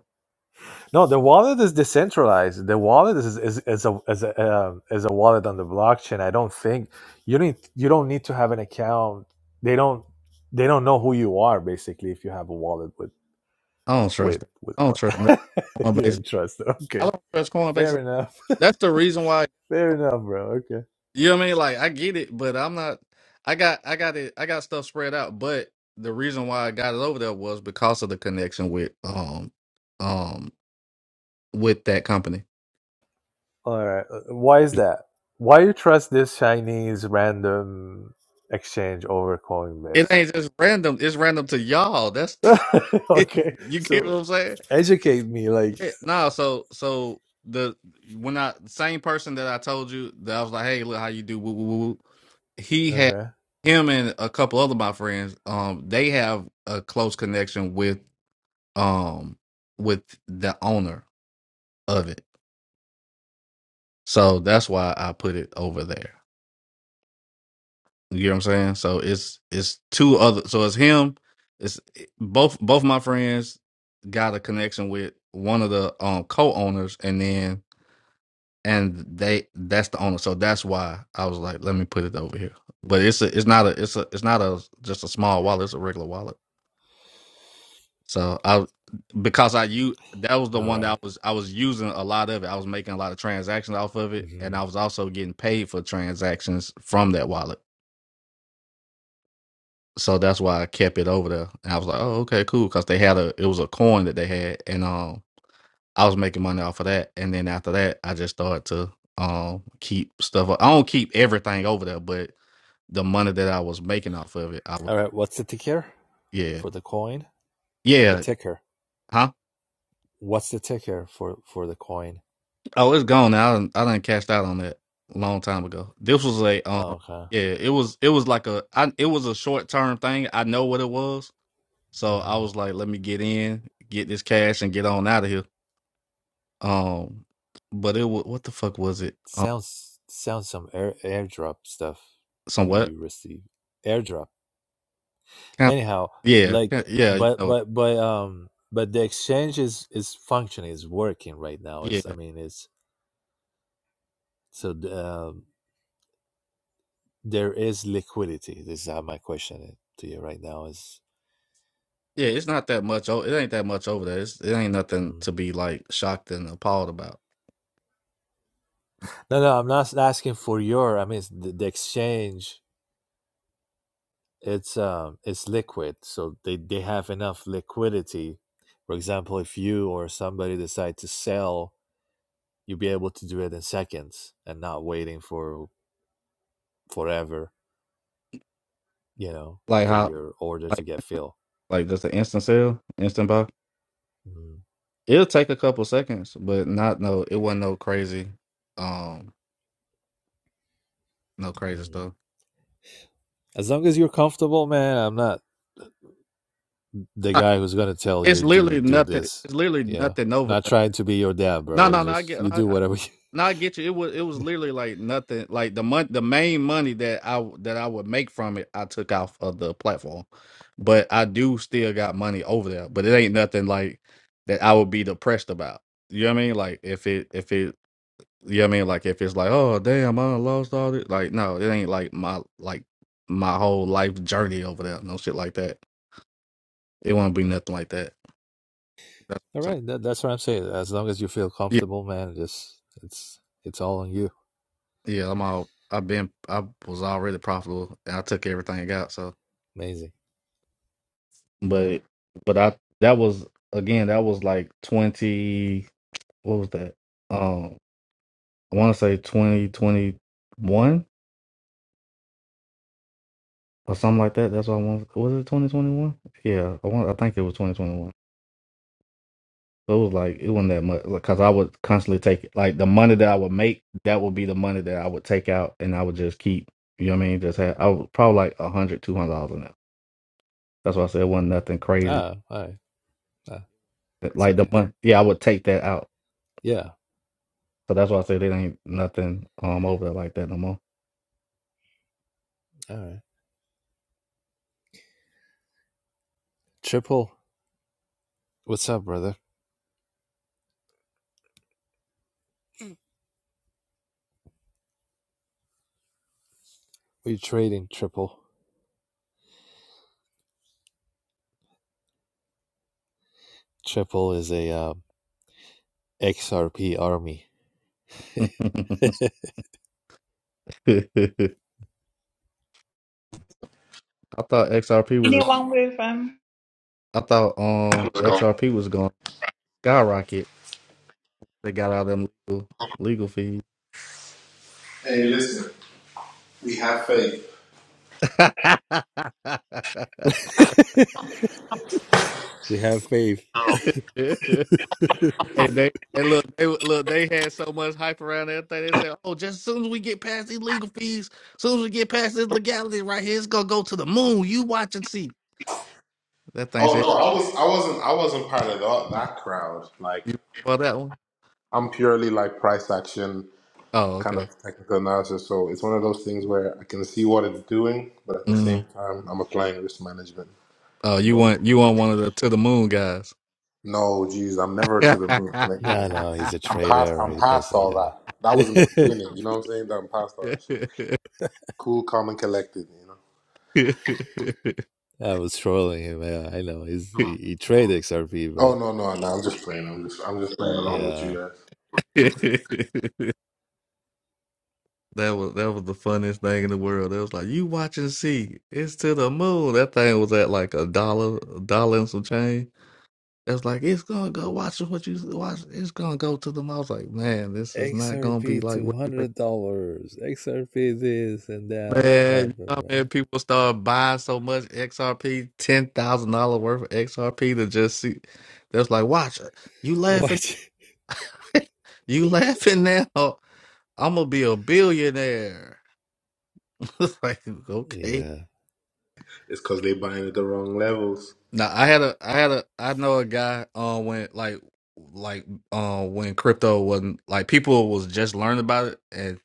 No, the wallet is decentralized. The wallet is is, is a is a uh, is a wallet on the blockchain. I don't think you need you don't need to have an account. They don't they don't know who you are basically if you have a wallet with I don't trust with that. with I don't coin. trust that you Coinbase. don't trust them. I Okay, don't trust fair Coinbase. enough. That's the reason why. fair enough, bro. Okay. You know what I mean? Like I get it, but I'm not. I got I got it. I got stuff spread out. But the reason why I got it over there was because of the connection with um um with that company. All right. Uh, Why is that? Why you trust this Chinese random exchange over It Coinbase? ain't just random. It's random to y'all. That's okay, you get what so I'm saying? educate me. Like Yeah. No. So so the when I same person that I told you that I was like, hey, look how you do. Woo woo woo. woo," He had okay. him and a couple other my friends. Um, they have a close connection with um with the owner of it. So that's why I put it over there. You get what I'm saying? So it's it's two other so it's him, it's eh, both both my friends got a connection with one of the um co-owners and then and they that's the owner. So that's why I was like let me put it over here. But it's a, it's not a it's a it's not a just a small wallet, it's a regular wallet. So I because I you that was the All one that right. I was I was using a lot of it. I was making a lot of transactions off of it, and hmm I was also getting paid for transactions from that wallet. So that's why I kept it over there. And I was like, oh okay, cool, because they had a it was a coin that they had, and um I was making money off of that. And then after that, I just started to um keep stuff. I don't keep everything over there, but the money that I was making off of it, I would All right. What's the ticker yeah for the coin? The yeah ticker. huh What's the ticker for for the coin? Oh, it's gone now. I done, I done cashed out on that a long time ago. This was a Oh, um okay. yeah, it was it was like a I it was a short term thing. I know what it was. So I Mm-hmm. was like, let me get in, get this cash and get on out of here. Um but it was what the fuck was it? Um Sounds sounds some air airdrop stuff somewhat? you receive. Airdrop. Kind Anyhow, yeah, like ki- yeah, you but know, but but um but the exchange is is functioning, is working right now. yeah. Is I mean it's so the, um there is liquidity. This is how my question to you right now is. Yeah, it's not that much o- it ain't that much over there. It's, it ain't nothing Mm, to be like shocked and appalled about. No, no, I'm not asking for your. I mean, it's the, the exchange. It's um, it's liquid, so they they have enough liquidity. For example, if you or somebody decide to sell, you'll be able to do it in seconds and not waiting for forever. You know, Like for how your order to like get filled. like just an instant sale, instant buy. Mm, It'll take a couple seconds, but not no. It wasn't no crazy, um, no crazy mm. stuff. As long as you're comfortable, man. I'm not the Nah, guy who's gonna tell It's you do literally do nothing. this. It's literally Yeah, nothing over not there. trying to be your dad, No, bro. It's no, no. I just get. you I, do I, whatever no, you. I get you. It was. It was Yeah. literally like nothing. Like the month, the main money that I w- that I would make from it, I took off of the platform. But I do still got money over there. But it ain't nothing like that. I would be depressed about. You know what I mean? Like if it if it You know what I mean? Like if it's like, oh damn, I done lost all this. Like no, it ain't like my like my whole life journey over there. No shit like that. It won't be nothing like that. That's All what I'm right, that, that's what I'm saying. As long as you feel saying. comfortable, man, just it's it's all on you. Yeah, yeah. I'm all. I've been. I was already profitable, and I took everything I got. So, Amazing. but but I that was again that was like twenty. What was that? Um, I want to say twenty twenty one or something like that. That's what I want. Was it twenty twenty one? Yeah, I want. I think it was 2021. So it was like it wasn't that much because I would constantly take like the money that I would make. That would be the money that I would take out, and I would just keep. You know what I mean? Just have I would probably like a hundred, two hundred dollars in there. That's why I said it wasn't nothing crazy. Ah, all right. Ah, it's Like the okay. money, yeah, I would take that out. Yeah. So that's why I said it ain't nothing um over there like that no more. All right. Triple, what's up, brother? We're trading triple. Triple is a um, XRP army. I thought XRP was. Anyone with um I thought um XRP was going to skyrocket. They got all them legal legal fees. we have faith. Hey, they hey look, they look, they had so much hype around everything. They said, "Oh, just as soon as we get past these legal fees, as soon as we get past this legality right here, it's gonna go to the moon." You watch and see. That thing Oh said, no, I was I wasn't I wasn't part of that, that crowd. Like "You want that one?" I'm purely like price action. Oh, kind of okay. technical analysis. So it's one of those things where I can see what it's doing, but at the same Mm. time, I'm applying risk management. Oh, you But want you want one of the to the moon guys? no, geez, I'm never to the moon on No, anything. no, It's- he's a I'm past. traitor. I'm He past doesn't. all Yeah, that. That was in the beginning. You know what I'm saying? That I'm past all that shit. Cool, calm, and collected. You know. I was trolling him. Yeah, I know. He's he, he traded XRP, Oh but no, no, no! I'm just playing. I'm just, I'm just playing along with yeah, you guys. yeah, That was that was the funniest thing in the world. It was like you watch and see. It's to the moon. That thing was at like a dollar, a dollar and some change. It was like it's gonna go. Watch what you watch. It's gonna go to the moon. I was like, man, this is not gonna be XRP like two what you think. hundred dollars. XRP this and that. What Man, you know, happened, how man? man, people start buying so much XRP, ten thousand dollar worth of XRP to just see. That's like, watch You laughing? What? you laughing now? I'm gonna be a billionaire. It's like okay. yeah, It's because they buying at the wrong levels, Now I had a I had a I know a guy uh when like like uh when crypto wasn't like people was just learning about it and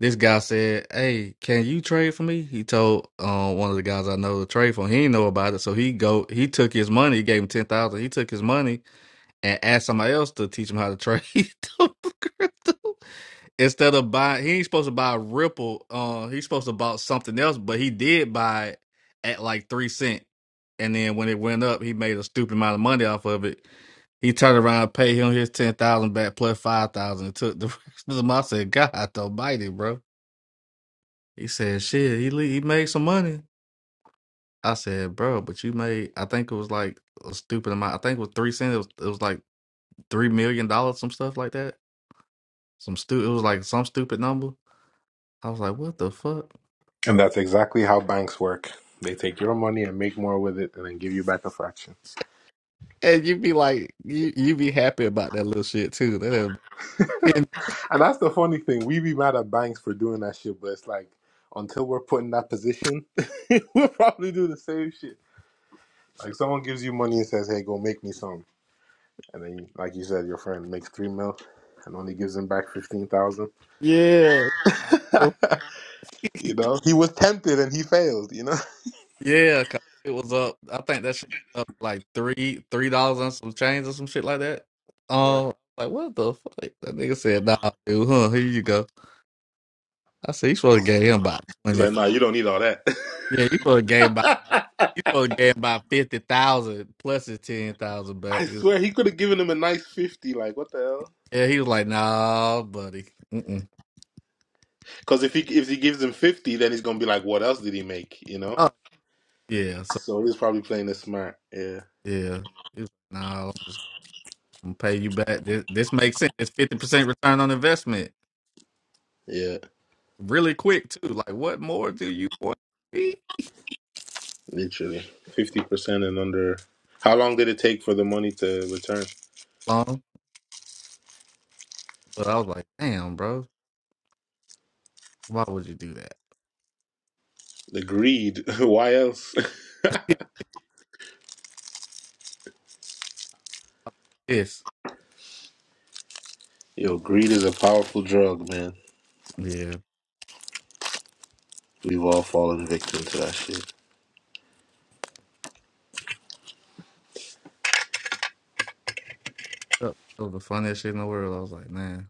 this guy said, Hey, can you trade for me? He told uh, one of the guys I know to trade for him. He didn't know about it. So he go he took his money, he gave him ten thousand, he took his money and asked somebody else to teach him how to trade crypto instead of buy he ain't supposed to buy Ripple. Uh, he's supposed to buy something else, but he did buy it at like three cent. And then when it went up, he made a stupid amount of money off of it. He turned around, and paid him his ten thousand back plus five thousand, and took the rest of them. I said, God Almighty, bro. He said, shit, he le- he made some money. I said, bro, but you made I think it was like a stupid amount. I think it was three cents. It was, it was like three million dollars, some stuff like that. Some stu. It was like some stupid number. I was like, what the fuck? and that's exactly how banks work. They take your money and make more with it, and then give you back a fraction. And you be like, you you be happy about that little shit too. That is- and And that's the funny thing. We be mad at banks for doing that shit, but it's like until we're put in that position, we'll probably do the same shit. Like someone gives you money and says, "Hey, go make me some," and then, you, like you said, your friend makes three mil and only gives him back fifteen thousand. yeah, you know, he was tempted and he failed. You know, yeah. 'cause it was up. I think that shit was up like three three dollars on some change or some shit like that. right? Um, like what the fuck? That nigga said, "Nah, dude, huh? Here you go." I said, "You supposed to gave him about It's twenty. like, nah, you don't need all that. Yeah, you supposed to gave him about you supposed to gave him about fifty thousand plus his ten thousand I back." He was- swear he could have given him a nice fifty. Like what the hell? Yeah, he was like, "Nah, buddy." Mm-mm. Because if he if he gives him fifty, then he's gonna be like, what else did he make? You know? Oh, yeah. So So he's probably playing it smart. Yeah. yeah, he was, like, "Nah." I'm gonna pay you back. This, this makes sense. It's fifty percent return on investment, Yeah. really quick too. Like, what more do you want? to be Literally, fifty percent and under. How long did it take for the money to return? Long, but I was like, damn, bro, why would you do that? The greed. Why else? It's Yo, greed is a powerful drug, man. yeah, We've all fallen victim to that shit. that was the funniest shit in the world. I was like, man,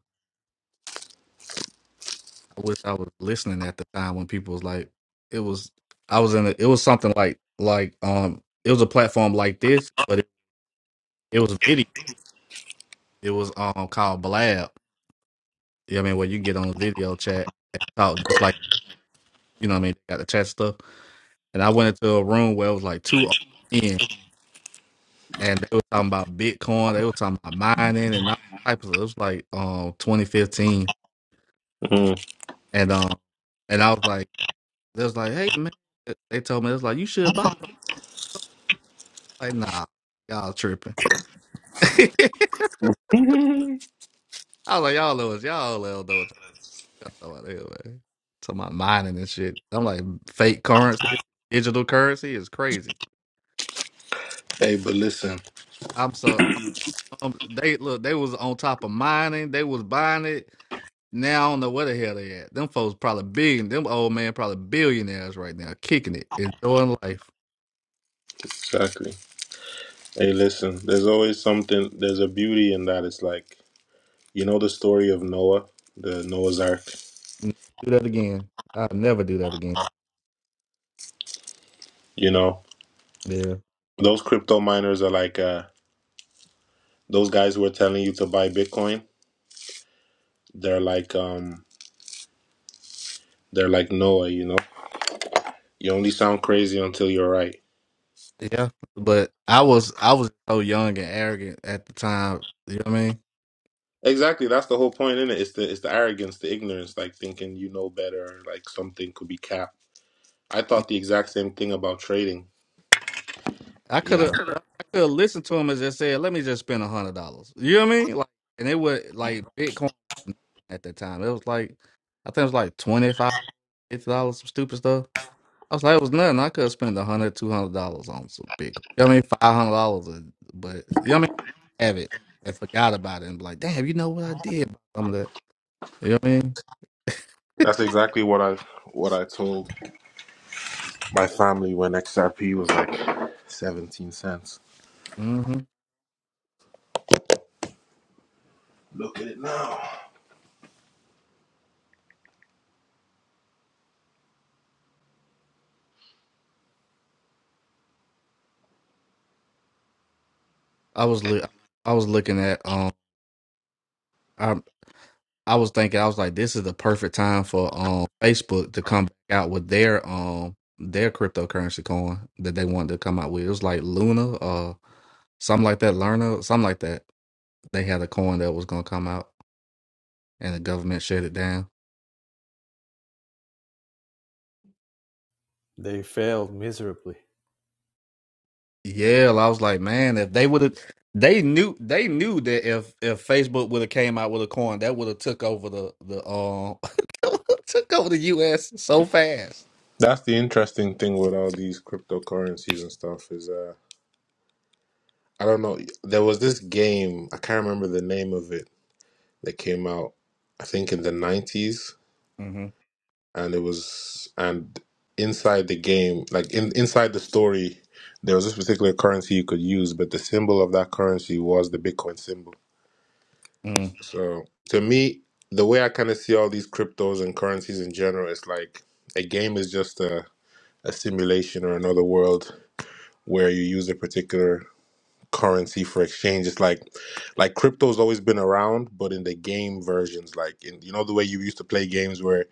I wish I was listening at the time when people was like, it was, I was in, a, it was something like, like, um, it was a platform like this, but it, it was video. It was um called Blab. You know what I mean, where you get on a video chat and talk just like you know what I mean. They got the chat stuff and I went into a room where it was like two old men, and they were talking about Bitcoin, they were talking about mining and all types of. It was like um 2015, and um, and I was like, they was like, hey man, they told me it was like you should buy. I'm like, nah, y'all tripping. I was like, y'all know what y'all don't know what y'all talking about anyway. Talking about mining and shit. I'm like, fake currency, digital currency is crazy. Hey, but listen. I'm so um, they look. They was on top of mining. They was buying it Now I don't know where the hell they at. Them folks probably big. Them old man probably billionaires right now, kicking it, enjoying life. Exactly. Hey, listen. There's always something. There's a beauty in that. It's like you know the story of Noah, the Noah's Ark. Never do that again. I'll never do that again. You know Yeah, those crypto miners are like uh, those guys who are telling you to buy Bitcoin. They're like um, they're like Noah. You know, you only sound crazy until you're right. yeah. But I was I was so young and arrogant at the time. You know what I Exactly, that's the whole point in it. It's the it's the arrogance, the ignorance, like thinking you know better, like something could be capped. I mean? thought the exact same thing about trading. I You could know, have I could have listened to him and just said, "Let me just spend a hundred dollars." You know what I mean? Like, and it was like Bitcoin at that time. It was like I think it was like twenty five, fifty dollars, some stupid stuff. I was like, it was nothing. I could have spent a hundred, two hundred dollars on some big. You know what I mean, five hundred dollars, but you know what I mean, have it and forgot about it and be like, damn, you know what I did? about Some of that. You know what I mean? that's exactly what I what I told my family when XRP was like seventeen cents. hmm Look at it now. I was look, I was looking at um, I I was thinking, I was like, this is the perfect time for um Facebook to come back out with their um their cryptocurrency coin that they wanted to come out with. It was like Luna, uh, something like that, Lerna, something like that. They had a coin that was gonna come out, and the government shut it down. They failed miserably. Yeah, I was like, man, if they would have, they knew they knew that if if Facebook would have came out with a coin, that would have took over the the um took over the U.S. so fast. That's the interesting thing with all these cryptocurrencies and stuff is uh I don't know. There was this game I can't remember the name of it that came out. I think in the 90s hmm and it was and inside the game like in inside the story there was this particular currency you could use but the symbol of that currency was the bitcoin symbol Mm, so to me the way i kind of see all these cryptos and currencies in general it's like a game is just a, a simulation or another world where you use a particular currency for exchange it's like like crypto's always been around but in the game versions like in you know the way you used to play games where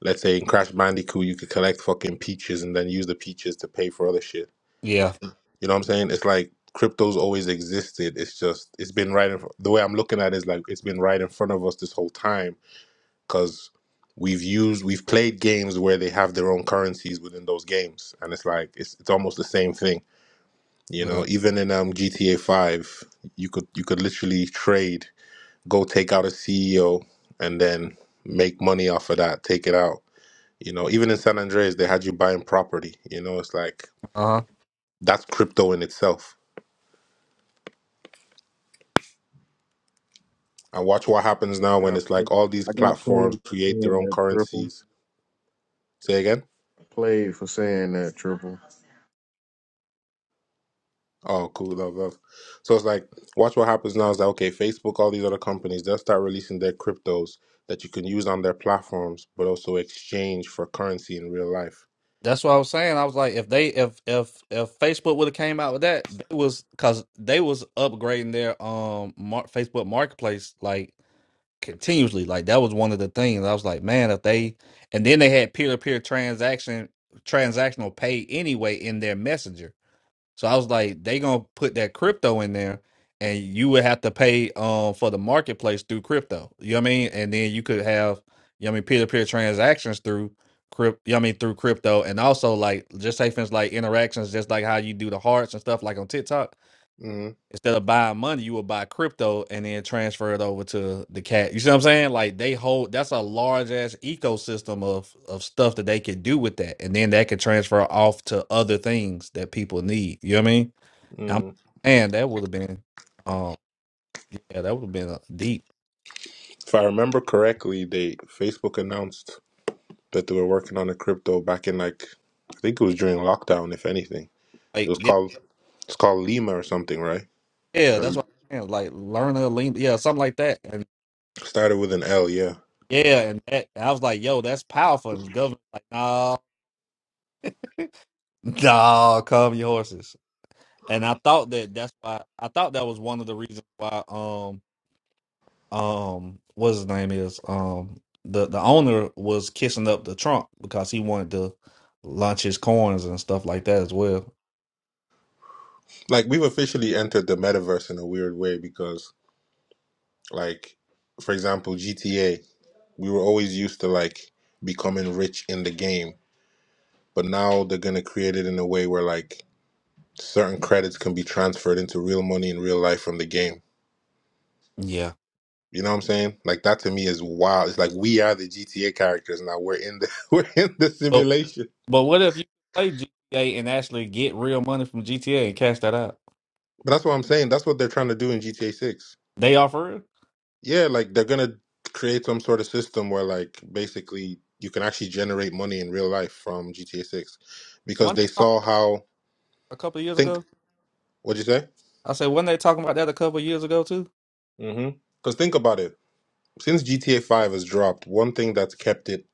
Let's say in Crash Bandicoot, you could collect fucking peaches and then use the peaches to pay for other shit. yeah, You know what I'm saying? It's like crypto's always existed. It's just it's been right in fr- the way I'm looking at it is like it's been right in front of us this whole time because we've used we've played games where they have their own currencies within those games, and it's like it's it's almost the same thing. You know, uh even in um, GTA Five, you could you could literally trade, go take out a CEO, and then make money off of that, take it out you know, even in San Andreas, they had you buying property. You know, it's like huh. that's crypto in itself. And watch what happens now when got it's like all these I got platforms played for create their saying own that triple. currencies. Say again? Played for saying that triple. Oh, cool, love, love. So it's like, watch what happens now. It's like, okay, Facebook, all these other companies, they'll start releasing their cryptos that you can use on their platforms, but also exchange for currency in real life. That's what I was saying. I was like, if they if if if Facebook would have came out with that, they was because they was upgrading their um mar- Facebook Marketplace like. continuously. Like that was one of the things I was like, man, if they and then they had peer to peer transaction transactional pay anyway in their messenger. So I was like, they gonna put that crypto in there, and you would have to pay um for the marketplace through crypto. You know what I mean? And then you could have you know what I mean peer to peer transactions through crypt. You know what I mean through crypto, and also like just say things like interactions, just like how you do the hearts and stuff like on TikTok mm Instead of buying money, you would buy crypto and then transfer it over to the cat. You see what I'm saying? Like they hold that's a large ass ecosystem of of stuff that they could do with that, and then that could transfer off to other things that people need. You know what I mean? I'm, Mm. man, that would have been, um, yeah, that would have been uh, deep. If I remember correctly, they Facebook announced that they were working on a crypto back in like I think it was during lockdown, if anything. It Like was yeah, called it's called Lima or something, right? yeah, that's Or what I'm saying. Like learn a lean, yeah, something like that, and started with an L, yeah. yeah, and that I was like, yo, that's powerful. And the government like, nah, nah, calm your horses. and I thought that that's why I thought that was one of the reasons why um um what his name is um the the owner was kissing up the Trump because he wanted to launch his coins and stuff like that as well. Like we've officially entered the metaverse in a weird way because like for example, GTA, we were always used to like becoming rich in the game, but now they're going to create it in a way where like certain credits can be transferred into real money in real life from the game. Yeah, You know what I'm saying? Like that to me is wild. It's like we are the GTA characters now. We're in the we're in the but simulation. but what if you play GTA and actually get real money from GTA and cash that out? But that's what I'm saying. That's what they're trying to do in GTA 6 They offer it. Yeah, like they're gonna create some sort of system where like basically you can actually generate money in real life from GTA 6 because One they they talk saw how a couple of years think ago, what'd you say? I said weren't they talking about that a couple of years ago too. Mm-hmm. Because think about it. Since GTA 5 has dropped, one thing that's kept it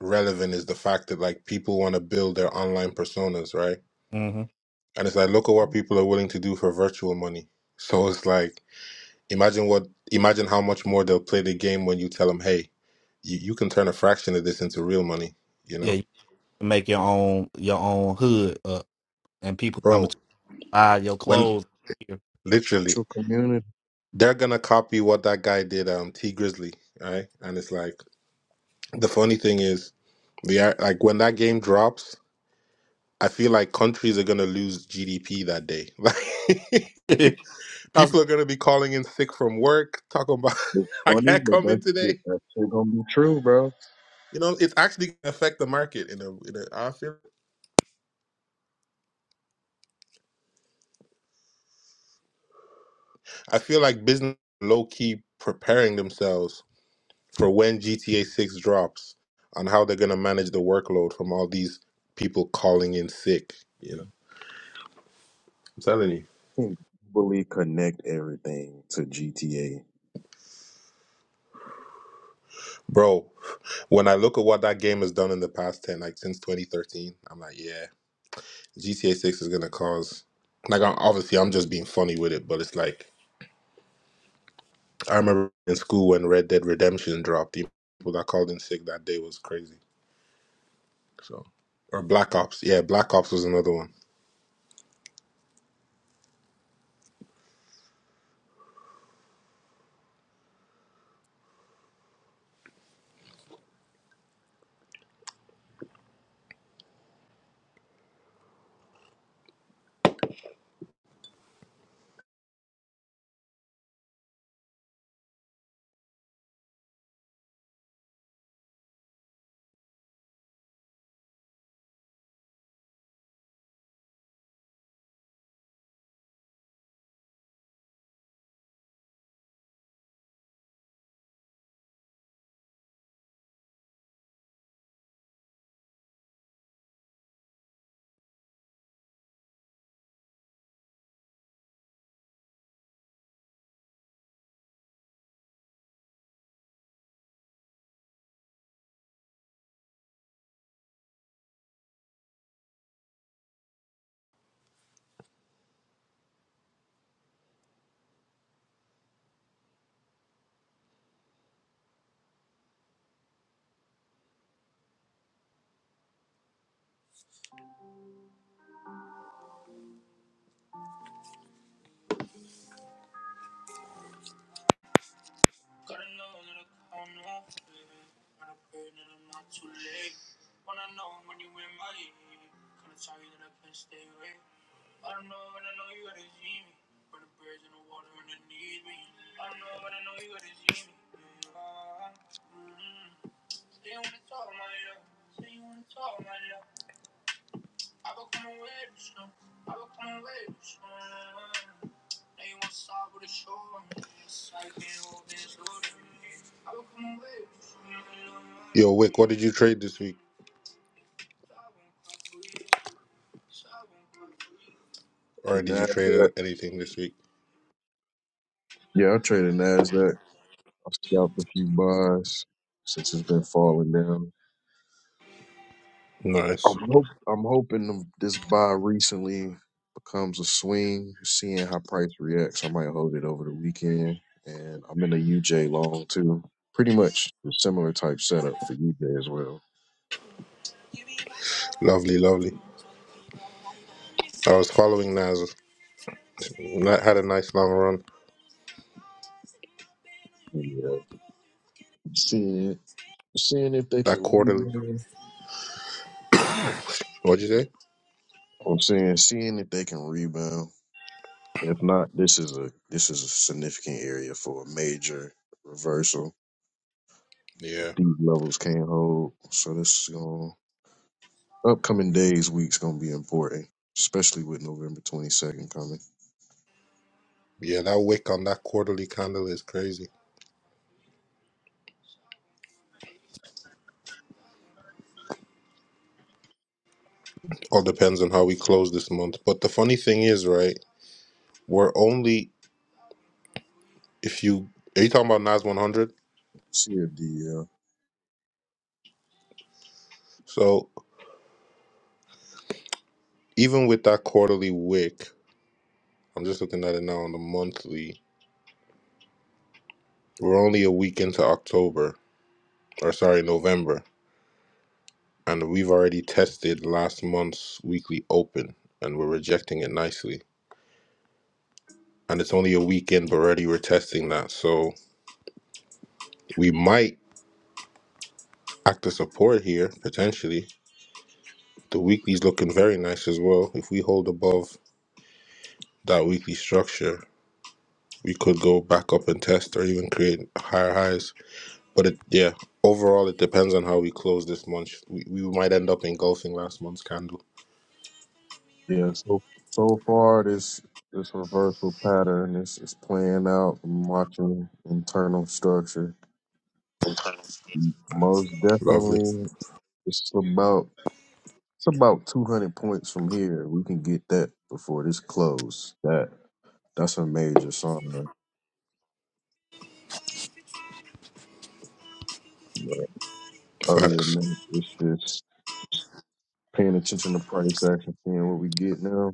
relevant is the fact that like people want to build their online personas, right? hmm And it's like look at what people are willing to do for virtual money. So it's like imagine what imagine how much more they'll play the game when you tell them, "Hey, you, you can turn a fraction of this into real money," you Yeah, know? you can make your own your own hood up, and people coming Bro, to buy your when clothes. literally True community they're gonna copy what that guy did um t grizzly right and it's like the funny thing is the ar- like when that game drops i feel like countries are gonna lose gdp that day I like was people are gonna be calling in sick from work talking about is i funny, can't but come in that today shit that shit gonna be true, bro. you know it's actually gonna affect the market in a, in a i feel i feel like business low-key preparing themselves for when GTA 6 drops on how they're going to manage the workload from all these people calling in sick, you know. I'm telling you. Can globally connect everything to GTA. Bro, when I look at what that game has done in the past 10 like since 2013, I'm like, yeah, GTA 6 is going to cause like I'm, obviously I'm just being funny with it, but it's like I remember in school when Red Dead Redemption dropped, the people that called in sick that day was crazy. So or Black Ops. Yeah, Black Ops was another one. like Yo, Wick, what did you trade this week? The Or did you trade Nasdaq. anything this week? Yeah, I traded Nasdaq. I scalped a few buys since it's been falling down. Nice. I'm, hope, I'm hoping the- this buy recently becomes a swing, seeing how price reacts. I might hold it over the weekend. And I'm in a UJ long too. Pretty much the similar type setup for UJ as well. Lovely, lovely. I was following Nas. That had a nice long run. Yeah. Seeing seeing if they can That quarterly. rebound. What'd you say? I'm saying seeing if they can rebound. If not, this is a this is a significant area for a major reversal. Yeah. These levels can't hold. So this is going upcoming days, weeks gonna be important, especially with November twenty second coming. Yeah, that wick on that quarterly candle is crazy. All depends on how we close this month. But the funny thing is, right, we're only if you are you talking about Nas one hundred? See if the So even with that quarterly wick, I'm just looking at it now on the monthly. We're only a week into October, or sorry, November, and we've already tested last month's weekly open, and we're rejecting it nicely. And it's only a week in, but already we're testing that. So we might act as support here, potentially. The weekly's looking very nice as well. If we hold above that weekly structure, we could go back up and test or even create higher highs. But it, yeah, overall, it depends on how we close this month. We, we might end up engulfing last month's candle. yeah, yeah. So so far, this this reversal pattern is is playing out. I'm watching internal structure. Most Lovely definitely, it's about it's about two hundred points from here. We can get that before this close. That that's a major sign. But other than facts. that, it's just paying attention to price action, seeing what we get now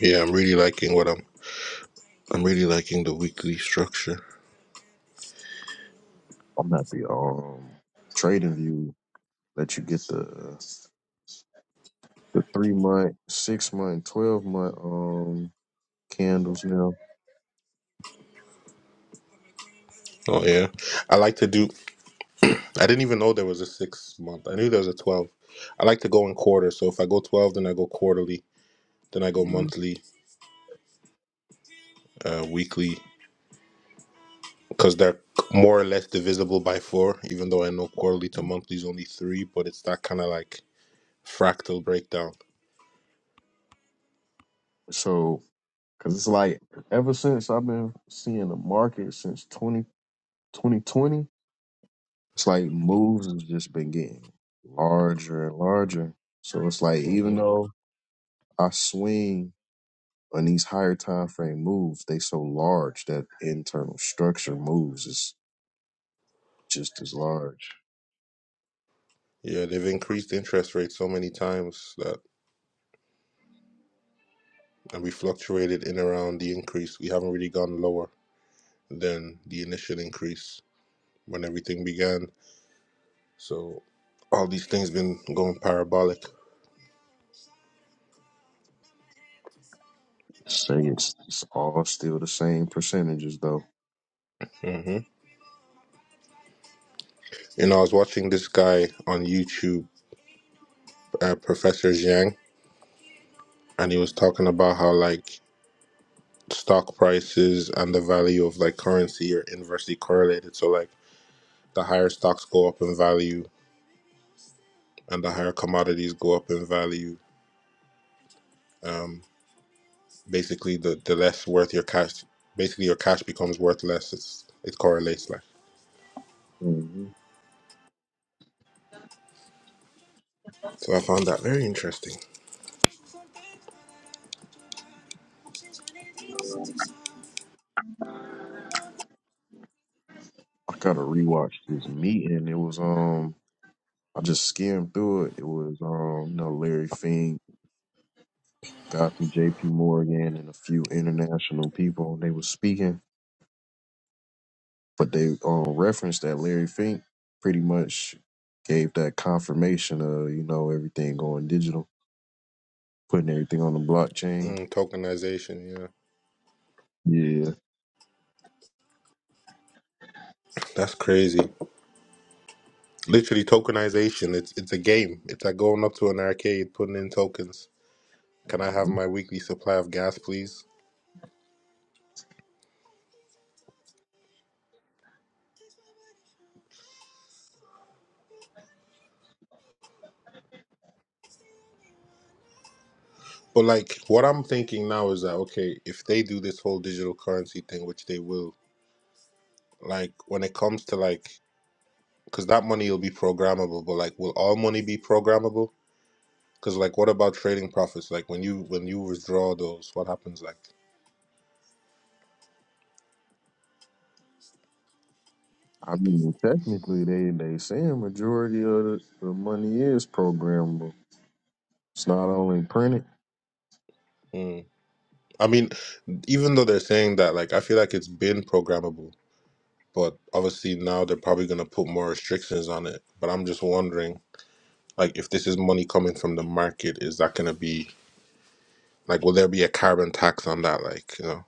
Yeah, I'm really liking what I'm. I'm really liking the weekly structure. I'm happy. Um, Trading View let you get the the three month, six month, twelve month um candles now. Oh yeah, I like to do. I didn't even know there was a six month. I knew there was a twelve. I like to go in quarter. So if I go twelve, then I go quarterly, then I go Yeah. monthly, uh, weekly, because they're more or less divisible by four. Even though I know quarterly to monthly is only three, but it's that kind of like fractal breakdown. So, cause it's like ever since I've been seeing the market since twenty twenty twenty, it's like moves has just been getting larger and larger. So it's like Mhm. even though I swing on these higher time frame moves, they so large that internal structure moves is just as large. Yeah, they've increased interest rates so many times that, and we fluctuated in around the increase. We haven't really gone lower than the initial increase when everything began. So, all these things been going parabolic. Say it's, it's all still the same percentages though. hmm You know, I was watching this guy on YouTube, uh, Professor Zhang, and he was talking about how like stock prices and the value of like currency are inversely correlated. So, like the higher stocks go up in value, and the higher commodities go up in value Um, Basically, the, the less worth your cash, basically your cash becomes worth less. It's it correlates like. hmm So I found that very interesting. I gotta rewatch this meeting. It was um I just skimmed through it. It was um you know Larry Fink, got from J.P. Morgan, and a few international people. and They were speaking, but they um referenced that Larry Fink pretty much gave that confirmation of you know everything going digital, putting everything on the blockchain. Mm, tokenization, yeah, Yeah, that's crazy. Literally tokenization. It's it's a game. It's like going up to an arcade, putting in tokens. Can I have my weekly supply of gas, please? But like, what I'm thinking now is that okay, if they do this whole digital currency thing, which they will, like when it comes to like, because that money will be programmable. But like, will all money be programmable? Because like, what about trading profits? Like when you when you withdraw those, what happens? Like, I mean, technically, they they saying majority of the, the money is programmable. It's not only printed. mm. I mean, even though they're saying that, like, I feel like it's been programmable, but obviously now they're probably gonna put more restrictions on it. But I'm just wondering, like, if this is money coming from the market, is that gonna be like, will there be a carbon tax on that? Like, you know.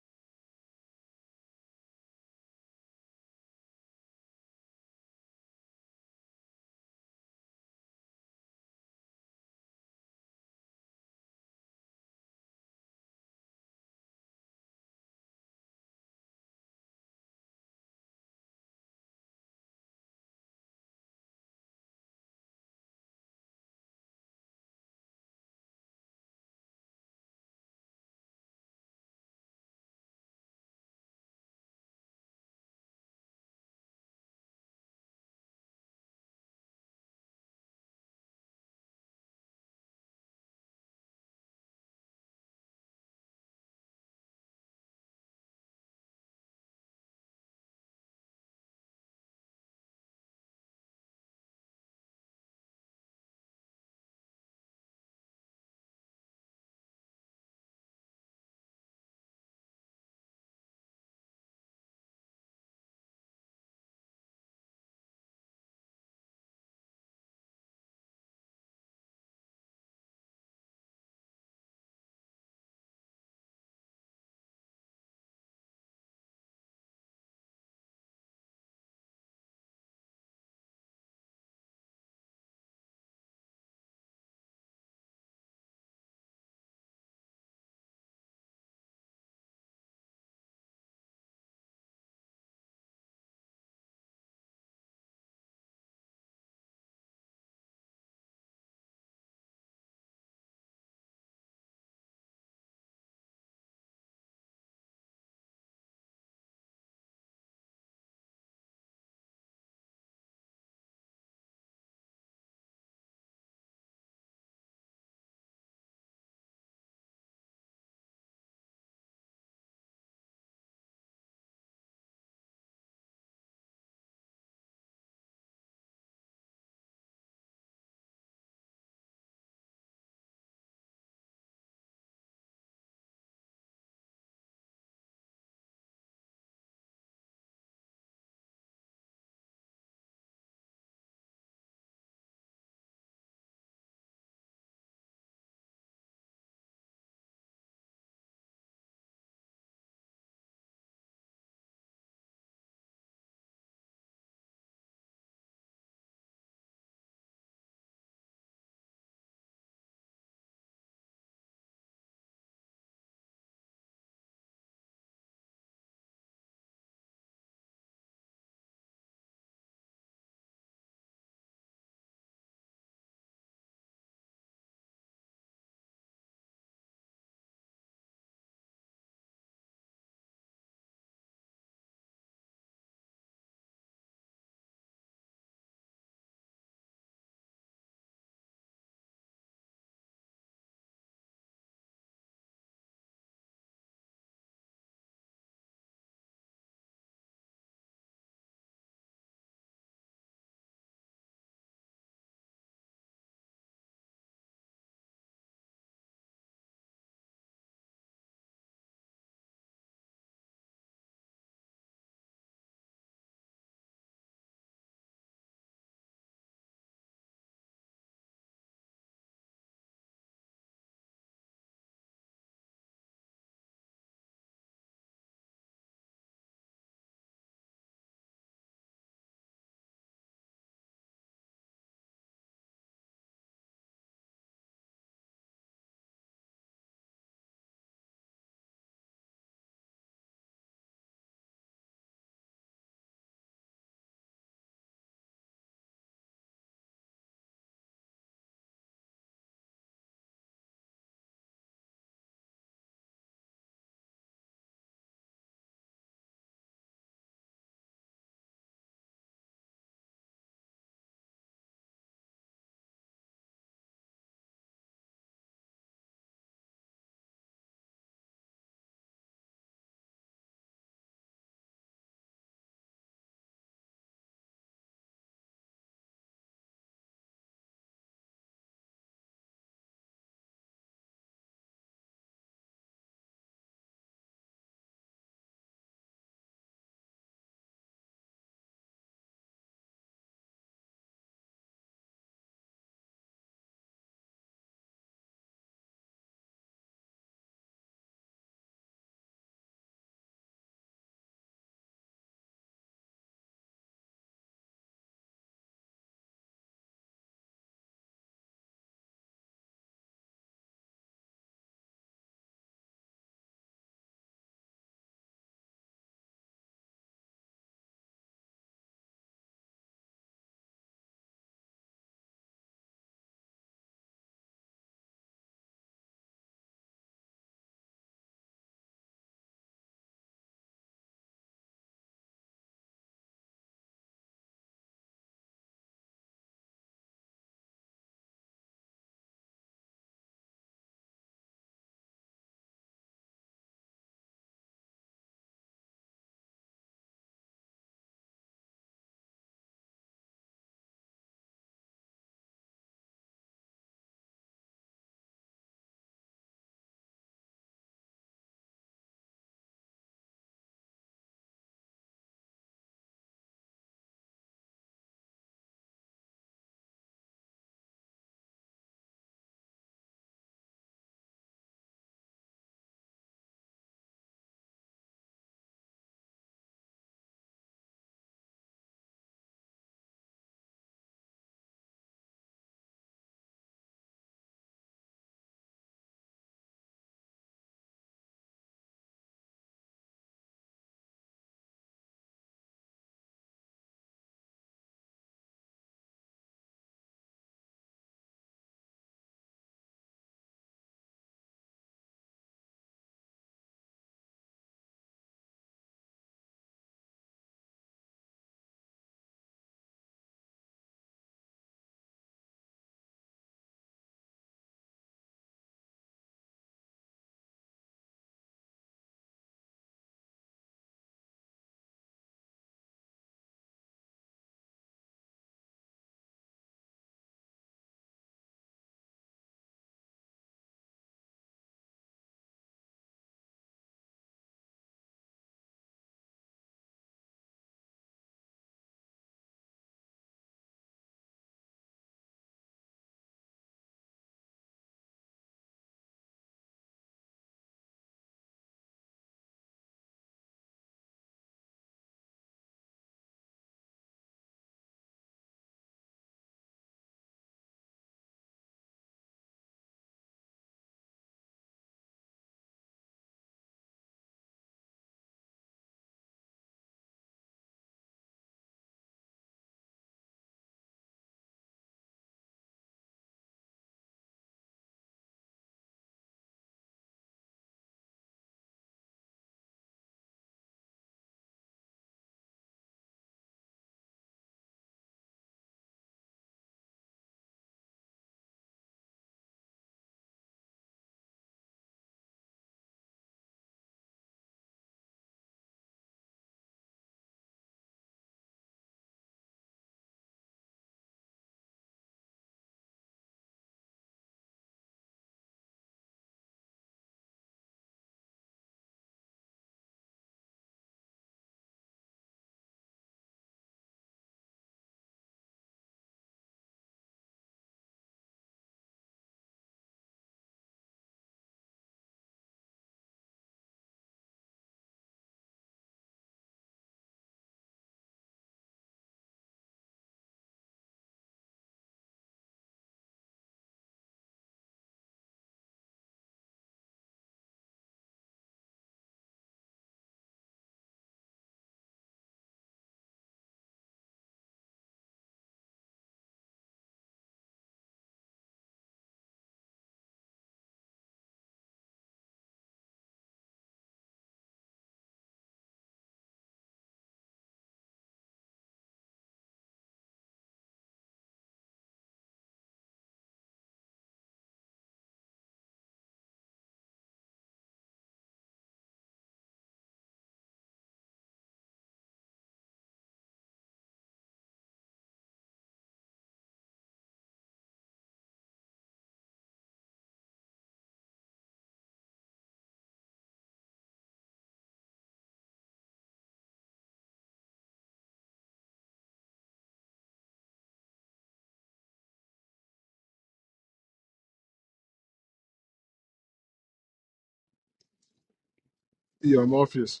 Yo, Morpheus,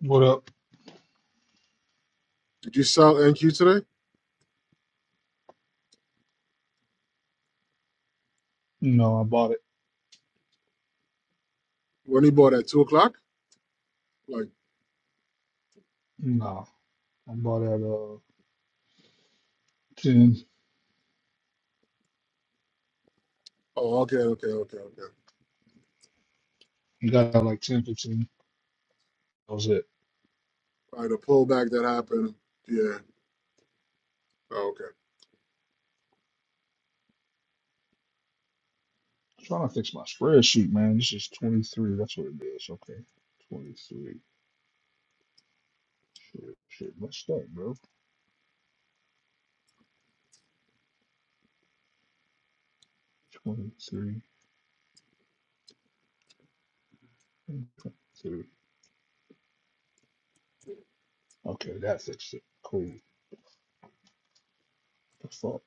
What up? did you sell NQ today? No, I bought it. When he bought at two o'clock? Like, No, I bought it at uh ten. oh, okay, okay, okay, okay. You got it at like ten, fifteen. That was it. All right, the pullback that happened. Yeah. Oh, okay. I'm trying to fix my spreadsheet, man. This is 23. That's what it is. Okay, 23. Shit, shit, messed up, bro. 23. So, okay, that's it. Cool. The fuck.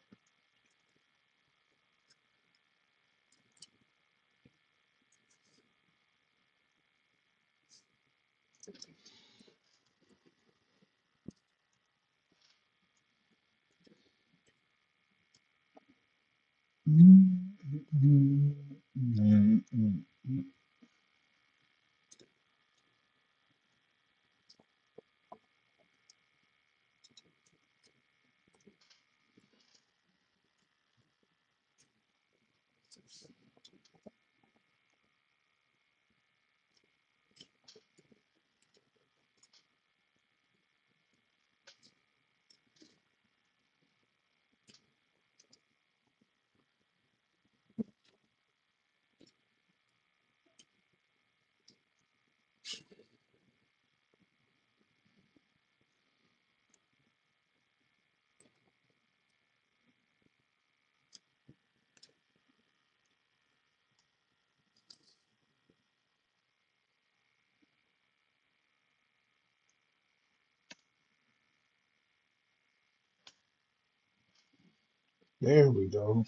There we go.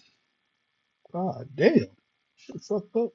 God damn. Shit fucked up.